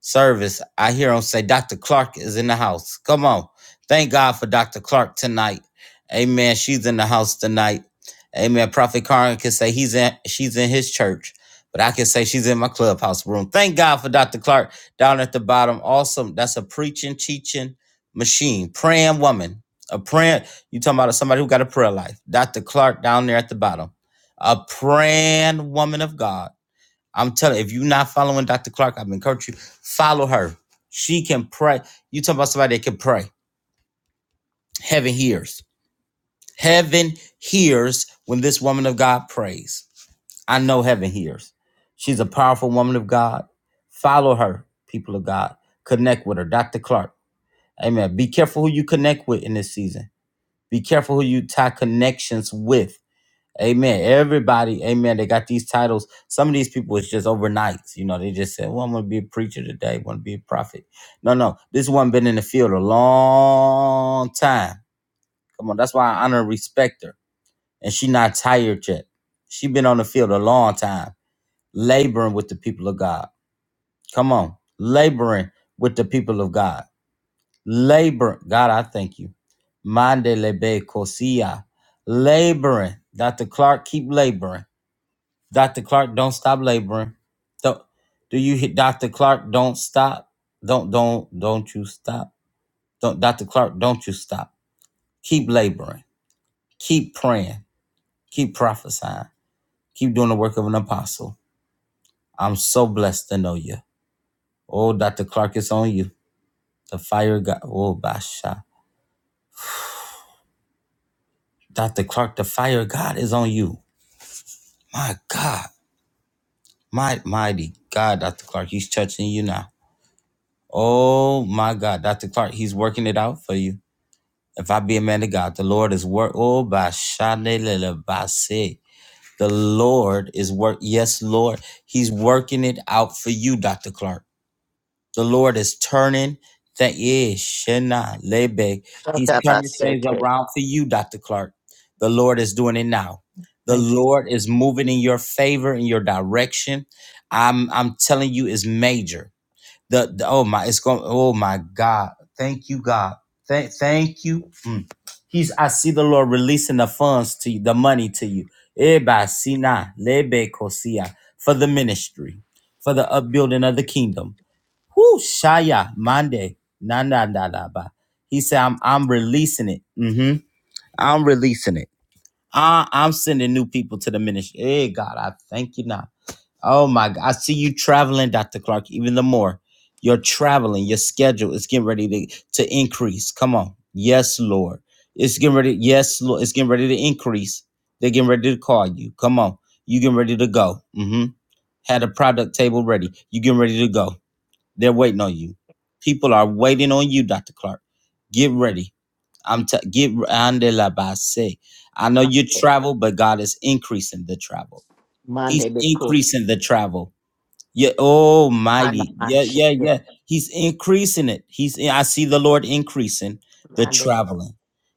Speaker 1: service, I hear him say, Dr. Clark is in the house. Come on. Thank God for Dr. Clark tonight. Amen. She's in the house tonight. Amen. Prophet Karen can say he's in she's in his church, but I can say she's in my clubhouse room. Thank God for Dr. Clark down at the bottom. Awesome. That's a preaching, teaching machine, praying woman. A prayer. You talking about somebody who got a prayer life. Dr. Clark down there at the bottom. A praying woman of God I'm telling you, if you're not following Dr. Clark, I've encouraged you, follow her. She can pray. You talking about somebody that can pray. Heaven hears. Heaven hears when this woman of God prays. I know heaven hears. She's a powerful woman of God. Follow her, people of God. Connect with her. Dr. Clark. Amen. Be careful who you connect with in this season. Be careful who you tie connections with Amen. Everybody, amen. They got these titles. Some of these people it's just overnight. You know, they just said, Well, I'm gonna be a preacher today, I wanna be a prophet. No, no. This one been in the field a long time. Come on, that's why I honor and respect her. And she not tired yet. She been on the field a long time, laboring with the people of God. Come on, laboring with the people of God. Labor, God, I thank you. Mande lebe cosia. Laboring. Dr. Clark, keep laboring Dr. Clark, don't stop laboring. Don't, do you hit Dr. Clark? Don't stop. Don't don't don't you stop. Don't Dr. Clark, don't you stop. Keep laboring. Keep praying. Keep prophesying. Keep doing the work of an apostle. I'm so blessed to know you. Oh, Dr. Clark, it's on you. The fire of God. Oh, Basha. Dr. Clark, the fire of God is on you. My God. My mighty God, Dr. Clark, he's touching you now. Oh my God, Dr. Clark, he's working it out for you. If I be a man of God, the Lord is work. Oh, by Bashanelelebase. the Lord is work. Yes, Lord, He's working it out for you, Doctor Clark. The Lord is turning that is shena lebe. He's turning things
Speaker 16: Shakaraseke.
Speaker 1: around for you, Doctor Clark. The Lord is doing it now. The
Speaker 16: Thank
Speaker 1: Lord is moving in your favor, in your direction. I'm I'm telling you, it's major. The, the oh my, it's going. Oh my God! Thank you, God. Thank thank you. Mm. He's. I see the Lord releasing the funds to you, the money to you. Eba sina lebe kosia for the ministry, for the upbuilding of the kingdom. Whoo shaya mande na na na na ba. He said, "I'm I'm releasing it. hmm I'm releasing it. I, I'm sending new people to the ministry. Hey God, I thank you now. Oh my God. I see you traveling, Dr. Clark, even the more. You're traveling. Your schedule is getting ready to, to increase. Come on. Yes, Lord. It's getting ready. Yes, Lord. It's getting ready to increase. They're getting ready to call you. Come on. You getting ready to go. hmm Had a product table ready. You getting ready to go. They're waiting on you. People are waiting on you, Dr. Clark. Get ready. I'm t- get andelabase. I know you
Speaker 16: you.
Speaker 1: travel, but God is increasing the travel. He's
Speaker 16: Monday be cool.
Speaker 1: increasing the travel. Yeah, oh
Speaker 16: Manda
Speaker 1: mighty, Yeah,
Speaker 16: shake
Speaker 1: yeah, yeah. He's increasing it. He's I see the Lord increasing the
Speaker 16: Monday.
Speaker 1: traveling.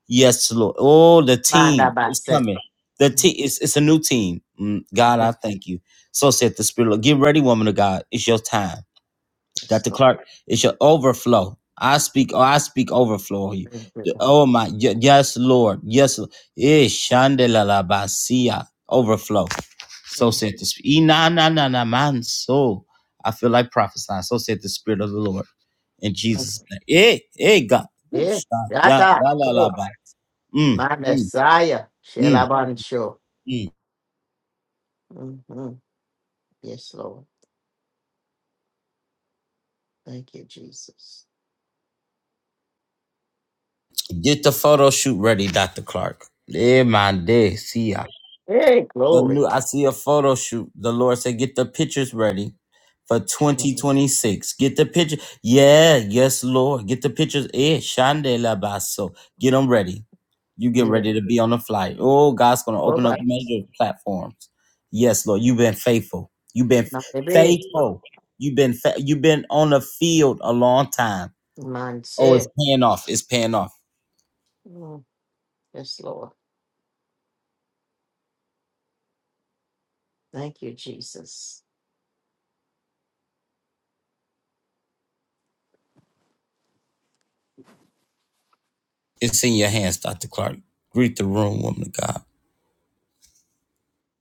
Speaker 1: Yes, Lord. Oh, the
Speaker 16: Manda
Speaker 1: team is
Speaker 16: base.
Speaker 1: coming. The team it's, it's a new team. Mm, God, I thank you. So said the Spirit. of- Get ready, woman of God. It's your time.
Speaker 16: Yes,
Speaker 1: Dr.
Speaker 16: Lord.
Speaker 1: Clark, it shall overflow. I speak, oh, I speak overflow on you.
Speaker 16: Thank you,
Speaker 1: The-
Speaker 16: God.
Speaker 1: Oh my, y- yes, Lord, yes, Lord. Eh, shandelalabasia. overflow. So
Speaker 16: Mm.
Speaker 1: said the spirit. na na na na man. So I feel like prophesying. So said the spirit of the Lord in
Speaker 16: That's
Speaker 1: Jesus' name. Eh, eh, God. Ooh,
Speaker 16: it.
Speaker 1: stop.
Speaker 16: Yeah.
Speaker 1: Yeah,
Speaker 16: Yata.
Speaker 1: la la la
Speaker 16: Cool.
Speaker 1: ba. Mm,
Speaker 16: Manda
Speaker 1: mm,
Speaker 16: saya.
Speaker 1: mm,
Speaker 16: Shelaban show.
Speaker 1: mm.
Speaker 16: Mhm. Yes, Lord. Thank you, Jesus.
Speaker 1: Get the photo shoot ready, Dr. Clark. Eh, my day.
Speaker 16: Hey,
Speaker 1: The
Speaker 16: glory.
Speaker 1: new I see a photo shoot. The Lord said, get the pictures ready for
Speaker 16: Mhm.
Speaker 1: 2026. Get the picture. Yeah, yes, Lord. Get the pictures. Eh, Shande la baso. Get them ready. You get
Speaker 16: Yeah.
Speaker 1: ready to be on the flight. Oh, God's gonna open up
Speaker 16: Oba.
Speaker 1: major platforms. Yes, Lord. You've been faithful. You've been f-
Speaker 16: Mandebe.
Speaker 1: faithful. You've been fa- you've been on the field a long time.
Speaker 16: Man
Speaker 1: Oh, it's
Speaker 16: say.
Speaker 1: paying off. It's paying off.
Speaker 16: Mm. Yes, Lord. Thank you, Jesus.
Speaker 1: It's in your hands, Dr. Clark. Greet the room, woman of God.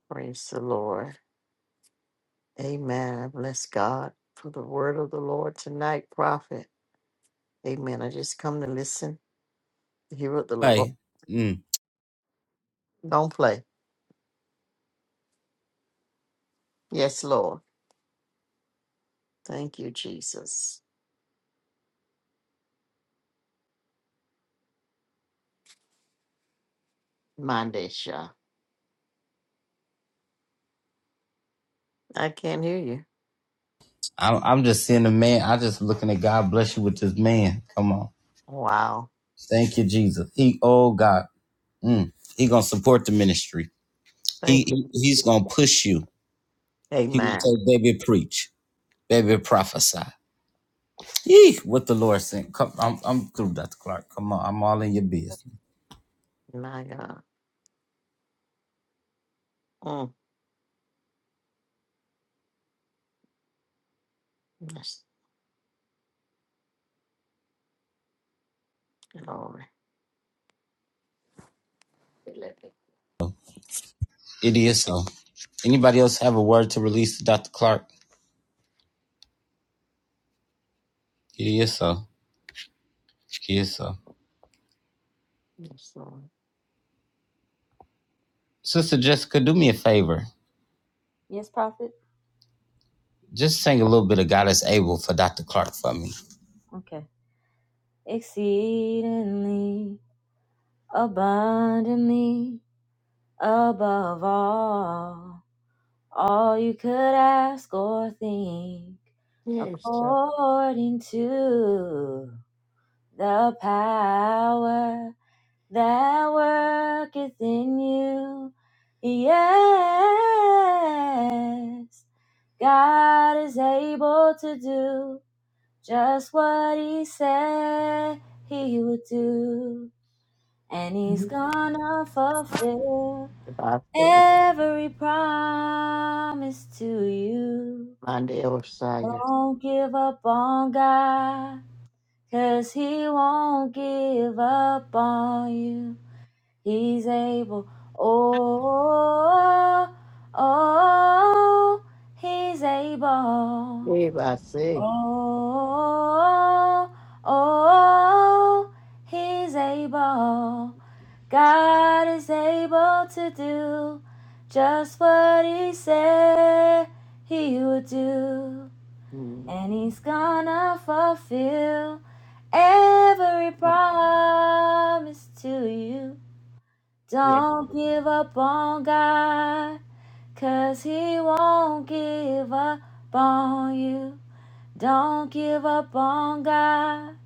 Speaker 16: Praise the Lord. Amen. I bless God for the word of the Lord tonight, prophet. Amen. I just come to listen, to hear what the Lord.
Speaker 1: Hey. Mm.
Speaker 16: Don't play. Yes, Lord. Thank you, Jesus. Mandesha. I can't hear you.
Speaker 1: I'm I'm just seeing a man. I just looking at God bless you with this man. Come on,
Speaker 16: Wow.
Speaker 1: thank you, Jesus. He oh God, mm, he gonna support the ministry. He,
Speaker 16: Thank
Speaker 1: he
Speaker 16: you.
Speaker 1: he's gonna push you. He gonna
Speaker 16: Amen.
Speaker 1: say, baby, preach, baby, prophesy. Yee, what the Lord sent. Come, I'm I'm through, Dr. Clark. Come on, I'm all in your business.
Speaker 16: My God. Mm. Yes, Lord.
Speaker 1: It is so. Anybody else have a word to release to Dr. Clark? It is so. It is so.
Speaker 16: Yes, Lord.
Speaker 1: Sister Jessica, do me a favor.
Speaker 2: Yes, prophet.
Speaker 1: Just sing a little bit of God is able for Dr. Clark for me.
Speaker 2: Okay. Exceedingly, abundantly, above all, all you could ask or think,
Speaker 16: Yes, sir.
Speaker 2: according to the power That work is in you. Yes. God is able to do just what he said he would do. And he's gonna fulfill
Speaker 16: Batu,
Speaker 2: every promise to you.
Speaker 16: Mande Osaya.
Speaker 2: Don't give up on God, 'cause he won't give up on you. He's able. Oh, oh, he's able.
Speaker 16: Eva say.
Speaker 2: Oh, oh, he's able. God is able to do just what he said he would do.
Speaker 16: Mm.
Speaker 2: And he's gonna fulfill every promise to you.
Speaker 16: Yeah.
Speaker 2: Don't give up on God, 'cause He won't give up on you. Don't give up on God,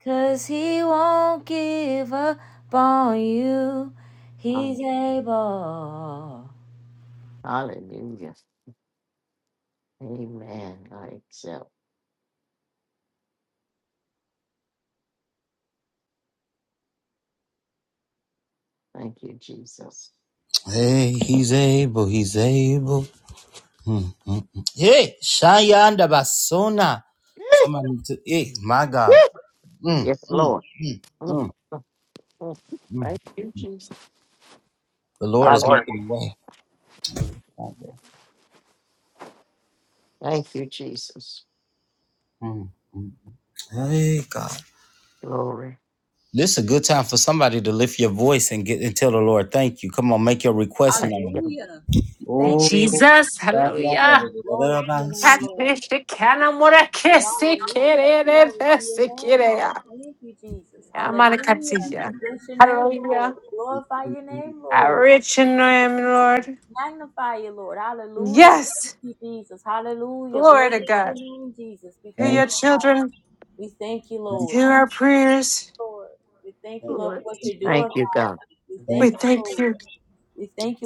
Speaker 2: 'cause He won't give up on you. He's able.
Speaker 16: Hallelujah. Amen. I accept. Thank you, Jesus.
Speaker 1: Hey, he's able, he's able. Mm, mm, mm. Hey, Shayanda Basona.
Speaker 16: [laughs]
Speaker 1: Somebody, to, hey, my God. Mm,
Speaker 16: Yes,
Speaker 1: mm,
Speaker 16: Lord.
Speaker 1: mm,
Speaker 16: Mm,
Speaker 1: mm,
Speaker 16: mm, mm.
Speaker 1: mm.
Speaker 16: Thank you, Jesus.
Speaker 1: The Lord is
Speaker 16: Hallelujah.
Speaker 1: making a way.
Speaker 16: Thank you, Jesus.
Speaker 1: Mm, mm. Hey, God.
Speaker 16: Glory.
Speaker 1: This is a good time for somebody to lift your voice and get and tell the Lord, thank you. Come on, make your request
Speaker 16: Thank
Speaker 1: known.
Speaker 16: you.
Speaker 2: Thank you.
Speaker 1: Oh,
Speaker 4: Jesus, hallelujah.
Speaker 2: glory to your
Speaker 1: Shayanda.
Speaker 2: name,
Speaker 1: thank,
Speaker 2: Lord,
Speaker 4: Catfish, cana mora que
Speaker 2: Lord our
Speaker 4: se querere, se querea. Amaracatija. Hallelujah.
Speaker 1: you,
Speaker 4: How rich and I am, Lord. Yes. Glory to God. Hear
Speaker 1: thank,
Speaker 4: your children.
Speaker 1: you,
Speaker 4: Hear our prayers.
Speaker 1: thank,
Speaker 4: Lord,
Speaker 1: you.
Speaker 16: Thank you, God.
Speaker 4: we
Speaker 1: thank you.
Speaker 4: thank you.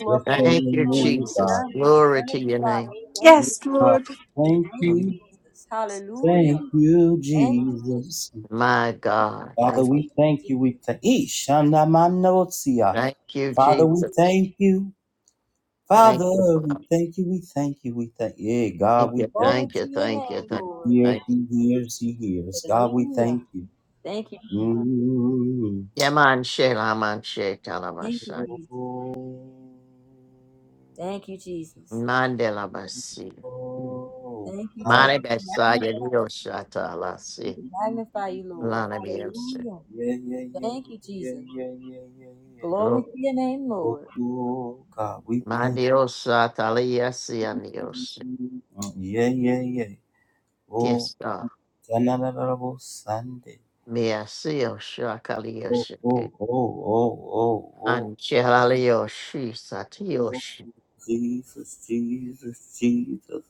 Speaker 1: Bless your
Speaker 16: Thank you,
Speaker 1: name, God.
Speaker 16: Jesus. Glory to your name.
Speaker 4: Yes,
Speaker 2: Lord.
Speaker 1: God,
Speaker 4: Lord.
Speaker 2: We
Speaker 1: thank
Speaker 2: thank you,
Speaker 16: Mm.
Speaker 1: you,
Speaker 2: Jesus. Hallelujah.
Speaker 1: thank you,
Speaker 2: Thank you, Jesus.
Speaker 1: Jesus.
Speaker 16: My God.
Speaker 1: Father,
Speaker 16: Thank,
Speaker 1: we thank you. We thank Ishanamanosia.
Speaker 16: thank you,
Speaker 1: Father, we
Speaker 16: Jesus.
Speaker 1: thank you. Father,
Speaker 16: Thank you, Father.
Speaker 1: we thank you. We thank you. We thank you. Yeah,
Speaker 16: Thank
Speaker 1: God, we
Speaker 16: you.
Speaker 1: thank
Speaker 2: Glory
Speaker 1: you.
Speaker 16: Thank you.
Speaker 2: to your
Speaker 16: Thank you.
Speaker 2: name,
Speaker 16: Thank
Speaker 2: Lord.
Speaker 16: you.
Speaker 1: Hears,
Speaker 16: Thank you.
Speaker 1: he hears, he hears. God, we
Speaker 2: Hallelujah.
Speaker 1: thank you.
Speaker 2: Thank you.
Speaker 1: Mm.
Speaker 16: Yaman Shela Man She
Speaker 2: Thank you,
Speaker 16: Talabasha.
Speaker 2: Jesus.
Speaker 1: Oh,
Speaker 2: Thank you, Jesus.
Speaker 16: Mandela Basi.
Speaker 1: oh,
Speaker 2: Thank you,
Speaker 1: God.
Speaker 2: Jesus.
Speaker 16: Mane besaya
Speaker 2: Magnify,
Speaker 16: diosa talasi.
Speaker 2: we magnify you, Lord.
Speaker 16: Lana bielsi.
Speaker 2: Hallelujah.
Speaker 1: Yeah, yeah, yeah,
Speaker 2: Thank you,
Speaker 1: yeah, yeah,
Speaker 2: Jesus.
Speaker 1: yeah, yeah, yeah.
Speaker 2: Glory
Speaker 16: Lo.
Speaker 2: to your name,
Speaker 1: Oh,
Speaker 2: Lord.
Speaker 1: oh, God, we thank
Speaker 16: Mandiosa taliasi aniosi.
Speaker 1: Oh, yeah, yeah, yeah. Oh,
Speaker 16: Tiesta.
Speaker 1: Tanarabo Sunday.
Speaker 16: Miasio
Speaker 1: Oh,
Speaker 16: shakaliosi.
Speaker 1: oh, oh, oh, oh, oh,
Speaker 16: Angelalioshi
Speaker 1: oh,
Speaker 16: satioshi.
Speaker 1: Jesus, Jesus, Jesus.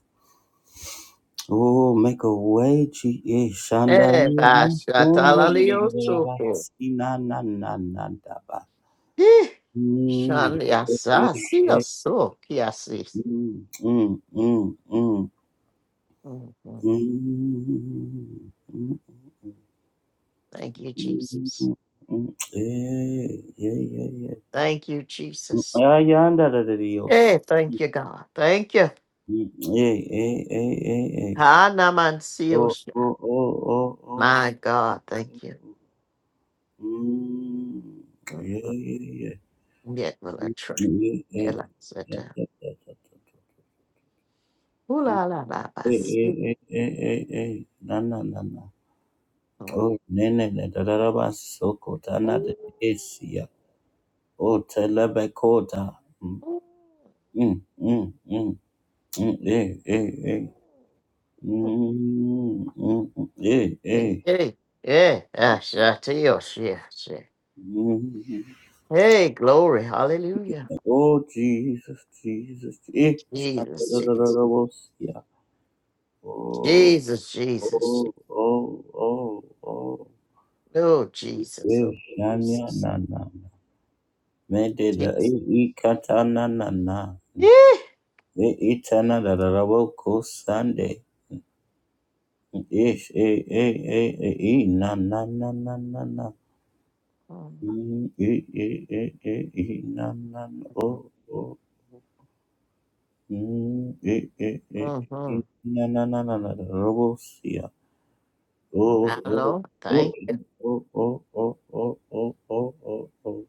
Speaker 1: Oh, make a way, G- yeah, Shanda.
Speaker 16: E basa talaliosuko.
Speaker 1: Na, na, na, na, da, ba.
Speaker 16: Eh.
Speaker 1: Mm, yeah,
Speaker 16: Shanyasa
Speaker 1: yeah, yeah.
Speaker 16: sioso kiasis.
Speaker 1: Mm, mm, mm, mm,
Speaker 16: Mhm.
Speaker 1: mm, mm,
Speaker 16: Thank you,
Speaker 1: mm,
Speaker 16: Jesus.
Speaker 1: mm, mm. Yeah, yeah, yeah, yeah.
Speaker 16: Thank you, Jesus.
Speaker 1: Ayanda de Dios.
Speaker 16: Hey, thank
Speaker 1: Y-
Speaker 16: you, God. Thank you.
Speaker 1: y- Ey, ey, ey, ey, ey. Oh,
Speaker 16: Hanamansiosa.
Speaker 1: oh, oh, oh, oh.
Speaker 16: My God, thank you.
Speaker 1: Mm.
Speaker 16: Mm,
Speaker 1: Yeah, yeah, yeah.
Speaker 16: Yet will I
Speaker 1: Mm,
Speaker 16: trust.
Speaker 1: yeah, yeah.
Speaker 16: Ela
Speaker 1: Yeah, yeah,
Speaker 16: seta.
Speaker 1: yeah, yeah, yeah, yeah.
Speaker 16: Ooh la la la ba
Speaker 1: Ey, ey,
Speaker 16: si.
Speaker 1: ey, ey, ey, ey. Na, na, na, na.
Speaker 16: Mm,
Speaker 1: Oh, nene, ne, da, da, da, ba, soko, ta, na, de,
Speaker 16: ooh,
Speaker 1: es, ya. Oh, telebe, kota. Mm,
Speaker 16: ooh,
Speaker 1: mm, mm, mm, mm. Ey, ey, ey.
Speaker 16: ooh.
Speaker 1: Mm, mm, mm, mm. Ey, ey,
Speaker 16: Hey, hey, hey, ah, sha, to yo, shi- shi.
Speaker 1: Mm.
Speaker 16: Hey, glory, hallelujah.
Speaker 1: Oh Jesus, Jesus, eh da
Speaker 16: Jesus,
Speaker 1: da da da da Jesus.
Speaker 16: Jesus,
Speaker 1: Oh,
Speaker 16: Jesus, Jesus. Je-
Speaker 1: oh, oh, oh, oh.
Speaker 16: Oh, Jesus,
Speaker 1: Eh,
Speaker 16: oh,
Speaker 1: na, na,
Speaker 16: Jesus,
Speaker 1: na, na. Me de da,
Speaker 16: Jesus.
Speaker 1: eh, eh, kata, na, na, na.
Speaker 16: Yeah.
Speaker 1: Eh, ita, na, da, da, da, wo, ko, sande. Eh, sh- eh, eh, eh, eh, eh, na, na, na, na, na, na.
Speaker 16: Mm,
Speaker 1: Mm, eh, eh, eh, eh, eh, na, na, na. Oh, Mm, eh, eh, eh, eh,
Speaker 16: Mm-hmm.
Speaker 1: na, na, na, na, na, na, robo, Oh, oh,
Speaker 16: Hello,
Speaker 1: oh,
Speaker 16: thank you.
Speaker 1: oh, oh, oh, oh, oh, oh, oh, oh.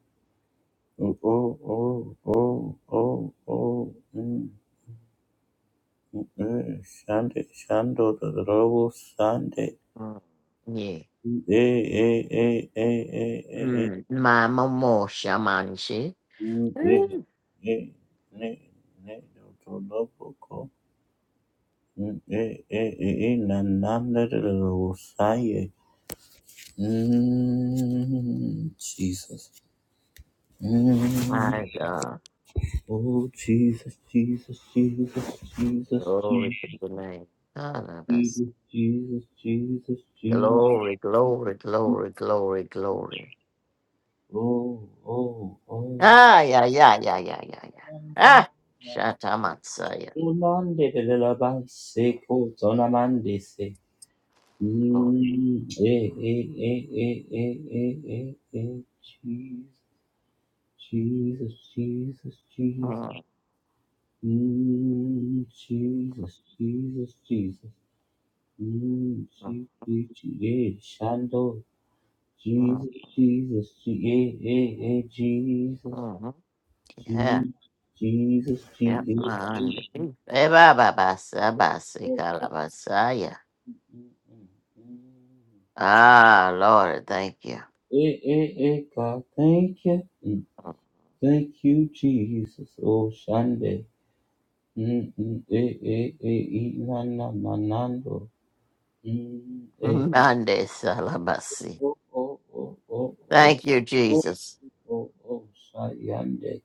Speaker 1: Oh, oh, oh, oh, oh, mm, mm, eh, shande, shando, da, robo, sande.
Speaker 16: Mm, Yeah.
Speaker 1: Mm, eh, eh, eh, eh, eh, eh, eh,
Speaker 16: Mm, my mama shamanshi.
Speaker 1: mm, eh,
Speaker 16: Mm.
Speaker 1: eh, ne, ne, Robo, do, do, bo, ko. Mm, eh, eh, eh, eh, na, na, da, da, da, robo, Mm, Jesus. Mm,
Speaker 16: My God.
Speaker 1: oh, Jesus, Jesus, Jesus, Jesus,
Speaker 16: Glory to
Speaker 1: Jesus,
Speaker 16: the name. God of us.
Speaker 1: Jesus, Jesus, Jesus, Jesus.
Speaker 16: Glory, glory, glory, glory, glory.
Speaker 1: Oh, oh, oh.
Speaker 16: Ah, yeah, yeah, yeah, yeah, yeah, yeah. Ah, Shatamatsaya.
Speaker 1: Unande de la base, cotona mandese.
Speaker 16: Oh,
Speaker 1: Mm, eh, eh, eh, eh, eh, eh, eh, eh. Jesus, Jesus, Jesus, Jesus.
Speaker 16: mm,
Speaker 1: Mm, Jesus, Jesus, Jesus. Mm,
Speaker 16: mm,
Speaker 1: Je- Je- Je- yeah, Shando.
Speaker 16: mm,
Speaker 1: Jesus, Jesus, Je- yeah, yeah, yeah, Jesus,
Speaker 16: mm, mm. Yeah,
Speaker 1: Je- Jesus, Je-
Speaker 16: yeah,
Speaker 1: yeah, yeah,
Speaker 16: man. Eh, ba, ba, ba, sa, ba, si,
Speaker 1: yeah,
Speaker 16: kalabasaya.
Speaker 1: mm, mm, mm.
Speaker 16: Ah, Lord, thank you.
Speaker 1: Yeah, yeah, yeah, God, thank you, Mm, thank you, Jesus. Oh, Shande. Mm, mm, eh, eh, eh, eh, na, na, na, nando. Mm,
Speaker 16: [laughs]
Speaker 1: eh,
Speaker 16: Mande salabasi.
Speaker 1: oh, oh, oh, oh,
Speaker 16: Thank you,
Speaker 1: oh.
Speaker 16: Jesus.
Speaker 1: oh, oh, sayande,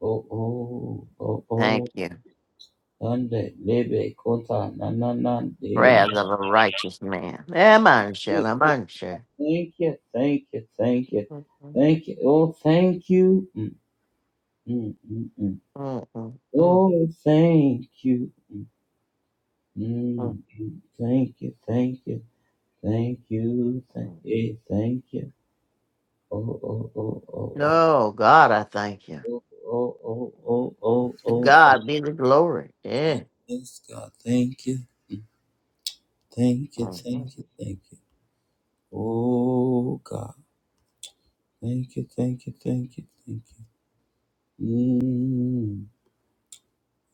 Speaker 1: oh, oh, oh,
Speaker 16: Thank
Speaker 1: oh,
Speaker 16: you.
Speaker 1: Sunday, lebe, kota, na, na, na, de.
Speaker 16: Prayers of a righteous man. Eh, man, shall I, man, shall.
Speaker 1: Thank you, thank you, thank you,
Speaker 16: Mm, mm,
Speaker 1: thank you, oh, thank you, mm, mm, mm, mm.
Speaker 16: mm, mm, mm,
Speaker 1: oh, thank you,
Speaker 16: mm,
Speaker 1: mm, mm. thank you, thank you, thank you, thank
Speaker 16: mm.
Speaker 1: you, Hey, thank you, oh, oh, oh, oh,
Speaker 16: No, God, I thank you.
Speaker 1: oh, oh, oh, oh, oh, oh,
Speaker 16: To
Speaker 1: oh, oh.
Speaker 16: God be the glory. Yeah.
Speaker 1: yes, God, thank you, thank you,
Speaker 16: Mm, mm,
Speaker 1: thank you, thank you. Oh God, thank you, thank you, thank you, thank you. Mm.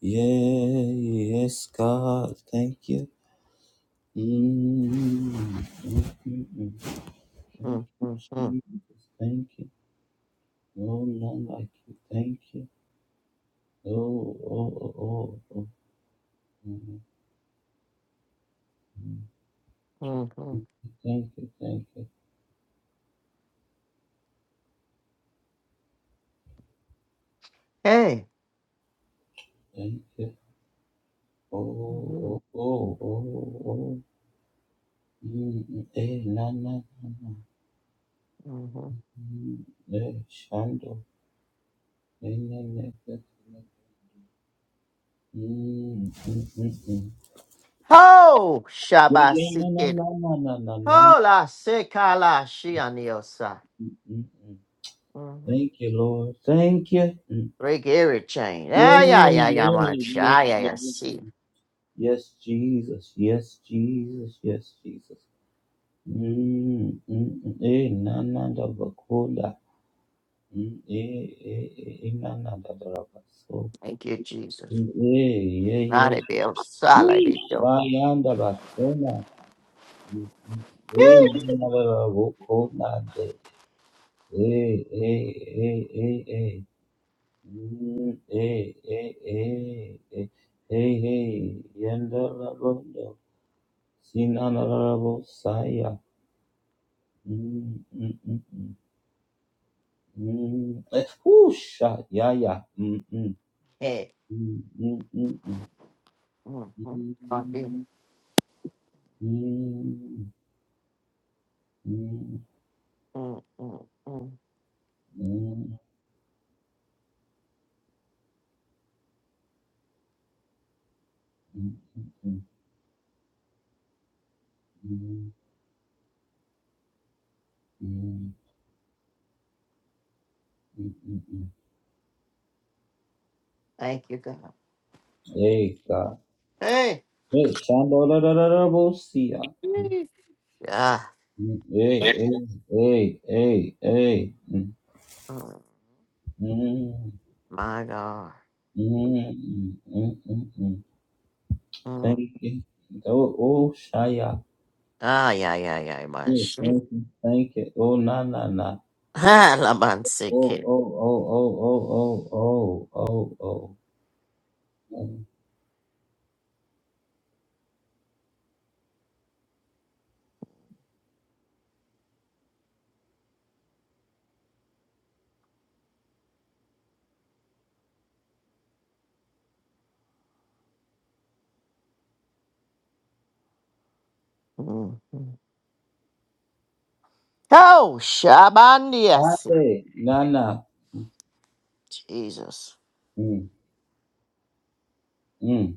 Speaker 1: Yeah, yes, God, thank you. Mm. Thank you, mm. thank
Speaker 16: mm,
Speaker 1: you,
Speaker 16: mm, mm,
Speaker 1: Jesus, thank you. No, none like you. Thank you. No, Oh, oh, oh, oh, oh. mm.
Speaker 16: mm, mm.
Speaker 1: Thank you, thank you,
Speaker 16: Hey.
Speaker 1: thank you. Oh,
Speaker 16: Mhm,
Speaker 1: oh, oh, oh, oh. Mm, mm. Eh, na, na, na, na.
Speaker 16: mhm.
Speaker 1: Mm. Eh, Shando. Eh, na, na, na, na. Mm, mm, mm, mm.
Speaker 16: Ho,
Speaker 1: Yeah, yeah, no, no,
Speaker 16: Shabasikid.
Speaker 1: no, no, no, no, no.
Speaker 16: Ho, la sekala shianiosa.
Speaker 1: Mm, mm.
Speaker 16: Mhm.
Speaker 1: Thank you, Lord. Thank you. Mm.
Speaker 16: Break every chain. Yeah,
Speaker 1: Yeah,
Speaker 16: yeah, yeah, yeah,
Speaker 1: yeah,
Speaker 16: man.
Speaker 1: yes,
Speaker 16: Yeah, yeah, yeah.
Speaker 1: yes,
Speaker 16: See.
Speaker 1: yes, Jesus. Yes, Jesus. Yes, Jesus. Mm, mm, mm. Eh, na, na, da, ba, ko, da. Mm, eh, eh, eh, eh, na, na, da, da, da, ba, so.
Speaker 16: Thank you, Jesus.
Speaker 1: Mm, eh, yeah,
Speaker 16: Not
Speaker 1: yeah.
Speaker 16: a bit of
Speaker 1: Woo!
Speaker 16: solid.
Speaker 1: Ba, ya, da, ba, so, na. Mm, mm. Eh, na, na, da, da, ba, ko, na, Hey, hey, hey, hey, hey. Mm, hey, hey, hey, hey, hey, hey. Yanda rabondo. Sinana rabo saya. Mm, mm, mm, mm. Mm, eh, whoosha, yeah, yeah. Mm, mm,
Speaker 16: Hey.
Speaker 1: mm, mm, mm, mm.
Speaker 16: mm, mm, Thank you.
Speaker 1: Mm, mm, mm, mm, mm,
Speaker 16: Mm, mm, mm.
Speaker 1: mm, mm, mm, mm, mm.
Speaker 16: Thank you, God.
Speaker 1: Hey, God.
Speaker 16: Hey.
Speaker 1: Hey, Shambo, la, la, la, la, bo, siya.
Speaker 16: Yee. Ah.
Speaker 1: Mm, Hey, hey, hey, hey, hey. Mm,
Speaker 16: mm,
Speaker 1: mm,
Speaker 16: My God.
Speaker 1: mm, mm, mm, mm, mm.
Speaker 16: Mm.
Speaker 1: Thank you. Oh, oh, shaya.
Speaker 16: Ah, yeah, yeah, yeah, my
Speaker 1: Yes,
Speaker 16: shit.
Speaker 1: thank you, thank you. Oh, na, na, na.
Speaker 16: Ah, la man sick
Speaker 1: Oh, oh, oh, oh, oh, oh, oh, oh, oh. Mm.
Speaker 16: Mm, mm. Oh, shabandias.
Speaker 1: Hey, na, na.
Speaker 16: Jesus.
Speaker 1: Mm, mm,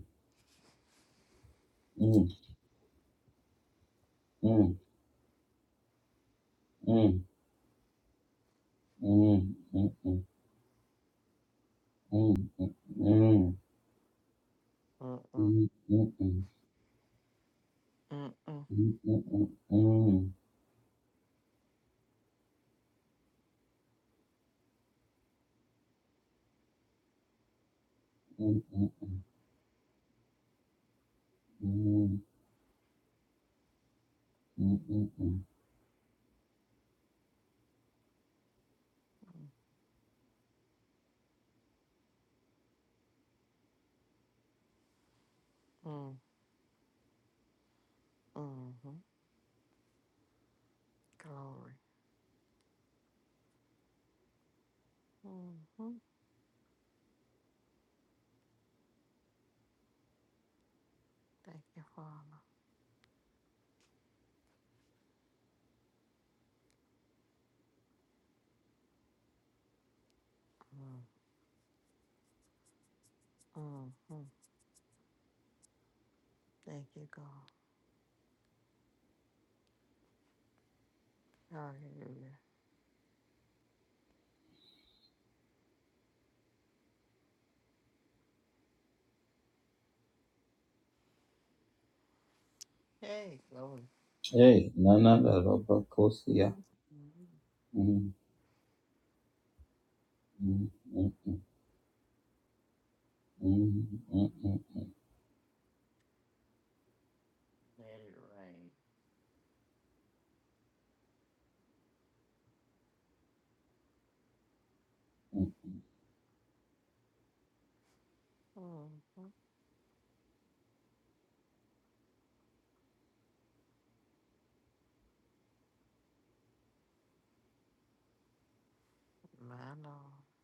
Speaker 1: mm, mm, mm, mm, mm, mm, mm,
Speaker 16: Mm, mm,
Speaker 1: mm, mm, mm,
Speaker 16: mm, mm,
Speaker 1: mm, mm, mm, mm, mm, mm, mm. mm. mm, mm, mm.
Speaker 16: mm, mm, mm. Glory. Mm-hmm. Thank you, Father. Mm, mm, mm. Thank you, God. Hallelujah. Hey, glory.
Speaker 1: Hey, na na na roba kosia.
Speaker 16: Let
Speaker 1: Mm, mm, mm, mm, mm, mm,
Speaker 16: it rain.
Speaker 1: mm, mm.
Speaker 16: Mm, My Lord.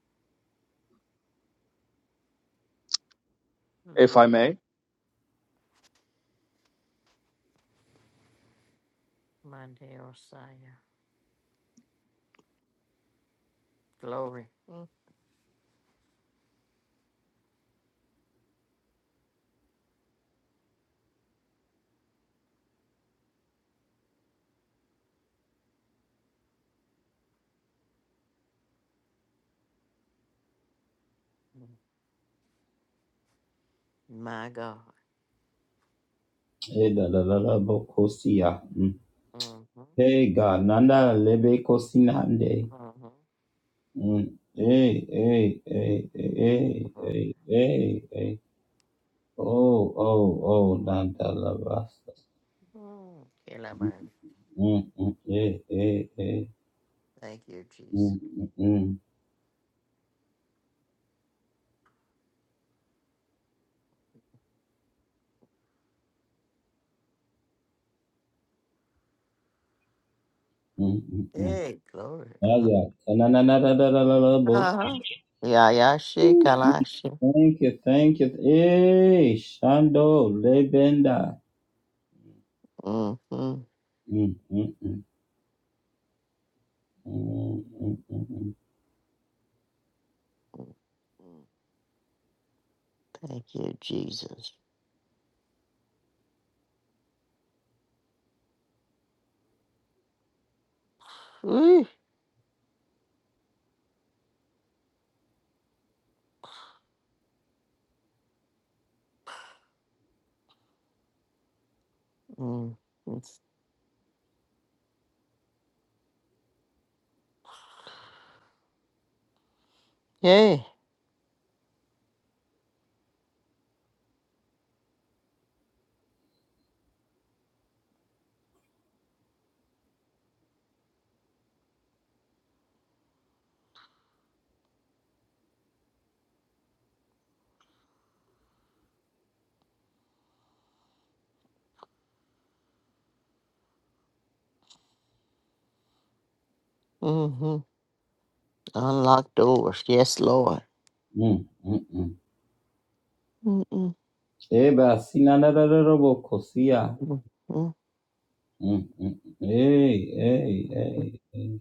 Speaker 17: if
Speaker 16: Mm.
Speaker 17: I may.
Speaker 16: My dear Messiah. Glory. Mm. My God.
Speaker 1: Hey, da da da da bo kosia. Mm.
Speaker 16: Mm-hmm.
Speaker 1: Hey, ga nanda lebe kosinande.
Speaker 16: Mm-hmm.
Speaker 1: Mm. Hey, hey, hey, hey, hey, hey, hey. Oh, oh, oh, nanda la basta.
Speaker 16: Mm-hmm. Kilabang.
Speaker 1: Mm, mm, hey, hey, hey.
Speaker 16: Thank you, Jesus.
Speaker 1: Mm, mm, mm, mm, mm, mm.
Speaker 16: Hey, glory.
Speaker 1: Ah,
Speaker 16: Uh-huh.
Speaker 1: yeah. Na na na na na na na na
Speaker 16: Uh-huh. Yeah, yeah, she,
Speaker 1: bo.
Speaker 16: Kalashi.
Speaker 1: Thank you, thank you. Hey, Shando Lebenda.
Speaker 16: Mm-hmm.
Speaker 1: Mm, mm, mm, mm, mm, mm,
Speaker 16: Thank you, Jesus. Whew. Mm. It's- Yeah. Mm-hmm. Unlock doors. Yes, Lord.
Speaker 1: mm, mm, mm.
Speaker 16: Mm-hmm.
Speaker 1: Eba sinanarararoboko siya.
Speaker 16: Mm.
Speaker 1: Mm, mm. Hey, hey, hey, hey,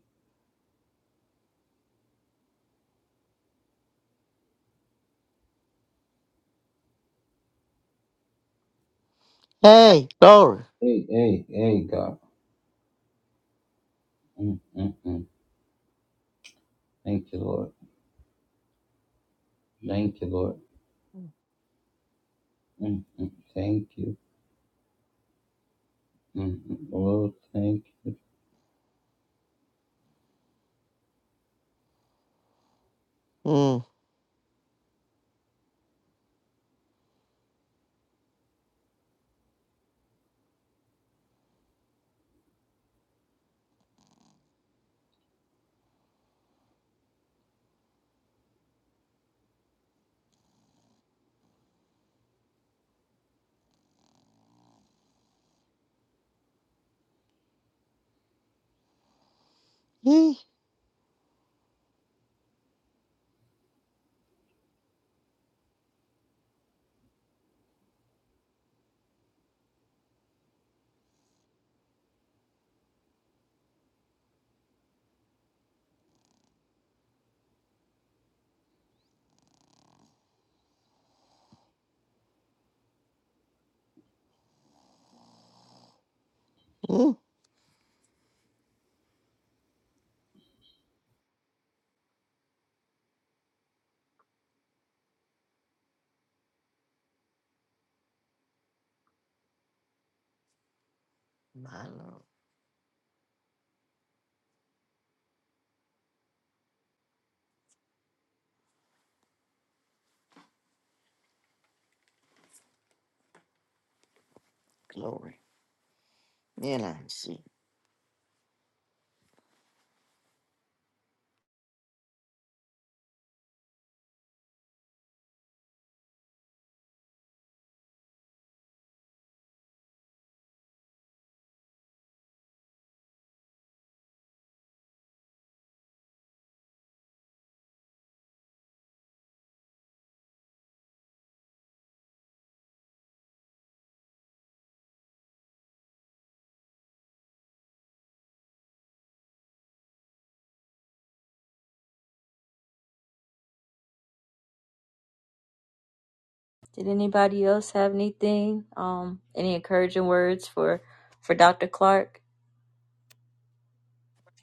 Speaker 16: Hey, glory.
Speaker 1: hey, hey, hey, God. Mm, mm, mm. Thank you, Lord. Thank you, Lord. Mm, mm. Thank you. Mm, mm. Lord, thank you.
Speaker 16: Mm. Mm. Mm. My Lord, glory. Then I see.
Speaker 2: Did anybody else have anything? Um, any encouraging words for for Dr. Clark?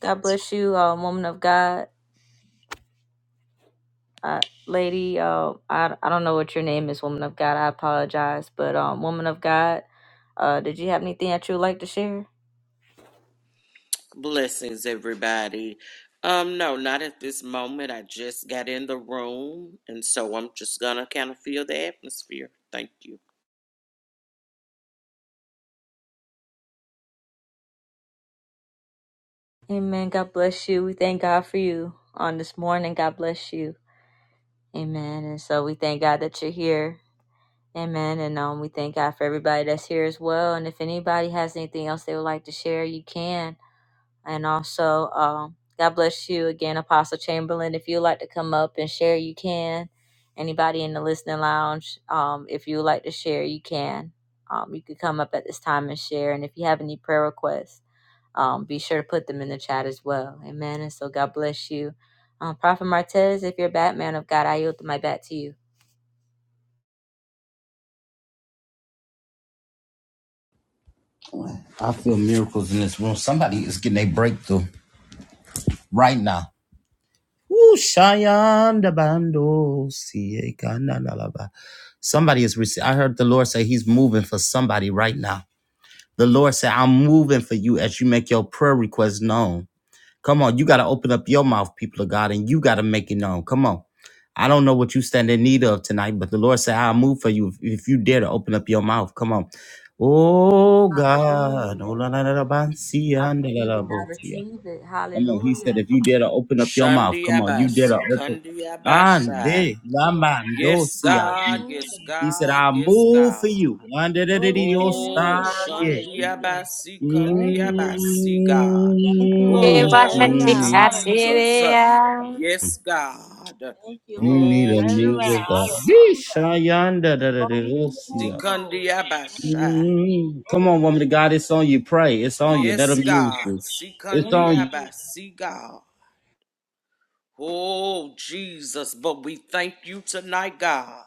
Speaker 2: God bless you, uh, woman of God, uh, lady. Uh, I I don't know what your name is, woman of God. I apologize, but um, woman of God, uh, did you have anything that you would like to share?
Speaker 18: Blessings, everybody. Um, no, not at this moment. I just got in the room, and so I'm just gonna kind of feel the atmosphere. Thank you.
Speaker 2: Amen. God bless you. We thank God for you on this morning. God bless you. Amen. And so we thank God that you're here. Amen. And um, we thank God for everybody that's here as well. And if anybody has anything else they would like to share, you can. And also, um, God bless you again, Apostle Chamberlain. If you'd like to come up and share, you can. Anybody in the listening lounge, um, if you would like to share, you can. Um, you could come up at this time and share. And if you have any prayer requests, um, be sure to put them in the chat as well. Amen. And so God bless you. Um, Prophet Martez, if you're a Batman of God, I yield my bat to you.
Speaker 1: I feel miracles in this room. Somebody is getting a breakthrough right now. Shayanda bando siye kana nalaba. Somebody is receiving. I heard the Lord say He's moving for somebody right now. The Lord said, I'm moving for you as you make your prayer request known. Come on, you got to open up your mouth, people of God, and you got to make it known. Come on. I don't know what you stand in need of tonight, but the Lord said, I'll move for you if, if you dare to open up your mouth. Come on. Oh, God.
Speaker 2: Hallelujah.
Speaker 1: Oh, la, la, la, la, ba, siya,
Speaker 2: I
Speaker 1: la,
Speaker 2: believe
Speaker 1: la, la,
Speaker 2: and I
Speaker 1: bo, siya.
Speaker 2: receive it.
Speaker 1: Come on, he said,
Speaker 2: Hallelujah.
Speaker 1: if you dare to open up your mouth,
Speaker 18: Shundi
Speaker 1: come on, you dare to
Speaker 18: Abasi,
Speaker 1: open.
Speaker 18: Kundi Abasai.
Speaker 1: Ande la mando
Speaker 18: Yes,
Speaker 1: tia.
Speaker 18: God, yes,
Speaker 2: Hallelujah.
Speaker 1: He said,
Speaker 18: God,
Speaker 1: I'll
Speaker 18: yes,
Speaker 1: move for
Speaker 18: God.
Speaker 1: you. Ande de de
Speaker 2: Glory
Speaker 1: de
Speaker 2: to
Speaker 1: yo
Speaker 2: your name,
Speaker 18: Oh,
Speaker 2: Lord.
Speaker 1: sta ye.
Speaker 18: Shundi
Speaker 2: Hallelujah.
Speaker 18: Abasi,
Speaker 2: Thank
Speaker 18: Kundi
Speaker 2: you, Jesus.
Speaker 18: Abasi, God.
Speaker 2: Thank you, Lord,
Speaker 4: Give
Speaker 1: Mm,
Speaker 2: for
Speaker 4: us a
Speaker 18: Oh,
Speaker 2: turning around.
Speaker 1: mm.
Speaker 4: Catfish.
Speaker 2: Hallelujah.
Speaker 18: Jesus. Yes, God.
Speaker 2: Thank you,
Speaker 1: You
Speaker 2: Lord,
Speaker 1: need
Speaker 2: for
Speaker 1: a
Speaker 18: Oh,
Speaker 2: turning
Speaker 1: move
Speaker 2: around.
Speaker 1: of God.
Speaker 18: Jesus.
Speaker 2: Hallelujah.
Speaker 1: Yeesha yanda da da de
Speaker 2: Glory to
Speaker 1: yo
Speaker 2: your
Speaker 1: sia.
Speaker 2: name, Lord. Thank you,
Speaker 18: Sikandiabasha.
Speaker 2: Jesus.
Speaker 1: Mm. Come
Speaker 2: Glory
Speaker 1: on,
Speaker 2: to
Speaker 1: woman
Speaker 2: your
Speaker 1: of God, it's on you. Pray. It's on you. Let
Speaker 18: Yes,
Speaker 1: him move
Speaker 18: God.
Speaker 1: you. It's
Speaker 2: Thank
Speaker 1: on
Speaker 2: you,
Speaker 1: you.
Speaker 2: Jesus.
Speaker 18: Sikandiabasi, God. Oh, Jesus. But we thank you tonight, God.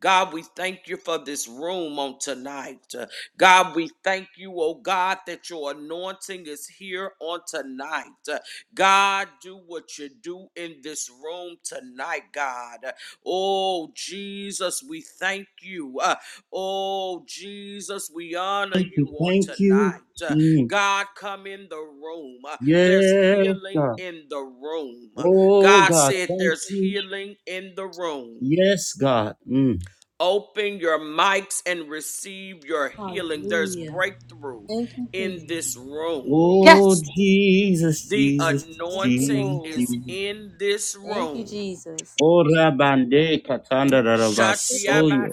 Speaker 18: God, we thank you for this room on tonight. Uh, God, we thank you, oh God, that your anointing is here on tonight. Uh, God, do what you do in this room tonight, God. Uh, Oh, Jesus, we thank you. Uh, Oh, Jesus, we honor you on
Speaker 1: Thank
Speaker 18: tonight.
Speaker 1: you.
Speaker 18: Uh,
Speaker 1: Mm.
Speaker 18: God, come in the room. Uh, There's
Speaker 1: Yes, God.
Speaker 18: healing in the room. Uh,
Speaker 1: Oh
Speaker 18: God
Speaker 1: God,
Speaker 18: said
Speaker 1: thank
Speaker 18: there's
Speaker 1: you.
Speaker 18: healing in the room.
Speaker 1: Yes, God. Mm.
Speaker 18: Open your mics and receive your healing. There's
Speaker 2: Yeah.
Speaker 18: breakthrough
Speaker 2: Thank you,
Speaker 18: in
Speaker 2: Jesus.
Speaker 18: this room.
Speaker 1: Oh
Speaker 4: Yes.
Speaker 1: Jesus,
Speaker 18: The
Speaker 1: Jesus,
Speaker 2: Thank you,
Speaker 18: anointing
Speaker 1: Jesus.
Speaker 2: Lord.
Speaker 18: is
Speaker 1: Jesus.
Speaker 18: in this
Speaker 2: Thank you,
Speaker 18: room.
Speaker 2: Jesus.
Speaker 1: Oh Rabande Katanda Rabasoye.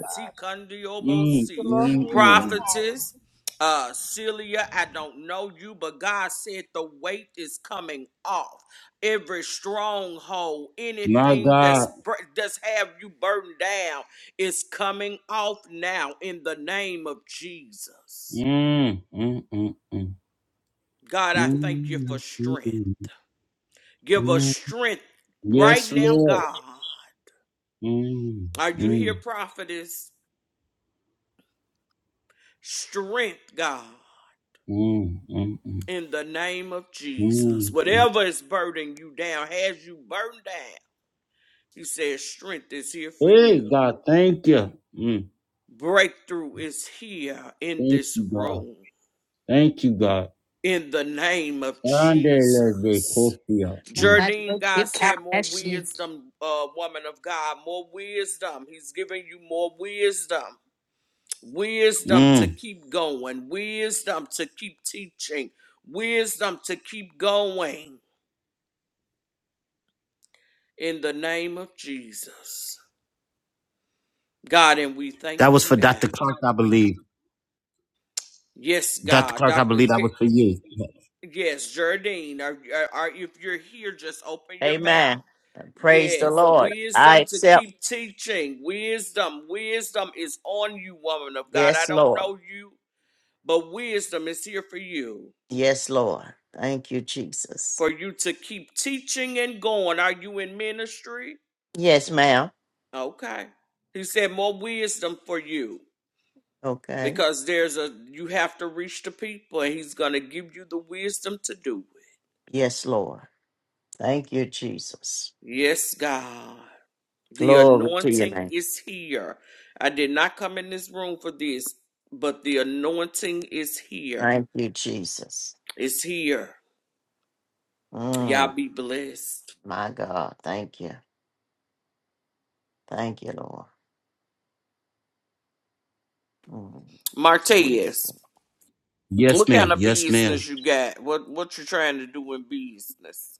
Speaker 1: Mm, mm, mm.
Speaker 18: prophetess, uh, Celia, I don't know you, but God said the weight is coming off. Every stronghold,
Speaker 1: My
Speaker 18: anything that's
Speaker 1: God.
Speaker 18: that's have you burdened down, is coming off now in the name of Jesus.
Speaker 1: Mm, mm, mm, mm.
Speaker 18: God, I thank you for
Speaker 1: Mm, mm,
Speaker 18: strength.
Speaker 1: mm,
Speaker 18: Give us
Speaker 1: mm.
Speaker 18: strength right
Speaker 1: Yes,
Speaker 18: now,
Speaker 1: Lord.
Speaker 18: God.
Speaker 1: Mm,
Speaker 18: Are you
Speaker 1: mm,
Speaker 18: here, prophetess? Strength, God.
Speaker 1: mm, mm, mm, mm.
Speaker 18: in the name of Jesus.
Speaker 1: mm.
Speaker 18: Whatever is burdening you down, has you burdened down, he says, strength is here for you.
Speaker 1: Hey, God, thank you. Mm.
Speaker 18: Breakthrough is here in
Speaker 1: Thank
Speaker 18: this
Speaker 1: you, God.
Speaker 18: room
Speaker 1: Thank you, God.
Speaker 18: in the name of
Speaker 1: let Andele de
Speaker 18: Jesus.
Speaker 1: Cosia. Mm.
Speaker 4: But
Speaker 18: Jardine,
Speaker 4: a
Speaker 18: God
Speaker 4: kick
Speaker 18: said,
Speaker 4: at
Speaker 18: more
Speaker 4: Syria.
Speaker 18: wisdom, uh, woman of God, more wisdom. He's giving you more wisdom. Wisdom to
Speaker 1: Mm.
Speaker 18: keep going, wisdom to keep teaching, wisdom to keep going in the name of Jesus. God, and we thank
Speaker 1: That was
Speaker 18: you
Speaker 1: for
Speaker 18: now.
Speaker 1: Dr. Clark, I believe.
Speaker 18: Yes,
Speaker 1: Dr.
Speaker 18: God,
Speaker 1: Clark, I
Speaker 18: Doctor.
Speaker 1: believe that
Speaker 18: K-
Speaker 1: was for you.
Speaker 18: yes, Jardine. Are, are, are, if you're here, just open your mouth.
Speaker 16: Amen. Praise the
Speaker 18: Yes,
Speaker 16: Lord. I
Speaker 18: wisdom to
Speaker 16: accept.
Speaker 18: keep teaching. Wisdom, wisdom is on you, woman of God. I
Speaker 16: Yes,
Speaker 18: don't
Speaker 16: Lord.
Speaker 18: know you, but wisdom is here for you,
Speaker 16: Yes, Lord. Thank you, Jesus.
Speaker 18: for you to keep teaching and going. Are you in ministry?
Speaker 16: Yes, ma'am.
Speaker 18: Okay. He said more wisdom for you
Speaker 16: Okay.
Speaker 18: because there's a you have to reach the people, and he's gonna give you the wisdom to do it.
Speaker 16: Yes, Lord. Thank you, Jesus.
Speaker 18: Yes, God. The
Speaker 16: Glory to your
Speaker 18: anointing
Speaker 16: name.
Speaker 18: is here. I did not come in this room for this, but the anointing is here.
Speaker 16: Thank you, Jesus.
Speaker 18: It's here.
Speaker 16: Mm,
Speaker 18: Y'all be blessed.
Speaker 16: my God. Thank you. Thank you, Lord. Mm,
Speaker 18: Martez,
Speaker 16: wisdom.
Speaker 1: Yes,
Speaker 18: what
Speaker 1: ma'am.
Speaker 18: kind of
Speaker 1: Yes, ma'am.
Speaker 18: business you got? What what you trying to do in business?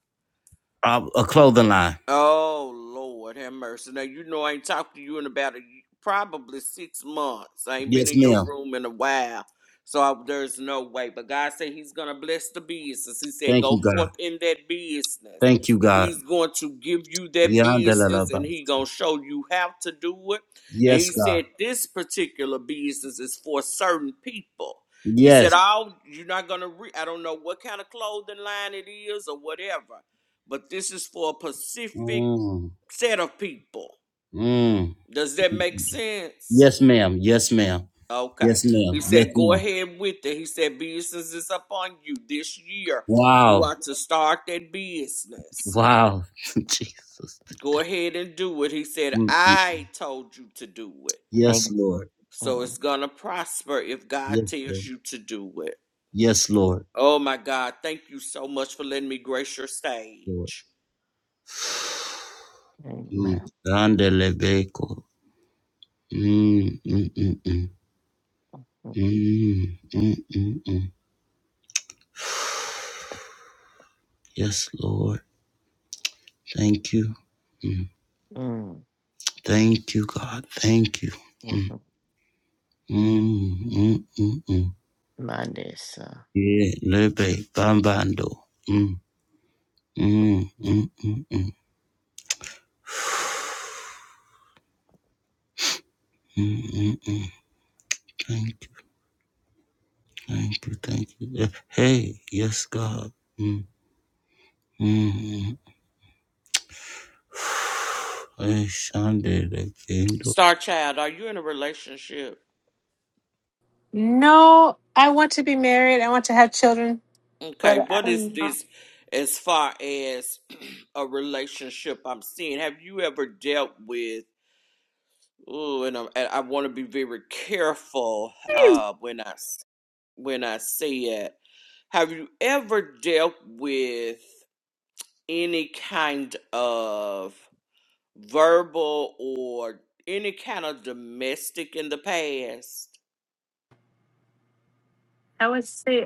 Speaker 1: Uh, a clothing line.
Speaker 18: Oh Lord, have mercy. Now you know I ain't talked to you in about a, y- probably six months. I ain't been
Speaker 1: Yes,
Speaker 18: in your
Speaker 1: ma'am.
Speaker 18: room in a while, so I, there's no way. But God said He's gonna bless the business. He said,
Speaker 1: Thank
Speaker 18: "Go
Speaker 1: you, God.
Speaker 18: forth in that business."
Speaker 1: Thank you, God.
Speaker 18: He's going to give you that
Speaker 1: Yandele
Speaker 18: business, and
Speaker 1: laba.
Speaker 18: He gonna show you how to do it. And
Speaker 1: Yes,
Speaker 18: He
Speaker 1: God.
Speaker 18: said, "This particular business is for certain people." He said,
Speaker 1: Yes.
Speaker 18: "All you're not gonna. Re- I don't know what kind of clothing line it is or whatever." but this is for a specific
Speaker 1: Mm.
Speaker 18: set of people.
Speaker 1: Mm.
Speaker 18: Does that make sense?
Speaker 1: Yes, ma'am. Yes, ma'am.
Speaker 18: Okay.
Speaker 1: Yes, ma'am.
Speaker 18: He
Speaker 1: Yes,
Speaker 18: said, Go
Speaker 1: ma'am.
Speaker 18: ahead with it. He said, Business is upon you this year. You
Speaker 1: Wow.
Speaker 18: are to start that business.
Speaker 1: Wow. [laughs] Jesus.
Speaker 18: Go ahead and do it. He said,
Speaker 1: Mm, mm.
Speaker 18: I told you to do it.
Speaker 1: Yes,
Speaker 16: Thank-
Speaker 1: Lord.
Speaker 18: So
Speaker 16: mm,
Speaker 18: it's going to prosper if God
Speaker 1: Yes,
Speaker 18: tells
Speaker 1: Lord.
Speaker 18: you to do it.
Speaker 1: Yes, Lord.
Speaker 18: Oh my God. Thank you so much for letting me grace your stage.
Speaker 1: Mm.
Speaker 16: Amen.
Speaker 1: Randelebeko. Mm, mm, mm, mm.
Speaker 16: Mm.
Speaker 1: Mm, mm, mm, mm. Yes, Lord. Thank you. Thank you, God. Thank you. Mm,
Speaker 16: Mhm.
Speaker 1: mm, mm, mm, mm.
Speaker 16: Mondays. uh,
Speaker 1: Yeah, lebe bambando. Mm, mm, mm, mm, mm, mm, mm, mm. Thank you, thank you, thank you. Eh, Hey, yes, God. Mm, mm, mm. [sighs] Hey,
Speaker 18: Star Child, are you in a relationship?
Speaker 4: No, I want to be married. I want to have children,
Speaker 18: Okay,
Speaker 4: but
Speaker 18: what is
Speaker 4: I'm not.
Speaker 18: this as far as [clears throat] a relationship I'm seeing? Have you ever dealt with? Oh, and, I'm, and I want to be very careful uh, when I s- when I say it. Have you ever dealt with any kind of verbal or any kind of domestic in the past,
Speaker 4: I would say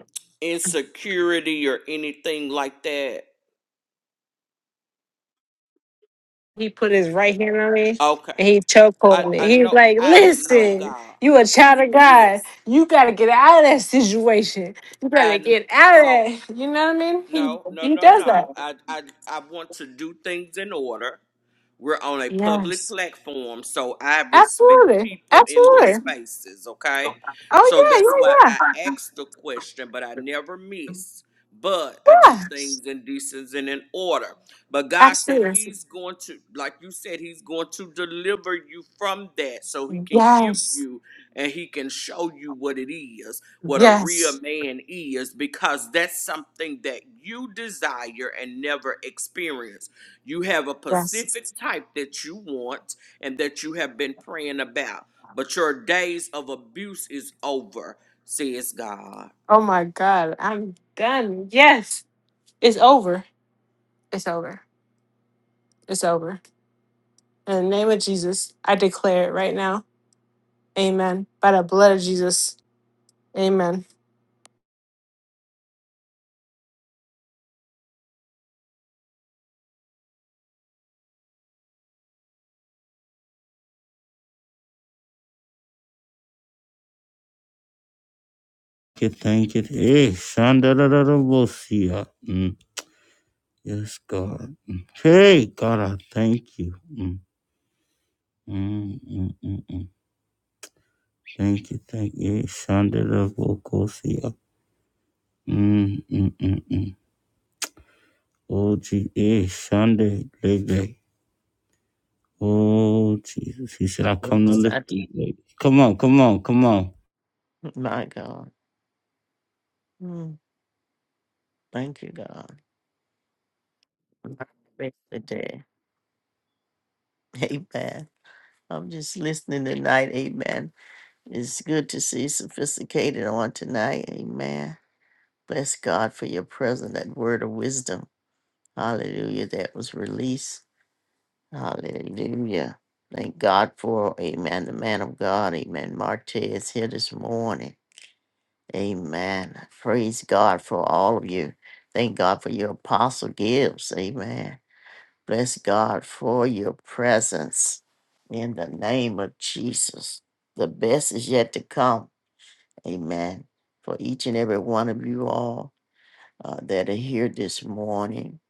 Speaker 18: insecurity or anything like that?
Speaker 4: He put his right hand on me
Speaker 18: Okay,
Speaker 4: and he
Speaker 18: I
Speaker 4: chokehold me.
Speaker 18: I
Speaker 4: He was
Speaker 18: know
Speaker 4: like,
Speaker 18: I know
Speaker 4: "Listen,
Speaker 18: God.
Speaker 4: you a child of God.
Speaker 18: Yes.
Speaker 4: You gotta get out of that situation. You gotta
Speaker 18: And
Speaker 4: get out of
Speaker 18: so
Speaker 4: that." You know what I mean? He
Speaker 18: no, no,
Speaker 4: he
Speaker 18: no,
Speaker 4: does that.
Speaker 18: no. I I I want to do things in order. We're on a public
Speaker 4: Yes,
Speaker 18: platform, so I respect
Speaker 4: absolutely,
Speaker 18: people in their
Speaker 4: absolutely.
Speaker 18: spaces, okay?
Speaker 4: Oh
Speaker 18: So that's why
Speaker 4: yeah, yeah,
Speaker 18: I asked the question, but I never miss. But I
Speaker 4: yeah,
Speaker 18: do
Speaker 4: yeah.
Speaker 18: things in decency and in order. But God said
Speaker 4: Absolutely.
Speaker 18: He's going to, like you said, He's going to deliver you from that so He can give
Speaker 4: Yes,
Speaker 18: you and He can show you what it is. what a real
Speaker 4: yes,
Speaker 18: man is because that's something that you desire and never experience. You have a
Speaker 4: yes.
Speaker 18: specific type that you want and that you have been praying about, but your days of abuse is over, says God.
Speaker 4: Oh my God, I'm done. Yes, it's over. It's over. It's over. In the name of Jesus, I declare it right now. Amen. By the blood of Jesus. Amen.
Speaker 1: you, thank you. Hey, Shandararabosia. Mm. Yes, God. Mm. Hey, God, I thank you. Mm. Mm, mm, mm, mm. Thank you, thank you. Shandarabosia. Mm, mm, mm, mm. Oh, gee, eh, Shande, baby. Oh, Jesus. He said, I come to
Speaker 16: yes,
Speaker 1: lift.
Speaker 16: I-
Speaker 1: Come on, come on, come on.
Speaker 16: [laughs] My God. Mm. Thank you, God. Thank you Today. Amen. I'm just listening tonight. Amen. It's good to see sophisticated on tonight. Amen. Bless God for your present that word of wisdom. Hallelujah. That was released. Hallelujah. Thank God for, amen, the man of God. Amen. Marte is here this morning. Amen. Praise God for all of you. Thank God for your apostle gifts. Amen. Bless God for your presence in the name of Jesus. The best is yet to come. Amen. For each and every one of you all uh, that are here this morning,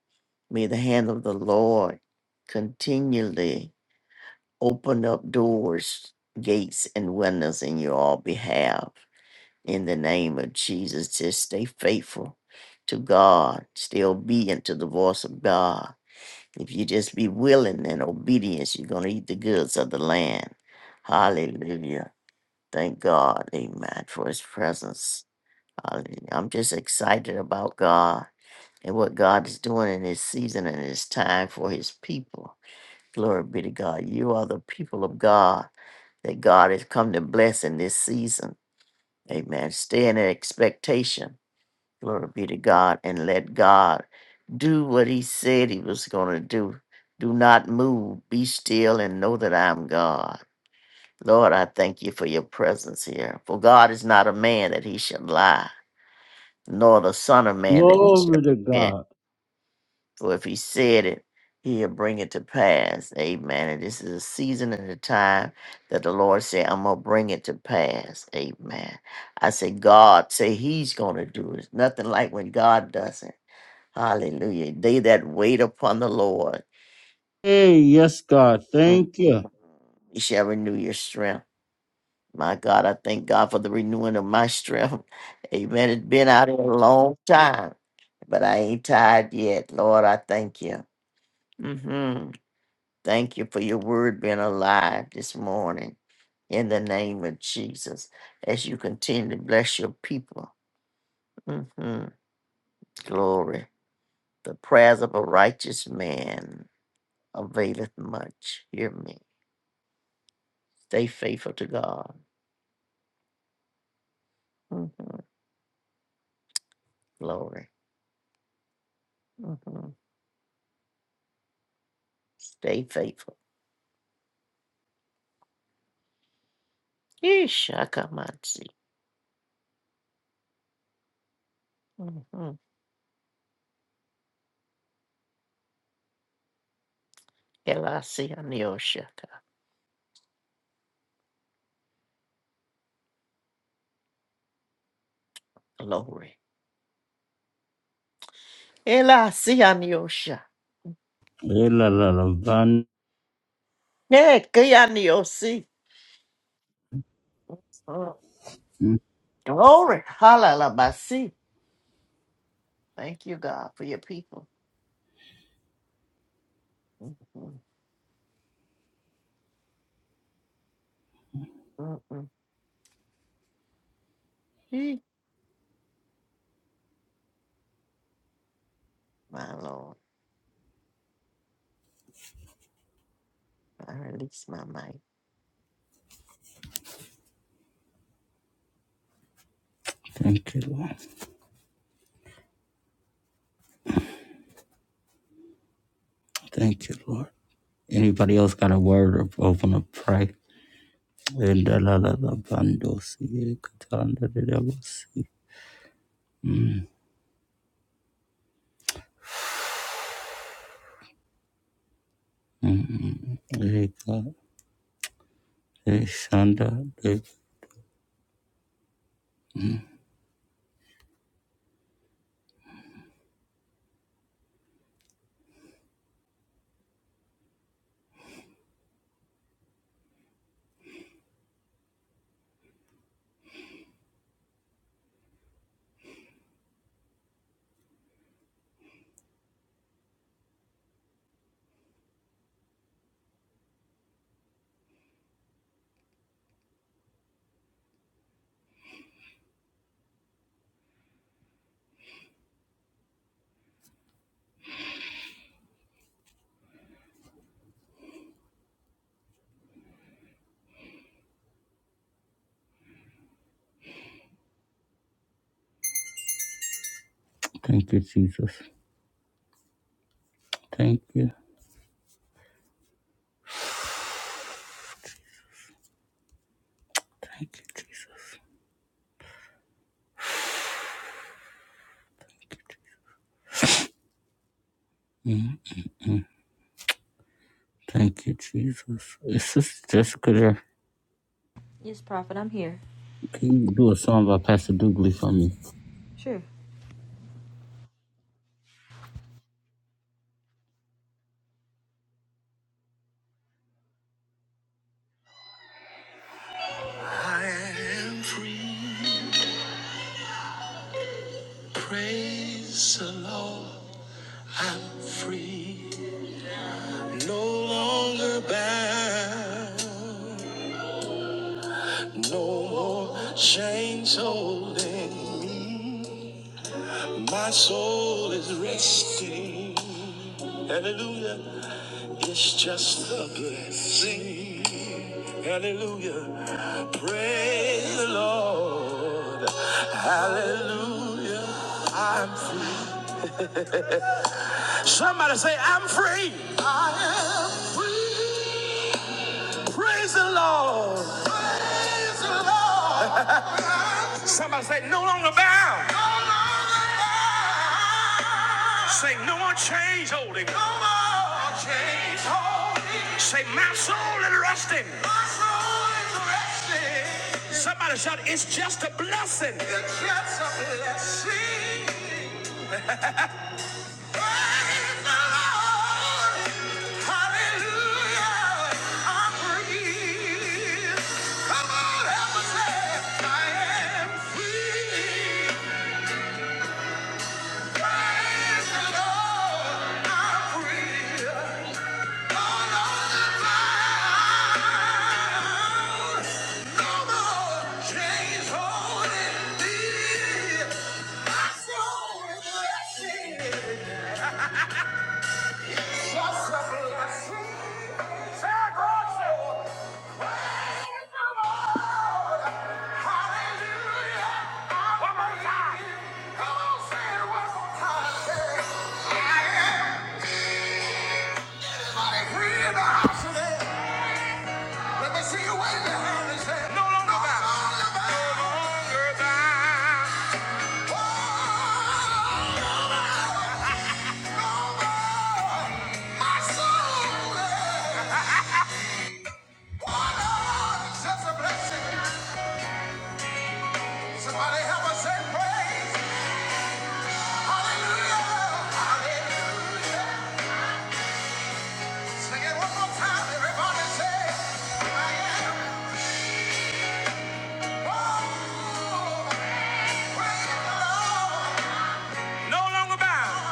Speaker 16: may the hand of the Lord continually open up doors, gates, and windows in your all behalf in the name of Jesus. Just stay faithful to God, stay obedient to the voice of God. If you just be willing and obedience, you're going to eat the goods of the land. Hallelujah. Thank God, amen, for his presence. Hallelujah. I'm just excited about God and what God is doing in his season and his time for his people. Glory be to God. You are the people of God that God has come to bless in this season. Amen. Stay in expectation Glory be to God and let God do what he said he was going to do. Do not move. Be still and know that I am God. Lord, I thank you for your presence here. For God is not a man that he should lie, nor the son of man that he should
Speaker 1: Glory to
Speaker 16: repent.
Speaker 1: God.
Speaker 16: For if he said it, he'll bring it to pass. Amen. And this is a season and a time that the Lord said, I'm going to bring it to pass. Amen. I say, God say he's going to do it. It's nothing like when God does it. Hallelujah. They that wait upon the Lord,
Speaker 1: Hey, yes, God. Thank you.
Speaker 16: Mhm. he shall renew your strength. My God, I thank God for the renewing of my strength. [laughs] Amen. It's been out here a long time, but I ain't tired yet. Lord, I thank you. hmm Thank you for your word being alive this morning in the name of Jesus as you continue to bless your people. hmm Glory. The prayers of a righteous man availeth much. Hear me. Stay faithful to God. Mhm. Glory. Mhm. Stay faithful. Ishakamansi. Mm-hmm. Elasianioshaka. Glory. Elasianiosha.
Speaker 1: Eh, la, la, la, van.
Speaker 16: Ekianiosi. Oh, Glory. Halalabasi. Thank you, God, for your people. Mm-mm. Mm-mm. Eh, My Lord, I release my mic.
Speaker 1: Thank you, Lord. Thank you, Lord. Anybody else got a word or open a pray? Enda la la la bando si katanda de devos leka eshanda de. Thank you, Jesus. Thank you. Thank you, Jesus. Is Sister Jessica there?
Speaker 2: Yes, prophet, I'm here.
Speaker 1: Can you do a song by Pastor Dooley for me?
Speaker 2: Sure. good. Sing hallelujah. Praise the Lord. Hallelujah. I'm free. Somebody say, I'm free. Free. Praise the Lord. Praise the Lord. [laughs] Somebody say, no longer bound. No longer bound. Say, no more chains holding. No more chains holding. Say, my soul is resting. My soul is resting. Somebody to blessing. The chance of blessing. Praise the Lord. Hallelujah. I breathe. Come on, help us say, I am free. I feel the blessing. Hallelujah. Somebody help us say praise. Hallelujah. Hallelujah. Sing it one more time. Everybody say, No longer bound.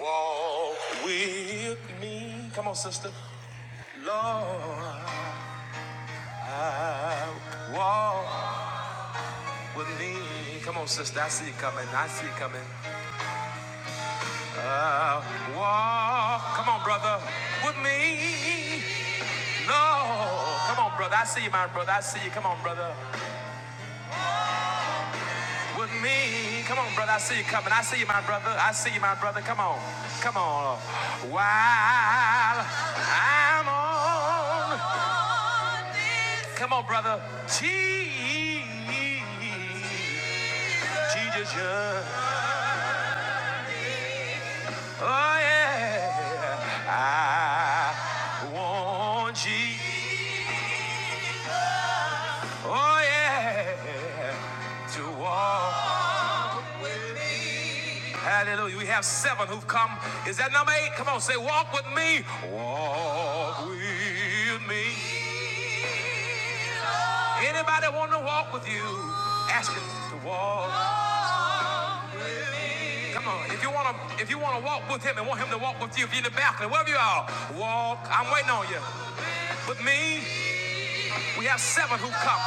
Speaker 2: Walk with me. Come on, sister. Lord, walk with me. Come on, sister. I see you coming. I see you coming. Uh, walk. Come on, brother. With me. Lord. Come on, brother. I see you, my brother. I see you. Come on, brother. With me. Come on, brother. I see you coming. I see you, my brother. I see you, my brother. Come on. Come on. While I'm on. Come on, brother. Jesus. yeah. Oh, yeah. I want Jesus. Oh, yeah. To walk. with me. Hallelujah. We have seven who've come. Is that number eight? Come on, say, walk with me. Walk with me. Anybody want to walk with you? Ask him to walk. Come on. If you want to, if you want to walk with him and want him to walk with you, if you're in the balcony, wherever you are, walk. I'm waiting on you. With me, we have seven who've come.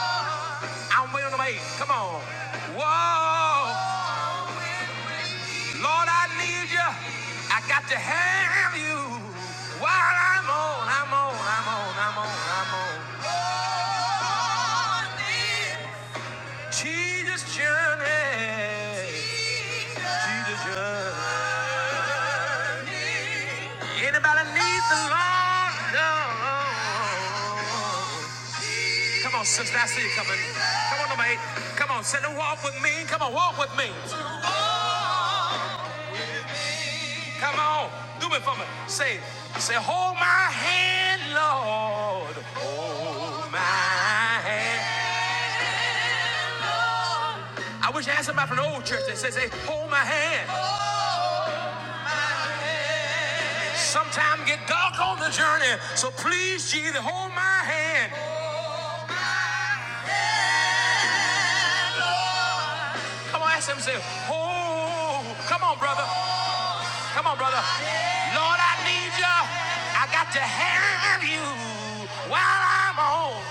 Speaker 2: I'm waiting on number eight. Come on. Walk. Lord, I need you. I got to have you. While I'm on, I'm on, I'm on, I'm on, I'm on. Lord, need Jesus journey. Jesus journey. Anybody need the Lord? No. Come on, sister, I see you coming. Come on, number eight. Come on, sit and walk with me. Come on, walk with me. Come on, do it for me. Say, say, hold my hand, Lord. Hold my hand. I wish I had somebody from the old church that says, say, hold my hand. Sometime get dark on the journey, so please, Jesus, hold my hand. Come on, ask him, say, hold. Come on, brother. Come on, brother. Lord, I need you. I got to have you while I'm on.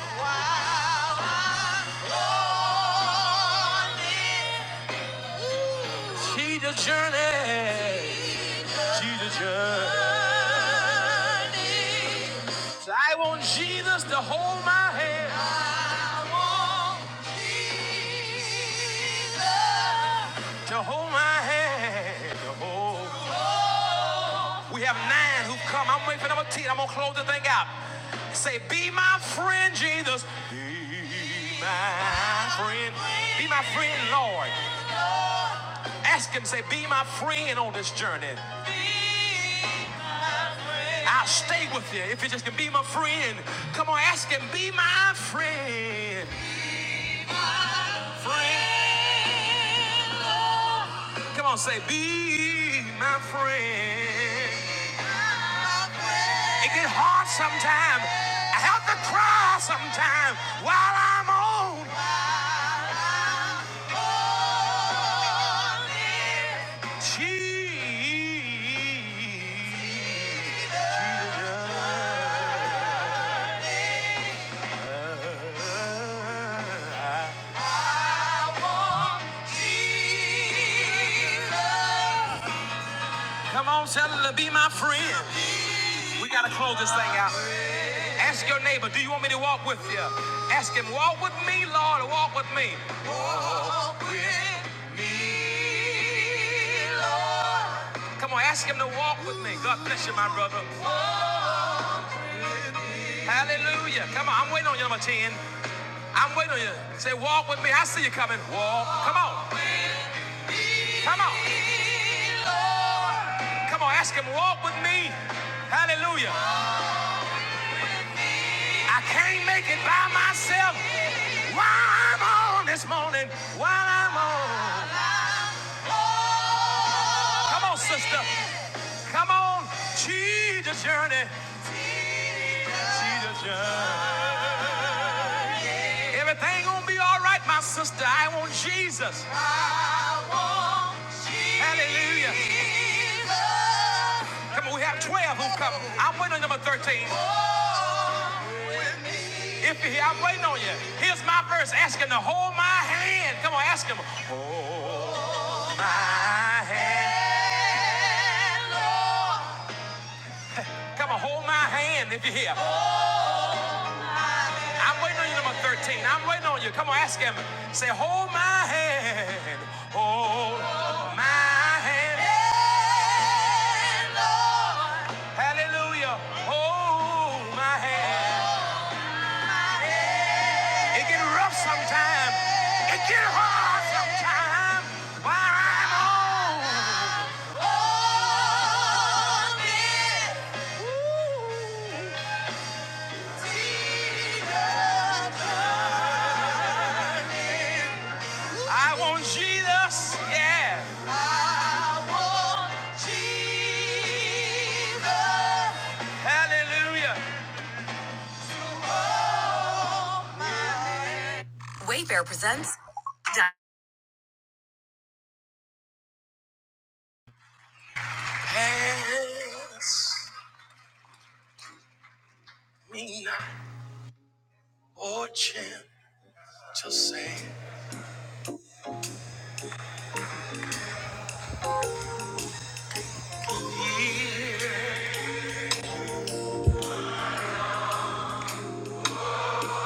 Speaker 2: Jesus' journey. Jesus' journey. So I want Jesus to hold my hand. I want Jesus to hold my hand. To hold. We have nine who've come. I'm waiting for number 10. I'm going to close the thing out. Say, be my friend, Jesus. Be my friend. Be my friend, Lord. Ask him, say, be my friend on this journey. I'll stay with you if you just can be my friend. Come on, ask him, be my friend. Friend. Come on, say, be my friend. It get hard sometimes. I have to cry sometimes while I'm on. Jesus. Come on, Senator, be my friend. We gotta close this thing out. Ask your neighbor, do you want me to walk with you? Ask him, walk with me, Lord, or walk with me. Come on, ask him to walk with me. God bless you, my brother. Hallelujah. Come on. I'm waiting on you, number 10. I'm waiting on you. Say, walk with me. I see you coming. Walk. Come on. Come on. Come on. Ask him, walk with me. Hallelujah. I can't make it by myself. While I'm on this morning. While I'm on. Come on, sister. Come on. Jesus journey. Jesus journey. Everything gonna be all right, my sister. I want Jesus. Hallelujah. Come on, we have 12 who come. I'm waiting on number 13. If he, I'm waiting on you. Here's my verse. Ask him to hold my hand. Come on, ask him. My hand, Lord. Come on, hold my hand if you're here. I'm waiting on you, number 13. I'm waiting on you. Come on, ask him. Say, hold my hand. Hold my hand. Lord. Hallelujah. Hold my hand. It get rough sometimes. It get hard sometimes. While I'm on. I want Jesus. Yeah. Hallelujah. Hands fortune to say.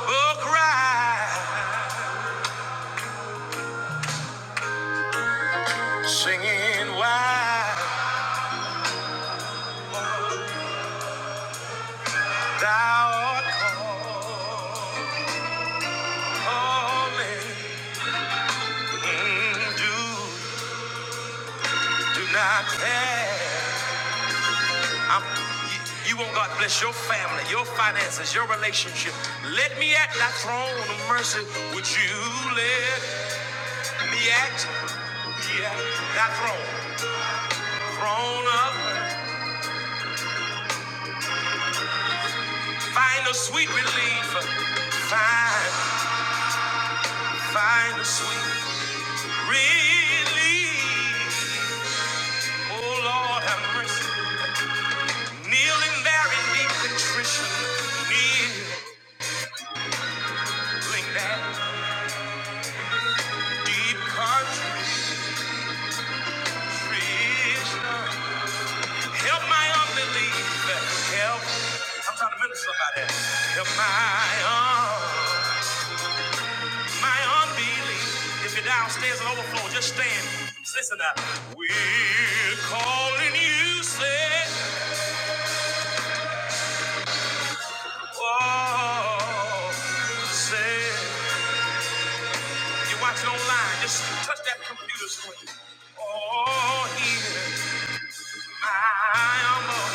Speaker 2: Will cry, singing why thou art calling. Mm, do do not fail. I'm, you, you want God to bless your family, your finances, your relationship. Let me at thy throne of mercy. Would you let me at yeah, thy throne? Throne up, find a sweet relief. Find, find a sweet relief. Oh Lord, have mercy. Kneeling there in deep contrition, kneeling there in deep contrition. Help my unbelief. Help. I'm trying to minister somebody. else. Help my un, my unbelief. If you're downstairs and overflow, just stand. Just Listen up. We're calling you, say, oh, say. If you're watching online, just touch that computer screen. Oh, here, my unbelief.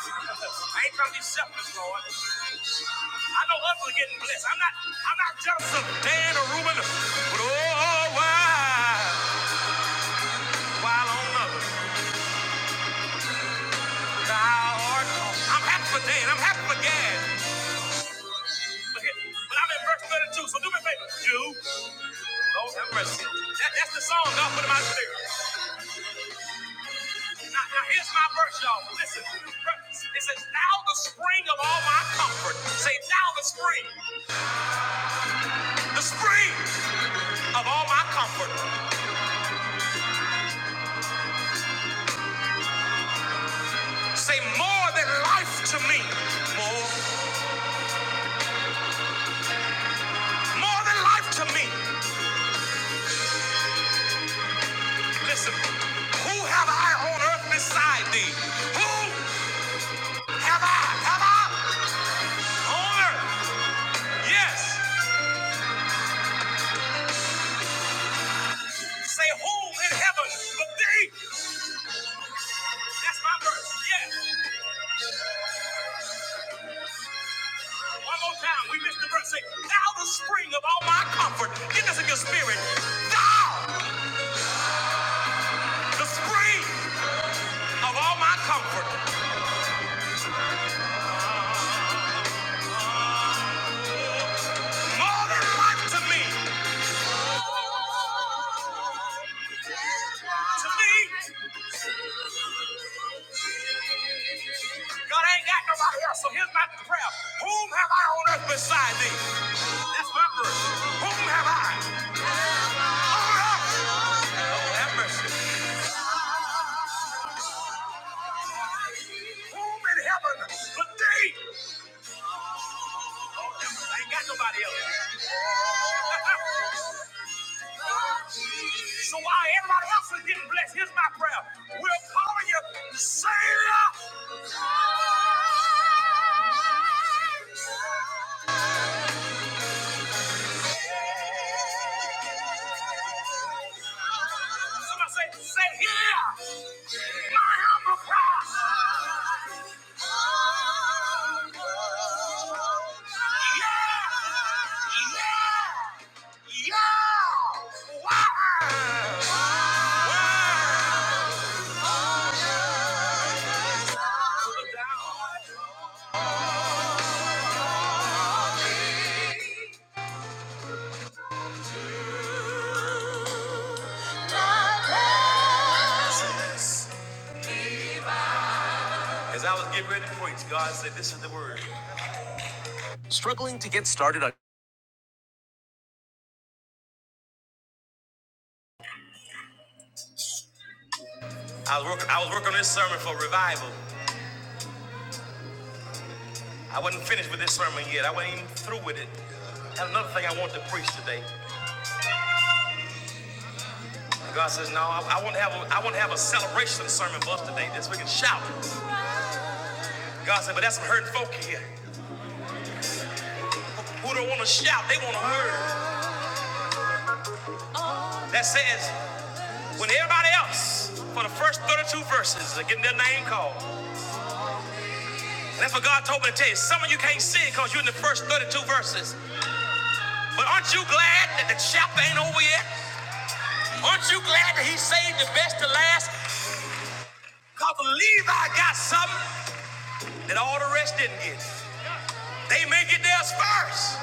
Speaker 2: I ain't trying to be selfish, Lord. I know others are getting blessed. I'm not I'm not jealous of Dan or Reuben, but oh why while on others thou art. I'm happy for Dan, I'm happy for Gad. But, here- but I'm in verse 32, so do me a favor. Do Lord have mercy. That, that's the song God put in my spirit. Now, now here's my verse, y'all. Listen. It says, Thou the spring of all my comfort. Say, Thou the spring, the spring of all my comfort. Say more than life to me. More, more than life to me. Listen, who have I on earth beside thee? Who have I? Have I on earth? Yes. Say who in heaven but thee? That's my verse. Yes. One more time. We missed the verse. Say, thou the spring of all my comfort. Get this in your spirit. Thou the spring of all my comfort. More than life to me. God ain't got nobody else. So here's my prayer. Whom have I on earth beside thee? That's my verse. Whom have I? Oh, have mercy. As I was getting ready to preach, God said, This is the word. I was working, I was working on this sermon for revival. I wasn't finished with this sermon yet. I wasn't even through with it. I had another thing I want to preach today. God says, No, I, I want to have a, I want to have a celebration sermon for us today. This we can shout. God said, But that's some hurting folk here who don't want to shout. They want to hear. That says, when everybody else for the first 32 verses are getting their name called, That's what God told me to tell you. Some of you can't see it because you're in the first 32 verses. But aren't you glad that the chapter ain't over yet? Aren't you glad that he saved the best to last? Because Levi got something that all the rest didn't get. They may get theirs first.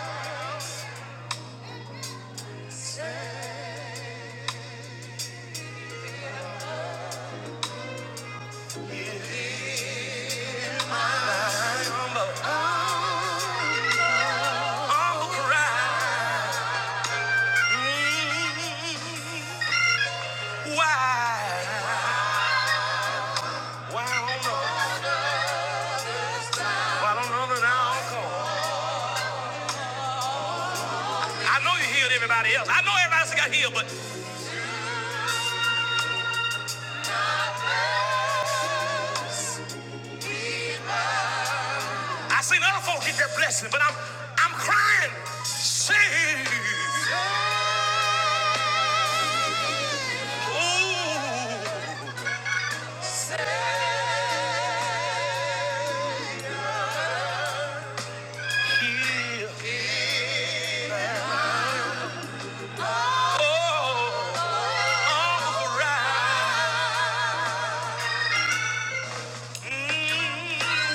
Speaker 2: I seen other folks get their blessing, but I'm I'm crying. Sing. ooh,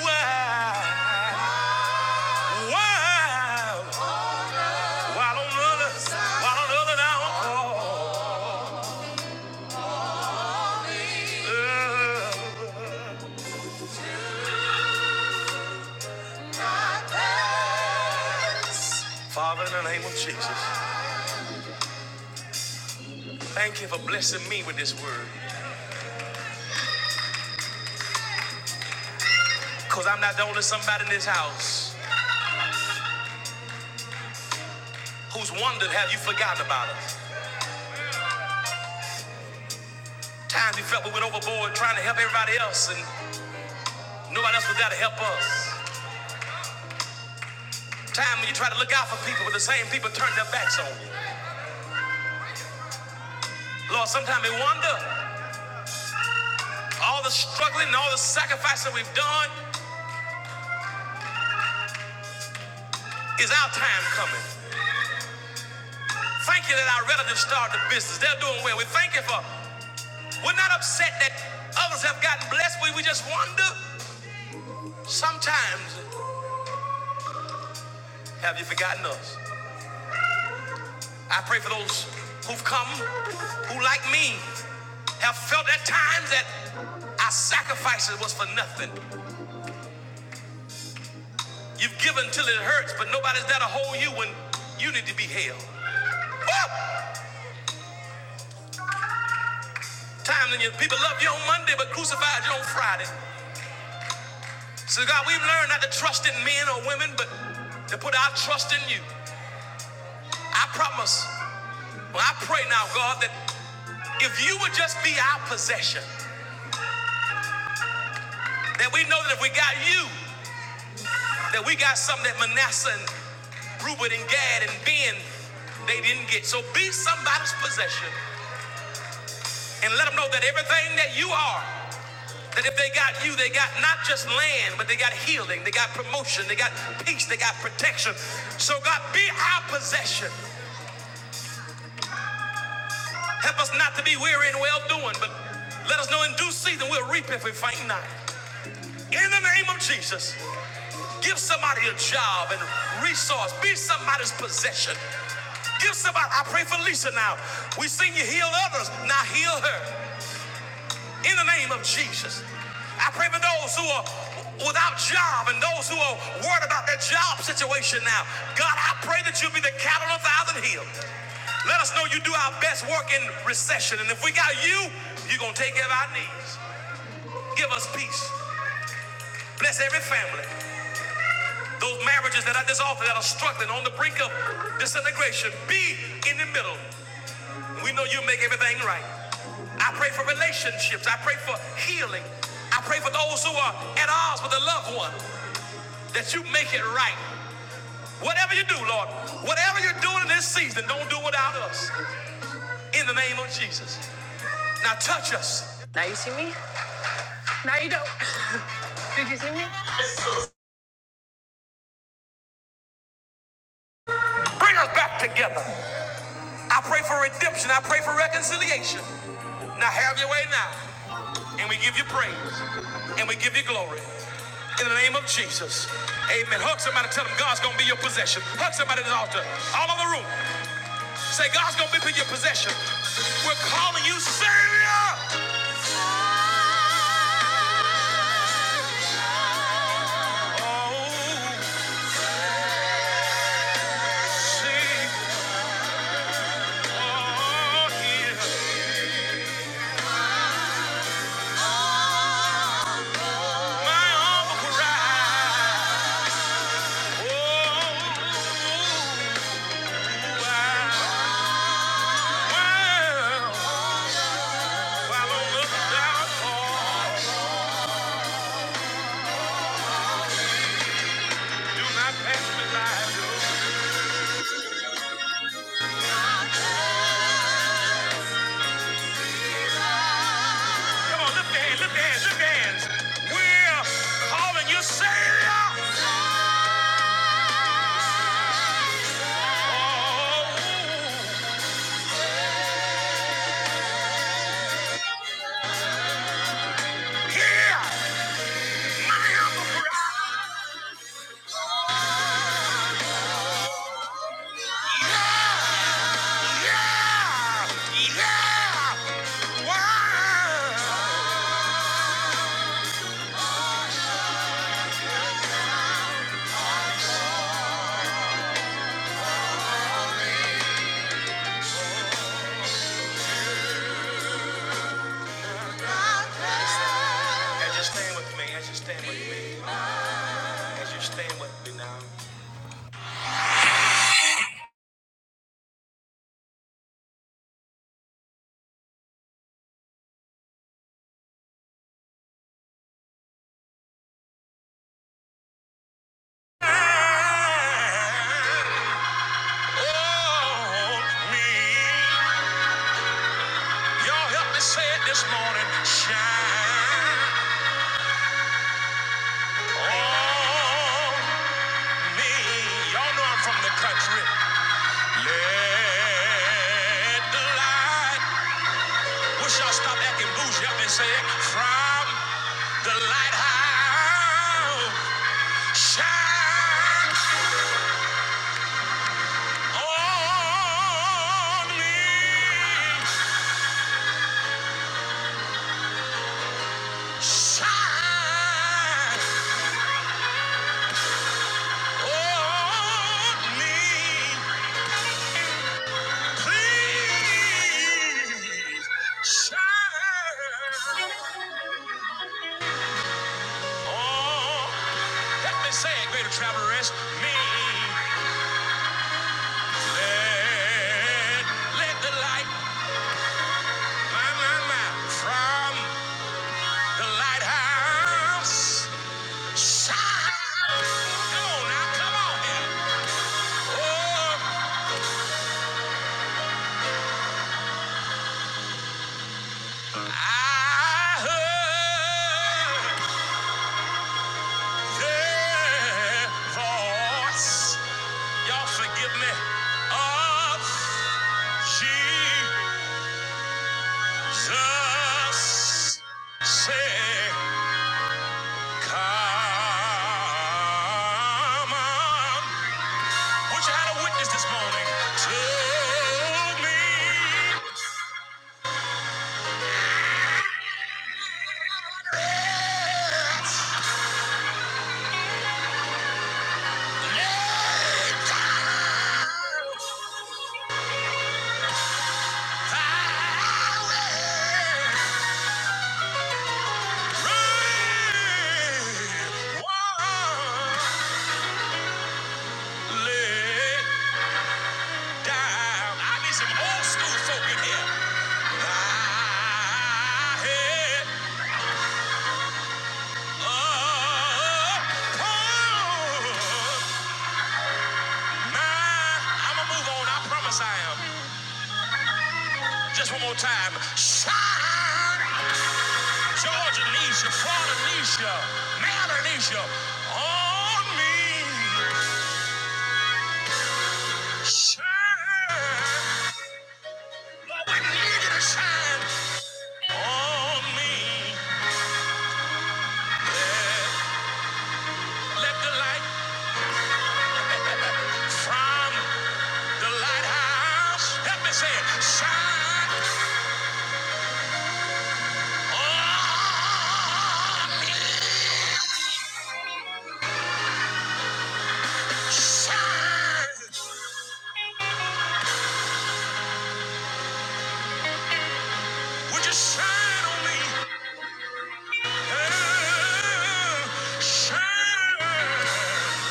Speaker 2: wow. Oh. Father, in the name of Jesus, thank you for blessing me with this word. Because I'm not the only somebody in this house who's wondered, have you forgotten about us? Times we felt we went overboard trying to help everybody else and nobody else was there to help us. Time when you try to look out for people, but the same people turn their backs on you. Lord, sometimes we wonder, all the struggling and all the sacrifice that we've done, is our time coming? Thank you that our relatives started the business. They're doing well. We thank you for, we're not upset that others have gotten blessed. We, we just wonder, sometimes, have you forgotten us? I pray for those who've come, who like me, have felt at times that our sacrifices was for nothing. You've given till it hurts, but nobody's there to hold you when you need to be held. Woo! Times when your people love you on Monday, but crucified you on Friday. So God, we've learned not to trust in men or women, but to put our trust in you. I promise, well, I pray now, God, that if you would just be our possession, that we know that if we got you, that we got something that Manasseh and Reuben and Gad and Ben, they didn't get. So be somebody's possession and let them know that everything that you are, that if they got you, they got not just land, but they got healing, they got promotion, they got peace, they got protection. So God, be our possession. Help us not to be weary in well doing, but let us know in due season we'll reap if we faint not. In the name of Jesus, Give somebody a job and resource. Be somebody's possession. Give somebody, I pray for Lisa now. We seen you heal others, now heal her. In the name of Jesus. I pray for those who are without job and those who are worried about their job situation now. God, I pray that you'll be the cattle on a thousand hills. Let us know you do our best work in recession. And if we got you, you're going to take care of our needs. Give us peace. Bless every family. Not this office that are struggling on the brink of disintegration. Be in the middle. We know you make everything right. I pray for relationships. I pray for healing. I pray for those who are at odds with a loved one that you make it right. Whatever you do, Lord, whatever you're doing in this season, don't do without us. In the name of Jesus. Now touch us. Bring us back together. Possession at the altar, all over the room. Oh, sing, oh, hear my humble cry. Now. Y'all help me say it this morning. Shine on me. Y'all know I'm from the country. Let the light. Wish y'all stop acting bougie. Help me say it. From the lighthouse. Shine on me. Shine on me. Please shine. Oh, let me say it, greater travelers. Me. Let, let the light, my, my, my, from the lighthouse shine. Come on now, come on here. Oh, I heard their voice. Y'all forgive me. Of Jesus said, Come on. Would you have a witness this morning? Told me I down. I need some old school folk in here. Thy head I'm gonna move on. I promise I am. Just one more time. Shine. Georgia Leisha, Florida Leisha, Maryland Leisha, on me. Shine. Lord, we need you to shine on me. Let the light from the lighthouse. Help me say it. Shine. Oh, shine. Would you shine on me? Yeah, shine.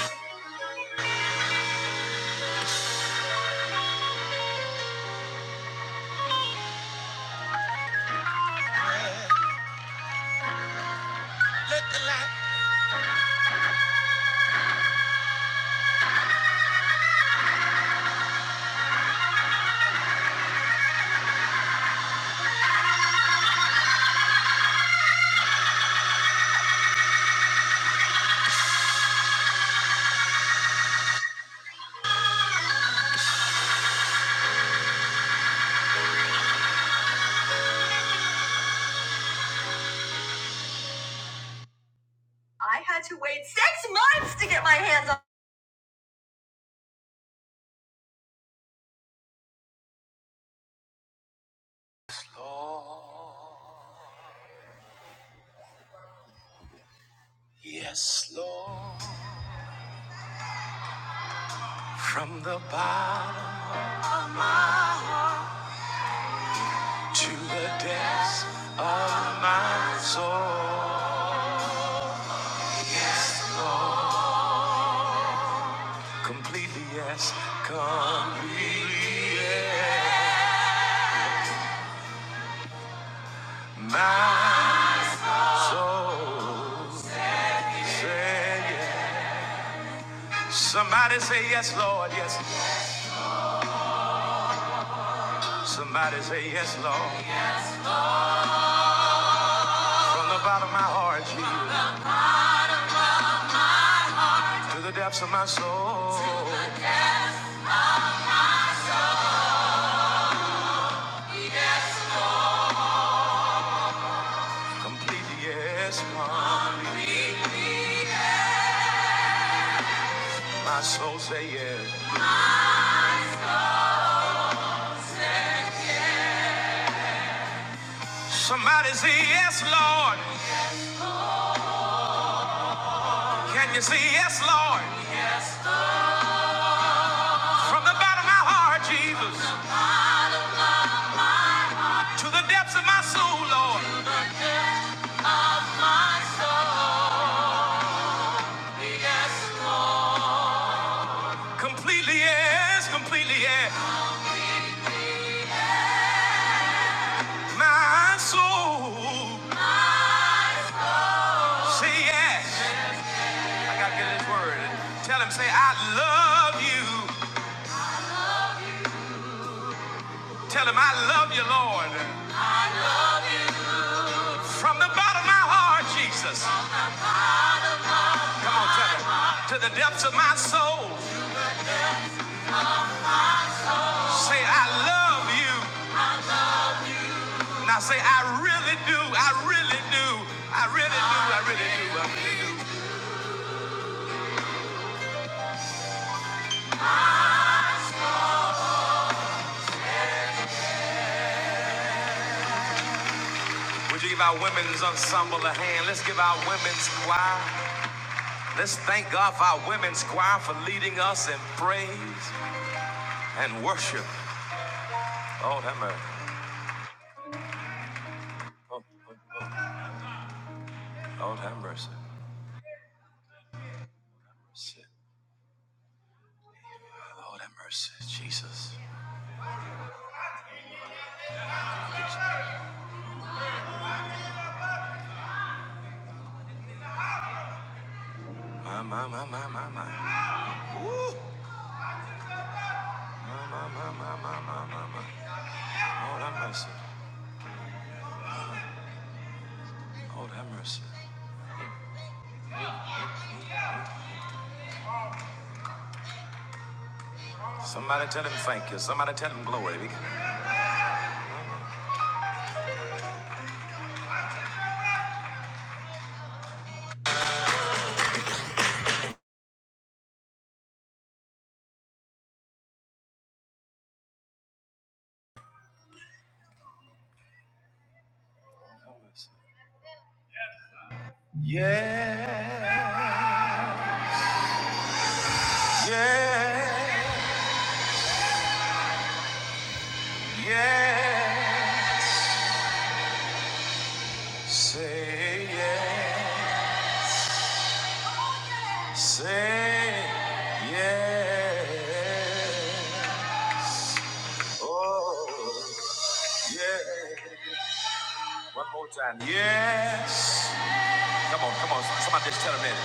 Speaker 2: Lord, yes, Lord. From the bottom to the depths of my soul. Lord. Completely yes, completely yes. My soul say yes. Somebody say yes, Lord, yes. Somebody say yes, Lord. From the bottom of my heart, Jesus, to the depths of my soul, complete yes, Lord. My soul say yes. Somebody say yes, Lord. Can you say yes, Lord? From the bottom of my heart, Jesus, to the depths of my soul, Lord. Completely yes, completely yes. My soul say yes. I gotta get this word. Tell him, say, I love you. Tell him, I love you, Lord. From the bottom of my heart, Jesus. Come on, tell him. To the depths of my soul, say, I love you. Now say, I really do. I really do. I really do. I really do. I really do. Would you give our women's ensemble a hand? Let's give our women's choir. Let's thank God for our women's choir for leading us in praise and worship. Lord have mercy. Oh, oh, oh. Lord have mercy. Mercy. Lord have mercy. Jesus. My, my, my, my, my, my. My, my, my, my, my, my, my. my. Lord have mercy. Lord have mercy. Somebody tell him thank you. Somebody tell him glory. Yeah. Yeah. Yeah. Say yeah. Say yeah. Oh, yeah. One more time. Yes. Come on, come on. Somebody just tell him that.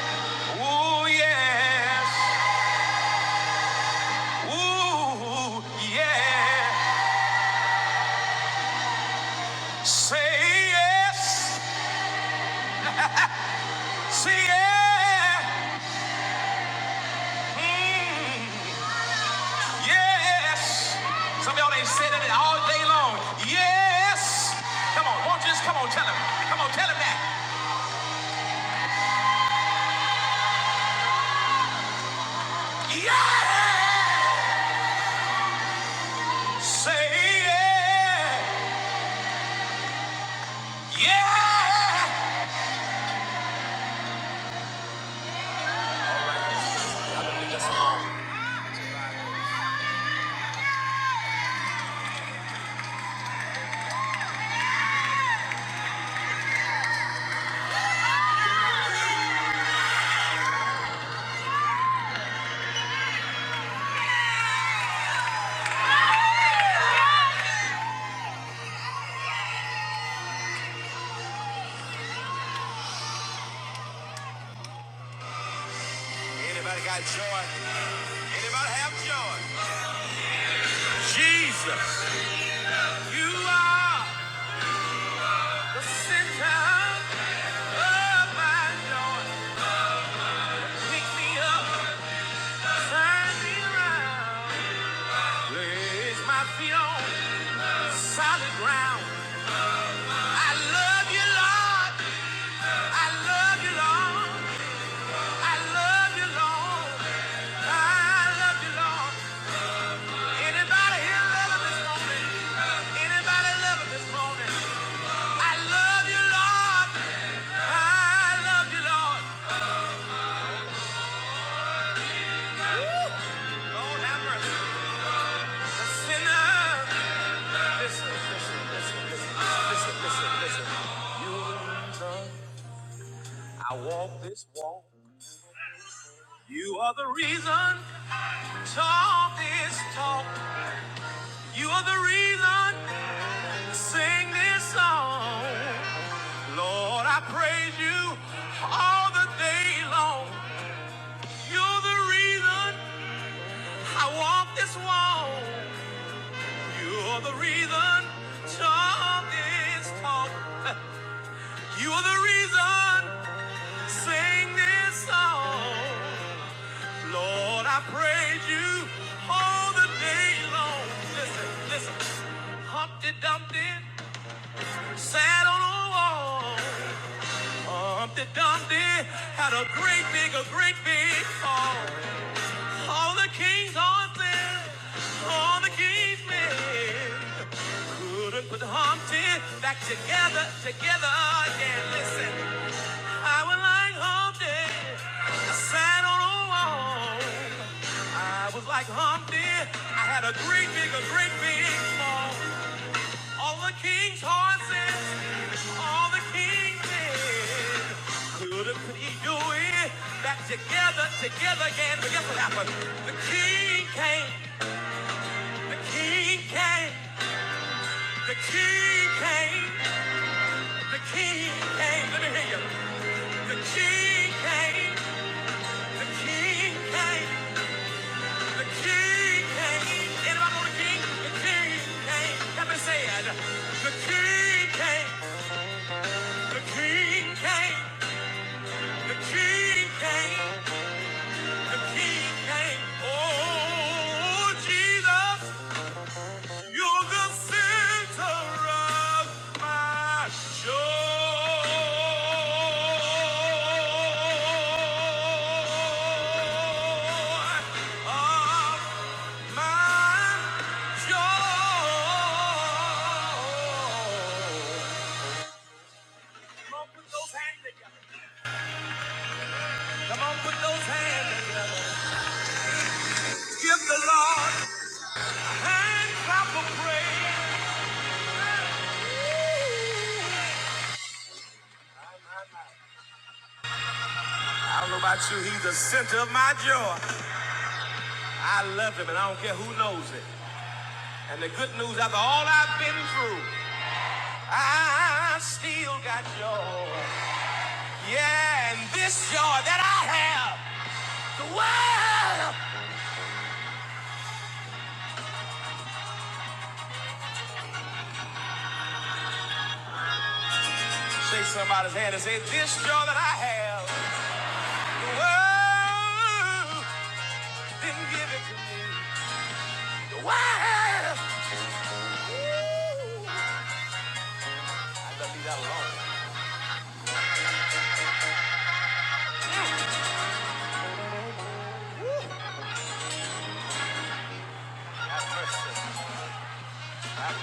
Speaker 2: Oh, yes. Ooh, yeah. Say yes. Say yeah. Mm, yes. Some of y'all ain't said it all day long. Yes. Come on, won't you just come on, tell him. Come on, tell him that. Yeah. Say yeah. Yeah. That's all. Anybody got joy? Anybody have joy? Jesus, you are the center of my joy. I love you, Lord. I love you, Lord. I love you, Lord. I love you, Lord. Anybody here love this morning? Anybody love this morning? I love you, Lord. I love you, Lord. Lord have mercy. sinner. Listen, listen, listen, listen, listen, listen, listen. You're the reason I walk this walk. You are the reason talk this talk. You are the reason sing this song. Lord, I praise you all the day long. You're the reason I walk this walk. You're the reason talk this talk. You are the reason sing this song. Lord, I praise you all the day long. Listen, listen. Humpty Dumpty sat on a wall. Humpty Dumpty had a great big, a great big fall. All the king's horses, all the king's men couldn't put Humpty back together, together again. Listen, I was like Humpty, sat on a wall. I was like Humpty. I had a great big, a great big fall. All the king's horses, all the king's men. Couldn't he do it? Back together, together again. But guess what happened? The king came, the king came, the king came, the king came. Let me hear you. The king came, the king came. The king came. Anybody know the king? The king came. Everybody say it. The king came. The king came. The king came. The king came. Oh, Jesus. You're the center of my joy. Of my joy. Those hands together. Come on, put those hands together. Give the Lord and clap of praise. I don't know about you, he's the center of my joy. I love him, and I don't care who knows it. And the good news after all I've been through, I still got joy. Yeah, and this joy that I have, the world. Shake somebody's hand and say, This joy that I have, the world didn't give it to me.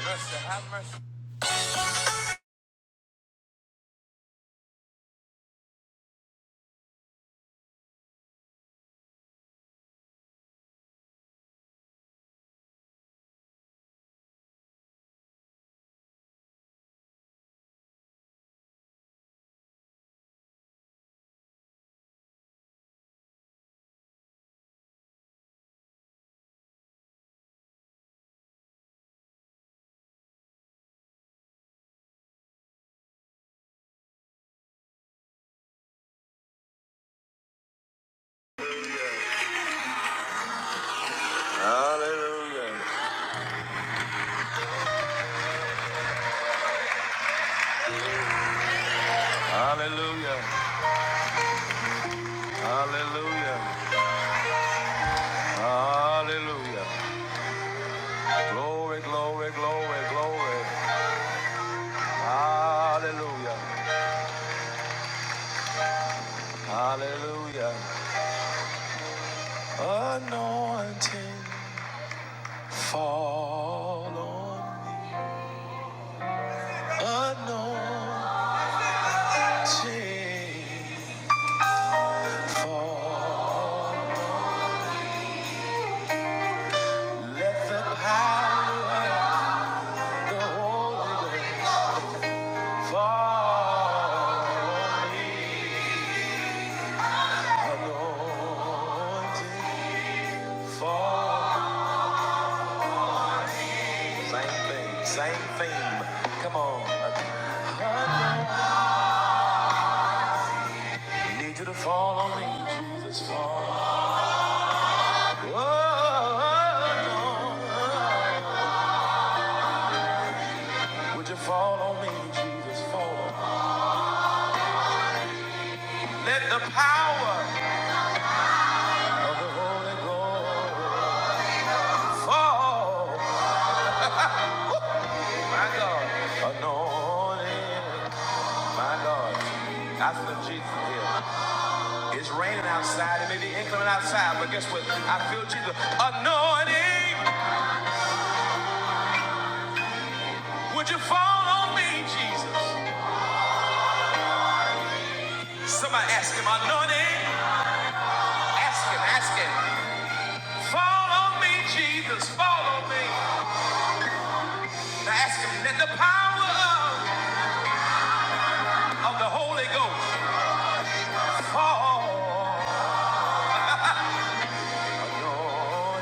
Speaker 2: Mercy, have mercy. Hallelujah. Hallelujah. Hallelujah. Hallelujah. Glory, glory, glory, glory. Hallelujah. Hallelujah. Anointing, fall on me. Anointing, fall. Let the power of the Holy Ghost fall on me. Anointing, fall. Same thing, same theme. Come on. Anointing, Need you to fall on me, Jesus, fall. Lord, would you fall on me, Jesus, fall. on me. Let the power of the Holy Ghost fall. My God, anointing. My God, I feel Jesus here. It's raining outside. It may be inclement outside, but guess what? I feel Jesus. Anointing, would you fall on me, Jesus? Somebody ask him, anointing. Ask him, ask him. Follow me, Jesus, follow me. Now ask him, let the power of, of the Holy Ghost fall on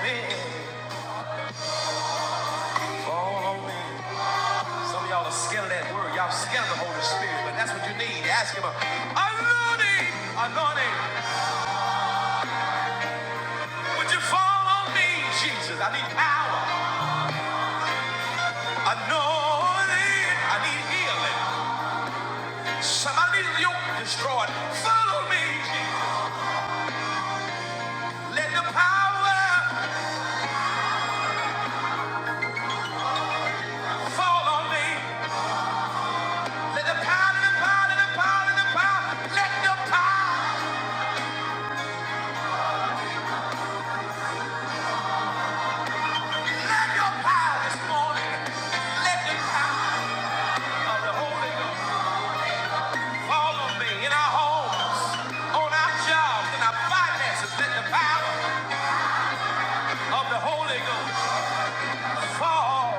Speaker 2: me. Follow me. Some of y'all are scared of that word. Y'all scared of the Holy Spirit, but that's what you need. Ask him, anointing, anointing, would you fall on me, Jesus? I need power. Anointing, I need healing. Somebody need a yoke destroyed. Follow me, Jesus. Let the power Fall on me. Let the power, the power, the power, the power, let the power, let the power this morning. Let the power of the Holy Ghost fall on me in our homes, on our jobs, in our finances. Let the power of the Holy Ghost fall.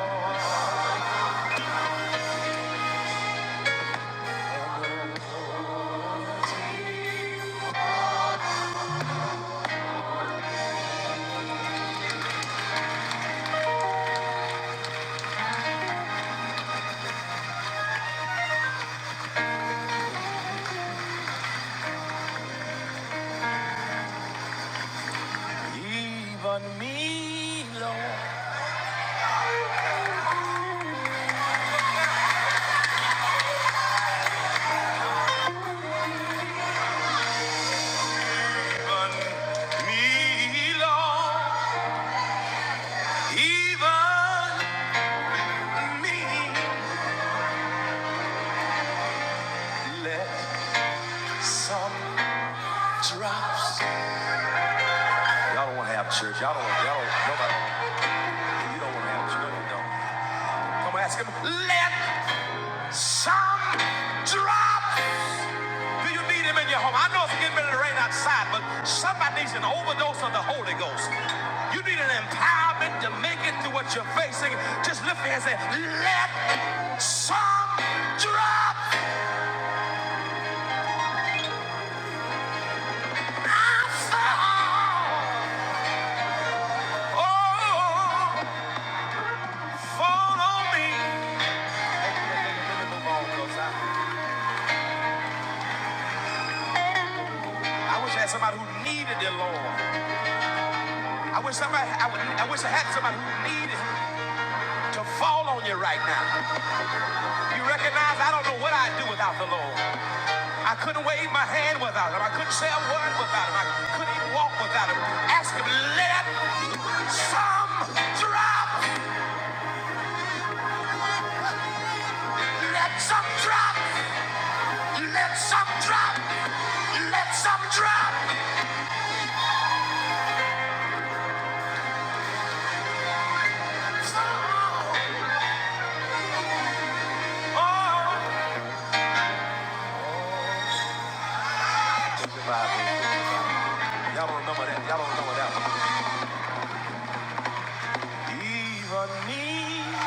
Speaker 2: Even me, Lord. Even me, Lord. Even me. Let Giraffes. Y'all don't want to have church. Y'all don't. Y'all don't. Nobody. Don't, you all do not you all do not nobody you do not want to have church. No, you don't. Come ask him. Let some drop. Do you need him in your home? I know it's getting ready to rain outside, but somebody needs an overdose of the Holy Ghost. You need an empowerment to make it through what you're facing. Just lift your hands and say, let some drop. fall. Oh, fall on me. I wish I had somebody who needed the Lord. I wish somebody I, would, I wish I had somebody who needed to fall on you right now. You recognize I don't know what I'd do without the Lord. I couldn't wave my hand without him. I couldn't say a word without him. I couldn't even walk without him. Ask him, let some drop. Let some fall. Y'all don't remember that. Y'all don't remember that one. Even me.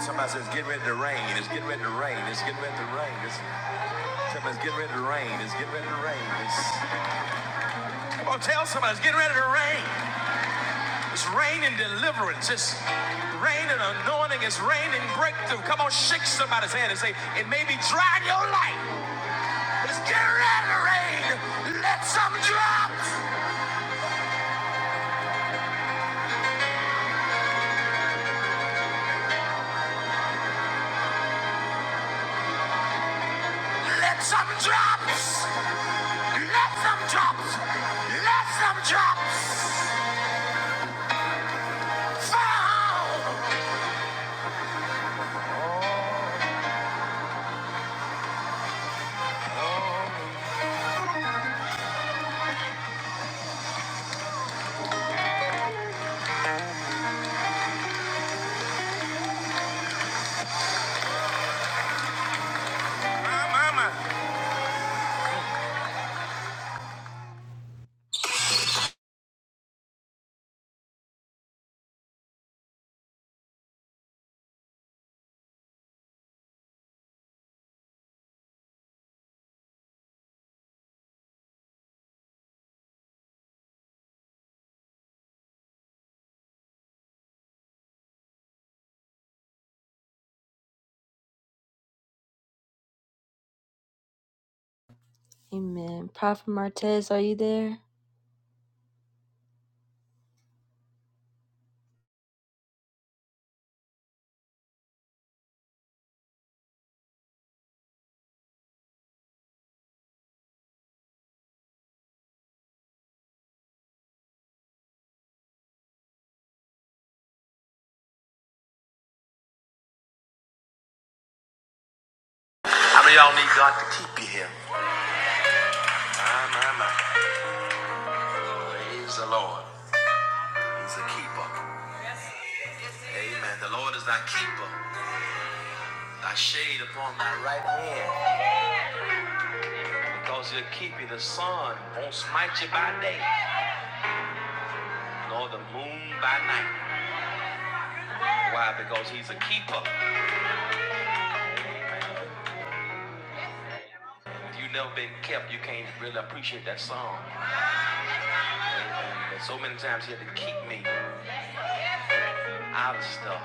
Speaker 2: Somebody says, get ready to rain. It's getting ready to rain. It's getting ready to rain. It's, somebody's getting ready to rain. It's getting ready to rain. It's, Come on, tell somebody it's getting ready to rain. It's raining deliverance. It's raining anointing. It's raining breakthrough. Come on, shake somebody's hand and say, it may be dry in your life. get ready to rain. Let some drops. Let some drops. Let some drops. Let some drops. Fall. Amen. Prophet Martez, are you there? My mama. Praise the Lord. He's a keeper. Amen. The Lord is thy keeper. Thy shade upon thy right hand. Because you're keeping the sun won't smite you by day, nor the moon by night. Why? Because he's a keeper. You never been kept, you can't really appreciate that song. And so many times he had to keep me out of stuff.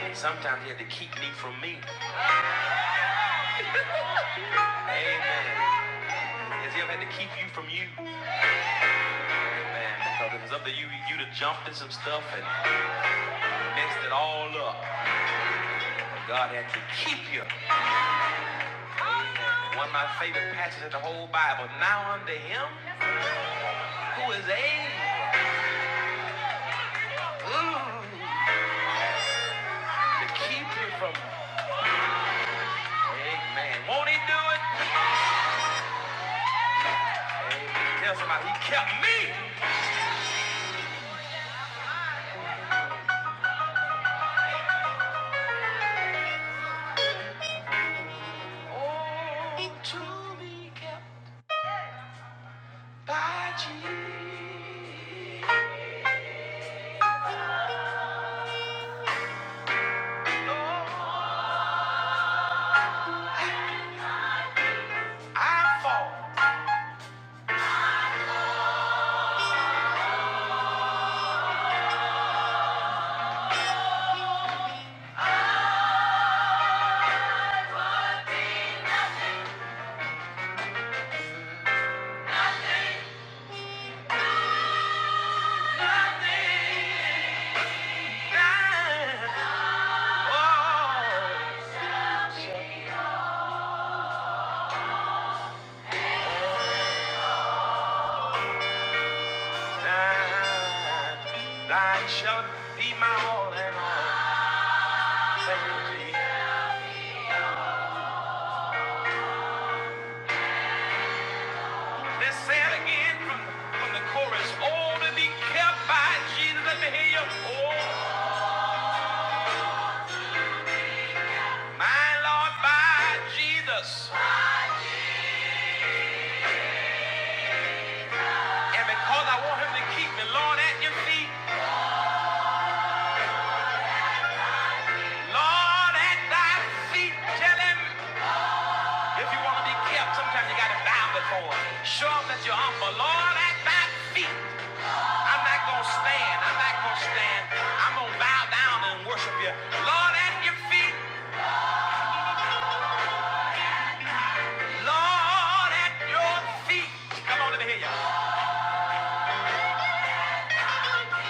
Speaker 2: And sometimes he had to keep me from me. Amen. Oh, Thine, thine shall be my all and all. Let's say it again from, from the chorus. Oh, to be kept by Jesus. Let me hear you. Oh, my Lord, by Jesus. And because I want him to keep me, Lord, at your feet, Lord, at thy feet, tell him if you want to be kept, sometimes you got to bow before him. Show him that you're humble. Lord, at thy feet, I'm not going to stand. I'm not going to stand. I'm going to bow down and worship you. Lord, at your feet, Lord, at your feet. Come on, let me hear you.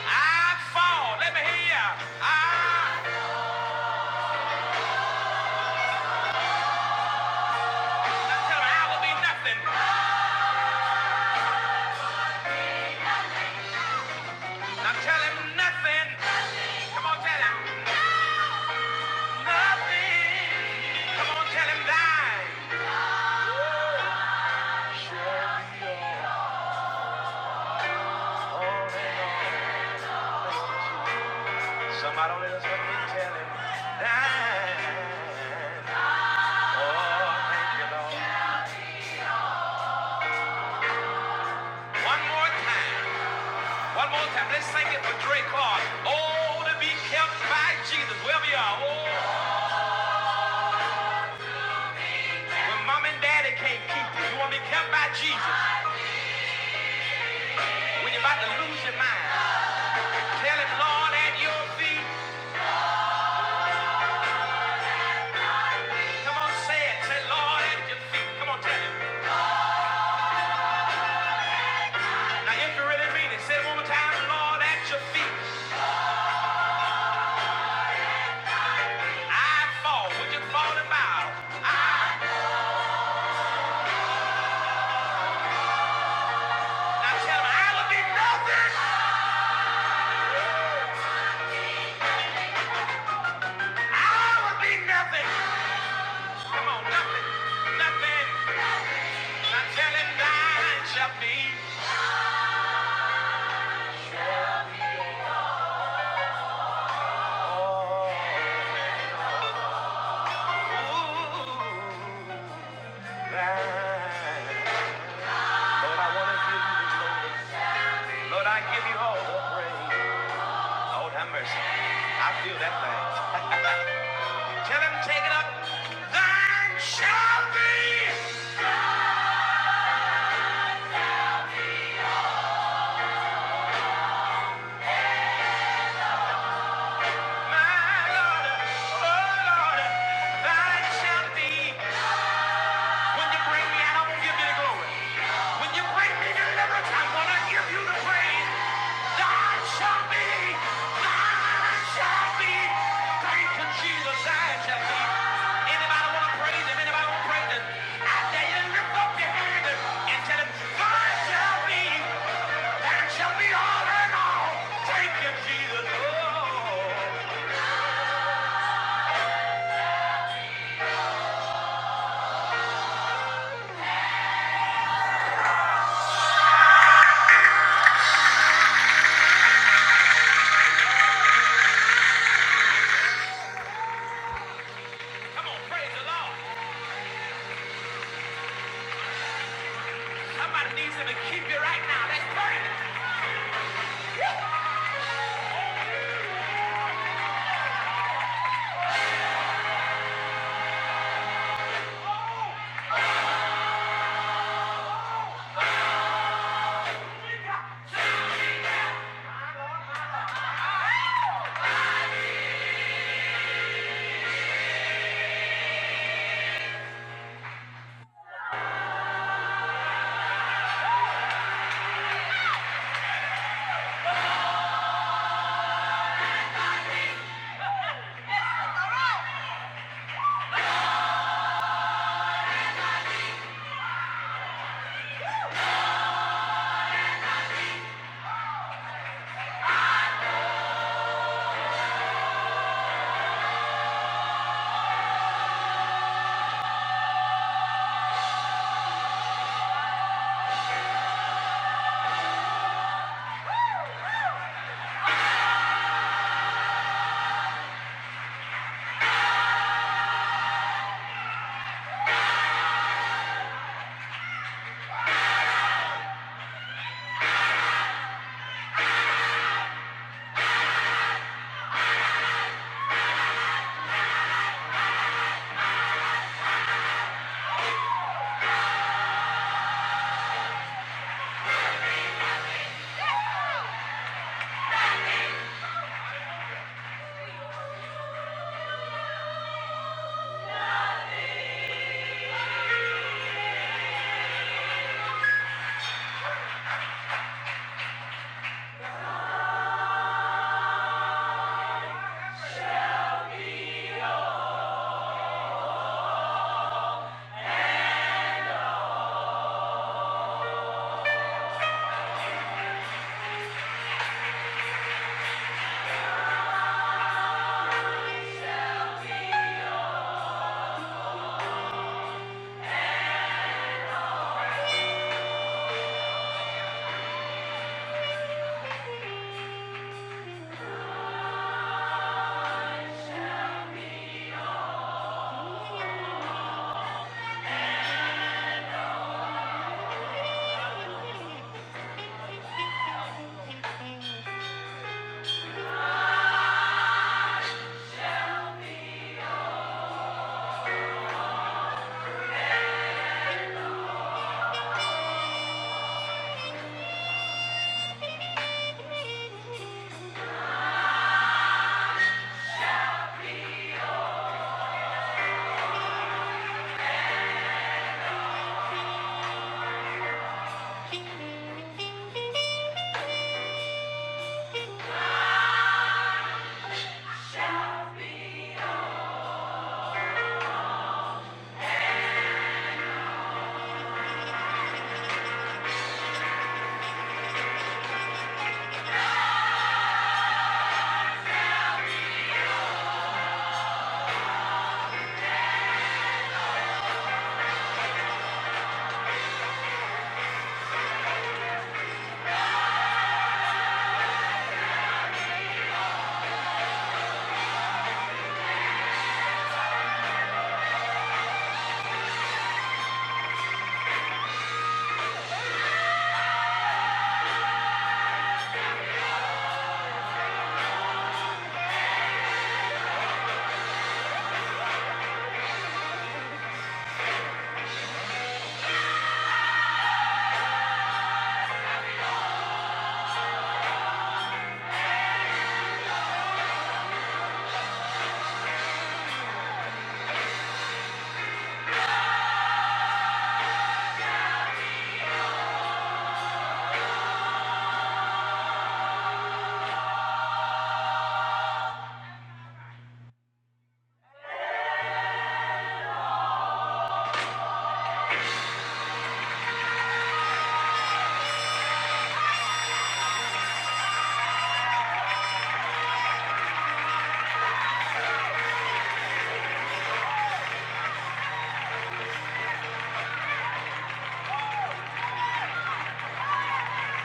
Speaker 2: I fall. Let me hear you. I, now tell him I will be nothing. Now tell him nothing. Come on, tell him. Come on, tell him thine. Somebody let us help me tell him that. Oh, thank you, Lord. One more time. One more time. Let's sing it for Drake Clark. Oh, to be kept by Jesus. Wherever you are. Oh, when mom and daddy can't keep you, you want to be kept by Jesus. When you're about to lose your mind, tell him, Lord, at your feet. Come on, say it. Say, Lord, at your feet. Come on, tell him. Now, if you really mean it, say it one more time. Lord, at your feet. I fall. Would you fall and bow? I- Now, tell him, I would be nothing. I would be nothing. Come on, nothing. Nothing. Now, tell him, thine shall be. Ooh, thine. Lord, I want to give you the glory. Lord, I give you all the praise. Lord have mercy. I feel that thing. [laughs] Tell him, take it up. Thine shall be my Lord, oh Lord, thine shall be. When you bring me out, I will give you the glory. When you bring me deliverance, I'm to give you the praise. Thine shall be, thine shall be. Thank Jesus, thine shall be. Anybody wanna praise him? Anybody wanna praise him? I dare you to lift up your hand and tell him, thine shall be, thine shall be all in all. Thank Jesus. Oh. Come on, praise the Lord. Somebody needs him to keep you right now. That's praise.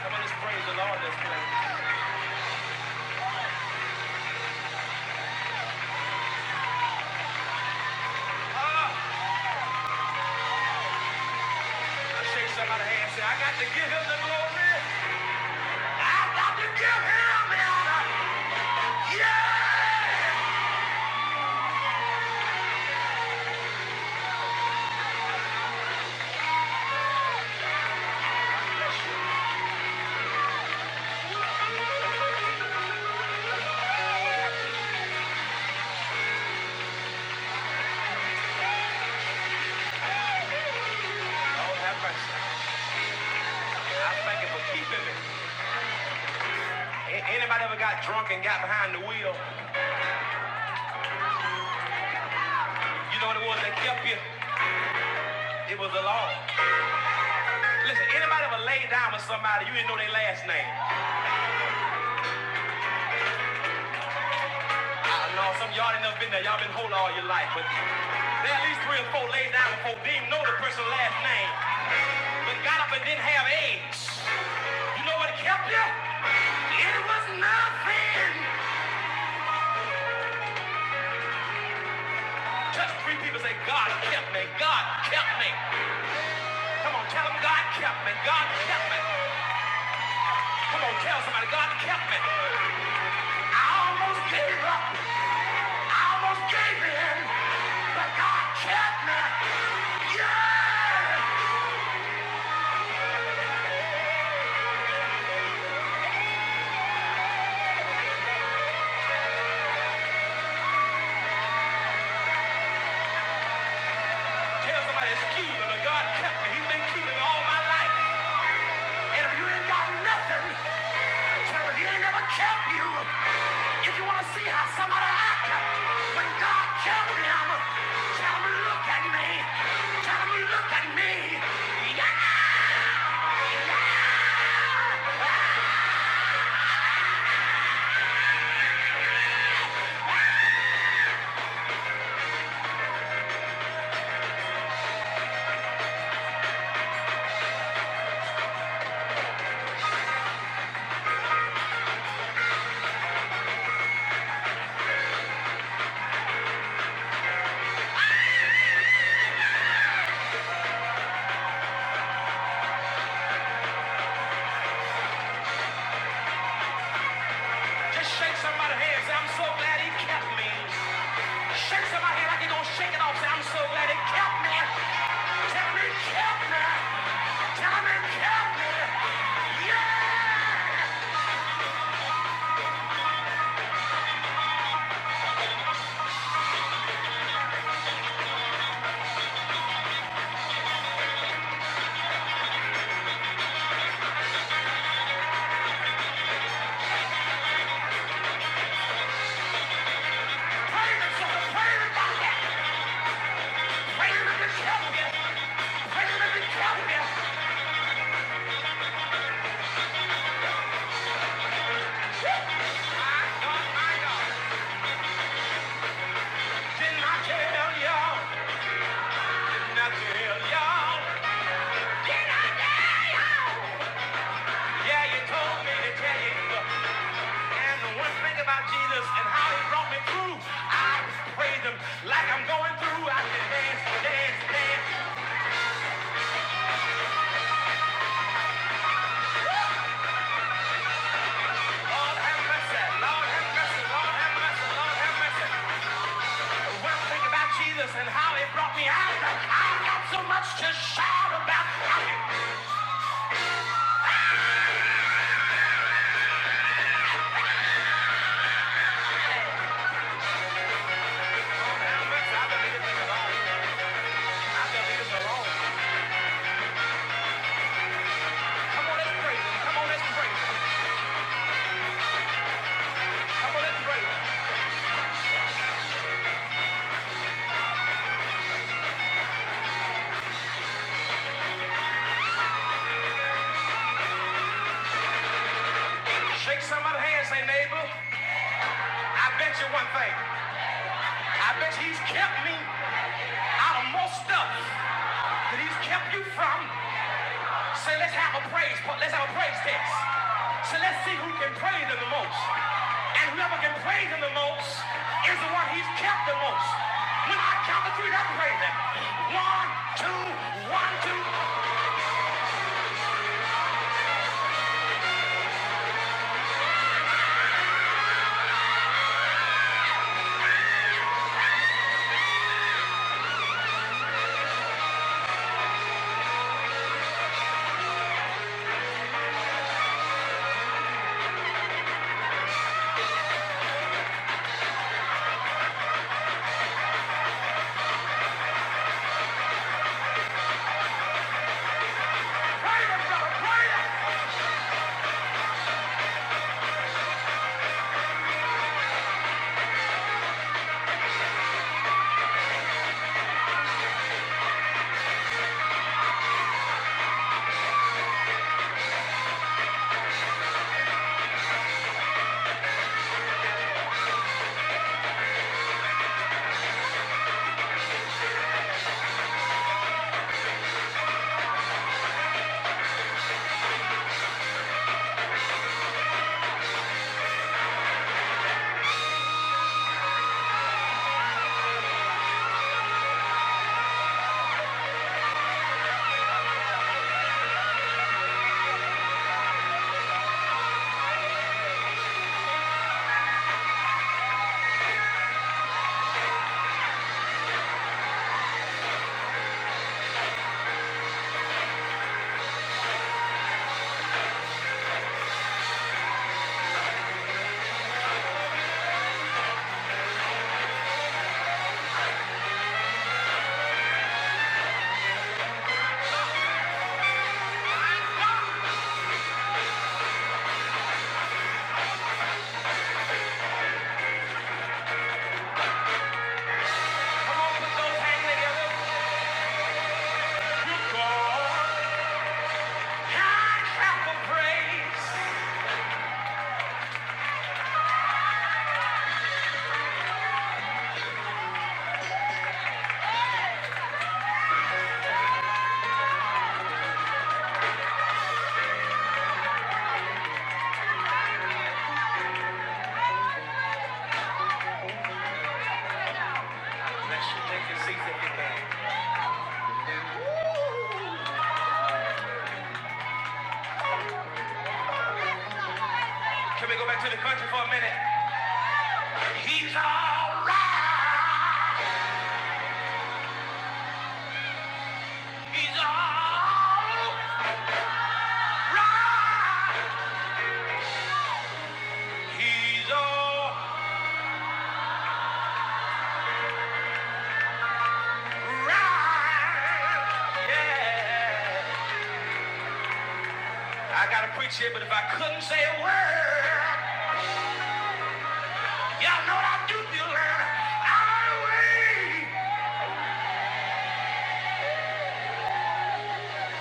Speaker 2: I want us to praise the Lord this morning. Ah, I shake somebody's hand and say, I got to give him the glory. I got to give him the honor. Yeah! Lord have mercy. I thank you for keeping me. A- Anybody ever got drunk and got behind the wheel? You know what it was that kept you? It was the Lord. Listen, anybody ever laid down with somebody, you didn't know their last name. I know some of y'all ain't never been there. Y'all been whole all your life, but there at least three or four laid down before they didn't know the person's last name. but got up and didn't have AIDS. You know what kept you? It was nothing. Just three people say, God kept me. God kept me. Come on, tell them God kept me. God kept me. Come on, tell somebody God kept me. I almost gave up. I almost gave in, but God kept me. Yeah! Tell somebody it's cute, but God kept me. He's been keeping me all my life. And if you ain't got nothing, tell him he ain't never kept you. If you want to see how somebody act, when God kept him, tell him look at me. Tell him look at me. Yeah. Just shake somebody's hand. and Say, I'm so glad he kept me. Shake somebody's hand like you're gonna shake it off. Say, I'm so glad he kept me. Tell him he kept me. Tell him he kept me. Yeah. Praise him, sister. Praise him about that. Praise him if he kept me. Praise him if he kept me. My God, my God. Didn't I tell y'all? Didn't I tell y'all? Did I tell y'all? Yeah, you told me to tell you. And the one thing about Jesus and how he brought me through, I praise him like I'm going through. I can dance, dance, dance. Lord have mercy, Lord have mercy, Lord have mercy, Lord have mercy. The one thing about Jesus and how he brought me out, I've got so much to shout about. I can, Lord have mercy, I believe it's alone. I believe it's alone. Come on, let's pray. Come on, let's pray. Come on, let's pray. Shake somebody's hand, say neighbor. I bet you one thing. I bet he's kept me. out of most stuff that he's kept you from. So let's have a praise, let's have a praise test. So let's see who can praise him the most. And whoever can praise him the most is the one he's kept the most. When I count to three, that's praise him. One, two, one, two. Praise him, brother, praise him. Come on, put those hands together. Good God. Hand clap of praise. Bless you. Take your seats if you can. Can we go back to the country for a minute? He's all right. He's all right. He's all right. Yeah. I gotta preach here, but if I couldn't say a word, y'all know what I do, Bueller. I would.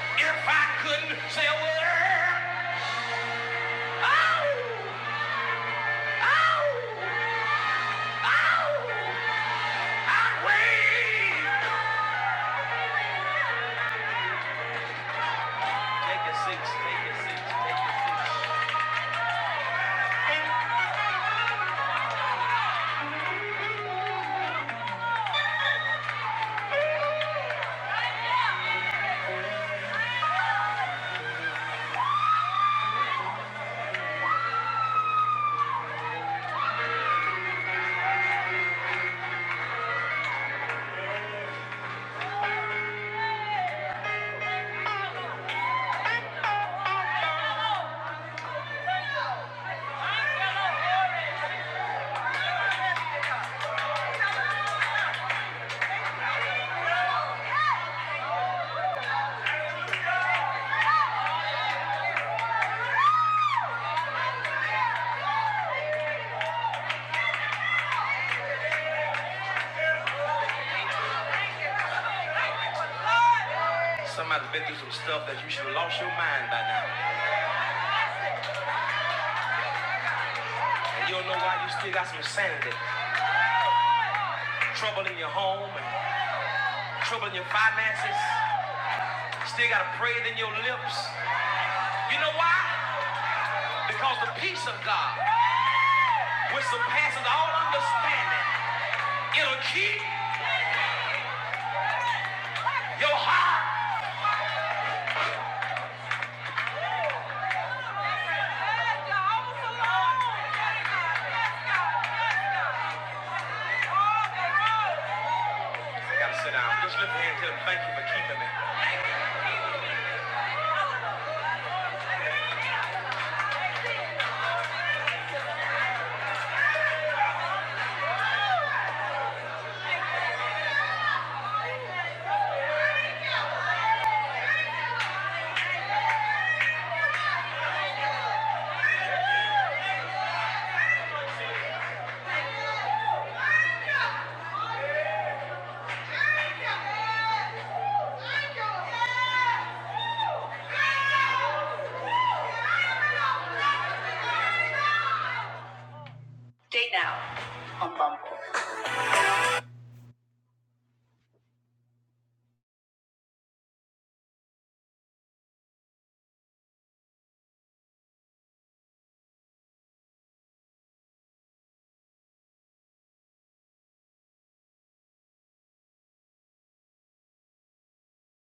Speaker 2: If I couldn't say a word, oh, oh, oh, I'd wait. Take a seat, Somebody's been through some stuff that you should have lost your mind by now. And you don't know why you still got some sanity. Trouble in your home and trouble in your finances. Still got a praise in your lips. You know why? Because the peace of God, which surpasses all understanding, it'll keep your heart. You gotta sit down. Just lift your hand and tell him, thank you for keeping me.